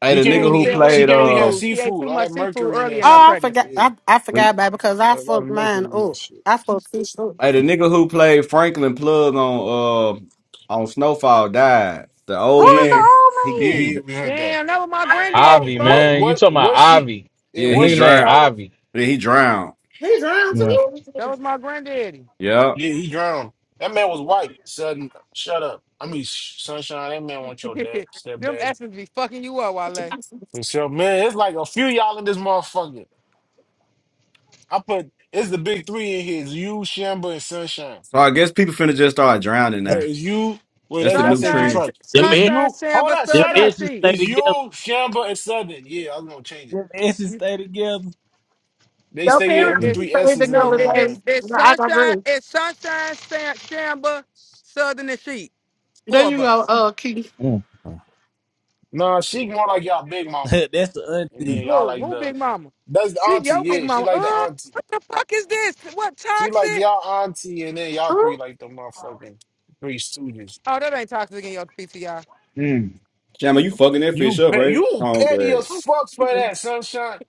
[SPEAKER 17] Hey,
[SPEAKER 2] She
[SPEAKER 17] the
[SPEAKER 23] she
[SPEAKER 2] can't
[SPEAKER 23] need
[SPEAKER 17] nigga
[SPEAKER 23] to
[SPEAKER 17] who
[SPEAKER 23] stay
[SPEAKER 2] really
[SPEAKER 23] away
[SPEAKER 2] she
[SPEAKER 23] from
[SPEAKER 17] played.
[SPEAKER 2] can't really have
[SPEAKER 17] Uh,
[SPEAKER 23] seafood. She ate
[SPEAKER 2] seafood.
[SPEAKER 23] too
[SPEAKER 2] All
[SPEAKER 23] much
[SPEAKER 2] that
[SPEAKER 23] seafood
[SPEAKER 2] mercury in
[SPEAKER 23] early
[SPEAKER 2] that
[SPEAKER 23] in her
[SPEAKER 28] Oh, I
[SPEAKER 2] shit.
[SPEAKER 28] forgot.
[SPEAKER 23] pregnancy.
[SPEAKER 2] Yeah.
[SPEAKER 28] I, I
[SPEAKER 17] the,
[SPEAKER 28] forgot about it because I
[SPEAKER 2] A lot of
[SPEAKER 28] fucked mine
[SPEAKER 2] mercury in that
[SPEAKER 28] up.
[SPEAKER 2] shit.
[SPEAKER 28] I fucked fish up.
[SPEAKER 17] hey, the nigga who played Franklin Plug on uh on Snowfall died. The
[SPEAKER 28] Who
[SPEAKER 17] old
[SPEAKER 28] is the
[SPEAKER 2] Yeah.
[SPEAKER 17] man. He
[SPEAKER 2] Yeah,
[SPEAKER 17] he.
[SPEAKER 28] old man?
[SPEAKER 2] yeah,
[SPEAKER 17] d-
[SPEAKER 2] we heard that.
[SPEAKER 23] Damn, that was my
[SPEAKER 2] Oh,
[SPEAKER 23] granddaddy,
[SPEAKER 29] Ivy,
[SPEAKER 23] folks.
[SPEAKER 2] what
[SPEAKER 29] man. You
[SPEAKER 2] what
[SPEAKER 29] talking about
[SPEAKER 2] what she
[SPEAKER 29] Ivy.
[SPEAKER 2] yeah,
[SPEAKER 29] The
[SPEAKER 17] Yeah,
[SPEAKER 2] what
[SPEAKER 17] he
[SPEAKER 29] nigga
[SPEAKER 2] she
[SPEAKER 29] named
[SPEAKER 17] drowned.
[SPEAKER 2] call him?
[SPEAKER 29] Ivy.
[SPEAKER 17] Yeah, he drowned.
[SPEAKER 28] He's around
[SPEAKER 29] Yeah.
[SPEAKER 28] too.
[SPEAKER 23] That was my granddaddy.
[SPEAKER 17] Yeah.
[SPEAKER 2] Yeah, he drowned. That man was white. Sudden shut up. I mean sh- sunshine, that man want your dad
[SPEAKER 23] Them
[SPEAKER 2] stepdaddy.
[SPEAKER 23] essence be fucking you up, Wale.
[SPEAKER 2] So man, it's like a few y'all in this motherfucker. I put it's the big three in here. It's you, Shamba, and Sunshine.
[SPEAKER 17] So I guess people finna just start drowning
[SPEAKER 2] No,
[SPEAKER 17] now.
[SPEAKER 2] it's you. Wait,
[SPEAKER 17] That's the
[SPEAKER 2] that's, I
[SPEAKER 17] new
[SPEAKER 2] said you
[SPEAKER 23] Sunshine,
[SPEAKER 17] trend.
[SPEAKER 2] tried.
[SPEAKER 5] Them
[SPEAKER 2] It's
[SPEAKER 5] S,
[SPEAKER 23] sunshine,
[SPEAKER 2] you. Hold
[SPEAKER 23] samba,
[SPEAKER 2] up,
[SPEAKER 5] them
[SPEAKER 23] thud
[SPEAKER 2] shut
[SPEAKER 23] in the
[SPEAKER 2] up.
[SPEAKER 5] edges
[SPEAKER 23] seat.
[SPEAKER 5] stay
[SPEAKER 2] It's you,
[SPEAKER 5] together.
[SPEAKER 2] Shamba, and Southern. Yeah, I'm gonna change it.
[SPEAKER 5] Them edges stay together.
[SPEAKER 2] They
[SPEAKER 28] Your
[SPEAKER 2] stay here.
[SPEAKER 23] It,
[SPEAKER 2] I'm
[SPEAKER 28] parents
[SPEAKER 2] the
[SPEAKER 29] Mm,
[SPEAKER 23] it's
[SPEAKER 2] three
[SPEAKER 28] stayed
[SPEAKER 2] S's in the
[SPEAKER 23] no,
[SPEAKER 28] together,
[SPEAKER 23] it,
[SPEAKER 2] room,
[SPEAKER 28] baby.
[SPEAKER 2] man.
[SPEAKER 23] it's it's
[SPEAKER 28] No, I
[SPEAKER 23] sunshine,
[SPEAKER 28] agree.
[SPEAKER 23] it's sunshine, Sam, Shamba, Southern and Sheep.
[SPEAKER 28] There
[SPEAKER 23] Four
[SPEAKER 28] you
[SPEAKER 23] of
[SPEAKER 28] go,
[SPEAKER 23] us.
[SPEAKER 28] uh, Keith.
[SPEAKER 29] mm,
[SPEAKER 2] Nah, she more like y'all big mama.
[SPEAKER 5] That's the
[SPEAKER 2] And then
[SPEAKER 29] mm,
[SPEAKER 5] auntie.
[SPEAKER 2] y'all
[SPEAKER 23] Who?
[SPEAKER 2] like
[SPEAKER 23] Who?
[SPEAKER 2] the
[SPEAKER 23] Big Mama?
[SPEAKER 2] that's the
[SPEAKER 23] See
[SPEAKER 2] auntie,
[SPEAKER 23] your Big
[SPEAKER 2] yeah. She
[SPEAKER 23] Mama.
[SPEAKER 2] like the
[SPEAKER 23] Oh,
[SPEAKER 2] auntie.
[SPEAKER 23] the fuck is this? What
[SPEAKER 2] She like
[SPEAKER 23] toxic?
[SPEAKER 2] y'all auntie, and then y'all
[SPEAKER 28] Huh?
[SPEAKER 2] three like the motherfucking three students.
[SPEAKER 23] Oh, that ain't toxic in your PTR.
[SPEAKER 29] mm.
[SPEAKER 17] Jam, are you fucking that fish
[SPEAKER 2] You
[SPEAKER 17] up,
[SPEAKER 2] pe-
[SPEAKER 17] right?
[SPEAKER 2] you
[SPEAKER 17] Oh,
[SPEAKER 2] petty as fuck for that, sunshine.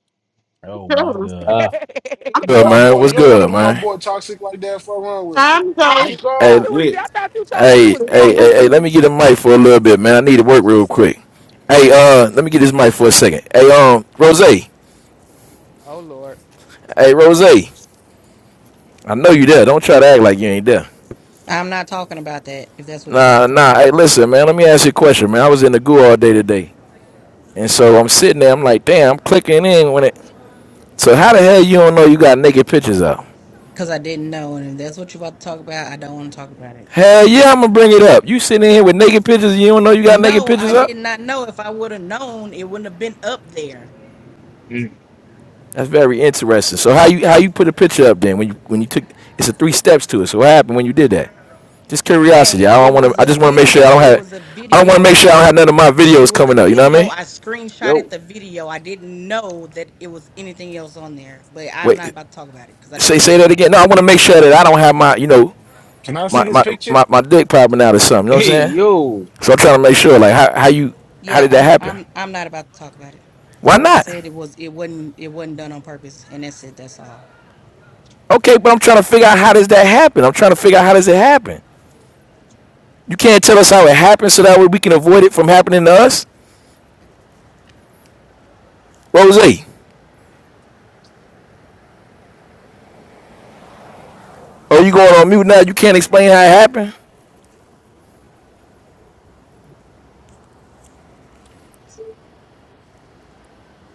[SPEAKER 5] Oh my god,
[SPEAKER 29] Uh,
[SPEAKER 2] You ain't
[SPEAKER 28] I'm
[SPEAKER 2] gonna do
[SPEAKER 30] good,
[SPEAKER 2] my
[SPEAKER 28] sorry.
[SPEAKER 30] man?
[SPEAKER 2] boy.
[SPEAKER 30] What's
[SPEAKER 2] You ain't gonna
[SPEAKER 30] good,
[SPEAKER 2] do my
[SPEAKER 30] man?
[SPEAKER 2] boy toxic like that. Fuck around with you.
[SPEAKER 28] Time
[SPEAKER 2] We
[SPEAKER 28] goes.
[SPEAKER 23] thought
[SPEAKER 30] Hey,
[SPEAKER 23] you
[SPEAKER 2] go.
[SPEAKER 23] was.
[SPEAKER 17] God.
[SPEAKER 23] I thought you told me you
[SPEAKER 30] hey,
[SPEAKER 23] was
[SPEAKER 28] But
[SPEAKER 30] hey,
[SPEAKER 23] dead.
[SPEAKER 30] hey, hey, let me get a mic for a little bit, man. I need to work real quick. Hey, uh, let me get this mic for a second. Hey, um, Rose. Hey,
[SPEAKER 23] Oh Lord.
[SPEAKER 30] Rose. I know you there. Don't try to act like you ain't there.
[SPEAKER 31] I'm not talking about that if that's what you're about
[SPEAKER 30] Nah,
[SPEAKER 31] to talk
[SPEAKER 30] nah. Hey,
[SPEAKER 31] about.
[SPEAKER 30] listen, man. Let me ask you a question, man. I was in the goo all day today, and so I'm sitting there. I'm like, damn, I'm clicking in when it. So how the hell you don't know you got naked pictures up?
[SPEAKER 31] Because I didn't know. And if that's what you're about to talk about, I don't want to talk about it.
[SPEAKER 30] Hell yeah, I'm gonna bring it up. You sitting in here with naked pictures, and you don't know you got naked
[SPEAKER 31] No, I
[SPEAKER 30] pictures up?
[SPEAKER 31] did not know. If I would have known, it wouldn't have been up there.
[SPEAKER 29] mm.
[SPEAKER 30] That's very interesting. So how you how you put a picture up then when you when you took it's a three steps to it. So what happened when you did that? Just curiosity.
[SPEAKER 31] Hey,
[SPEAKER 30] I don't
[SPEAKER 31] it
[SPEAKER 30] want to.
[SPEAKER 31] was
[SPEAKER 30] I
[SPEAKER 31] a
[SPEAKER 30] just want to make sure
[SPEAKER 31] video.
[SPEAKER 30] I don't
[SPEAKER 31] It
[SPEAKER 30] have.
[SPEAKER 31] was a
[SPEAKER 30] I don't want to
[SPEAKER 31] video.
[SPEAKER 30] make sure I
[SPEAKER 31] I
[SPEAKER 30] don't have
[SPEAKER 31] re-
[SPEAKER 30] none of my
[SPEAKER 31] it
[SPEAKER 30] videos
[SPEAKER 31] was a
[SPEAKER 30] coming up. You know what I
[SPEAKER 31] video.
[SPEAKER 30] mean?
[SPEAKER 31] I screenshotted
[SPEAKER 29] Yo.
[SPEAKER 31] the video. I didn't know that it was anything else on there. But I'm not
[SPEAKER 30] Wait,
[SPEAKER 31] about to talk about it because I don't
[SPEAKER 30] say
[SPEAKER 31] want to
[SPEAKER 30] say
[SPEAKER 31] talk
[SPEAKER 30] that
[SPEAKER 31] about
[SPEAKER 30] again.
[SPEAKER 31] it.
[SPEAKER 30] No, I want to make sure that I don't have my you know
[SPEAKER 2] Can I see
[SPEAKER 30] my
[SPEAKER 2] this
[SPEAKER 30] my
[SPEAKER 2] picture?
[SPEAKER 30] my, my dick popping out or something. You know what I'm
[SPEAKER 29] Hey,
[SPEAKER 30] saying?
[SPEAKER 29] yo.
[SPEAKER 30] So I'm trying to make sure like how how you how
[SPEAKER 31] Yeah,
[SPEAKER 30] did that
[SPEAKER 31] I'm
[SPEAKER 30] happen?
[SPEAKER 31] I'm I'm not about to talk about it. I
[SPEAKER 30] Why
[SPEAKER 31] already
[SPEAKER 30] not?
[SPEAKER 31] said it was it wasn't it wasn't done on purpose, and that's it. That's all.
[SPEAKER 30] Okay, but I'm trying to figure out how does that happen. I'm trying to figure out how does it happen. You can't tell us how it happened so that way we can avoid it from happening to us. Rose. Oh, you going on mute now? You can't explain how it happened.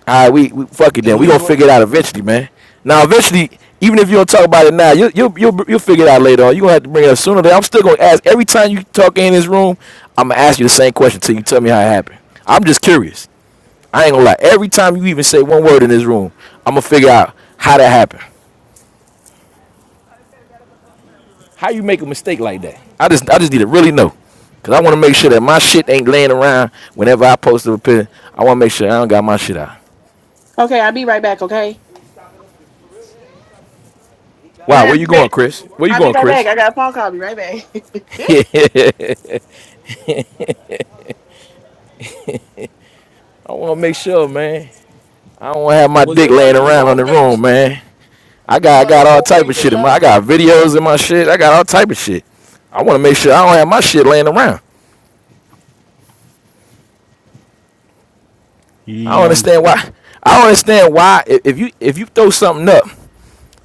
[SPEAKER 30] All right, we, we fuck it
[SPEAKER 2] At
[SPEAKER 30] then. We gonna
[SPEAKER 2] least what
[SPEAKER 30] figure it out eventually, man. Now, eventually, even if you don't talk about it now, you you you'll, you'll figure it out later on. You gonna have to bring it up sooner. or later. I'm still gonna ask every time you talk in this room. I'm gonna ask you the same question till you tell me how it happened. I'm just curious. I ain't gonna lie. Every time you even say one word in this room, I'm gonna figure out how that happened. How you make a mistake like that? I just I just need to really know. Cause I want to make sure that my shit ain't laying around whenever I post a picture. I want to make sure I don't got my shit out.
[SPEAKER 9] Okay, I'll be right back, okay? You
[SPEAKER 30] Wow, where you
[SPEAKER 9] happy,
[SPEAKER 30] going,
[SPEAKER 9] bitch?
[SPEAKER 30] Chris? Where you
[SPEAKER 9] I'll be
[SPEAKER 30] going,
[SPEAKER 9] right back.
[SPEAKER 30] Chris?
[SPEAKER 9] I got a phone call. I'll be right back.
[SPEAKER 30] I want to make sure, man. I don't want to have my
[SPEAKER 2] was
[SPEAKER 30] dick
[SPEAKER 2] this like
[SPEAKER 30] laying
[SPEAKER 2] a
[SPEAKER 30] around on
[SPEAKER 2] full
[SPEAKER 30] the
[SPEAKER 2] picture?
[SPEAKER 30] room, man. I
[SPEAKER 2] Is this
[SPEAKER 30] got I
[SPEAKER 2] like a
[SPEAKER 30] got all
[SPEAKER 2] full
[SPEAKER 30] type of
[SPEAKER 2] picture,
[SPEAKER 30] shit in my.
[SPEAKER 2] half
[SPEAKER 30] I got
[SPEAKER 2] picture?
[SPEAKER 30] videos in my shit. I got all type of shit. I want to make sure I don't have my shit laying around.
[SPEAKER 5] you
[SPEAKER 30] I don't
[SPEAKER 5] young
[SPEAKER 30] understand why. I don't understand why i- if you if you throw something up,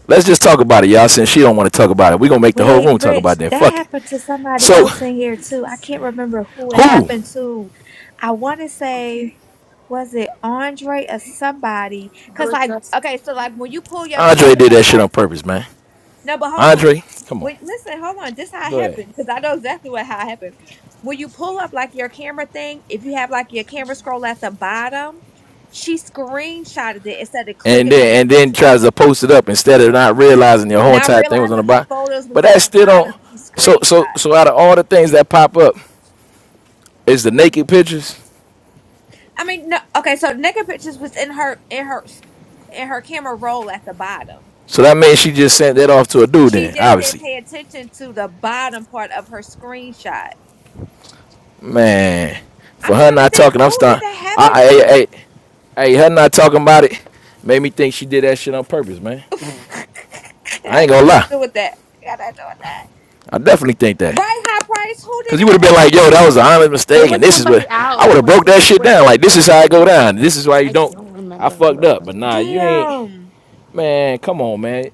[SPEAKER 30] let's just talk about it, y'all. Since she don't want to talk about it, we gonna make the whole
[SPEAKER 4] Wait,
[SPEAKER 30] room talk
[SPEAKER 4] Rich,
[SPEAKER 30] about that.
[SPEAKER 4] that
[SPEAKER 30] Fuck it.
[SPEAKER 4] happened to somebody
[SPEAKER 30] So
[SPEAKER 4] else in here too. I can't remember who it
[SPEAKER 30] who?
[SPEAKER 4] happened to. I want to say. was it Andre or somebody? Cause like, okay, so like when you pull your
[SPEAKER 30] Andre
[SPEAKER 4] picture
[SPEAKER 30] did
[SPEAKER 4] up,
[SPEAKER 30] that shit on
[SPEAKER 4] right?
[SPEAKER 30] purpose, man.
[SPEAKER 4] No, but hold on.
[SPEAKER 30] Andre, come on.
[SPEAKER 4] Wait, listen, hold on. This how it
[SPEAKER 30] Go ahead.
[SPEAKER 4] happened. Cause I know exactly what how it happened. When you pull up like your camera thing, if you have like your camera scroll at the bottom, she screenshotted it instead of
[SPEAKER 30] and
[SPEAKER 4] clicking on
[SPEAKER 30] then
[SPEAKER 4] the
[SPEAKER 30] and then
[SPEAKER 4] picture.
[SPEAKER 30] tries to post it up instead of not realizing your whole
[SPEAKER 4] Now
[SPEAKER 30] entire thing was on the
[SPEAKER 4] realizing her
[SPEAKER 30] bot.
[SPEAKER 4] photos
[SPEAKER 30] But
[SPEAKER 4] was at
[SPEAKER 30] that
[SPEAKER 4] the
[SPEAKER 30] still don't.
[SPEAKER 4] bottom, she
[SPEAKER 30] So so
[SPEAKER 4] screenshot.
[SPEAKER 30] so out of all the things that pop up, is the naked pictures.
[SPEAKER 4] I mean, no, okay, so naked pictures was in her in her in her camera roll at the bottom.
[SPEAKER 30] So that means she just sent that off to a dude.
[SPEAKER 4] She
[SPEAKER 30] Then
[SPEAKER 4] just didn't
[SPEAKER 30] obviously,
[SPEAKER 4] pay attention to the bottom part of her screenshot.
[SPEAKER 30] man, for
[SPEAKER 4] I'm
[SPEAKER 30] her
[SPEAKER 4] trying to
[SPEAKER 30] not
[SPEAKER 4] think,
[SPEAKER 30] talking, I'm
[SPEAKER 4] who did
[SPEAKER 30] starting.
[SPEAKER 4] that
[SPEAKER 30] I,
[SPEAKER 4] happen
[SPEAKER 30] I, hey,
[SPEAKER 4] to?
[SPEAKER 30] hey, hey, her not talking about it made me think she did that shit on purpose, man. I
[SPEAKER 4] I
[SPEAKER 30] ain't gonna
[SPEAKER 4] gotta
[SPEAKER 30] lie.
[SPEAKER 4] do with that. I gotta do with that.
[SPEAKER 30] I definitely think that.
[SPEAKER 4] Right, High Price, who did
[SPEAKER 30] Cause you would have
[SPEAKER 4] it
[SPEAKER 30] been
[SPEAKER 4] happen
[SPEAKER 30] like, yo, that was an
[SPEAKER 4] to?
[SPEAKER 30] honest
[SPEAKER 16] it
[SPEAKER 30] mistake, and
[SPEAKER 16] was
[SPEAKER 30] this is
[SPEAKER 16] somebody
[SPEAKER 30] what I would
[SPEAKER 16] else
[SPEAKER 30] have
[SPEAKER 16] when
[SPEAKER 30] broke
[SPEAKER 16] we
[SPEAKER 30] that shit
[SPEAKER 16] when
[SPEAKER 30] down.
[SPEAKER 16] they
[SPEAKER 30] Like, this
[SPEAKER 16] first
[SPEAKER 30] is how I go
[SPEAKER 16] changed
[SPEAKER 30] down.
[SPEAKER 16] it.
[SPEAKER 30] This is why you
[SPEAKER 16] I
[SPEAKER 30] don't.
[SPEAKER 16] don't
[SPEAKER 30] I
[SPEAKER 16] remember who
[SPEAKER 30] fucked
[SPEAKER 16] it was.
[SPEAKER 30] up, but nah, you ain't.
[SPEAKER 4] Damn.
[SPEAKER 30] Man, come on, man.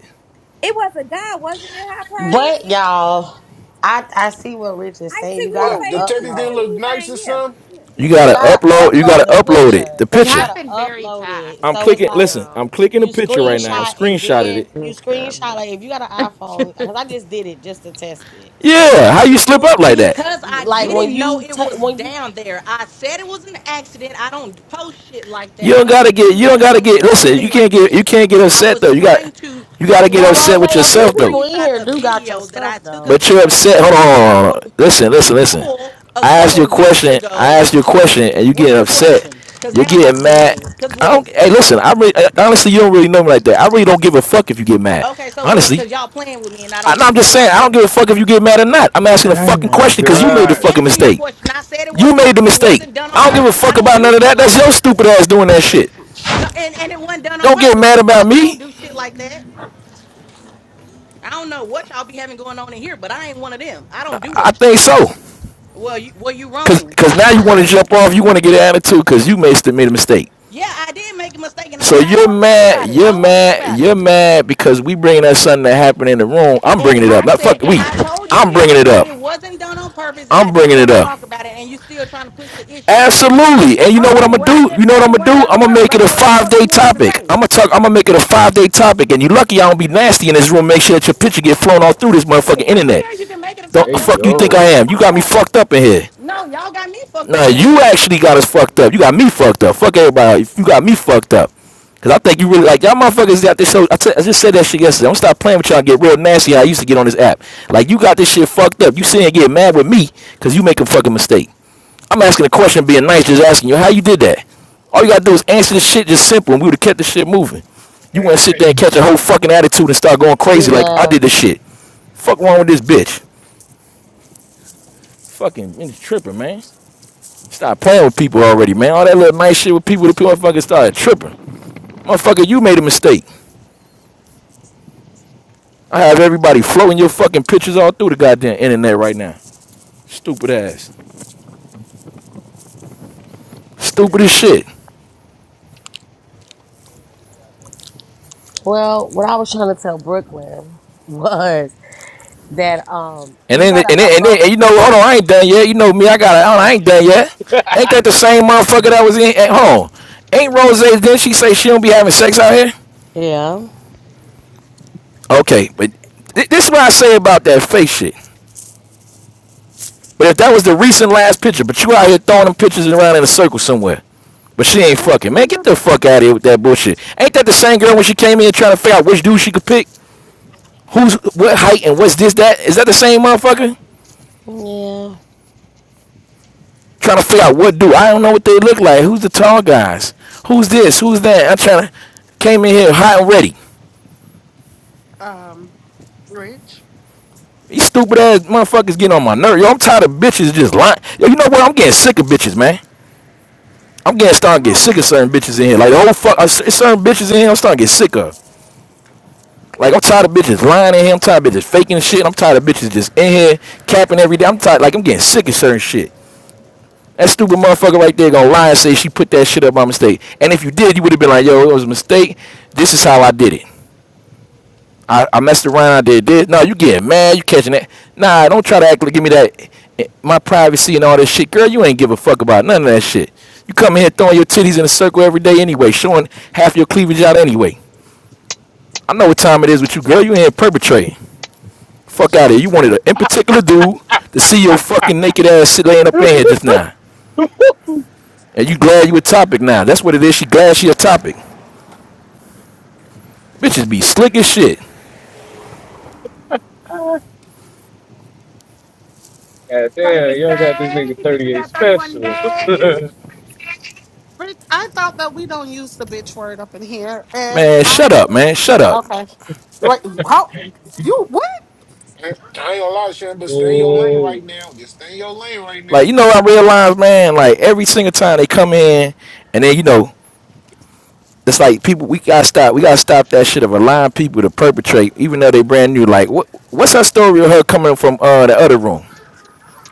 [SPEAKER 4] It was a guy, wasn't it, High Price?
[SPEAKER 8] But y'all, I I see what Rich is
[SPEAKER 4] I
[SPEAKER 8] saying.
[SPEAKER 4] see
[SPEAKER 8] You
[SPEAKER 4] what he's
[SPEAKER 8] gotta
[SPEAKER 2] Whoa, the
[SPEAKER 4] saying too.
[SPEAKER 2] teddies
[SPEAKER 4] I see
[SPEAKER 2] didn't
[SPEAKER 8] upload.
[SPEAKER 4] what
[SPEAKER 2] look
[SPEAKER 4] he's
[SPEAKER 2] nice
[SPEAKER 4] saying,
[SPEAKER 2] or
[SPEAKER 4] yeah.
[SPEAKER 2] something.
[SPEAKER 4] Yeah. yeah.
[SPEAKER 30] You
[SPEAKER 8] You
[SPEAKER 30] gotta
[SPEAKER 8] gotta
[SPEAKER 30] upload. You gotta
[SPEAKER 8] upload the
[SPEAKER 30] upload it.
[SPEAKER 8] picture.
[SPEAKER 30] The
[SPEAKER 16] It
[SPEAKER 8] You
[SPEAKER 30] picture.
[SPEAKER 8] gotta
[SPEAKER 16] happened very
[SPEAKER 8] upload
[SPEAKER 16] fast,
[SPEAKER 8] it.
[SPEAKER 30] I'm
[SPEAKER 8] So it's
[SPEAKER 30] clicking.
[SPEAKER 8] like
[SPEAKER 30] Listen, I'm
[SPEAKER 16] so
[SPEAKER 30] clicking the
[SPEAKER 8] you
[SPEAKER 30] picture
[SPEAKER 16] I'm
[SPEAKER 30] right now. I
[SPEAKER 16] sure
[SPEAKER 8] screenshot and
[SPEAKER 16] she had
[SPEAKER 30] screenshotted it.
[SPEAKER 8] then
[SPEAKER 16] a
[SPEAKER 8] you
[SPEAKER 16] picture of
[SPEAKER 8] screenshot. Like if you got an iPhone,
[SPEAKER 16] it.
[SPEAKER 8] cause I just did it just to test it.
[SPEAKER 30] Yeah. How you
[SPEAKER 8] When
[SPEAKER 30] slip
[SPEAKER 8] you
[SPEAKER 30] up like that?
[SPEAKER 31] Because I
[SPEAKER 8] like
[SPEAKER 16] Ooh.
[SPEAKER 8] when
[SPEAKER 31] didn't know
[SPEAKER 8] you
[SPEAKER 31] it
[SPEAKER 8] ta
[SPEAKER 31] was
[SPEAKER 8] when you
[SPEAKER 31] down there. I said it was an accident. I don't post shit like that.
[SPEAKER 30] You
[SPEAKER 31] I
[SPEAKER 30] don't gotta
[SPEAKER 31] don't
[SPEAKER 30] get.
[SPEAKER 31] do
[SPEAKER 30] You don't
[SPEAKER 31] that. I
[SPEAKER 30] gotta
[SPEAKER 31] don't
[SPEAKER 30] get.
[SPEAKER 31] even
[SPEAKER 30] Listen.
[SPEAKER 31] play
[SPEAKER 30] You can't
[SPEAKER 31] like
[SPEAKER 30] get. You
[SPEAKER 31] that.
[SPEAKER 30] can't get
[SPEAKER 31] I
[SPEAKER 30] upset
[SPEAKER 31] was
[SPEAKER 30] though. You got.
[SPEAKER 31] trying to
[SPEAKER 30] You
[SPEAKER 31] I
[SPEAKER 30] gotta
[SPEAKER 31] was
[SPEAKER 30] get
[SPEAKER 8] well
[SPEAKER 30] upset
[SPEAKER 8] Rose,
[SPEAKER 31] trying
[SPEAKER 30] with
[SPEAKER 8] a
[SPEAKER 31] to
[SPEAKER 8] few
[SPEAKER 30] yourself though.
[SPEAKER 8] people in
[SPEAKER 31] screenshot
[SPEAKER 8] here
[SPEAKER 31] a
[SPEAKER 8] do got your
[SPEAKER 31] video that I
[SPEAKER 8] stuff
[SPEAKER 31] took a
[SPEAKER 8] though.
[SPEAKER 30] But you're
[SPEAKER 31] video
[SPEAKER 30] upset.
[SPEAKER 31] of
[SPEAKER 30] Hold on, hold
[SPEAKER 31] when I
[SPEAKER 30] on, hold
[SPEAKER 31] rode
[SPEAKER 30] on. Listen, listen, listen.
[SPEAKER 31] bull a
[SPEAKER 30] I asked you a
[SPEAKER 31] couple weeks
[SPEAKER 30] question. I
[SPEAKER 31] ago.
[SPEAKER 30] asked you a question, and you
[SPEAKER 31] What's
[SPEAKER 30] getting
[SPEAKER 31] the
[SPEAKER 30] upset.
[SPEAKER 31] question? Cause
[SPEAKER 30] You're
[SPEAKER 31] now I'm about to
[SPEAKER 30] getting
[SPEAKER 31] get
[SPEAKER 30] mad.
[SPEAKER 31] mad. Cause
[SPEAKER 30] I
[SPEAKER 31] what?
[SPEAKER 30] don't. Hey, listen. I really, uh, honestly, you don't really know me like that. I really don't give a fuck if you get mad.
[SPEAKER 31] Okay, so what?
[SPEAKER 30] Honestly,
[SPEAKER 31] Cause y'all playing with me and I
[SPEAKER 30] I,
[SPEAKER 31] don't
[SPEAKER 30] no, I'm
[SPEAKER 31] even
[SPEAKER 30] just
[SPEAKER 31] play
[SPEAKER 30] saying.
[SPEAKER 31] like
[SPEAKER 30] I don't
[SPEAKER 31] that.
[SPEAKER 30] give a fuck if you get mad or not. I'm asking a
[SPEAKER 29] Oh
[SPEAKER 30] fucking
[SPEAKER 29] my
[SPEAKER 30] question because you
[SPEAKER 31] Okay, and
[SPEAKER 30] made the
[SPEAKER 31] I'm
[SPEAKER 29] god.
[SPEAKER 30] fucking
[SPEAKER 31] answering your
[SPEAKER 30] mistake.
[SPEAKER 31] question. I said it
[SPEAKER 30] You
[SPEAKER 31] wasn't on,
[SPEAKER 30] made the
[SPEAKER 31] it
[SPEAKER 30] mistake.
[SPEAKER 31] wasn't done on
[SPEAKER 30] I don't give a
[SPEAKER 31] purpose. I
[SPEAKER 30] fuck
[SPEAKER 31] don't
[SPEAKER 30] about
[SPEAKER 31] do
[SPEAKER 30] none of
[SPEAKER 31] shit
[SPEAKER 30] that. That's
[SPEAKER 31] like
[SPEAKER 30] your
[SPEAKER 31] that.
[SPEAKER 30] stupid ass doing that shit.
[SPEAKER 31] No, and, and it wasn't done on
[SPEAKER 30] Don't get
[SPEAKER 31] purpose.
[SPEAKER 30] mad
[SPEAKER 31] The
[SPEAKER 30] about
[SPEAKER 31] fuck? I don't
[SPEAKER 30] me.
[SPEAKER 31] do shit like that. I don't know what y'all be having going on in here, but I ain't one of them. I don't do
[SPEAKER 30] I
[SPEAKER 31] that.
[SPEAKER 30] think so.
[SPEAKER 31] Well, you well, you
[SPEAKER 30] Cause,
[SPEAKER 31] wrong,
[SPEAKER 30] cause now you want to
[SPEAKER 31] homeboy.
[SPEAKER 30] jump off. You want to get an attitude because you made made a mistake.
[SPEAKER 31] Yeah, I did make a mistake, and I
[SPEAKER 30] So
[SPEAKER 31] said I didn't
[SPEAKER 30] you're
[SPEAKER 31] want to talk
[SPEAKER 30] mad,
[SPEAKER 31] about it. I
[SPEAKER 30] you're
[SPEAKER 31] don't want to talk
[SPEAKER 30] mad,
[SPEAKER 31] about it.
[SPEAKER 30] you're mad because we bringing up something that happened in the room. I'm
[SPEAKER 31] And
[SPEAKER 30] bringing it up.
[SPEAKER 31] I
[SPEAKER 30] Not
[SPEAKER 31] said,
[SPEAKER 30] fuck
[SPEAKER 31] and
[SPEAKER 30] we.
[SPEAKER 31] I told you
[SPEAKER 30] I'm
[SPEAKER 31] it
[SPEAKER 30] bringing it
[SPEAKER 31] didn't,
[SPEAKER 30] up.
[SPEAKER 31] it wasn't done on purpose, and I
[SPEAKER 30] I'm
[SPEAKER 31] didn't
[SPEAKER 30] bringing it
[SPEAKER 31] want to
[SPEAKER 30] up.
[SPEAKER 31] talk about it. And you still trying to push the issue.
[SPEAKER 30] Absolutely. And you know what I'm
[SPEAKER 31] Okay,
[SPEAKER 30] gonna
[SPEAKER 31] well, I
[SPEAKER 30] do?
[SPEAKER 31] just
[SPEAKER 30] You know what
[SPEAKER 31] said
[SPEAKER 30] I'm
[SPEAKER 31] it
[SPEAKER 30] gonna
[SPEAKER 31] wasn't
[SPEAKER 30] do?
[SPEAKER 31] done
[SPEAKER 30] I'm
[SPEAKER 31] on
[SPEAKER 30] gonna
[SPEAKER 31] purpose.
[SPEAKER 30] make
[SPEAKER 31] I
[SPEAKER 30] it a
[SPEAKER 31] don't know what the
[SPEAKER 30] five
[SPEAKER 31] fuck
[SPEAKER 30] day
[SPEAKER 31] you want me to
[SPEAKER 30] topic.
[SPEAKER 31] say.
[SPEAKER 30] I'm gonna talk. I'm gonna make it a five day topic. And you lucky I don't be nasty in this room. Make sure that your picture get flown all through this motherfucking
[SPEAKER 31] If I don't
[SPEAKER 30] internet.
[SPEAKER 31] care. You can make it a
[SPEAKER 30] Don't
[SPEAKER 29] Hey,
[SPEAKER 31] topic. I'm
[SPEAKER 30] fuck you
[SPEAKER 31] still
[SPEAKER 30] think
[SPEAKER 31] not
[SPEAKER 30] I
[SPEAKER 29] yo.
[SPEAKER 31] gonna
[SPEAKER 30] am? You
[SPEAKER 31] talk
[SPEAKER 30] got me
[SPEAKER 31] about it.
[SPEAKER 30] fucked up in here.
[SPEAKER 31] No, y'all got me fucked
[SPEAKER 30] No,
[SPEAKER 31] up in
[SPEAKER 30] you
[SPEAKER 31] here.
[SPEAKER 30] actually got us fucked up. You got me fucked up. Fuck everybody. You got me fucked up. Cause I think you really like y'all motherfuckers got this. So I, t- I just said that shit yesterday. Don't stop playing with y'all. and Get real nasty. How I used to get on this app. Like you got this shit fucked up. You sitting and getting mad with me because you make a fucking mistake. I'm asking a question, being nice, just asking you how you did that. All you gotta do is answer the shit just simple, and we would've kept the shit moving. You wanna sit there and catch a whole fucking attitude and start going
[SPEAKER 8] She
[SPEAKER 30] crazy like I
[SPEAKER 8] left.
[SPEAKER 30] did this shit. Fuck wrong with this bitch? Fucking it's tripping, man. Stop playing with people already, man. All that little nice shit with people, the people motherfuckers started tripping. Motherfucker, you made a mistake. I have everybody floating your fucking pictures all through the goddamn internet right now. Stupid ass. Stupid as shit.
[SPEAKER 8] Well, what I was trying to tell Brooklyn was that um
[SPEAKER 30] And
[SPEAKER 8] you
[SPEAKER 30] then,
[SPEAKER 8] gotta
[SPEAKER 30] and then, and then,
[SPEAKER 8] upload
[SPEAKER 30] and
[SPEAKER 8] the
[SPEAKER 30] you know, hold on,
[SPEAKER 8] picture.
[SPEAKER 30] I ain't done yet. You know me, I got, hold
[SPEAKER 8] Okay.
[SPEAKER 30] I ain't done yet. Ain't
[SPEAKER 8] Okay.
[SPEAKER 30] that the same motherfucker that was in at home? Ain't Rose? not she say she don't be having sex out here.
[SPEAKER 8] Yeah.
[SPEAKER 30] Okay, but th- this is what I say about that fake shit. But if that was the recent last picture, but you out here throwing them pictures around in a circle somewhere. But she ain't
[SPEAKER 28] that's
[SPEAKER 30] fucking. Man,
[SPEAKER 28] because
[SPEAKER 30] get
[SPEAKER 28] you're
[SPEAKER 30] the fuck out of here with that bullshit. Ain't that the same girl when she came in trying to figure out which dude she could pick? Who's what height and what's this that? Is that the same motherfucker?
[SPEAKER 8] Yeah.
[SPEAKER 30] Trying to figure out what dude. I don't know what they look like. Who's the tall guys? Who's this? Who's that? I'm trying to came in here hot and ready.
[SPEAKER 28] um rich.
[SPEAKER 30] These stupid ass motherfuckers getting on my nerve. Yo, I'm tired of bitches just lying. Yo, you know what? I'm getting sick of bitches, man. I'm getting starting to get
[SPEAKER 28] Oh.
[SPEAKER 30] sick of certain bitches in here. Like the whole fuck, uh, certain bitches in here. I'm starting to get sick of. Like I'm tired of bitches lying in here. I'm tired of bitches faking shit. I'm tired of bitches just in here capping every day. I'm tired. Like I'm getting sick of certain shit. That stupid motherfucker right there gonna lie and say she put that shit up by mistake. And if you did, you would have been like, yo, it was a mistake. This is how I did it. I, I messed around. I did this. No, you getting mad. You catching that. Nah, don't try to act like give me that. eh, My privacy and all this shit. Girl, you ain't give a fuck about none of that shit. You come in here throwing your titties in a circle every day anyway, showing half your cleavage out anyway. I know what time it is with you, girl. You ain't perpetrating. Fuck out of here. You wanted an in particular dude to see your fucking naked ass shit laying up in here just now. And you glad you a topic now. That's what it is. She glad she a topic. Bitches be slick as shit.
[SPEAKER 29] God
[SPEAKER 23] Trying to
[SPEAKER 29] damn,
[SPEAKER 23] get
[SPEAKER 29] y'all got this
[SPEAKER 23] saved.
[SPEAKER 29] nigga
[SPEAKER 23] Bitch, you
[SPEAKER 29] 38
[SPEAKER 23] got 31
[SPEAKER 29] special.
[SPEAKER 23] days.
[SPEAKER 28] Rick, I thought that we don't use the bitch word up in here, and
[SPEAKER 30] Man,
[SPEAKER 28] I
[SPEAKER 30] shut up, man. Shut up.
[SPEAKER 28] okay. Like how you what?
[SPEAKER 2] I I ain't gonna lie, Shan, but stay in your lane
[SPEAKER 29] Mm,
[SPEAKER 2] right now. Just stay in your lane right
[SPEAKER 30] Like,
[SPEAKER 2] now.
[SPEAKER 30] you know, I realize, man, like every single time they come in and then, you know, it's like people we gotta stop we gotta stop that shit of allowing people to perpetrate even though they brand new. Like what what's her story of her coming from uh the other room?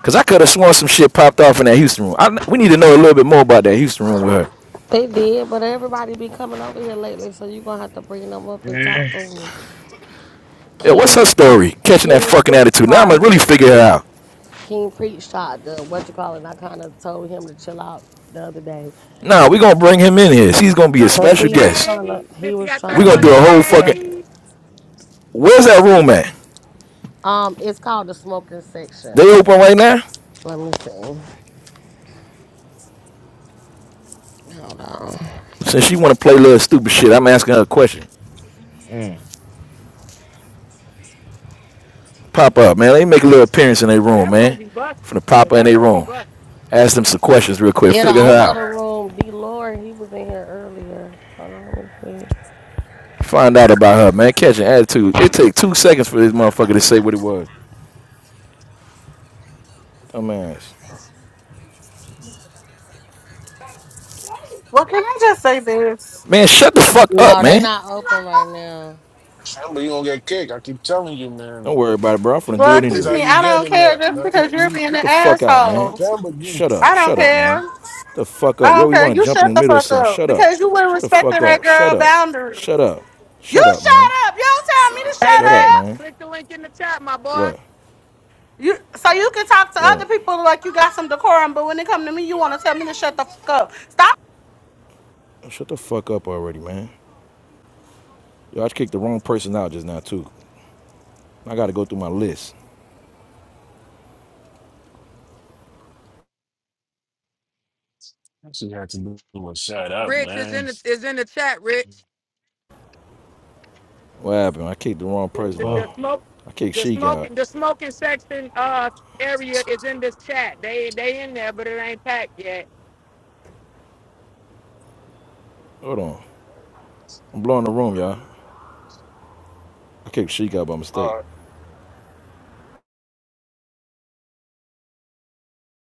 [SPEAKER 30] Cause I could have sworn some shit popped off in that Houston room. I, we need to know a little bit more about that Houston room with her.
[SPEAKER 8] They did, but everybody be coming over here lately, so you gonna have to bring them up and talk to
[SPEAKER 29] mm,
[SPEAKER 8] them.
[SPEAKER 30] Yeah, what's
[SPEAKER 8] King
[SPEAKER 30] her story? Catching that
[SPEAKER 8] King
[SPEAKER 30] fucking
[SPEAKER 8] Preach
[SPEAKER 30] attitude. Now I'm
[SPEAKER 8] tried
[SPEAKER 30] gonna really
[SPEAKER 8] to
[SPEAKER 30] figure it
[SPEAKER 8] King
[SPEAKER 30] out.
[SPEAKER 8] King Preach tried to what you call it, and I kinda told him to chill out the other day.
[SPEAKER 30] Nah, we gonna bring him in here. She's gonna be a
[SPEAKER 23] Trying to
[SPEAKER 8] Cause
[SPEAKER 23] get
[SPEAKER 30] special
[SPEAKER 8] he was
[SPEAKER 30] guest.
[SPEAKER 8] trying to,
[SPEAKER 23] saved.
[SPEAKER 8] he
[SPEAKER 23] Bitch, you
[SPEAKER 8] was
[SPEAKER 23] got
[SPEAKER 30] we
[SPEAKER 8] trying
[SPEAKER 30] gonna
[SPEAKER 8] to
[SPEAKER 30] do
[SPEAKER 23] 31
[SPEAKER 29] mm,
[SPEAKER 30] a
[SPEAKER 8] like
[SPEAKER 30] whole
[SPEAKER 8] put
[SPEAKER 30] fucking.
[SPEAKER 8] her.
[SPEAKER 23] days.
[SPEAKER 30] Where's that room at?
[SPEAKER 8] Um, it's called the smoking
[SPEAKER 30] They
[SPEAKER 8] section.
[SPEAKER 30] open right now?
[SPEAKER 8] Let me see. Hold on.
[SPEAKER 30] Since she wanna play little stupid shit, I'm asking her a question.
[SPEAKER 29] mm.
[SPEAKER 30] Pop up, man. Let me make a little appearance in their
[SPEAKER 23] Oh,
[SPEAKER 30] room,
[SPEAKER 23] that room
[SPEAKER 30] man.
[SPEAKER 23] be busted.
[SPEAKER 30] From the pop up in
[SPEAKER 23] That
[SPEAKER 30] their
[SPEAKER 23] room be
[SPEAKER 30] room.
[SPEAKER 23] busted.
[SPEAKER 30] Ask them some questions real quick.
[SPEAKER 8] Yeah, the
[SPEAKER 30] Figure her
[SPEAKER 8] owner of the
[SPEAKER 30] out.
[SPEAKER 8] room, D. Lord, he was in here earlier. Hold on, let me see.
[SPEAKER 30] Find out about her, man. Catch an attitude. It take two seconds for this motherfucker to say what it was. Dumbass.
[SPEAKER 28] Well, can I just say this?
[SPEAKER 30] Man, shut the fuck up,
[SPEAKER 8] No, they
[SPEAKER 30] man.
[SPEAKER 8] not open right now.
[SPEAKER 2] Surely you gonna get kicked. I keep telling you, man.
[SPEAKER 30] Don't worry about it, bro. I'm gonna
[SPEAKER 2] This,
[SPEAKER 28] Well,
[SPEAKER 2] how-
[SPEAKER 30] do it
[SPEAKER 2] this
[SPEAKER 28] excuse
[SPEAKER 2] how
[SPEAKER 30] anyway.
[SPEAKER 28] me,
[SPEAKER 2] you
[SPEAKER 28] I
[SPEAKER 2] get
[SPEAKER 28] don't
[SPEAKER 2] in
[SPEAKER 28] care
[SPEAKER 2] there.
[SPEAKER 28] just
[SPEAKER 2] No, no,
[SPEAKER 28] because you're
[SPEAKER 2] you,
[SPEAKER 28] being an
[SPEAKER 30] Get the fuck out, man.
[SPEAKER 28] asshole.
[SPEAKER 2] Shan, but you,
[SPEAKER 30] Shut up.
[SPEAKER 28] I don't
[SPEAKER 30] Shut up,
[SPEAKER 28] care.
[SPEAKER 30] man. Get The fuck
[SPEAKER 28] I
[SPEAKER 30] up. You
[SPEAKER 28] don't
[SPEAKER 30] always
[SPEAKER 28] care.
[SPEAKER 30] want to
[SPEAKER 28] You
[SPEAKER 30] jump in
[SPEAKER 28] shut
[SPEAKER 30] the
[SPEAKER 28] the
[SPEAKER 30] middle of
[SPEAKER 28] fuck
[SPEAKER 30] something.
[SPEAKER 28] up
[SPEAKER 30] Shut up.
[SPEAKER 28] because you weren't
[SPEAKER 30] Shut the fuck
[SPEAKER 28] respecting that
[SPEAKER 30] up. Shut
[SPEAKER 28] girl
[SPEAKER 30] up.
[SPEAKER 28] boundary.
[SPEAKER 30] Shut up.
[SPEAKER 28] You
[SPEAKER 30] Shut up, man.
[SPEAKER 28] shut up. You don't tell me to
[SPEAKER 23] Hey,
[SPEAKER 28] shut
[SPEAKER 30] Shut up,
[SPEAKER 23] Rich,
[SPEAKER 28] up.
[SPEAKER 30] man.
[SPEAKER 23] click the link in the chat, my boy.
[SPEAKER 30] What?
[SPEAKER 28] You so you can talk to other
[SPEAKER 30] Yo,
[SPEAKER 28] people like you got some decorum, but when it come to me, you want to tell me to shut the fuck up. Stop
[SPEAKER 30] shut the fuck up already, man. Yo, I kicked the wrong person out just now, too. I gotta go through my list.
[SPEAKER 2] she had to do was shut up,
[SPEAKER 23] Rich is
[SPEAKER 2] man.
[SPEAKER 23] in the is in the chat. Rich,
[SPEAKER 30] What happened? I kicked the wrong
[SPEAKER 23] the,
[SPEAKER 30] person
[SPEAKER 23] the,
[SPEAKER 30] out.
[SPEAKER 23] the
[SPEAKER 29] Oh.
[SPEAKER 23] smoke,
[SPEAKER 30] I kicked
[SPEAKER 23] the
[SPEAKER 30] Sheik out.
[SPEAKER 23] smoking, the smoking section uh area is in this chat. They they in there, but it ain't packed yet.
[SPEAKER 30] Hold on. I'm blowing the room, y'all. I kicked Sheik out by mistake.